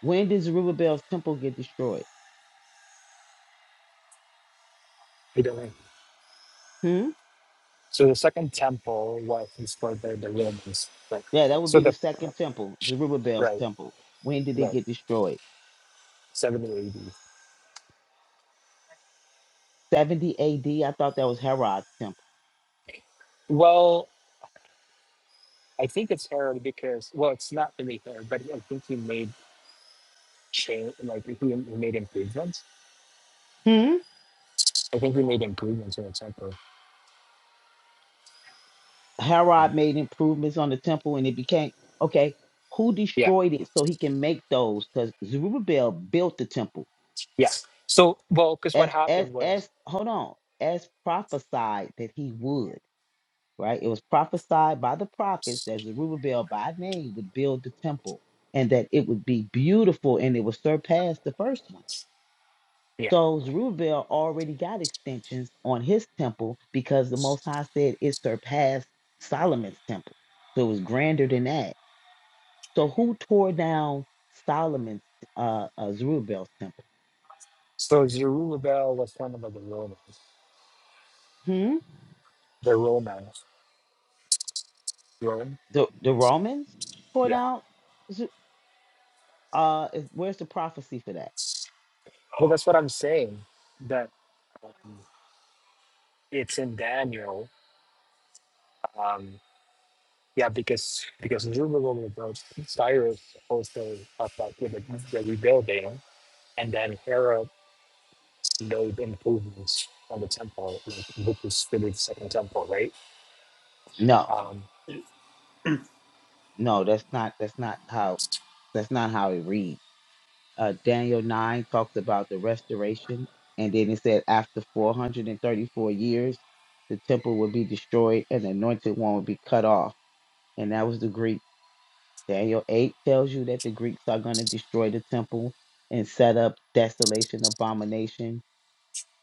Speaker 9: When did Zerubbabel's temple get destroyed?
Speaker 13: I don't know.
Speaker 9: Hmm?
Speaker 13: So the second temple was is for the, the Romans. Like
Speaker 9: Yeah, that would
Speaker 13: so
Speaker 9: be the
Speaker 13: the
Speaker 9: second temple, Zerubbabel's
Speaker 13: right,
Speaker 9: temple. When did it
Speaker 13: right,
Speaker 9: get destroyed?
Speaker 13: seventy AD.
Speaker 9: 70 AD. I thought that was Herod's temple.
Speaker 13: Well, I think it's Herod because well it's not really Herod, but I think he made change like he he made improvements.
Speaker 9: Hmm?
Speaker 13: I think he made improvements in the temple.
Speaker 9: Herod made improvements on the temple and it became okay. Who
Speaker 13: Yeah,
Speaker 9: destroyed it so he can make those? Because Zerubbabel built the temple
Speaker 13: yeah. So well, because what
Speaker 9: as as
Speaker 13: happened was
Speaker 9: as hold on as prophesied that he would. Right, it was prophesied by the prophets that Zerubbabel by name would build the temple and that it would be beautiful and it would surpass the first one.
Speaker 13: yeah.
Speaker 9: So Zerubbabel already got extensions on his temple because the Most High said it surpassed Solomon's temple. So it was grander than that. So who tore down Solomon's, uh, uh Zerubbabel's temple?
Speaker 13: So Zerubbabel was one of the Romans.
Speaker 9: Hmm?
Speaker 13: The Romans. Rome?
Speaker 9: The, the Romans tore
Speaker 13: Yeah.
Speaker 9: down? Zer- Uh, is- where's the prophecy for that?
Speaker 13: Well that's what I'm saying. That um, it's in Daniel Um, yeah, because because Zoom Roman Cyrus also talked about with the, the rebuilding, and then Herod made improvements on the temple, like which was really the second temple, right?
Speaker 9: No,
Speaker 13: Um,
Speaker 14: Hello.
Speaker 9: no, that's not, that's not how, that's not how it reads. uh, Daniel 9 talks about the restoration. And then it said, after 434 years, the temple would be destroyed and the anointed one would be cut off. And that was the Greek. Daniel 8 tells you that the Greeks are going to destroy the temple and set up desolation, abomination.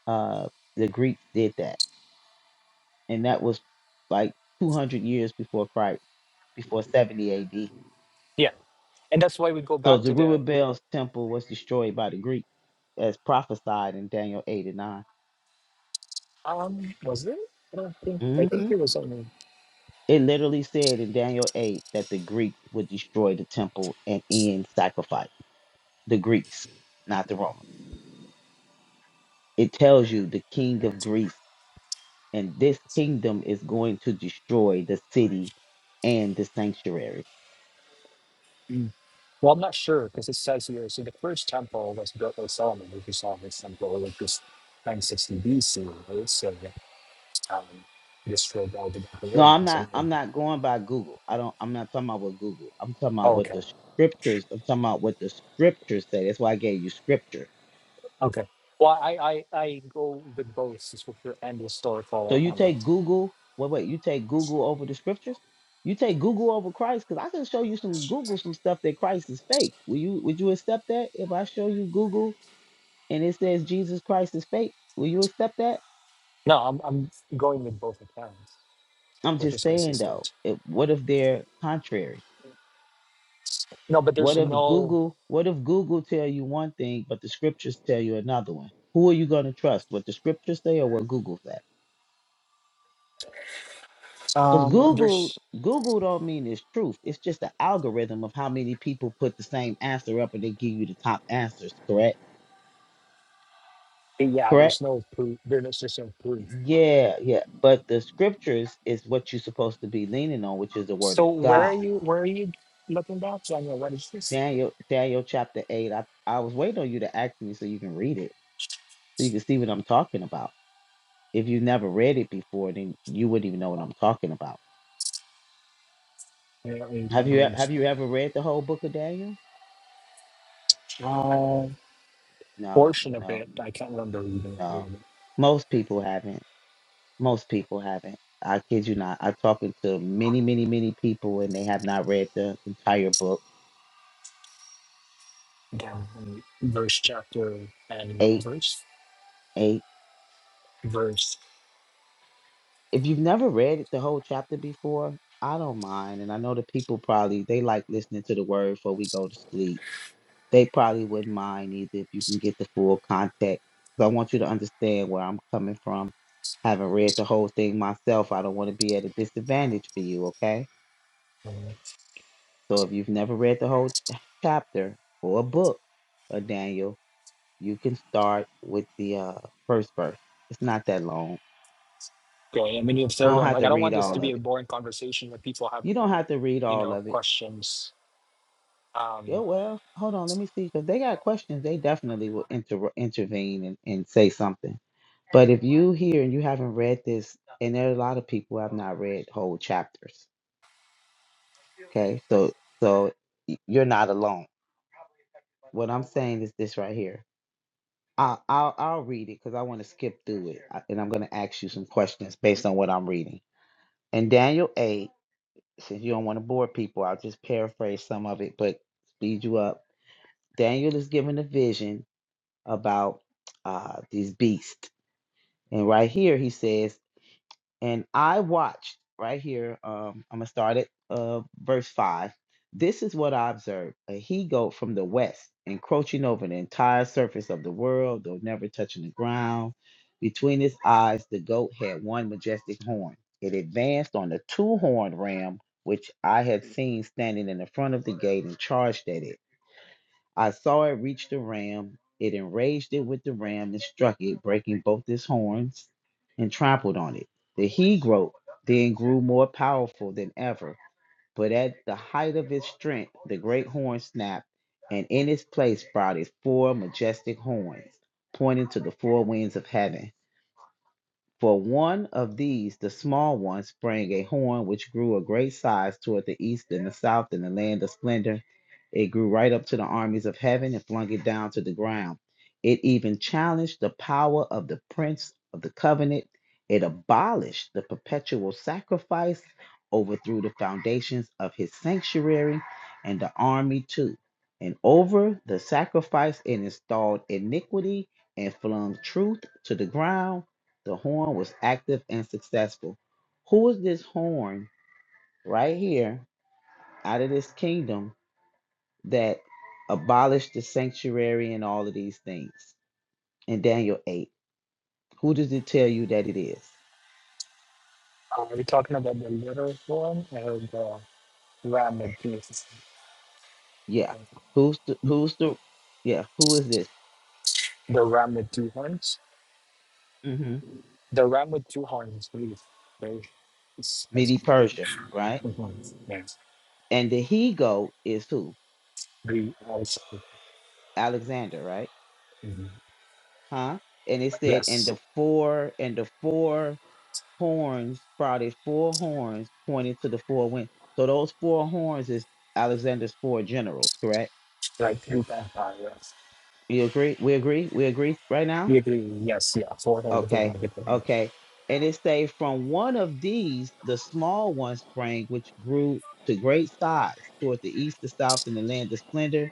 Speaker 9: Uh, the Greeks did that. And that was like 200 years before Christ, before 70 AD.
Speaker 13: yeah, and that's why we go
Speaker 9: So
Speaker 13: back to the
Speaker 9: Zerubbabel's temple was destroyed by the Greeks as prophesied in Daniel 8 and 9.
Speaker 13: um, was there? I don't think I think
Speaker 9: hmm
Speaker 13: there was only.
Speaker 9: It literally said in Daniel 8 that the Greeks would destroy the temple and end sacrifice. The Greeks, not the Romans. It tells you the king of Greece, and this kingdom is going to destroy the city and the sanctuary.
Speaker 13: Mm. Well, I'm not sure because it says here. So the first temple was built by Solomon, which is Solomon's temple, which was 960 BC, right? So um, destroyed all the
Speaker 9: No, I'm
Speaker 13: Babylonians.
Speaker 9: not
Speaker 13: and then.
Speaker 9: I'm not going by Google. I don't I'm not talking about what Google. I'm talking about
Speaker 13: Oh,
Speaker 9: what
Speaker 13: okay.
Speaker 9: the scriptures, I'm talking about what the scriptures say. That's why I gave you scripture
Speaker 13: Okay. Well, I, I, I go with both scripture and historical
Speaker 9: So you take
Speaker 13: accounts.
Speaker 9: Google. Wait, wait. You take Google over the scriptures. You take Google over Christ because I can show you some Google some stuff that Christ is fake. Will you? Would you accept that if I show you Google and it says Jesus Christ is fake? Will you accept that?
Speaker 13: No, I'm, I'm going with both accounts,
Speaker 9: I'm
Speaker 13: which
Speaker 9: just
Speaker 13: is
Speaker 9: saying though.
Speaker 13: consistent.
Speaker 9: If, what if they're contrary?
Speaker 13: No, but
Speaker 9: What
Speaker 13: there's
Speaker 9: if
Speaker 13: no,
Speaker 9: Google? What if Google tell you one thing but the scriptures tell you another one? Who are you going to trust? What the scriptures say or what Google says? Because
Speaker 13: um,
Speaker 9: Google,
Speaker 13: there's,
Speaker 9: Google don't mean it's truth. It's just the algorithm of how many people put the same answer up and they give you the top answers, correct?
Speaker 13: yeah,
Speaker 9: Correct?
Speaker 13: there's no proof. There's just no proof.
Speaker 9: Yeah, yeah. But the scriptures is what you're supposed to be leaning on, which is the word of
Speaker 13: So where are
Speaker 9: God.
Speaker 13: you, where are you looking back? So I know, what is this?
Speaker 9: Daniel, Daniel chapter eight. I, I was waiting on you to ask me so you can read it, so you can see what I'm talking about. If you've never read it before, then you wouldn't even know what I'm talking about.
Speaker 13: I don't really
Speaker 9: Have
Speaker 13: think
Speaker 9: you
Speaker 13: there's
Speaker 9: have you ever read the whole book of Daniel?
Speaker 13: uh,
Speaker 9: No,
Speaker 13: portion of
Speaker 9: no,
Speaker 13: it. I can't remember even.
Speaker 9: no. Most people haven't. Most people haven't. I kid you not. I've talked to many, many, many people and they have not read the entire book.
Speaker 13: Again, verse, chapter, and
Speaker 9: Eight,
Speaker 13: verse,
Speaker 9: eight.
Speaker 13: verse.
Speaker 9: If you've never read the whole chapter before, I don't mind. And I know the people probably they like listening to the word before we go to sleep. They probably wouldn't mind either if you can get the full context. But I want you to understand where I'm coming from. Haven't read the whole thing myself, I don't want to be at a disadvantage for you, okay? So if you've never read the whole ch- chapter or a book of Daniel, You can start with the uh, first verse. It's not that long.
Speaker 13: Okay, I mean, you have
Speaker 9: We
Speaker 13: third
Speaker 9: don't
Speaker 13: one.
Speaker 9: have
Speaker 13: Like,
Speaker 9: to
Speaker 13: I don't
Speaker 9: read
Speaker 13: want this to
Speaker 9: all
Speaker 13: be
Speaker 9: of
Speaker 13: a
Speaker 9: it.
Speaker 13: boring conversation where people have,
Speaker 9: You don't have to read
Speaker 13: you
Speaker 9: all
Speaker 13: know,
Speaker 9: of it.
Speaker 13: questions.
Speaker 9: Yeah,
Speaker 13: Um,
Speaker 9: well, hold on. Let me see. Because they got questions. They definitely will inter- intervene and, and say something. But if you hear and you haven't read this, and there are a lot of people who have not read whole chapters. Okay. So, so y- you're not alone. What I'm saying is this right here. I'll, I'll, I'll read it because I want to skip through it. I- And I'm going to ask you some questions based on what I'm reading. And Daniel 8. since you don't want to bore people, I'll just paraphrase some of it, but speed you up. Daniel is given a vision about uh, these beasts. And right here, he says, and I watched right here. Um, I'm gonna start at uh, verse five. This is what I observed: a he goat from the west, encroaching over the entire surface of the world, though never touching the ground. Between his eyes, the goat had one majestic horn. It advanced on the two-horned ram, which I had seen standing in the front of the gate, and charged at it. I saw it reach the ram. It enraged it with the ram and struck it, breaking both its horns, and trampled on it. The he goat then grew more powerful than ever, but at the height of its strength, the great horn snapped, and in its place sprouted four majestic horns, pointing to the four winds of heaven. For one of these, the small one, sprang a horn which grew a great size toward the east and the south in the land of splendor. It grew right up to the armies of heaven and flung it down to the ground. It even challenged the power of the prince of the covenant. It abolished the perpetual sacrifice, overthrew the foundations of his sanctuary and the army too. And over the sacrifice, it installed iniquity and flung truth to the ground the horn was active and successful. Who is this horn right here out of this kingdom that abolished the sanctuary and all of these things in Daniel 8? Who does it tell you that it is?
Speaker 13: are we talking about the little one or the ram with two?
Speaker 9: Yeah. Who's the, who's the, yeah, who is this?
Speaker 13: The ram with two horns.
Speaker 9: Mm-hmm.
Speaker 13: The ram with two horns. Please, very. It's that's
Speaker 9: Medi
Speaker 13: a fun.
Speaker 9: Persia, right?
Speaker 13: Mhm, Yes,
Speaker 9: And the he goat is who?
Speaker 13: we also
Speaker 9: Alexander, right?
Speaker 13: mhm.
Speaker 9: Huh? And it said, and
Speaker 13: yes,
Speaker 9: the four, and the four horns sprouted four horns pointing to the four winds. So those four horns is Alexander's four generals, correct?
Speaker 13: like three times high, Yes,
Speaker 9: You agree? We agree? We agree right now?
Speaker 13: we agree. Yes, yeah, four horns. It doesn't
Speaker 9: Okay.
Speaker 13: make it different.
Speaker 9: Okay. And it say from one of these the small one sprang, which grew to great size toward the east, the south, and the land of splendor.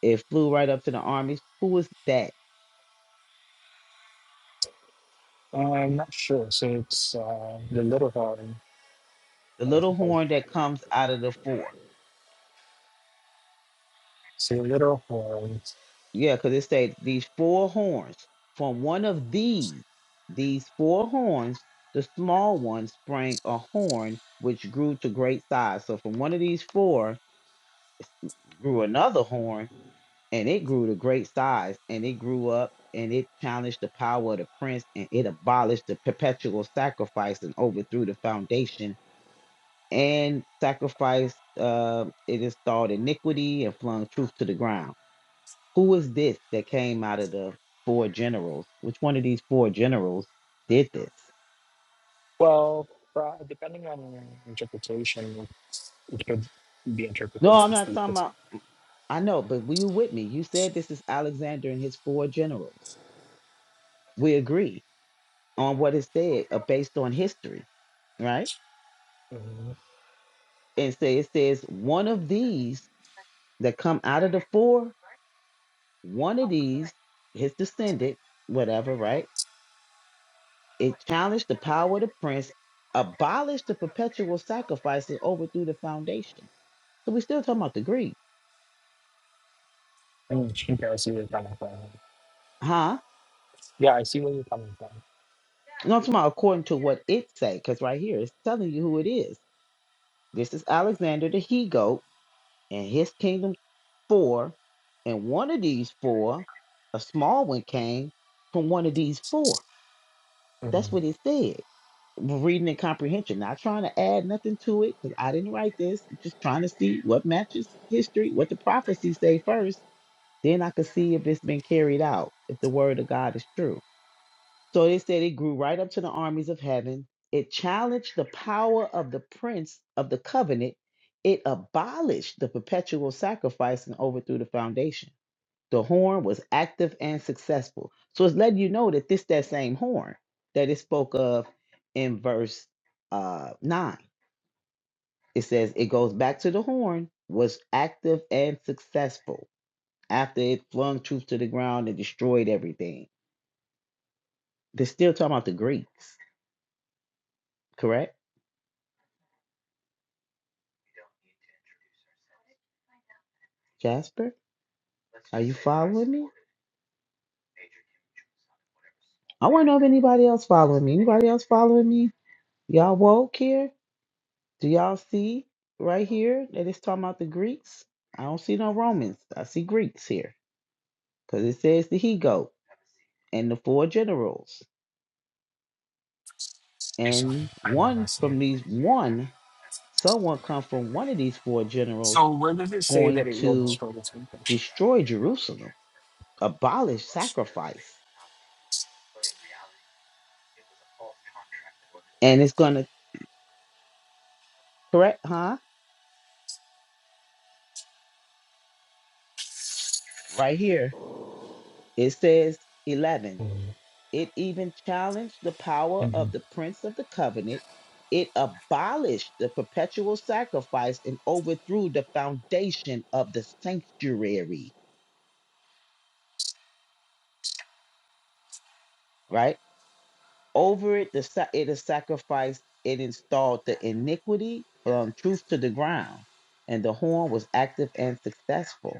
Speaker 9: It flew right up to the armies. Who is that?
Speaker 13: Uh, I'm not sure. So it's uh, the little horn.
Speaker 9: The
Speaker 13: I
Speaker 9: little
Speaker 13: suppose.
Speaker 9: horn that comes out of the four.
Speaker 13: So the little horn.
Speaker 9: Yeah, because it states these four horns. From one of these, these four horns, the small one sprang a horn which grew to great size. So from one of these four grew another horn, and it grew to great size, and it grew up and it challenged the power of the prince, and it abolished the perpetual sacrifice and overthrew the foundation and sacrificed. Uh, it installed iniquity and flung truth to the ground. Who was this that came out of the four generals? Which one of these four generals did this?
Speaker 13: Well, pro- depending on interpretation, it's, it could be
Speaker 9: No,
Speaker 13: interpreted
Speaker 9: I'm
Speaker 13: as
Speaker 9: not
Speaker 13: the
Speaker 9: talking
Speaker 13: it's.
Speaker 9: about. I know, but were you with me? You said this is Alexander and his four generals. We agree on what it said uh, based on history, right?
Speaker 13: mm
Speaker 9: And so it says one of these that come out of the four, one of these, his descendant, whatever, right? It challenged the power of the prince, abolished the perpetual sacrifice, and overthrew the foundation. So we're still talking about the Greeks.
Speaker 13: I mean, Shinkai, I see where you're coming from.
Speaker 9: Huh?
Speaker 13: Yeah, I see where you're coming from.
Speaker 9: No, I'm talking about according to what it say, because right here it's telling you who it is. This is Alexander the he goat and his kingdom four, and one of these four, a small one came from one of these four.
Speaker 13: Mm-hmm.
Speaker 9: That's what it said. Reading and comprehension, not trying to add nothing to it, because I didn't write this. I'm just trying to see what matches history, what the prophecies say first. Then I could see if it's been carried out, if the word of God is true. So they said it grew right up to the armies of heaven. It challenged the power of the prince of the covenant. It abolished the perpetual sacrifice and overthrew the foundation. The horn was active and successful. So it's letting you know that this that same horn that it spoke of in verse uh, nine. It says it goes back to the horn was active and successful after it flung truth to the ground and destroyed everything. They're still talking about the Greeks, correct? Jasper. Are you following me? I want to know if anybody else following me. Anybody else following me? Y'all woke here? Do y'all see right here that it's talking about the Greeks? I don't see no Romans. I see Greeks here because it says the he goat and the four generals
Speaker 13: Okay, sorry,
Speaker 9: and
Speaker 13: I'm not
Speaker 9: one
Speaker 13: listening.
Speaker 9: from these one someone come from one of these four
Speaker 13: So,
Speaker 9: generals
Speaker 13: where does it say that
Speaker 9: going
Speaker 13: it will
Speaker 9: to
Speaker 13: destroy the temple?
Speaker 9: destroy Jerusalem, abolish sacrifice, and it's gonna correct, huh? right here, it says 11.
Speaker 13: Mm-hmm.
Speaker 9: It even challenged the power of
Speaker 13: Mm-hmm.
Speaker 9: the Prince of the Covenant. It abolished the perpetual sacrifice and overthrew the foundation of the sanctuary, right? Over it, the, sa- it is sacrificed. It installed the iniquity from truth to the ground, and the horn was active and successful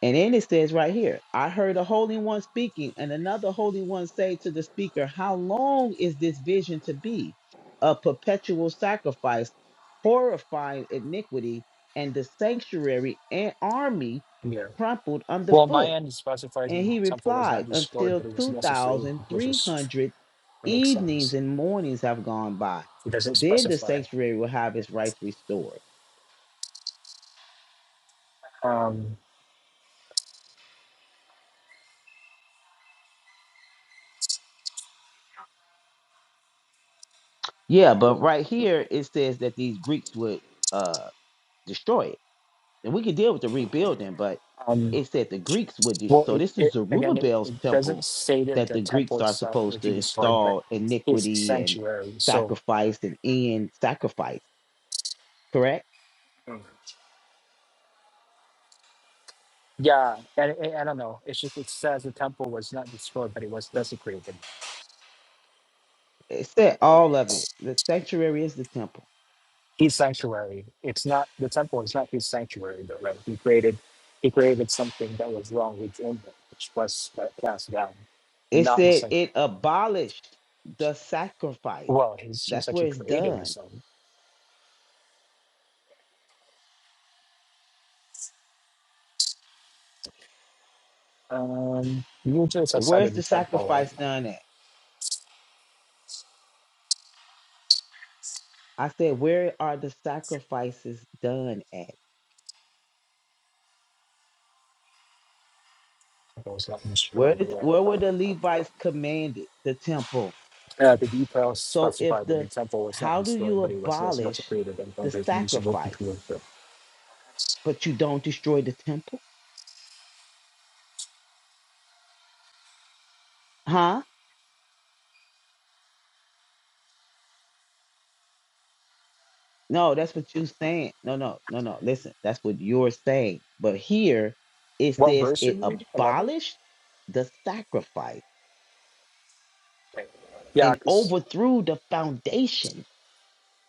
Speaker 9: And then it says right here, I heard a holy one speaking, and another holy one say to the speaker, How long is this vision to be? A perpetual sacrifice, horrifying iniquity, and the sanctuary and army
Speaker 13: Yeah.
Speaker 9: trampled
Speaker 13: Well, on my
Speaker 9: underfoot.
Speaker 13: end it specifies
Speaker 9: And
Speaker 13: that the
Speaker 9: he
Speaker 13: temple was not
Speaker 9: replied,
Speaker 13: destroyed,
Speaker 9: Until
Speaker 13: but it was desecrated, which is
Speaker 9: 2,300
Speaker 13: it makes
Speaker 9: evenings
Speaker 13: sense.
Speaker 9: and mornings have gone by.
Speaker 13: It doesn't
Speaker 9: Then the
Speaker 13: specify.
Speaker 9: sanctuary will have its rights restored.
Speaker 13: Um,
Speaker 9: Yeah, but right here it says that these Greeks would uh, destroy it And we could deal with the rebuilding, but
Speaker 13: um,
Speaker 9: it said the Greeks would do.
Speaker 13: Well,
Speaker 9: So
Speaker 13: it,
Speaker 9: this is
Speaker 13: it again, it,
Speaker 9: Zerubbabel's
Speaker 13: it doesn't
Speaker 9: temple
Speaker 13: say that
Speaker 9: that
Speaker 13: the
Speaker 9: the Greeks
Speaker 13: temple
Speaker 9: are
Speaker 13: itself will
Speaker 9: supposed
Speaker 13: be
Speaker 9: to
Speaker 13: destroyed, but
Speaker 9: install
Speaker 13: his
Speaker 9: iniquity and
Speaker 13: sanctuary. So,
Speaker 9: sacrifice and end sacrifice, correct?
Speaker 13: Mm. yeah, and and I don't know. It's just it says the temple was not destroyed, but it was desecrated.
Speaker 9: It said all of it. The sanctuary is the temple.
Speaker 13: His sanctuary. It's not the temple is not his sanctuary, though. Right? He created, he created something that was wrong within him, which was uh, cast down.
Speaker 9: It
Speaker 13: Not the
Speaker 9: said
Speaker 13: sanct-
Speaker 9: it abolished the sacrifice.
Speaker 13: well, he seems
Speaker 9: That's
Speaker 13: like
Speaker 9: where
Speaker 13: he
Speaker 9: it's
Speaker 13: created
Speaker 9: done.
Speaker 13: his own. Um, usually it's outside
Speaker 9: Where's
Speaker 13: of
Speaker 9: the
Speaker 13: the temple, right?
Speaker 9: sacrifice done at? I said, where are the sacrifices done at?
Speaker 13: It was not
Speaker 9: Where
Speaker 13: destroyed.
Speaker 9: did,
Speaker 13: right?
Speaker 9: where were the Levites commanded? The temple.
Speaker 13: Yeah, the details
Speaker 9: So if
Speaker 13: specified that the
Speaker 9: the
Speaker 13: temple was not
Speaker 9: how do you
Speaker 13: destroyed, but it was just
Speaker 9: abolish
Speaker 13: desecrated and
Speaker 9: the
Speaker 13: converted into to go
Speaker 9: sacrifice,
Speaker 13: into worship.
Speaker 9: but you don't destroy the temple? Huh? No, that's what you're saying. No, no, no, no. Listen, that's what you're saying. But here it
Speaker 13: What
Speaker 9: says
Speaker 13: verse are
Speaker 9: it
Speaker 13: you reading? 11?
Speaker 9: abolished the sacrifice
Speaker 13: Yeah,
Speaker 9: and
Speaker 13: because,
Speaker 9: overthrew the foundation.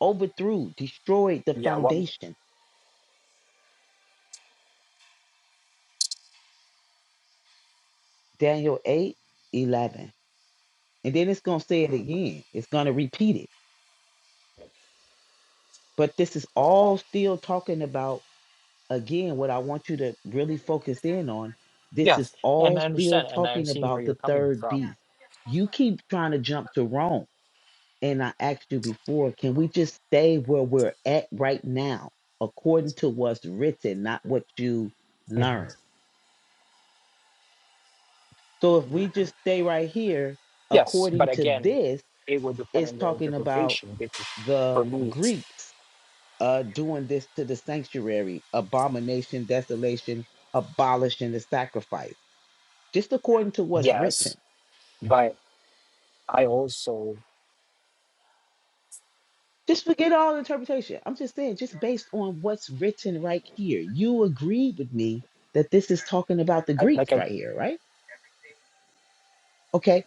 Speaker 9: Overthrew, destroyed the
Speaker 13: yeah, what,
Speaker 9: foundation. Daniel eight eleven, And then it's going to say it again. It's going to repeat it. But this is all still talking about again, what I want you to really focus in on, this
Speaker 13: yeah,
Speaker 9: is
Speaker 13: and
Speaker 9: all
Speaker 13: I
Speaker 9: still
Speaker 13: understand, and I'm
Speaker 9: talking
Speaker 13: seeing where
Speaker 9: about
Speaker 13: you're
Speaker 9: the
Speaker 13: coming
Speaker 9: third beast.
Speaker 13: from.
Speaker 9: You keep trying to jump to Rome. And I asked you before, can we just stay where we're at right now, according to what's written, not what you learned?
Speaker 13: Mhm.
Speaker 9: So if we just stay right here,
Speaker 13: Yes, but
Speaker 9: according to
Speaker 13: again,
Speaker 9: this,
Speaker 13: it would depend
Speaker 9: it's
Speaker 13: on their
Speaker 9: talking about
Speaker 13: interpretation because
Speaker 9: the
Speaker 13: for me,
Speaker 9: Greeks uh, doing this to the sanctuary, abomination, desolation, abolishing the sacrifice just according to what's written.
Speaker 13: yes, but I also,
Speaker 9: Just forget all interpretation. I'm just saying, just based on what's written right here. You agree with me that this is talking about the
Speaker 13: I,
Speaker 9: Greeks
Speaker 13: like, I,
Speaker 9: right here, right? Okay.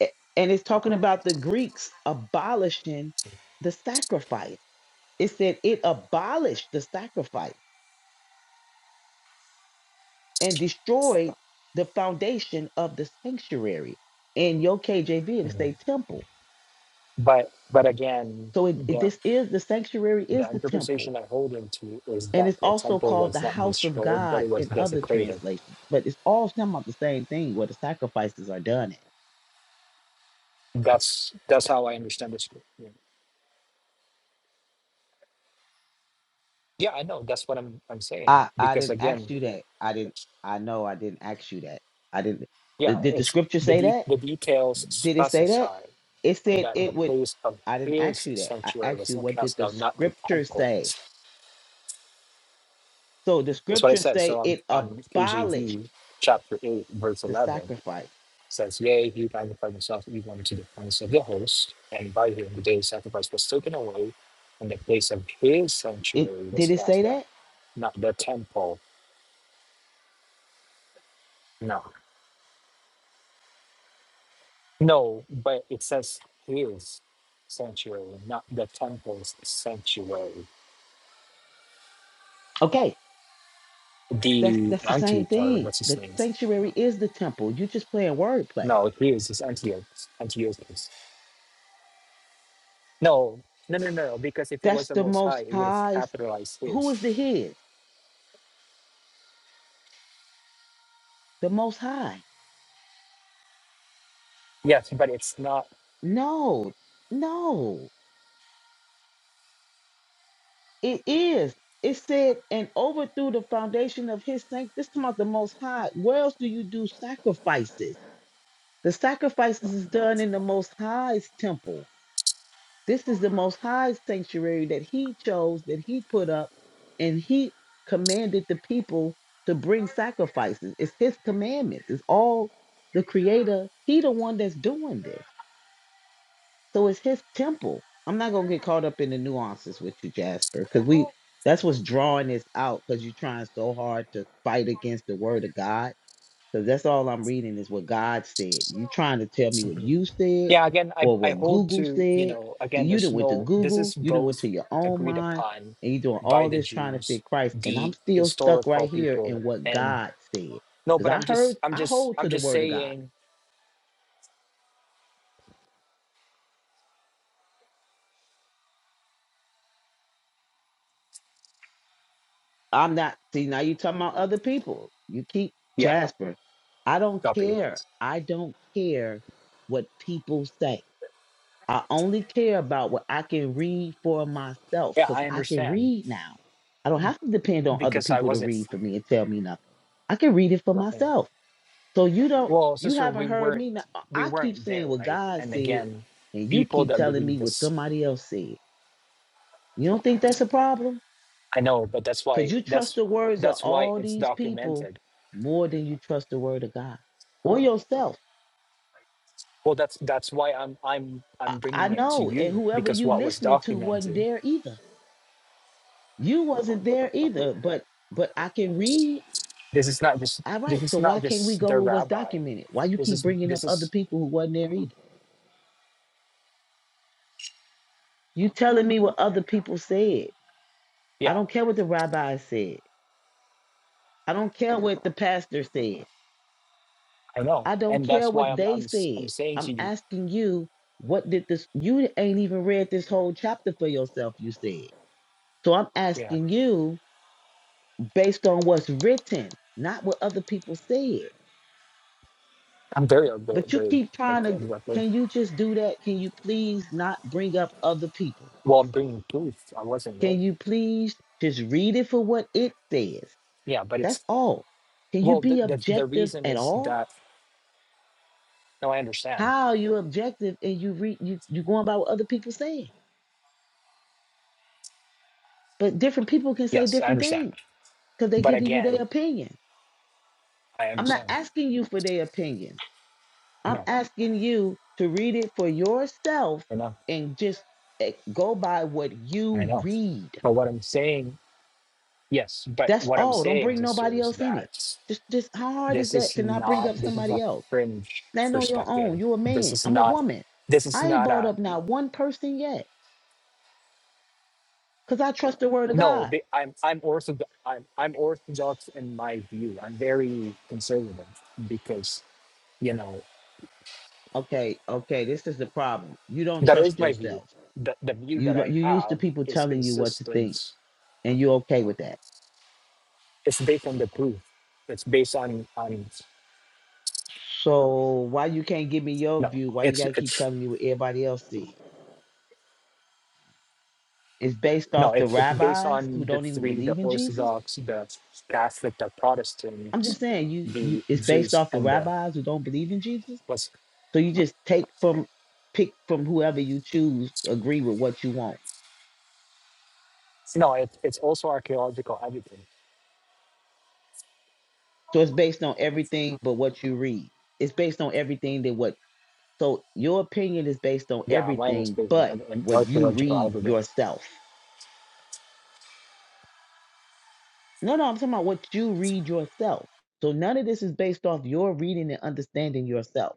Speaker 9: a- And it's talking about the Greeks abolishing the sacrifice. It said it abolished the sacrifice and destroyed the foundation of the sanctuary. In your KJV, it
Speaker 13: Mhm.
Speaker 9: say temple.
Speaker 13: but, but again,
Speaker 9: So it, it-
Speaker 13: the.
Speaker 9: this is the sanctuary
Speaker 13: the
Speaker 9: is the temple.
Speaker 13: interpretation I hold into is
Speaker 9: And it's
Speaker 13: that the
Speaker 9: also
Speaker 13: temple
Speaker 9: called the
Speaker 13: was not
Speaker 9: house of
Speaker 13: destroyed, but
Speaker 9: God
Speaker 13: it was
Speaker 9: in other
Speaker 13: desecrated.
Speaker 9: translations, but it's all talking about the same thing where the sacrifices are done. At.
Speaker 13: That's that's how I understand this. Yeah, Yeah, I know. That's what I'm I'm saying.
Speaker 9: I I
Speaker 13: Because
Speaker 9: didn't ask
Speaker 13: again,
Speaker 9: you that. I didn't. I know I didn't ask you that. I didn't.
Speaker 13: yeah,
Speaker 9: Did, did the
Speaker 13: it's
Speaker 9: scripture
Speaker 13: the
Speaker 9: say
Speaker 13: de-
Speaker 9: that?
Speaker 13: the details
Speaker 9: Did it say that?
Speaker 13: specify
Speaker 9: It said
Speaker 13: that the
Speaker 9: it would.
Speaker 13: place of
Speaker 9: I didn't ask
Speaker 13: his
Speaker 9: you that. I
Speaker 13: sanctuary
Speaker 9: asked
Speaker 13: was
Speaker 9: you
Speaker 13: not
Speaker 9: what did
Speaker 13: cast
Speaker 9: the
Speaker 13: down, not the
Speaker 9: scripture
Speaker 13: temple.
Speaker 9: say.
Speaker 13: That's
Speaker 9: So the
Speaker 13: what I
Speaker 9: scripture
Speaker 13: said. So
Speaker 9: say
Speaker 13: on,
Speaker 9: it
Speaker 13: on KJV
Speaker 9: abolished
Speaker 13: chapter eight verse
Speaker 9: the
Speaker 13: eleven,
Speaker 9: sacrifice.
Speaker 13: says, Yea, he magnified himself even unto the prince of the host, and by him the day sacrifice was taken away, and the place of his
Speaker 9: It
Speaker 13: sanctuary was
Speaker 9: did it say
Speaker 13: cast down.
Speaker 9: that?
Speaker 13: Not the temple. No. No, but it says his sanctuary, not the temple's sanctuary.
Speaker 9: Okay, that's
Speaker 13: The
Speaker 9: that's the same
Speaker 13: anti or
Speaker 9: thing.
Speaker 13: what's his
Speaker 9: The
Speaker 13: name?
Speaker 9: sanctuary is the temple. You just playing wordplay
Speaker 13: No, his is Antioch. Antiochus. No, no, no, no, because if it
Speaker 9: That's
Speaker 13: was the
Speaker 9: the
Speaker 13: most high,
Speaker 9: most
Speaker 13: it would have
Speaker 9: high.
Speaker 13: capitalized
Speaker 9: Who
Speaker 13: his.
Speaker 9: is the his? The most high.
Speaker 13: Yes, but it's not
Speaker 9: No, no, it is. It said, and overthrew the foundation of his saints. This is about the most high. Where else do you do sacrifices? The sacrifices is done in the most high's temple. This is the most High's sanctuary that he chose, that he put up, and he commanded the people to bring sacrifices. It's his commandments. It's all the creator. He the one that's doing this. So it's his temple. I'm not gonna get caught up in the nuances with you, Jasper, because we that's what's drawing this out because you're trying so hard to fight against the word of God. Because that's all I'm reading is what God said. You trying to tell me what you said
Speaker 13: Yeah, again, I,
Speaker 9: or
Speaker 13: I
Speaker 9: what
Speaker 13: hold
Speaker 9: Google
Speaker 13: to, you
Speaker 9: said.
Speaker 13: know,
Speaker 9: So
Speaker 13: again,
Speaker 9: you
Speaker 13: there's
Speaker 9: didn't went to
Speaker 13: no, this
Speaker 9: Google,
Speaker 13: is
Speaker 9: you didn't went
Speaker 13: both
Speaker 9: to your own
Speaker 13: agreed
Speaker 9: mind,
Speaker 13: upon
Speaker 9: and you're doing
Speaker 13: by
Speaker 9: all
Speaker 13: the
Speaker 9: this trying to
Speaker 13: Jews,
Speaker 9: fit Christ. And I'm
Speaker 13: the
Speaker 9: still stuck
Speaker 13: historical
Speaker 9: right here
Speaker 13: people,
Speaker 9: in what
Speaker 13: and
Speaker 9: God said.
Speaker 13: no,
Speaker 9: Because
Speaker 13: but
Speaker 9: I
Speaker 13: I'm just,
Speaker 9: heard
Speaker 13: I'm
Speaker 9: I
Speaker 13: just,
Speaker 9: hold
Speaker 13: I'm
Speaker 9: to the
Speaker 13: just
Speaker 9: word of God.
Speaker 13: saying,
Speaker 9: I'm not. See, now you talking about other people. You keep
Speaker 13: yeah,
Speaker 9: Jasper. I don't
Speaker 13: copy.
Speaker 9: care. I don't care what people say. I only care about what I can read for myself
Speaker 13: Yeah,
Speaker 9: because
Speaker 13: I
Speaker 9: I can
Speaker 13: understand
Speaker 9: read now. I don't have to depend on other
Speaker 13: because I
Speaker 9: people to
Speaker 13: wasn't,
Speaker 9: read for me and tell me nothing. I can read it for
Speaker 13: eh,
Speaker 9: myself. So you don't.
Speaker 13: well,
Speaker 9: You
Speaker 13: sister, we
Speaker 9: haven't heard
Speaker 13: weren't,
Speaker 9: me. Now.
Speaker 13: we
Speaker 9: I keep
Speaker 13: weren't there,
Speaker 9: saying what
Speaker 13: right?
Speaker 9: God
Speaker 13: And
Speaker 9: said,
Speaker 13: again,
Speaker 9: and you
Speaker 13: people
Speaker 9: keep
Speaker 13: that
Speaker 9: telling me
Speaker 13: believe
Speaker 9: what
Speaker 13: this,
Speaker 9: somebody else said. You don't think that's a problem?
Speaker 13: I know, but that's
Speaker 9: Because
Speaker 13: why,
Speaker 9: you trust
Speaker 13: that's,
Speaker 9: the words of
Speaker 13: that's why
Speaker 9: all
Speaker 13: it's
Speaker 9: these people
Speaker 13: documented
Speaker 9: more than you trust the word of God or yourself.
Speaker 13: well that's that's why i'm i'm
Speaker 9: I,
Speaker 13: i'm
Speaker 9: I
Speaker 13: bringing it to
Speaker 9: know, and
Speaker 13: you
Speaker 9: whoever
Speaker 13: because
Speaker 9: you
Speaker 13: what was
Speaker 9: listening to wasn't
Speaker 13: documented
Speaker 9: there either. You wasn't there either, but but I can read.
Speaker 13: this is not just
Speaker 9: All right,
Speaker 13: this
Speaker 9: so
Speaker 13: is
Speaker 9: why
Speaker 13: not
Speaker 9: can't we
Speaker 13: just
Speaker 9: go
Speaker 13: the
Speaker 9: with what's
Speaker 13: rabbi
Speaker 9: documented? Why you
Speaker 13: this
Speaker 9: keep
Speaker 13: is
Speaker 9: bringing up
Speaker 13: this
Speaker 9: other
Speaker 13: is
Speaker 9: people who wasn't there either? You telling me what other people said. I
Speaker 13: yeah
Speaker 9: don't care what the rabbi said. I don't care what the pastor said.
Speaker 13: i know
Speaker 9: I don't
Speaker 13: and
Speaker 9: care
Speaker 13: that's why
Speaker 9: what
Speaker 13: i'm
Speaker 9: they
Speaker 13: i'm, s- I'm
Speaker 9: said.
Speaker 13: saying
Speaker 9: I'm
Speaker 13: to you
Speaker 9: asking you, what did this? You ain't even read this whole chapter for yourself, you said. So I'm
Speaker 13: yeah
Speaker 9: asking you based on what's written, not what other people said.
Speaker 13: i'm very aware
Speaker 9: But you
Speaker 13: very
Speaker 9: keep trying
Speaker 13: that's
Speaker 9: to,
Speaker 13: exactly
Speaker 9: can you just do that? Can you please not bring up other people?
Speaker 13: well i'm bringing proof i wasn't there
Speaker 9: Can you please just read it for what it says?
Speaker 13: yeah but it's
Speaker 9: That's all. Can you
Speaker 13: well the,
Speaker 9: be
Speaker 13: the the
Speaker 9: objective
Speaker 13: reason
Speaker 9: at
Speaker 13: is
Speaker 9: all?
Speaker 13: that no i understand
Speaker 9: How are you objective and you read you you going by what other people saying? But different people can say
Speaker 13: yes i
Speaker 9: different
Speaker 13: understand
Speaker 9: things because they're
Speaker 13: but
Speaker 9: giving you their
Speaker 13: again
Speaker 9: opinion.
Speaker 13: i
Speaker 9: I'm not
Speaker 13: understand
Speaker 9: asking you for their opinions.
Speaker 13: i
Speaker 9: I'm
Speaker 13: know
Speaker 9: asking you to read it for yourself
Speaker 13: i know
Speaker 9: and just eh, go by what
Speaker 13: i
Speaker 9: you
Speaker 13: know
Speaker 9: read.
Speaker 13: but what i'm saying Yes, but
Speaker 9: That's
Speaker 13: what I'm
Speaker 9: all. Don't
Speaker 13: saying,
Speaker 9: bring
Speaker 13: sister,
Speaker 9: nobody
Speaker 13: is
Speaker 9: else in it.
Speaker 13: that
Speaker 9: Just, just how hard is
Speaker 13: this
Speaker 9: that
Speaker 13: is
Speaker 9: to not bring
Speaker 13: not
Speaker 9: up
Speaker 13: this is
Speaker 9: somebody
Speaker 13: a
Speaker 9: else?
Speaker 13: fringe
Speaker 9: Stand on your own.
Speaker 13: perspective.
Speaker 9: You're a
Speaker 13: This
Speaker 9: man.
Speaker 13: is
Speaker 9: I'm a
Speaker 13: not
Speaker 9: woman.
Speaker 13: this is
Speaker 9: I ain't
Speaker 13: not
Speaker 9: brought
Speaker 13: a
Speaker 9: up not one person yet because I trust the word of
Speaker 13: no.
Speaker 9: God.
Speaker 13: The, I'm I'm orthodox. I'm I'm orthodox in my view. I'm very conservative because you know
Speaker 9: Okay, okay, this is the problem. You don't
Speaker 13: that is
Speaker 9: trust
Speaker 13: my view.
Speaker 9: yourself.
Speaker 13: The the view
Speaker 9: You
Speaker 13: that
Speaker 9: lo-
Speaker 13: I
Speaker 9: you used to
Speaker 13: have
Speaker 9: people
Speaker 13: is
Speaker 9: telling you what to think,
Speaker 13: consistent.
Speaker 9: and you're okay with that.
Speaker 13: It's based on the proof. It's based on on
Speaker 9: So why you can't give me your
Speaker 13: no.
Speaker 9: view? Why you
Speaker 13: It's
Speaker 9: gotta keep
Speaker 13: it's
Speaker 9: telling me what everybody else see? It's based
Speaker 13: No,
Speaker 9: off the
Speaker 13: it's, it's based
Speaker 9: rabbis who
Speaker 13: on the
Speaker 9: don't even
Speaker 13: three: the
Speaker 9: believe in Jesus.
Speaker 13: Orthodox, the Catholic, the
Speaker 9: I'm
Speaker 13: Protestant,
Speaker 9: just saying you you
Speaker 13: the
Speaker 9: it's based
Speaker 13: Jews,
Speaker 9: off the
Speaker 13: and the
Speaker 9: rabbis who don't believe in Jesus.
Speaker 13: what's.
Speaker 9: So you just take from pick from whoever you choose, agree with what you want.
Speaker 13: No, it, it's also archaeological evidence.
Speaker 9: So it's based on everything but what you read. It's based on everything that what so your opinion is based on
Speaker 13: Yeah, mine was
Speaker 9: everything
Speaker 13: based
Speaker 9: but
Speaker 13: on an
Speaker 9: what you
Speaker 13: archaeological
Speaker 9: read
Speaker 13: evidence,
Speaker 9: yourself. No, no, I'm talking about what you read yourself. So none of this is based off your reading and understanding yourself.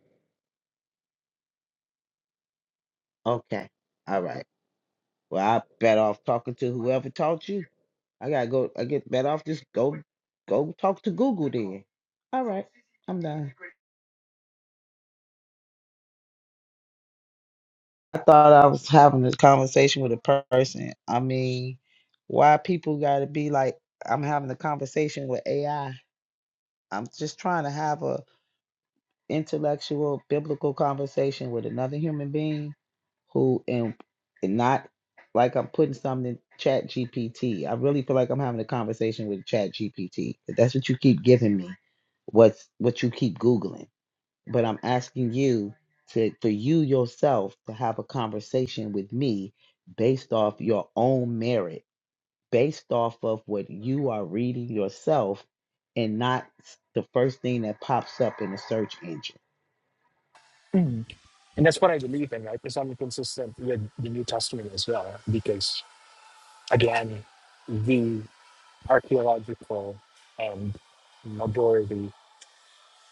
Speaker 9: Okay. All right. Well, I bet off talking to whoever taught you. I gotta go. I get bet off just go, go talk to Google then. All right. I'm done. I thought I was having a conversation with a person. I mean, why people gotta be like? I'm having a conversation with AI. I'm just trying to have a intellectual, biblical conversation with another human being who and, and not like I'm putting something in chat GPT. I really feel like I'm having a conversation with chat GPT. That's what you keep giving me. What's what you keep Googling. But I'm asking you to for you yourself to have a conversation with me based off your own merit, based off of what you are reading yourself and not the first thing that pops up in the search engine.
Speaker 13: Mhm. and that's what I believe in. Right, because I'm consistent with the New Testament as well. Because again, the archaeological and majority.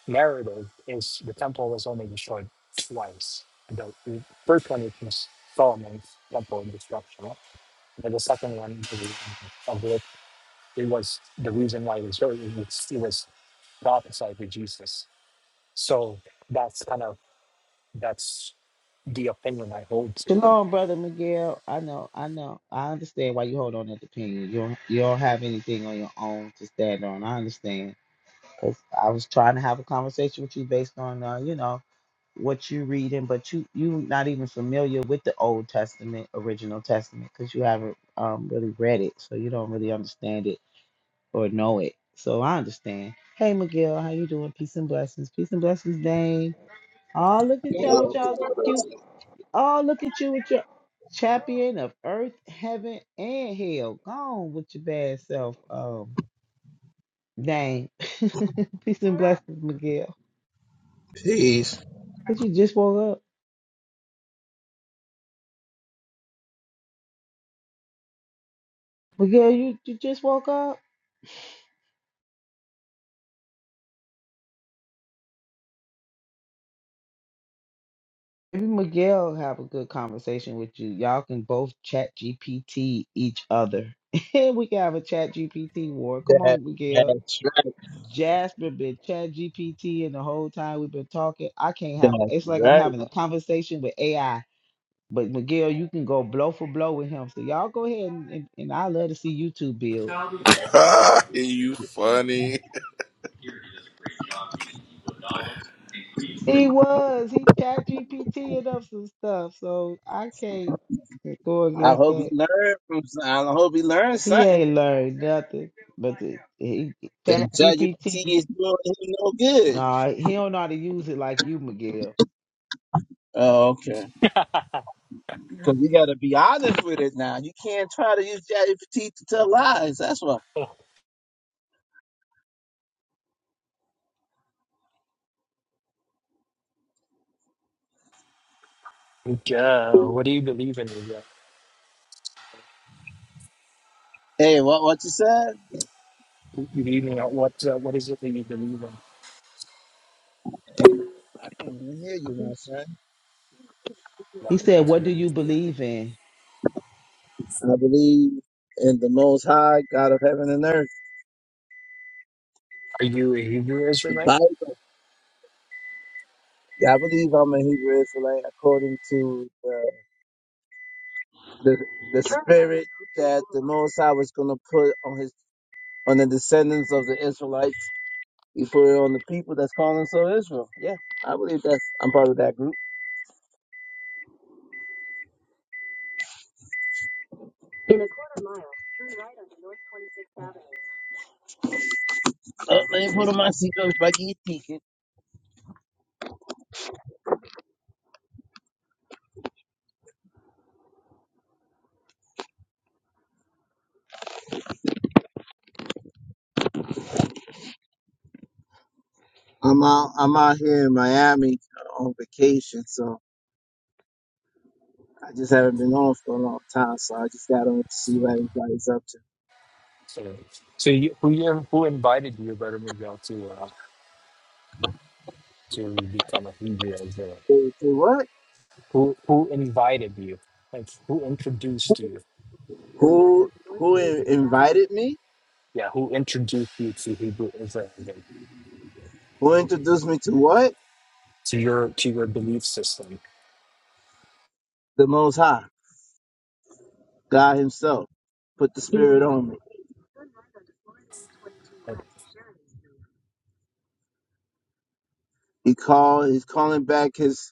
Speaker 13: narrative is the temple was only destroyed twice. The first one is just Solomon's temple destruction, and then the second one is of it, it was the reason why it was it was, it was prophesied with Jesus. So that's kind of that's the opinion I hold to.
Speaker 9: Shalom, brother Miguel. I know, I know, I understand why you hold on to that opinion. You don't, you don't have anything on your own to stand on. I understand. 'Cause I was trying to have a conversation with you based on, uh, you know, what you reading, but you you not even familiar with the Old Testament, original Testament, because you haven't um, really read it, so you don't really understand it. or know it. So I understand. Hey Miguel, how you doing? Peace and blessings. Peace and blessings, Dane. Oh, look at y'all with y'all cute. Oh, look at you with your champion of earth, heaven, and hell. Gone with your bad self. Um, Dane. Peace and blessings, Miguel. But you just woke up. Miguel, you, you just woke up? Maybe Miguel have a good conversation with you. Y'all can both chat GPT each other. we can have a chat GPT war. Come
Speaker 15: That,
Speaker 9: on, Miguel.
Speaker 15: that's right.
Speaker 9: Jasper been chat GPT and the whole time we've been talking. I can't have
Speaker 15: That's
Speaker 9: it's like I'm
Speaker 15: right.
Speaker 9: having a conversation with AI. But Miguel, you can go blow for blow with him. So y'all go ahead and, and, and I love to see you two build.
Speaker 6: you funny.
Speaker 9: He was. He chat GPT and up some stuff. So I can't go
Speaker 15: I
Speaker 9: against
Speaker 15: hope he
Speaker 9: that.
Speaker 15: learned from. some- I hope he learned
Speaker 9: He
Speaker 15: something.
Speaker 9: ain't learned nothing. But the, he
Speaker 15: Then
Speaker 9: chat
Speaker 15: ChatGPT
Speaker 9: GPT,
Speaker 15: is doing him no good.
Speaker 9: nah, he don't know how to use it like you, Miguel.
Speaker 15: Oh, okay. Because you got to be honest with it now. You can't try to use ChatGPT to tell lies. That's why.
Speaker 13: Oh, Yeah, what do you believe in? Ilya?
Speaker 15: Hey, what what you said?
Speaker 13: You you believe in what? Uh, what is it that you believe in?
Speaker 15: I can't even hear you, my friend.
Speaker 13: Like,
Speaker 9: He
Speaker 13: what
Speaker 9: said,
Speaker 13: do
Speaker 9: What
Speaker 13: you
Speaker 9: do you
Speaker 13: believe?
Speaker 9: believe in?
Speaker 15: I believe in the Most High God of heaven and earth.
Speaker 13: Are you a Hebrew
Speaker 15: The
Speaker 13: Israelite?
Speaker 15: Bible. Yeah, I believe I'm a Hebrew Israelite according to the the, the the Most High was going to put on his on the descendants of the Israelites. You put it on the people that's calling themselves Israel. Yeah, I believe that's. I'm part of that group. Oh, let me put on my seatbelt if I can get ticket. I'm out. I'm out here in Miami on vacation, so I just haven't been on for a long time. So I just got on to see what everybody's up to.
Speaker 13: So, so you, who you, who invited you, Brother Miguel, to uh, to become a Hebrew Israelite?
Speaker 15: Say say what?
Speaker 13: Who who invited you? Like who introduced you?
Speaker 15: Who invited me?
Speaker 13: Yeah, who introduced you to Hebrew Israelism,
Speaker 15: Who introduced me to what?
Speaker 13: to your to your belief system?
Speaker 15: The Most High, God Himself, put the Spirit on me.
Speaker 13: Like,
Speaker 15: He called. He's calling back His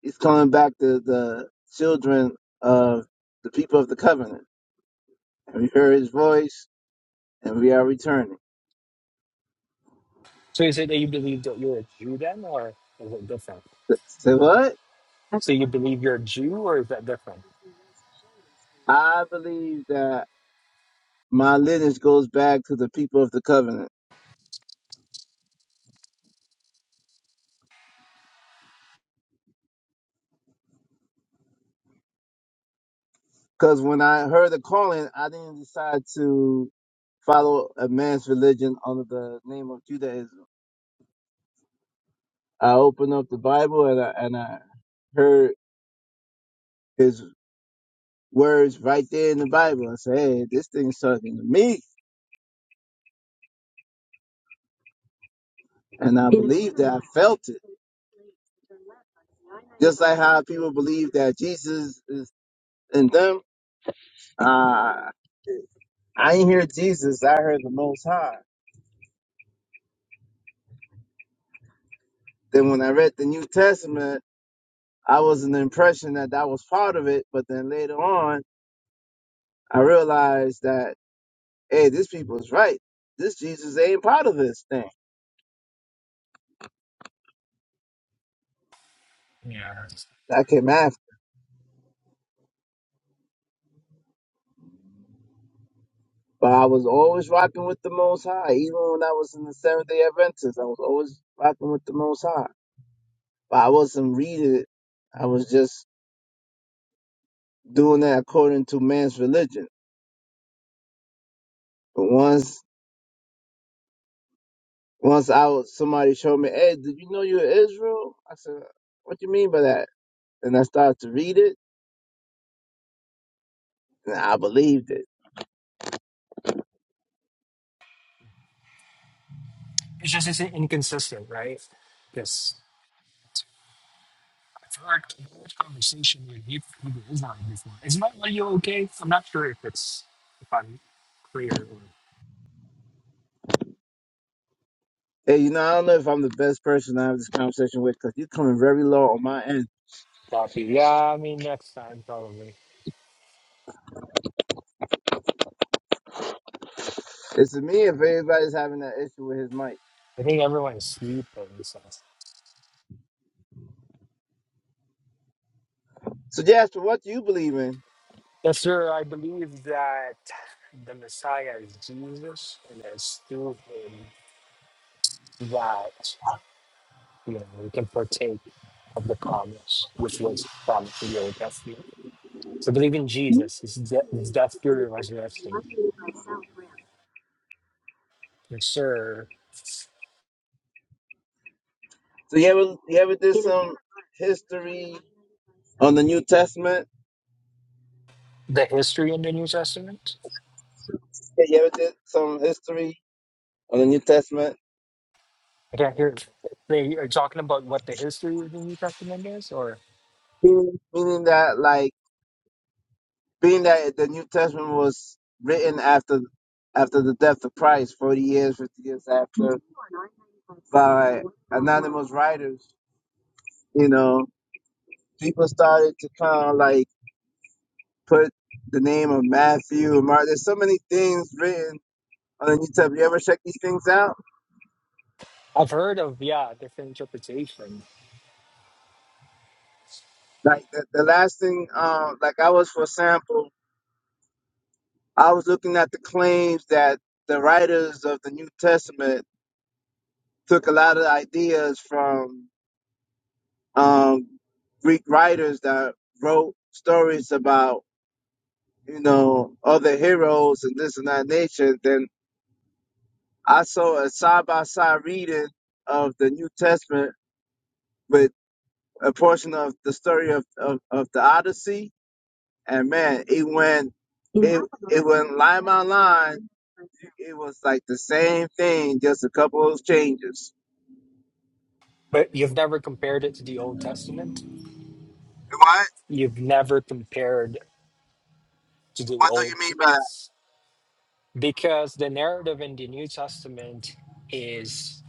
Speaker 15: He's calling back the, the children of the people of the covenant. And we heard his voice and we are returning.
Speaker 13: so is it that you believe that you're a Jew then, or is it different?
Speaker 15: Say what?
Speaker 13: So you believe you're a Jew, or is that different?
Speaker 15: I believe that my lineage goes back to the people of the covenant. Because when I heard the calling, I didn't decide to follow a man's religion under the name of Judaism. I opened up the Bible and I, and I heard his words right there in the Bible. I said, hey, this thing's talking to me. And I felt it. It's like how people believe that Jesus is in them. Uh, I ain't hear Jesus. I heard the Most High. Then when I read the New Testament, I was in the impression that that was part of it. But then later on, I realized that, hey, this people is right. This Jesus ain't part of this thing.
Speaker 13: Yeah, it's
Speaker 15: That came after. But I was always rocking with the Most High. Even when I was in the Seventh day Adventist, I was always rocking with the Most High. But I wasn't reading it. I was just doing that according to man's religion. But once once I was somebody showed me, hey, did you know you're Israel? I said, what do you mean by that? And I started to read it, and I believed it.
Speaker 13: just it's inconsistent, right? Yes. I've heard, I've heard conversation with Heb- Hebrew Israelite before. Is my audio okay? I'm not sure if it's if I'm clear or
Speaker 15: Hey, you know, I don't know if I'm the best person to have this conversation with because you're coming very low on my end.
Speaker 13: copy. Yeah, I mean next time probably.
Speaker 15: It's to me if everybody's having that issue with his mic.
Speaker 13: I think everyone's sleeping. So
Speaker 15: So, Jasper, what do you believe in?
Speaker 13: yes, sir. I believe that the Messiah is Jesus, and it's through him that you know we can partake of the promise, which was promised in the Old Testament. So believe in Jesus. His, de- his death, burial, and resurrection. Yes, sir.
Speaker 15: So, you ever you ever did some history on the New Testament?
Speaker 13: the history in the New Testament?
Speaker 15: Yeah, You ever did some history on the New Testament?
Speaker 13: I can't hear. They are talking about what the history of the New Testament is, or
Speaker 15: Meaning, meaning that, like, being that the New Testament was written after after the death of Christ, forty years, fifty years after those writers, you know, people started to kind of like put the name of Matthew and Mark. There's so many things written on the New Testament. You ever check these things out?
Speaker 13: I've heard of yeah different interpretation,
Speaker 15: Like the, the last thing, um, like I was for sample, I was looking at the claims that the writers of the New Testament took a lot of ideas from um, Greek writers that wrote stories about, you know, other heroes and this and that nature, then I saw a side by side reading of the New Testament with a portion of the story of, of, of the Odyssey. And man, it went, it went line by line. It was like the same thing, just a couple of changes.
Speaker 13: but you've never compared it to the Old Testament.
Speaker 15: What?
Speaker 13: You've never compared to the
Speaker 15: What do
Speaker 13: Old
Speaker 15: you mean by that?
Speaker 13: because the narrative in the New Testament is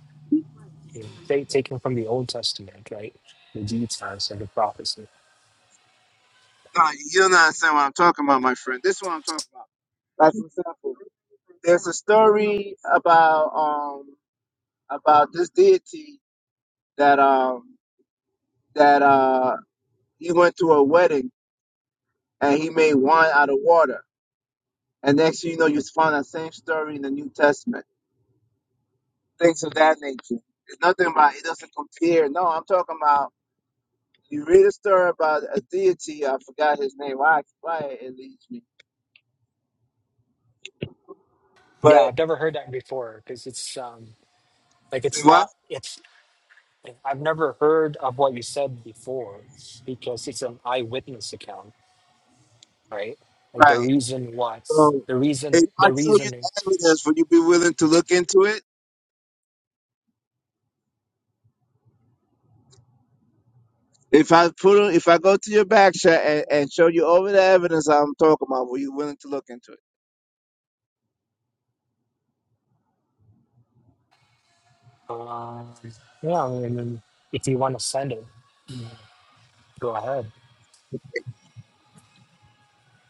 Speaker 13: you know, ta- taken from the Old Testament, right? The details and the prophecy.
Speaker 15: No, you don't understand what I'm talking about, my friend. This is what I'm talking about. Like, for example, story about um about this deity that um that uh he went to a wedding and he made wine out of water. And next thing you know, you find that same story in the New Testament. Things of that nature. It's nothing about it doesn't compare. No, I'm talking about you read a story about a deity. I forgot his name. Why? Why it leads me?
Speaker 13: Yeah,
Speaker 15: But
Speaker 13: I've never heard that before because it's um like it's
Speaker 15: what?
Speaker 13: not. I've never heard of what you said before because it's an eyewitness account, right? Like the
Speaker 15: Right.
Speaker 13: reason what
Speaker 15: So
Speaker 13: the
Speaker 15: if
Speaker 13: reason
Speaker 15: I
Speaker 13: the
Speaker 15: show you
Speaker 13: reasoning.
Speaker 15: the evidence, would you be willing to look into it? If I put on, if I go to your back shot and, and show you over the evidence I'm talking about, were you willing to look into it?
Speaker 13: Uh, yeah, I mean, if you want to send it, go ahead.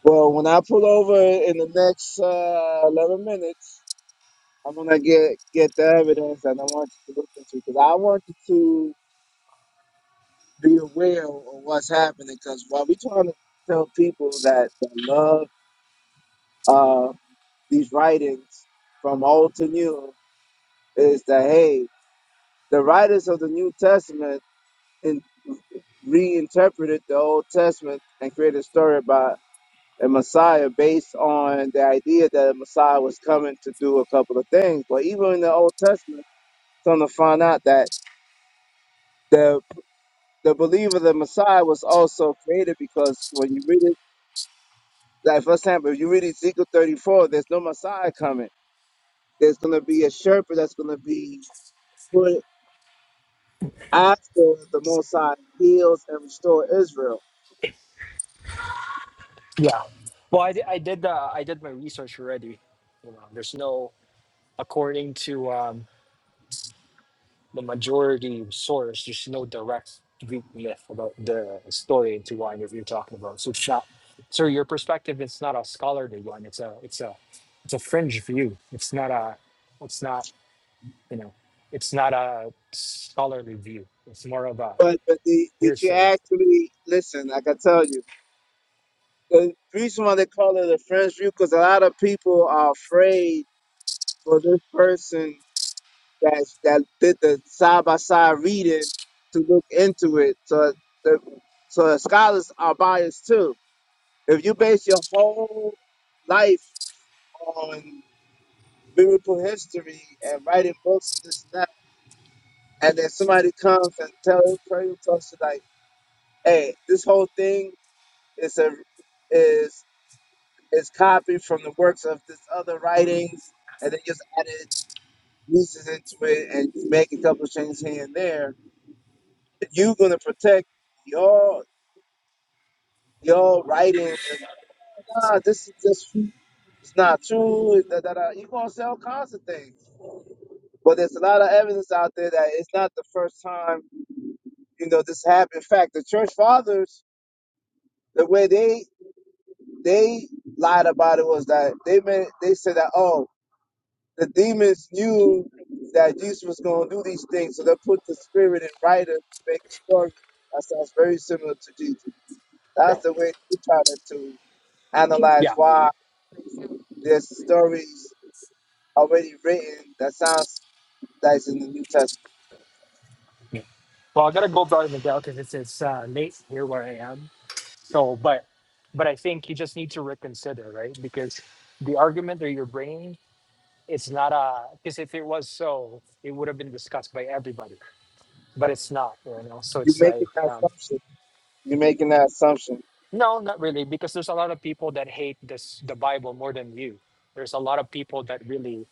Speaker 15: Well, when I pull over in the next uh, eleven minutes, I'm gonna get get the evidence that I want you to look into because I want you to be aware of what's happening. Because while we're trying to tell people that, that love uh, these writings from old to new is that hey, the writers of the New Testament in, reinterpreted the Old Testament and created a story about a Messiah based on the idea that a Messiah was coming to do a couple of things. But even in the Old Testament, come to find out that the the believer, the Messiah, was also created because when you read it, like for example, if you read Ezekiel 34, there's no Messiah coming. There's going to be a shepherd that's going to be put after the Messiah heals and restore Israel.
Speaker 13: Yeah. Well, I, di- I did uh, I did my research already. You know, there's no according to um, the majority source, there's no direct Greek myth about the story into Wine that you're talking about. So it's not so your perspective it's not a scholarly one. It's a it's a it's a fringe view. It's not a it's not, you know, it's not a scholarly view. It's more of a
Speaker 15: But but the, did you
Speaker 13: hearsay.
Speaker 15: actually listen? Like I tell you, the reason why they call it a friends view because a lot of people are afraid for this person that that did the side by side reading to look into it. So the so scholars are biased too. If you base your whole life on biblical history and writing books and this and that, and then somebody comes and tell tells you like, hey, this whole thing is a is Is copied from the works of this other writings, and then just added pieces into it, and you make a couple of changes here and there. You're gonna protect your your writings, and nah, this is just it's not true. Da, da, da. You're gonna sell all kinds of things, but there's a lot of evidence out there that it's not the first time you know this happened. In fact, the church fathers, the way they they lied about it was that they meant they said that oh the demons knew that Jesus was going to do these things, so they put the spirit in writer to make a story that sounds very similar to Jesus.
Speaker 13: Yeah.
Speaker 15: That's the way we try to, to analyze
Speaker 13: Yeah.
Speaker 15: why there's stories already written that sounds that's in the New Testament.
Speaker 13: yeah. Well I gotta go brother Miguel because it's it's uh, late here where I am. So but but I think you just need to reconsider, right? Because the argument that you're bringing It's not a because if it was so, it would have been discussed by everybody, but it's not. You know, so
Speaker 15: You're
Speaker 13: it's
Speaker 15: making
Speaker 13: like
Speaker 15: that
Speaker 13: um,
Speaker 15: assumption. You're making that assumption.
Speaker 13: no, not really, because there's a lot of people that hate this the Bible more than you. There's a lot of people that really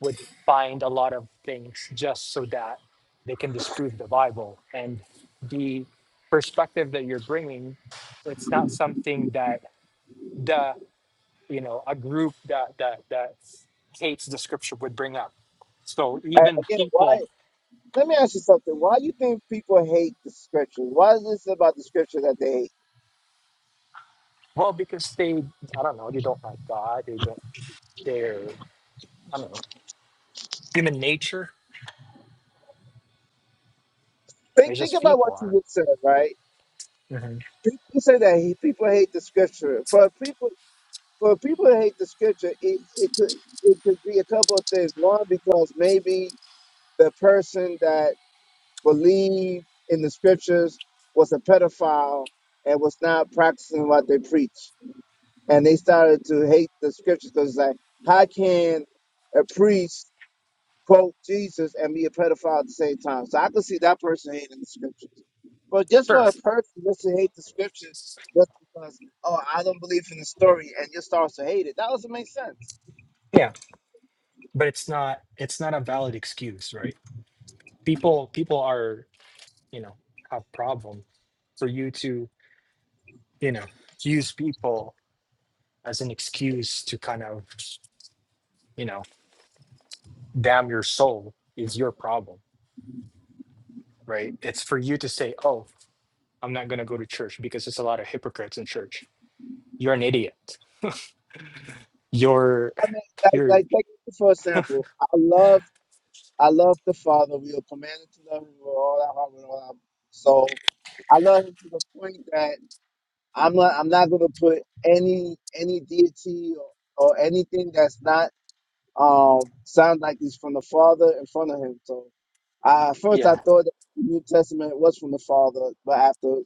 Speaker 13: would find a lot of things just so that they can disprove the Bible and the perspective that you're bringing. It's not something that the you know a group that that that hates the scripture would bring up. So
Speaker 15: A-
Speaker 13: even
Speaker 15: Again, why?
Speaker 13: people
Speaker 15: Let me ask you something. Why do you think people hate the scriptures? Why is this about the scripture that they hate?
Speaker 13: Well, because they, I don't know, they don't like God. They don't, they're, I don't know, human nature. They're
Speaker 15: Think think
Speaker 13: just
Speaker 15: about
Speaker 13: people.
Speaker 15: what
Speaker 13: aren't
Speaker 15: you just said, right?
Speaker 13: Mhm.
Speaker 15: People say that he, people hate the scripture. For people, for people to hate the scripture, it, it could it could be a couple of things. One, because maybe the person that believed in the scriptures was a pedophile and was not practicing what they preach, and they started to hate the scriptures because it's like, how can a priest quote Jesus and be a pedophile at the same time. So I can see that person hating the scriptures. But just
Speaker 13: Sure.
Speaker 15: for a person just to hate the scriptures just because oh I don't believe in the story and just starts to hate it, that doesn't make sense.
Speaker 13: Yeah. But it's not, it's not a valid excuse, right? People, people are, you know, have problem for you to, you know, use people as an excuse to kind of, you know, damn your soul is your problem, right? It's for you to say, oh, I'm not going to go to church because there's a lot of hypocrites in church. You're an idiot. your
Speaker 15: I mean,
Speaker 13: your
Speaker 15: like, like take it for example, I love I love the Father. We are commanded to love Him with all our heart and all our soul. I love Him to the point that I'm not I'm not going to put any any deity or, or anything that's not um, sound like it's from the Father in front of him. So I, at first I
Speaker 13: yeah
Speaker 15: thought that the New Testament was from the Father, but after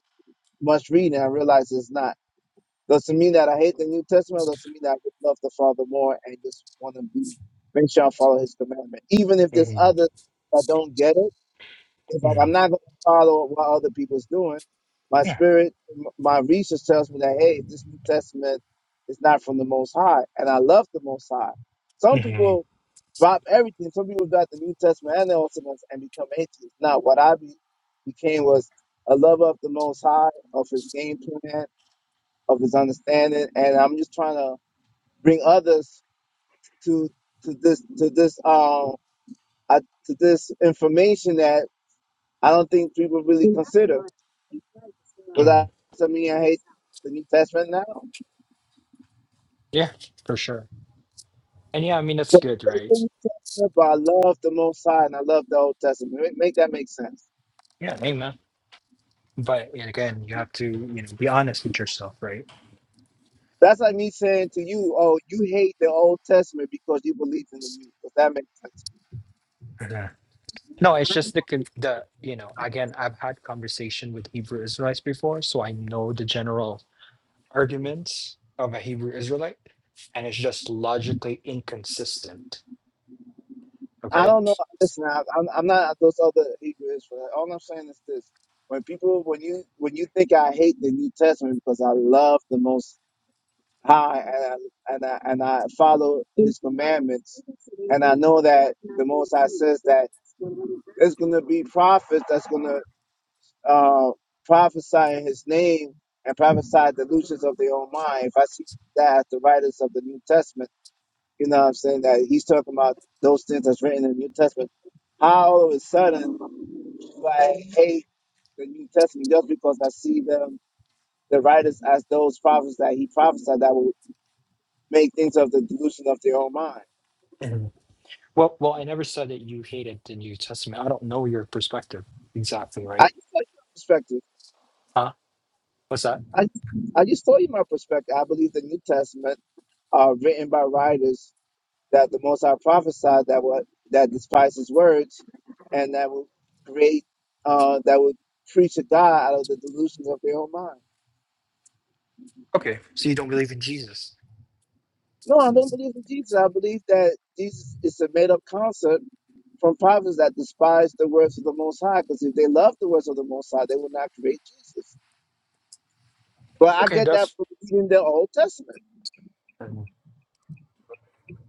Speaker 15: much reading, I realized it's not. Does it mean that I hate the New Testament? does it mean that I would love the Father more and just want to be make sure I follow His commandment, even if there's
Speaker 13: hmm
Speaker 15: others that don't get it? It's like
Speaker 13: hmm
Speaker 15: I'm not going to follow what other people's doing. My
Speaker 13: yeah
Speaker 15: spirit, m- my research tells me that hey, this New Testament is not from the Most High, and I love the Most High. Some
Speaker 13: hmm
Speaker 15: people drop everything. Some people drop the New Testament and the Old Testament and become atheists. Now, what I be, became was a lover of the Most High, of His game plan, of His understanding, and I'm just trying to bring others to to this to this um uh, to this information that I don't think people really
Speaker 13: hmm
Speaker 15: to me the New Testament now.
Speaker 13: yeah for sure and yeah i mean that's
Speaker 15: So
Speaker 13: good
Speaker 15: make the
Speaker 13: right
Speaker 15: New Testament, but I love the Most High and I love the Old Testament. Make, make that make sense.
Speaker 13: yeah amen but yeah, again you have to you know be honest with yourself right
Speaker 15: That's like me saying to you, "Oh, you hate the Old Testament because you believe in the New." Does that make sense?
Speaker 13: Mhm. no it's just the con- the you know again i've had conversation with hebrew israelites before so i know the general arguments of a hebrew israelite and it's just logically inconsistent
Speaker 15: I
Speaker 13: okay
Speaker 15: don't know. Listen, I, I'm, I'm not those other Hebrew Israelites. All I'm saying is this: when people, when you, when you think I hate the New Testament because I love the Most High and I, and I, and I follow His commandments, and I know that it's going to be prophets that's going to uh, prophesy in his name and prophesy delusions of their own mind. If I see that the writers of the New Testament, you know what I'm saying, that he's talking about those things that's written in the New Testament, how all of a sudden do I hate the New Testament just because I see them, the writers as those prophets that he prophesied that will make things of the delusion of their own mind.
Speaker 13: Well, well, I never said that you hated the New Testament. I don't know your perspective exactly,
Speaker 15: I
Speaker 13: right?
Speaker 15: just told you
Speaker 13: Huh? What's that?
Speaker 15: my perspective. I, I just told you my perspective. I believe the New Testament are written by writers that the Most High prophesied that what that despise his words, and that would create, uh, that would preach a God out of the delusions of their own mind.
Speaker 13: Okay, so you don't believe in Jesus?
Speaker 15: No, I don't believe in Jesus. I believe that Jesus is a made-up concept from prophets that despise the words of the Most High, because if they love the words of the Most High, they would not create Jesus. But I
Speaker 13: Okay,
Speaker 15: get that
Speaker 13: that's
Speaker 15: from reading the Old Testament.
Speaker 13: um,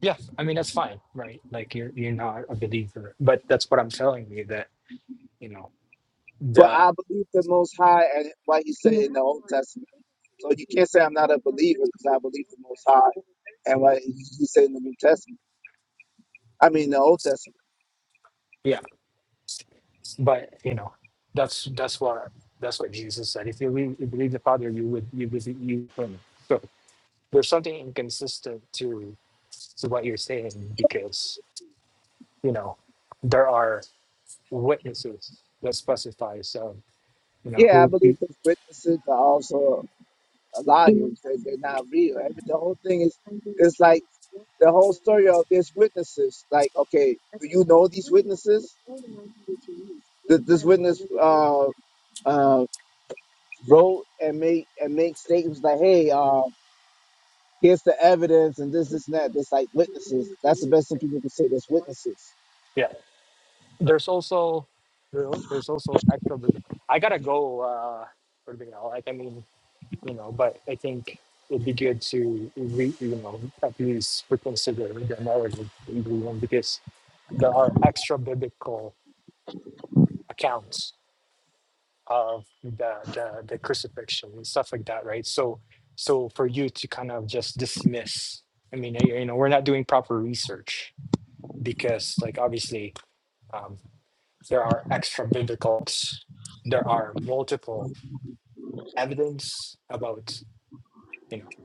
Speaker 13: yeah. I mean, that's fine, right? Like you're you're not a believer, but that's what I'm telling you that you know
Speaker 15: But
Speaker 13: the
Speaker 15: I believe the Most High and what He said, and what He he said in the New Testament. I mean, the Old Testament.
Speaker 13: yeah. But you know that's that's what that's what Jesus said. If you believe, you believe the Father, you would you believe you. Him. So there's something inconsistent to to what you're saying because you know there are. witnesses that specifies um, you know
Speaker 15: Yeah, I
Speaker 13: who
Speaker 15: believe
Speaker 13: you,
Speaker 15: the witnesses are also a lot. read the whole thing is the whole story of these witnesses. Like, okay, uh, uh, wrote and make and make statements like, hey, uh, here's the evidence and this, this, and that. That's like witness, the best thing people can say. That's witnesses.
Speaker 13: yeah there's also there, there's also extra bit- i gotta go uh for the now like i mean you know but i think it'd be good to re, you know at least reconsider the narrative in Greenland because there are extra biblical accounts of the, the the crucifixion and stuff like that right so so for you to kind of just dismiss i mean you know we're not doing proper research because like obviously um, there are extra biblical there are multiple evidence about you know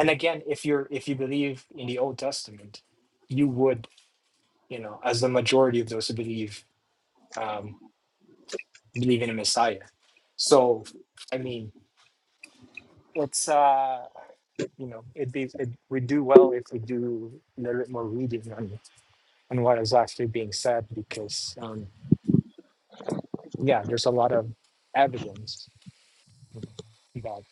Speaker 13: and again if you're if you believe in the old testament you would you know as the majority of those who believe um believe in a messiah so i mean it's uh you know it'd be it, we do well if we do a little bit more reading on on what is actually being said because um yeah there's a lot of evidence You got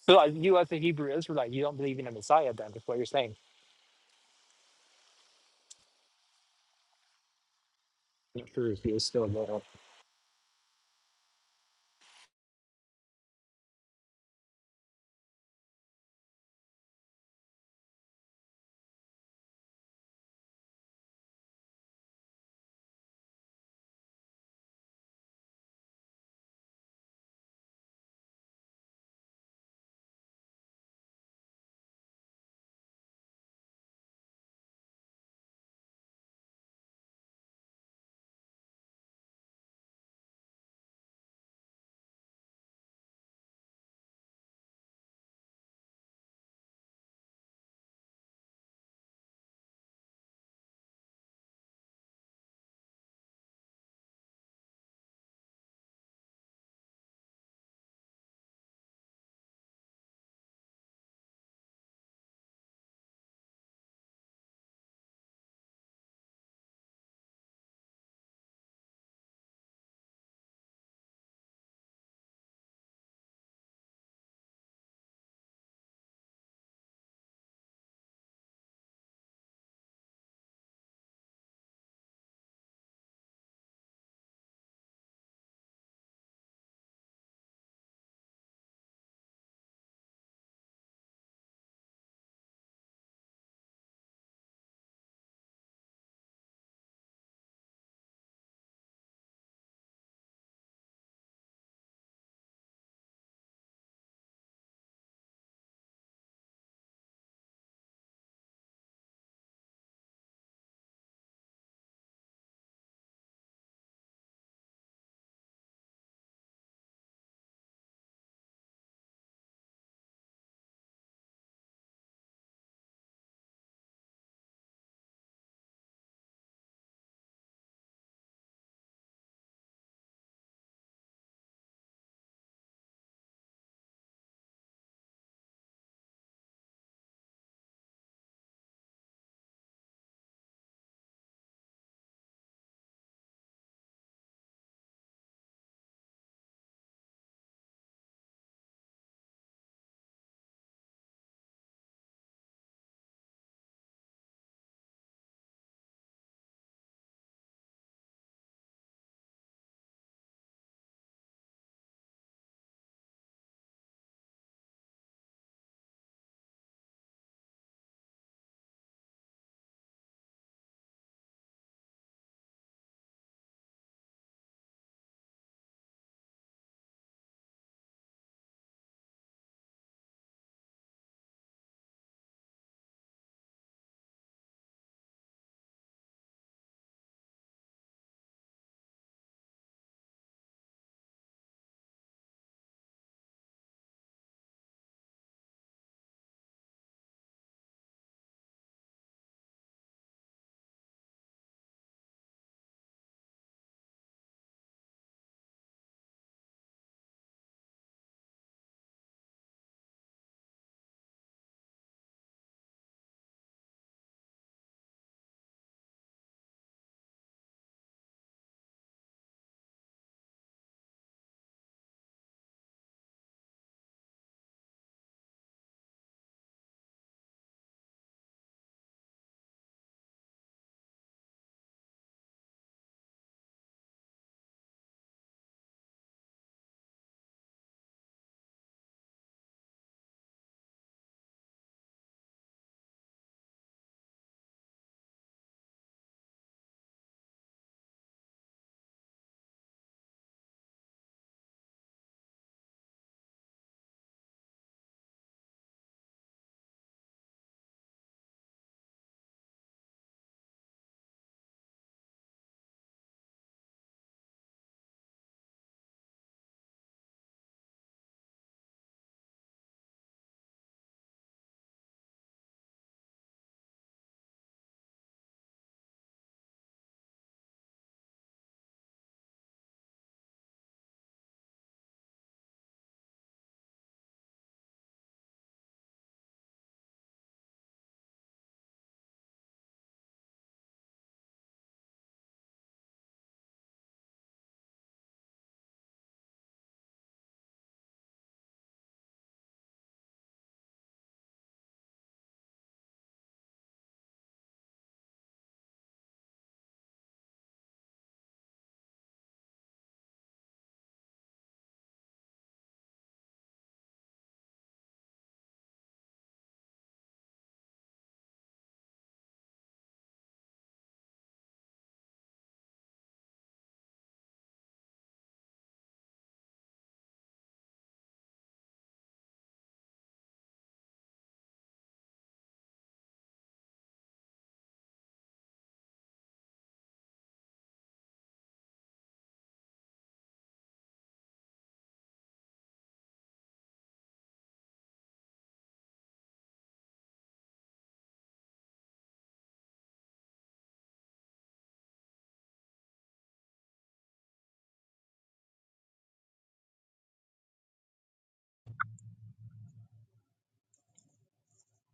Speaker 13: So like you as a Hebrew Israelite, you don't believe in a Messiah then, is what you're saying. Not true. He is still Lord.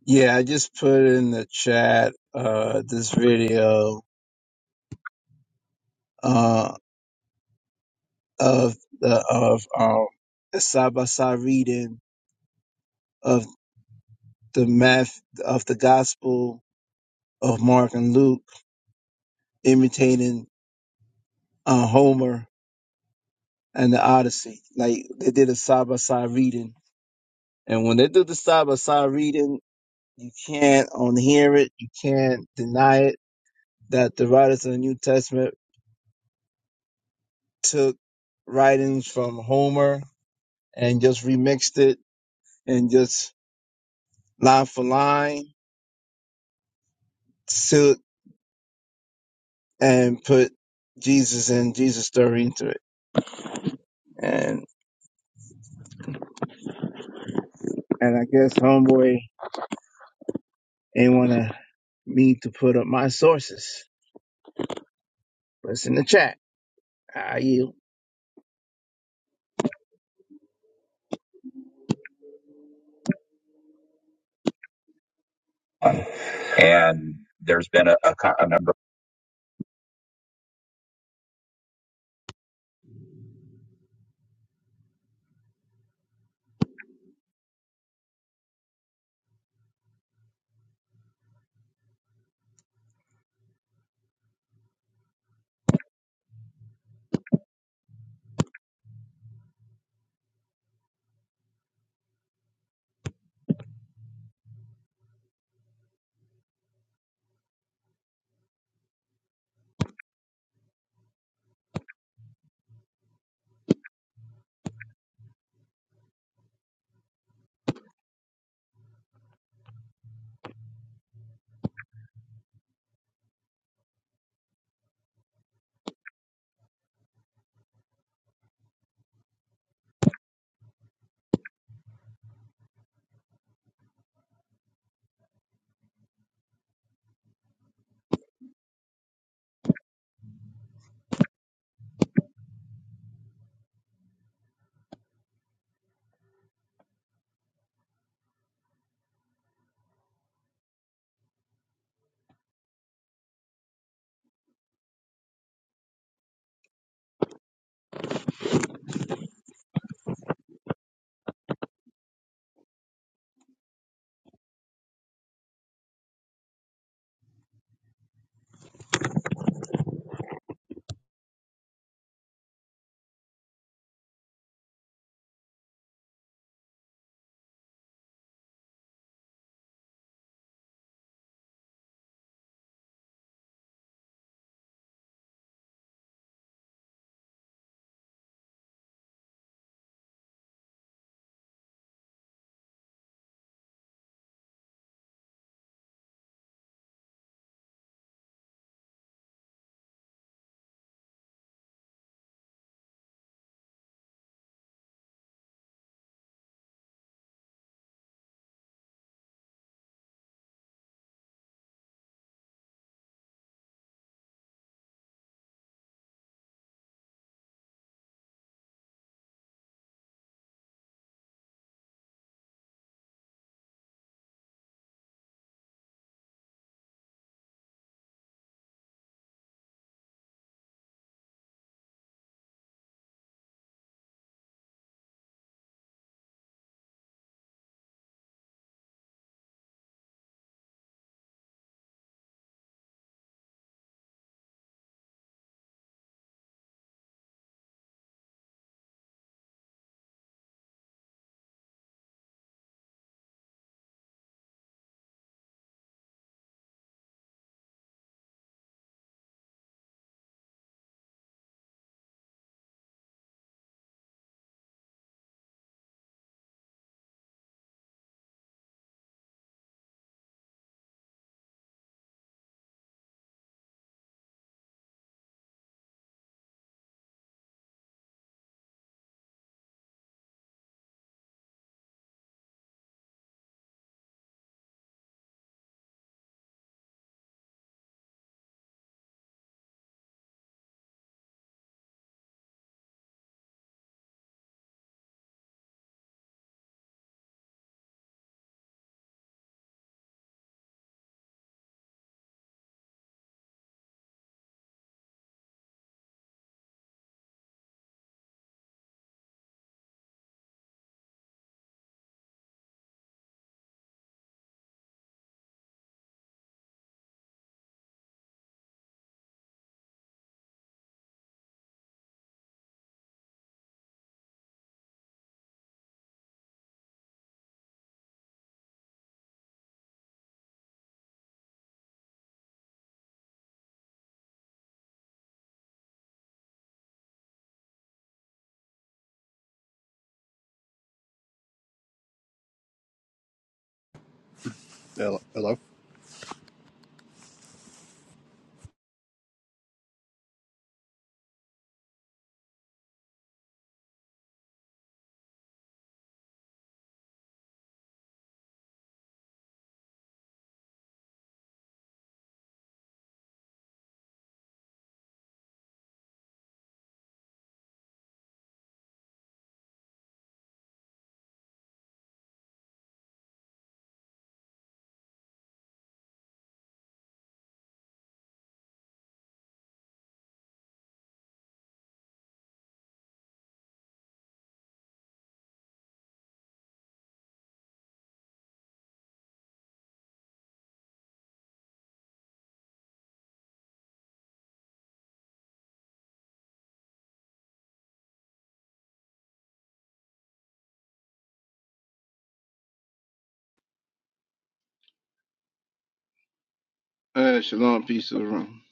Speaker 15: Yeah, I just put in the chat uh, this video uh, of the of um, the side by side reading of the math of the Gospel of Mark and Luke, imitating uh, Homer and the Odyssey. Like they did a side by side reading, and when they do the side by side reading, you can't unhear it. You can't deny it that the writers of the New Testament took writings from Homer and just remixed it and just line for line took and put Jesus and Jesus story into it. And and I guess homeboy ain't wanna me to put up my sources. But it's in the chat. I yield. and there's been a, a, a number.
Speaker 14: hello?
Speaker 15: Hey, shalom, peace to the room.